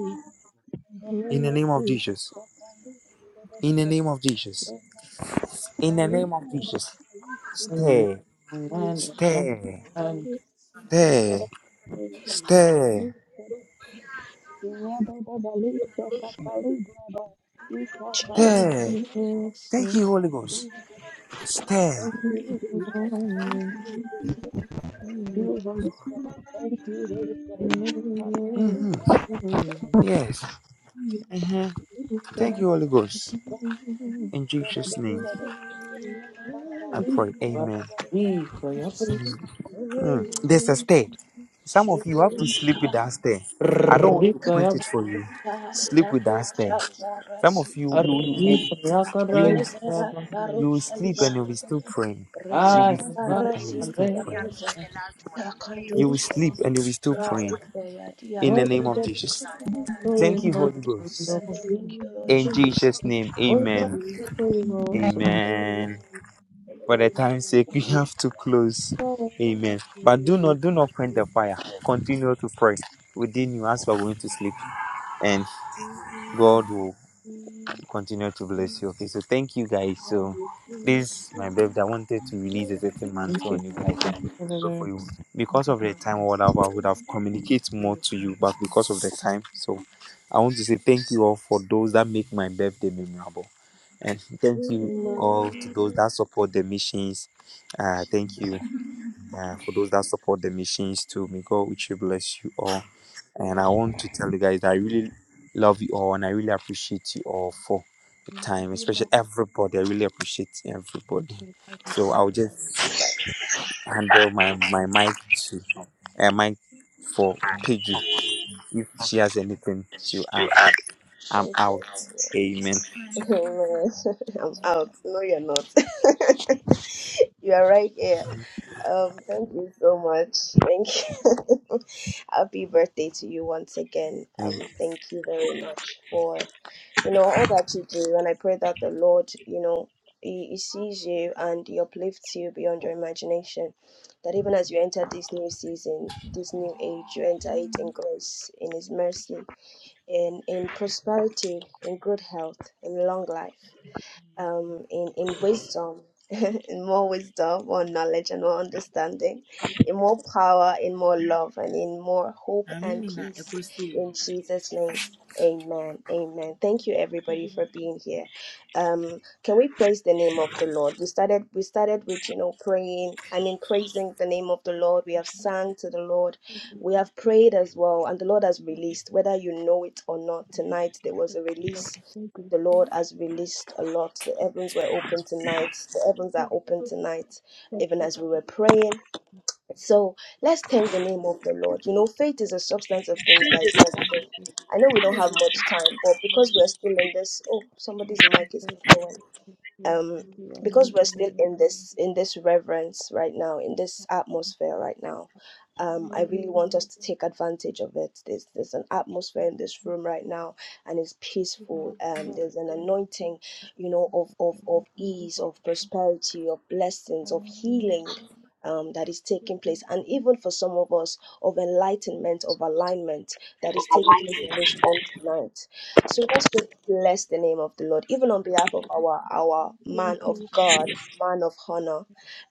Speaker 1: In the name of Jesus. In the name of Jesus. In the name of Jesus.
Speaker 11: Amen.
Speaker 1: Stir,
Speaker 11: Amen.
Speaker 1: stir,
Speaker 11: Amen. And
Speaker 1: stir, stir, stir. Thank you, Holy Ghost. Stir. Mhm. Yes. Thank you, Holy Ghost. In Jesus' name. I pray. Amen.
Speaker 11: Yes, you are. Rico, ya pues.
Speaker 1: Mm. There's a stay. Some of you have to sleep with that stay. I don't want to
Speaker 11: Rico,
Speaker 1: quench
Speaker 11: ya.
Speaker 1: it for you. Sleep with that stay. Some of you, you, you,
Speaker 11: Arriba, ya
Speaker 1: you,
Speaker 11: caray,
Speaker 1: you,
Speaker 11: ya va.
Speaker 1: you will sleep and you'll be still praying. You'll be
Speaker 11: Ay,
Speaker 1: sleep
Speaker 11: va,
Speaker 1: and you'll be
Speaker 11: a
Speaker 1: still
Speaker 11: ver.
Speaker 1: praying. You will sleep and you'll be still praying. In
Speaker 2: Jesus.
Speaker 1: the
Speaker 11: Oh,
Speaker 1: name of Jesus.
Speaker 11: Holy,
Speaker 1: Thank you,
Speaker 11: holy,
Speaker 1: Holy
Speaker 11: holy,
Speaker 1: Ghost.
Speaker 11: holy,
Speaker 2: Thank
Speaker 1: In Jesus' name,
Speaker 11: Holy
Speaker 1: amen.
Speaker 11: Ghost, Holy Ghost,
Speaker 1: Amen. For the time's sake, we have to close.
Speaker 11: Holy Ghost.
Speaker 1: Amen. But do not do not quench the fire. Continue to pray within you as we are going to sleep, and God will continue to bless you. Okay, so thank you guys. So this my birthday. I wanted to release
Speaker 2: you,
Speaker 1: a
Speaker 2: Lord
Speaker 1: certain
Speaker 11: Thank
Speaker 1: mantle
Speaker 11: you.
Speaker 1: on you guys and
Speaker 11: Thank
Speaker 2: Jesus.
Speaker 11: you for the
Speaker 1: pray for you.
Speaker 11: verse.
Speaker 1: Because of the time or whatever, I would have communicated more to you, but because of the time, so I want to say thank you all for those that make my birthday memorable. And
Speaker 2: You
Speaker 1: thank you all to those that support the missions. Uh, thank you uh, for those that support the missions too. May God richly bless you all and I want to tell you guys that I really love you all and I really appreciate you all for the time,
Speaker 10: you
Speaker 1: especially
Speaker 10: more.
Speaker 1: everybody. I really appreciate everybody.
Speaker 10: We love you more.
Speaker 1: So I'll
Speaker 10: We love you. We love you. We love
Speaker 1: just handle my my mic to uh, mic for Piju. If she has anything, she'll add.
Speaker 2: are.
Speaker 1: I'm
Speaker 2: Thank you.
Speaker 1: out. Amen.
Speaker 2: Amen. I'm out. No, you're not. you are right here. Um, thank you so much. Thank you. Happy birthday to you once again.
Speaker 1: Mm.
Speaker 2: Um, thank you very much for. you know all that you do and i pray that the lord you know he, he sees you and he uplifts you beyond your imagination that even as you enter this new season this new age you enter it in grace in his mercy in in prosperity in good health in long life um, in, in wisdom, in more wisdom, more knowledge, and more understanding, in more power, in more love, and in more hope and peace. In Jesus' name. Amen. Amen. Thank you everybody
Speaker 10: you.
Speaker 2: for being here. Um can we praise the name of the Lord? We started we started with, you know, praying, I mean praising the name of the Lord. We have sang to the Lord.
Speaker 10: Jesus
Speaker 2: We have prayed as well and the Lord has released whether you know it or not. Tonight there was a
Speaker 10: Christ, we love
Speaker 2: release
Speaker 10: you. Thank you
Speaker 2: the Lord
Speaker 10: for
Speaker 2: has released a lot. The heavens were open tonight. The
Speaker 10: it. Thank
Speaker 2: heavens
Speaker 10: you,
Speaker 2: are open
Speaker 10: Jesus.
Speaker 2: tonight,
Speaker 10: Thank
Speaker 2: even
Speaker 10: you,
Speaker 2: as we
Speaker 10: Jesus.
Speaker 2: were praying. So let's thank the name of the Lord. You know, faith is a substance of things that is not
Speaker 10: Thank
Speaker 2: seen. I know we
Speaker 10: you,
Speaker 2: don't have much
Speaker 10: Jesus.
Speaker 2: time, but because we're still in this, oh, somebody's mic is
Speaker 10: Lord, thank
Speaker 2: going
Speaker 10: you, thank you,
Speaker 2: um
Speaker 10: thank you, Almighty
Speaker 2: because we're still
Speaker 10: God.
Speaker 2: in this in this reverence right now in this atmosphere right now um i
Speaker 10: Lord,
Speaker 2: really
Speaker 10: Father,
Speaker 2: want us to take advantage of it there's there's an atmosphere in this room right now and it's peaceful um
Speaker 10: Lord,
Speaker 2: there's an anointing you know of of
Speaker 10: thank you,
Speaker 2: of ease of prosperity of blessings
Speaker 10: Father.
Speaker 2: of
Speaker 10: Thank
Speaker 2: healing um, that is taking place, and even for some of us, of enlightenment, of alignment that is taking place in this room tonight. So let's just bless the name of the Lord, even on behalf of our our man of God, man of honor,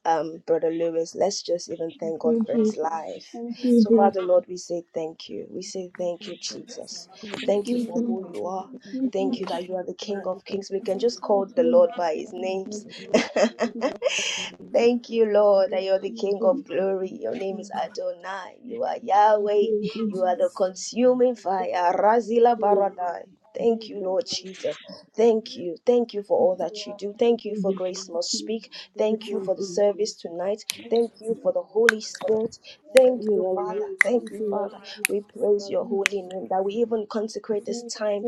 Speaker 2: um, Brother Lewis. Let's just even thank God for his life. So, Father Lord, we say thank you. We say
Speaker 10: you,
Speaker 2: thank you,
Speaker 10: Father.
Speaker 2: Jesus.
Speaker 10: Father, your
Speaker 2: Thank you for
Speaker 10: name,
Speaker 2: who
Speaker 10: and
Speaker 2: you
Speaker 10: we
Speaker 2: are. Thank you that you are the King
Speaker 10: will
Speaker 2: of
Speaker 10: be
Speaker 2: Kings. We can
Speaker 10: blessed.
Speaker 2: just call the Lord by his names. Thank you, Lord, that you're the King of glory. Your name is Adonai. You are Yahweh. You are the consuming fire. Razila Baradai. Thank you, Lord Jesus. Thank you. Thank you for all that you do. Thank you for Grace Must Speak. Thank you for the service tonight. Thank you for the Holy Spirit. Thank you, Father. Thank you, Father. We praise your holy name that we even consecrate this time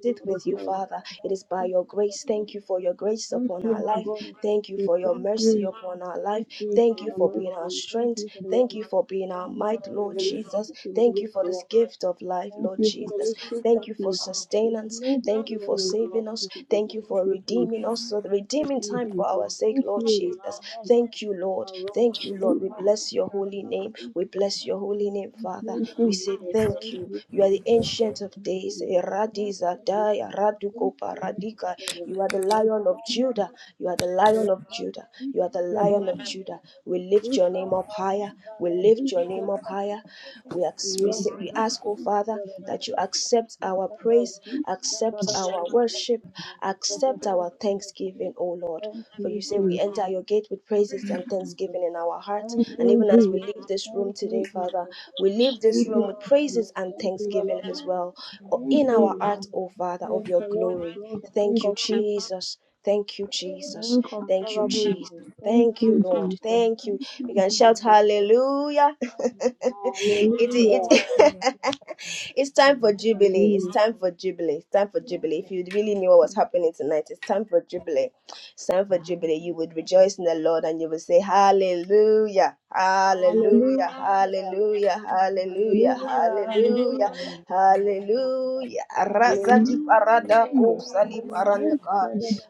Speaker 2: sit with you, Father. It is by your grace. Thank you for your grace upon our life. Thank you for your mercy upon our life. Thank you for being our strength. Thank you for being our might, Lord Jesus. Thank you for this gift of life, Lord Jesus. Thank you for sustenance. Thank you for saving us. Thank you for redeeming us, so the redeeming time for our sake, Lord Jesus. Thank you, Lord. Thank you, Lord. We bless your holy name. We bless your holy name, Father. We say thank you. You you are the ancient of days. Eradizadai, Aradukopa, Radika. You are the lion of Judah. You are the lion of Judah. You are the lion of Judah. We lift your name up higher. We lift your name up higher. We ask, we, say, we ask, oh Father, that you accept our praise, accept our worship, accept our thanksgiving, oh Lord. For you say we enter your gate with praises and thanksgiving in our hearts. And even as we leave this room today, Father, we leave this room with praises and thanksgiving as well in our hearts, O Father, of your glory. Thank you, Jesus. Thank you, Jesus. Thank you, Jesus. Thank you, Lord. Thank you. We can shout hallelujah. it, it, It's time for Jubilee. It's time for Jubilee. It's time for Jubilee. If you really knew what was happening tonight, it's time for Jubilee. It's time for Jubilee. You would rejoice in the Lord and you would say, Hallelujah, Hallelujah, Hallelujah, Hallelujah, Hallelujah,
Speaker 10: Hallelujah.
Speaker 2: Hallelujah. Arasa di parada ko sali paranya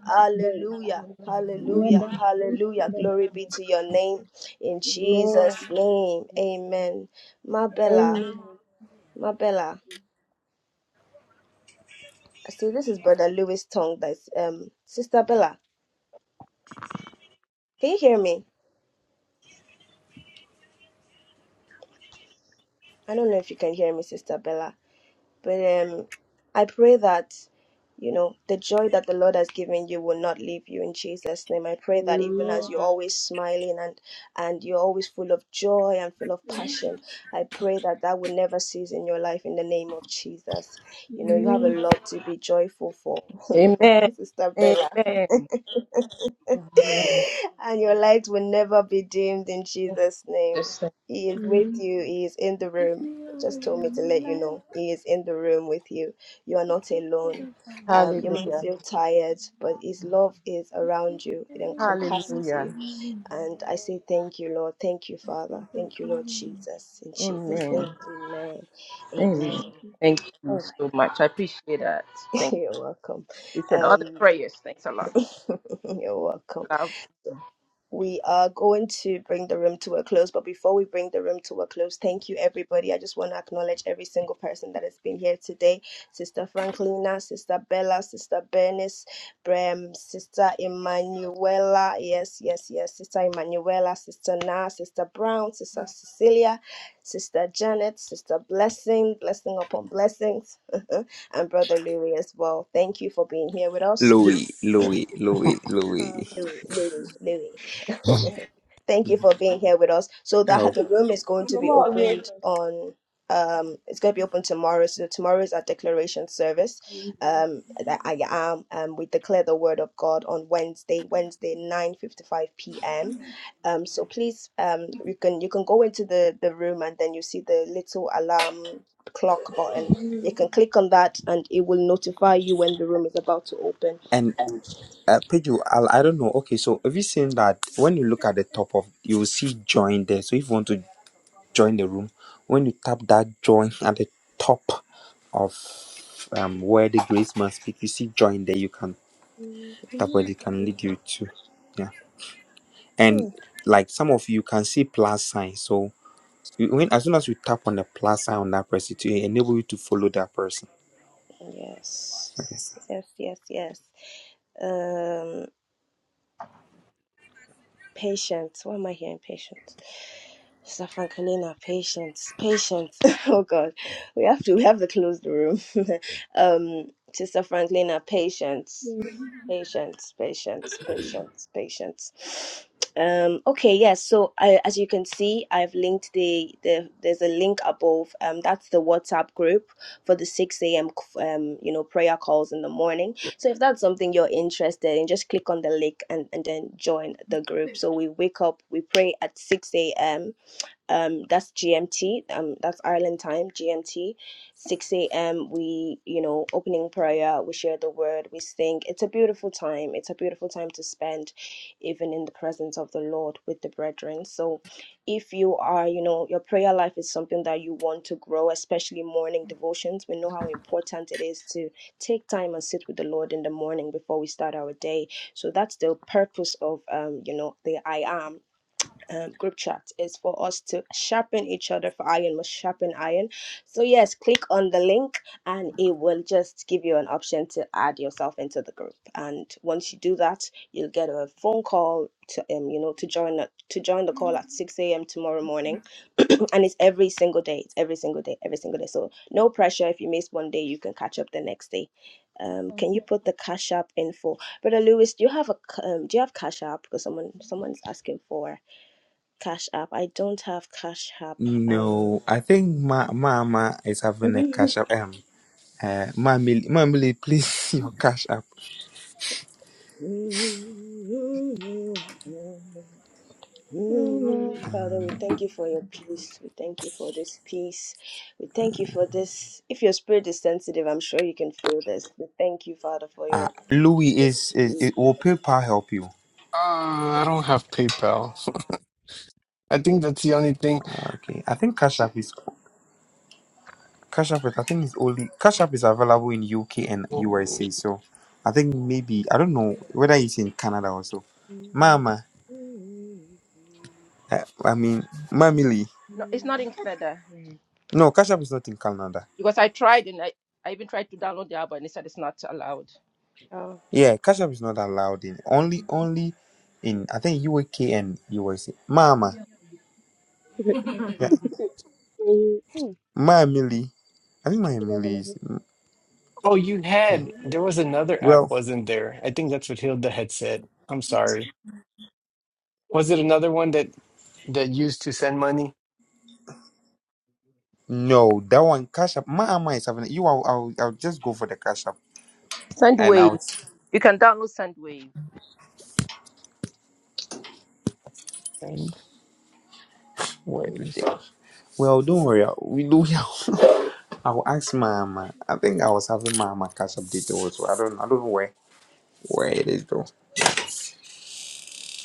Speaker 2: Hallelujah. Hallelujah, hallelujah. Glory be to your name. In Jesus' name, amen. Mabella, Mabella. So this is Brother Louis Tong. That's um Sister Bella. Can you hear me? I don't know if you can hear me, Sister Bella. But um I pray that you know the joy that the Lord has given you will not leave you in Jesus' name. I pray that even as you're always smiling and and you're always full of joy and full of passion, I pray that that will never cease in your life in the name of Jesus. You know you have a lot to be joyful for,
Speaker 8: Amen.
Speaker 2: Sister
Speaker 8: Amen.
Speaker 2: Bella.
Speaker 8: Amen. Amen.
Speaker 2: and your light will never be dimmed in Jesus' name.
Speaker 8: Just say
Speaker 2: He is with you, He is in the
Speaker 13: Give
Speaker 2: room.
Speaker 13: me
Speaker 2: Just told me
Speaker 13: all
Speaker 2: to
Speaker 13: my
Speaker 2: let you
Speaker 13: life
Speaker 2: know He is in the room with you. You are not alone. Um, you might
Speaker 8: Hallelujah.
Speaker 2: feel tired, but His love is around you, it encompasses you.
Speaker 8: Hallelujah.
Speaker 2: And I say thank you, Lord. Thank you, Father. Thank you, Lord
Speaker 13: because
Speaker 2: Jesus. In Jesus' name,
Speaker 8: Amen.
Speaker 2: amen.
Speaker 8: Amen.
Speaker 2: Amen.
Speaker 8: Thank you
Speaker 2: All right.
Speaker 8: so much. I appreciate that. Thank
Speaker 2: You're welcome.
Speaker 8: you. Appreciate all the
Speaker 2: Um,
Speaker 8: prayers. Thanks a lot.
Speaker 2: you're welcome.
Speaker 8: Love.
Speaker 2: We are going to bring the room to a close, but before we bring the room to a close, thank you everybody. I just want to acknowledge every single person that has been here today. Sister Franklina, Sister Bella, Sister Bernice, Brem, Sister Emanuela, yes, yes, yes, Sister Emanuela, Sister Na, Sister Brown, Sister Cecilia, Sister Janet, Sister Blessing, blessing upon blessings, and Brother Louis as well. Thank you for being here with us.
Speaker 1: Louis,
Speaker 17: Yes.
Speaker 1: Louis, Louis, Louis.
Speaker 2: Louis, Louis, Louis. Thank you for being here with us. So that
Speaker 1: Oh,
Speaker 2: the room is going to be opened on um it's going to be open tomorrow. So tomorrow is our declaration service. Um that I am um we declare the word of God on Wednesday, Wednesday 9:55 p.m. Um so please um you can you can go into the the room and then you see the little alarm clock button. You can click on that and it will notify you when the room is about to open.
Speaker 1: and uh, Pedro, I, I don't know. Okay, so have you seen that when you look at the top of, you will see join there. So if you want to join the room when you tap that join at the top of um, where the grace man speak you see join there you can tap where it can lead you to yeah
Speaker 2: Hmm.
Speaker 1: and like some of you can see plus sign so you, when as soon as you tap on the plus sign on that person it will enable you to follow that person
Speaker 2: Yes,
Speaker 1: yes.
Speaker 2: yes, yes, yes. Um, patience. Why am I hearing patience? Sister Frankelina, patience, patience. oh God, we have to we have to close the room. um, Sister Franklina, patience. Patience, patience, patience, patience. Um, okay, yes. so I, as you can see, I've linked the, the there's a link above. Um, that's the WhatsApp group for the six a.m. um, you know, prayer calls in the morning. So if that's something you're interested in, just click on the link and and then join the group. So we wake up, we pray at six a.m um that's gmt um that's ireland time gmt 6 a.m we you know opening prayer we share the word we sing it's a beautiful time it's a beautiful time to spend even in the presence of the lord with the brethren so if you are you know your prayer life is something that you want to grow especially morning devotions we know how important it is to take time and sit with the lord in the morning before we start our day so that's the purpose of um you know the i am um, group chat is for us to sharpen each other for iron must sharpen iron so yes click on the link and it will just give you an option to add yourself into the group and once you do that you'll get a phone call to um, you know to join the- to join the call at 6 a.m tomorrow morning and it's every single day it's every single day every single day so no pressure if you miss one day you can catch up the next day um can you put the cash app info brother lewis do you have a c- um, do you have cash app because someone someone's asking for Cash App. I don't have Cash App. Um,
Speaker 1: no i think my mama is having a cash up um uh mamily mamily please your cash up
Speaker 2: Father, we
Speaker 1: um,
Speaker 2: thank you for your peace. We thank you for this peace. We thank you for this. If your spirit is sensitive, I'm sure you can feel this. We thank you, Father, for
Speaker 1: uh,
Speaker 2: your.
Speaker 1: Louis is, is, is will PayPal help you?
Speaker 17: Uh, I don't have PayPal. I think that's the only thing.
Speaker 1: Okay. I think Cash App is Cash App. is- I think it's only Cash App is available in UK and
Speaker 17: Oh,
Speaker 1: USA. So I think maybe I don't know whether it's in Canada also.
Speaker 2: Oh,
Speaker 1: Mama, uh, I mean Mamily.
Speaker 8: No, it's not in Canada Mhm.
Speaker 1: No, Cash App is not in Canada.
Speaker 8: because I tried and I, I even tried to download the app and they said it's not allowed.
Speaker 1: Yeah, Cash App is not allowed in only only in I think UK and USA. Mama, yeah, Mamily. I think Mamily is
Speaker 17: oh, you had. There was another app,
Speaker 1: well.
Speaker 17: wasn't there? I think that's what Hilda had said. I'm sorry. Was it another one that that used to send money?
Speaker 1: No, that one Cash App. Mama is having you. I'll, I'll I'll just go for the Cash App and
Speaker 8: Sendwave.
Speaker 1: I'll
Speaker 8: You can download Sendwave.
Speaker 17: And ways.
Speaker 1: ridiculous. Well, don't worry. I- We do. I will ask Mama. I think I was having Mama catch up details. So I don't. I don't know where where it is though.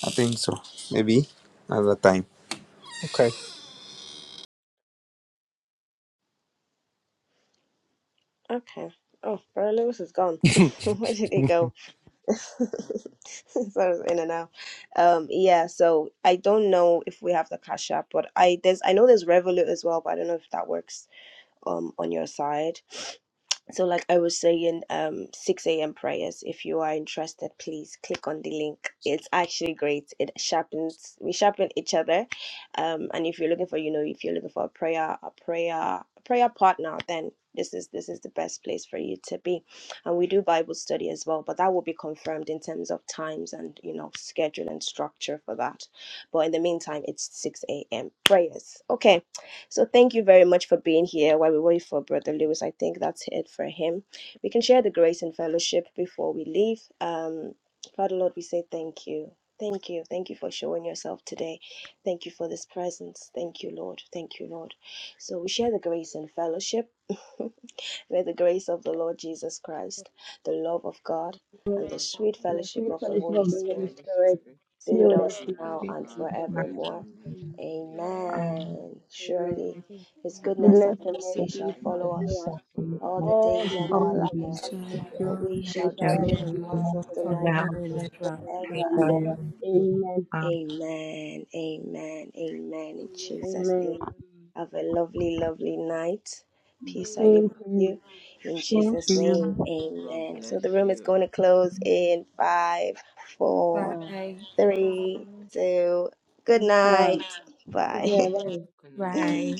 Speaker 1: I think so. Maybe another time.
Speaker 17: Okay.
Speaker 2: okay. Oh, Brother Lewis is gone. Where did he go? so it in and out. Um, yeah. So I don't know if we have the cash app, but I there's I know there's Revolut as well, but I don't know if that works um on your side. so like i was saying um 6 a.m prayers if you are interested please click on the link it's actually great it sharpens we sharpen each other um and if you're looking for you know if you're looking for a prayer a prayer a prayer partner then this is this is the best place for you to be and we do bible study as well but that will be confirmed in terms of times and you know schedule and structure for that but in the meantime it's 6 a.m prayers okay so thank you very much for being here while we wait for Brother Lewis. I think that's it for him. We can share the grace and fellowship before we leave. Um, Father Lord, we say thank you. Thank you. Thank you for showing yourself today. Thank you for this presence. Thank you, Lord. Thank you, Lord. So we share the grace and fellowship. May the grace of the Lord Jesus Christ, the love of God, and the sweet fellowship of the Holy Spirit be with us now
Speaker 15: we
Speaker 2: and
Speaker 15: are,
Speaker 2: forevermore.
Speaker 15: um,
Speaker 2: Amen. Surely his goodness and mercy
Speaker 15: just
Speaker 2: shall
Speaker 15: the
Speaker 2: follow
Speaker 15: next
Speaker 2: us
Speaker 15: of the
Speaker 2: all
Speaker 15: month,
Speaker 2: the days of
Speaker 15: all
Speaker 2: our
Speaker 15: the
Speaker 2: lives,
Speaker 13: of
Speaker 2: and
Speaker 13: your
Speaker 2: we
Speaker 13: name,
Speaker 2: shall dwell in
Speaker 13: of the
Speaker 2: the
Speaker 15: everything in
Speaker 13: Lord
Speaker 2: house of the
Speaker 15: the
Speaker 2: Lord
Speaker 15: house.
Speaker 13: forever and
Speaker 15: of
Speaker 13: ever.
Speaker 2: forever and
Speaker 13: Amen.
Speaker 15: Um,
Speaker 2: amen. Amen. Amen. In Jesus' name. Have a lovely, lovely night. Peace I leave with you. In
Speaker 15: thank
Speaker 2: Jesus' name.
Speaker 15: you.
Speaker 2: Amen. So the room is going to close in five, four,
Speaker 13: Bye.
Speaker 2: three, two, good night. Bye.
Speaker 13: Bye.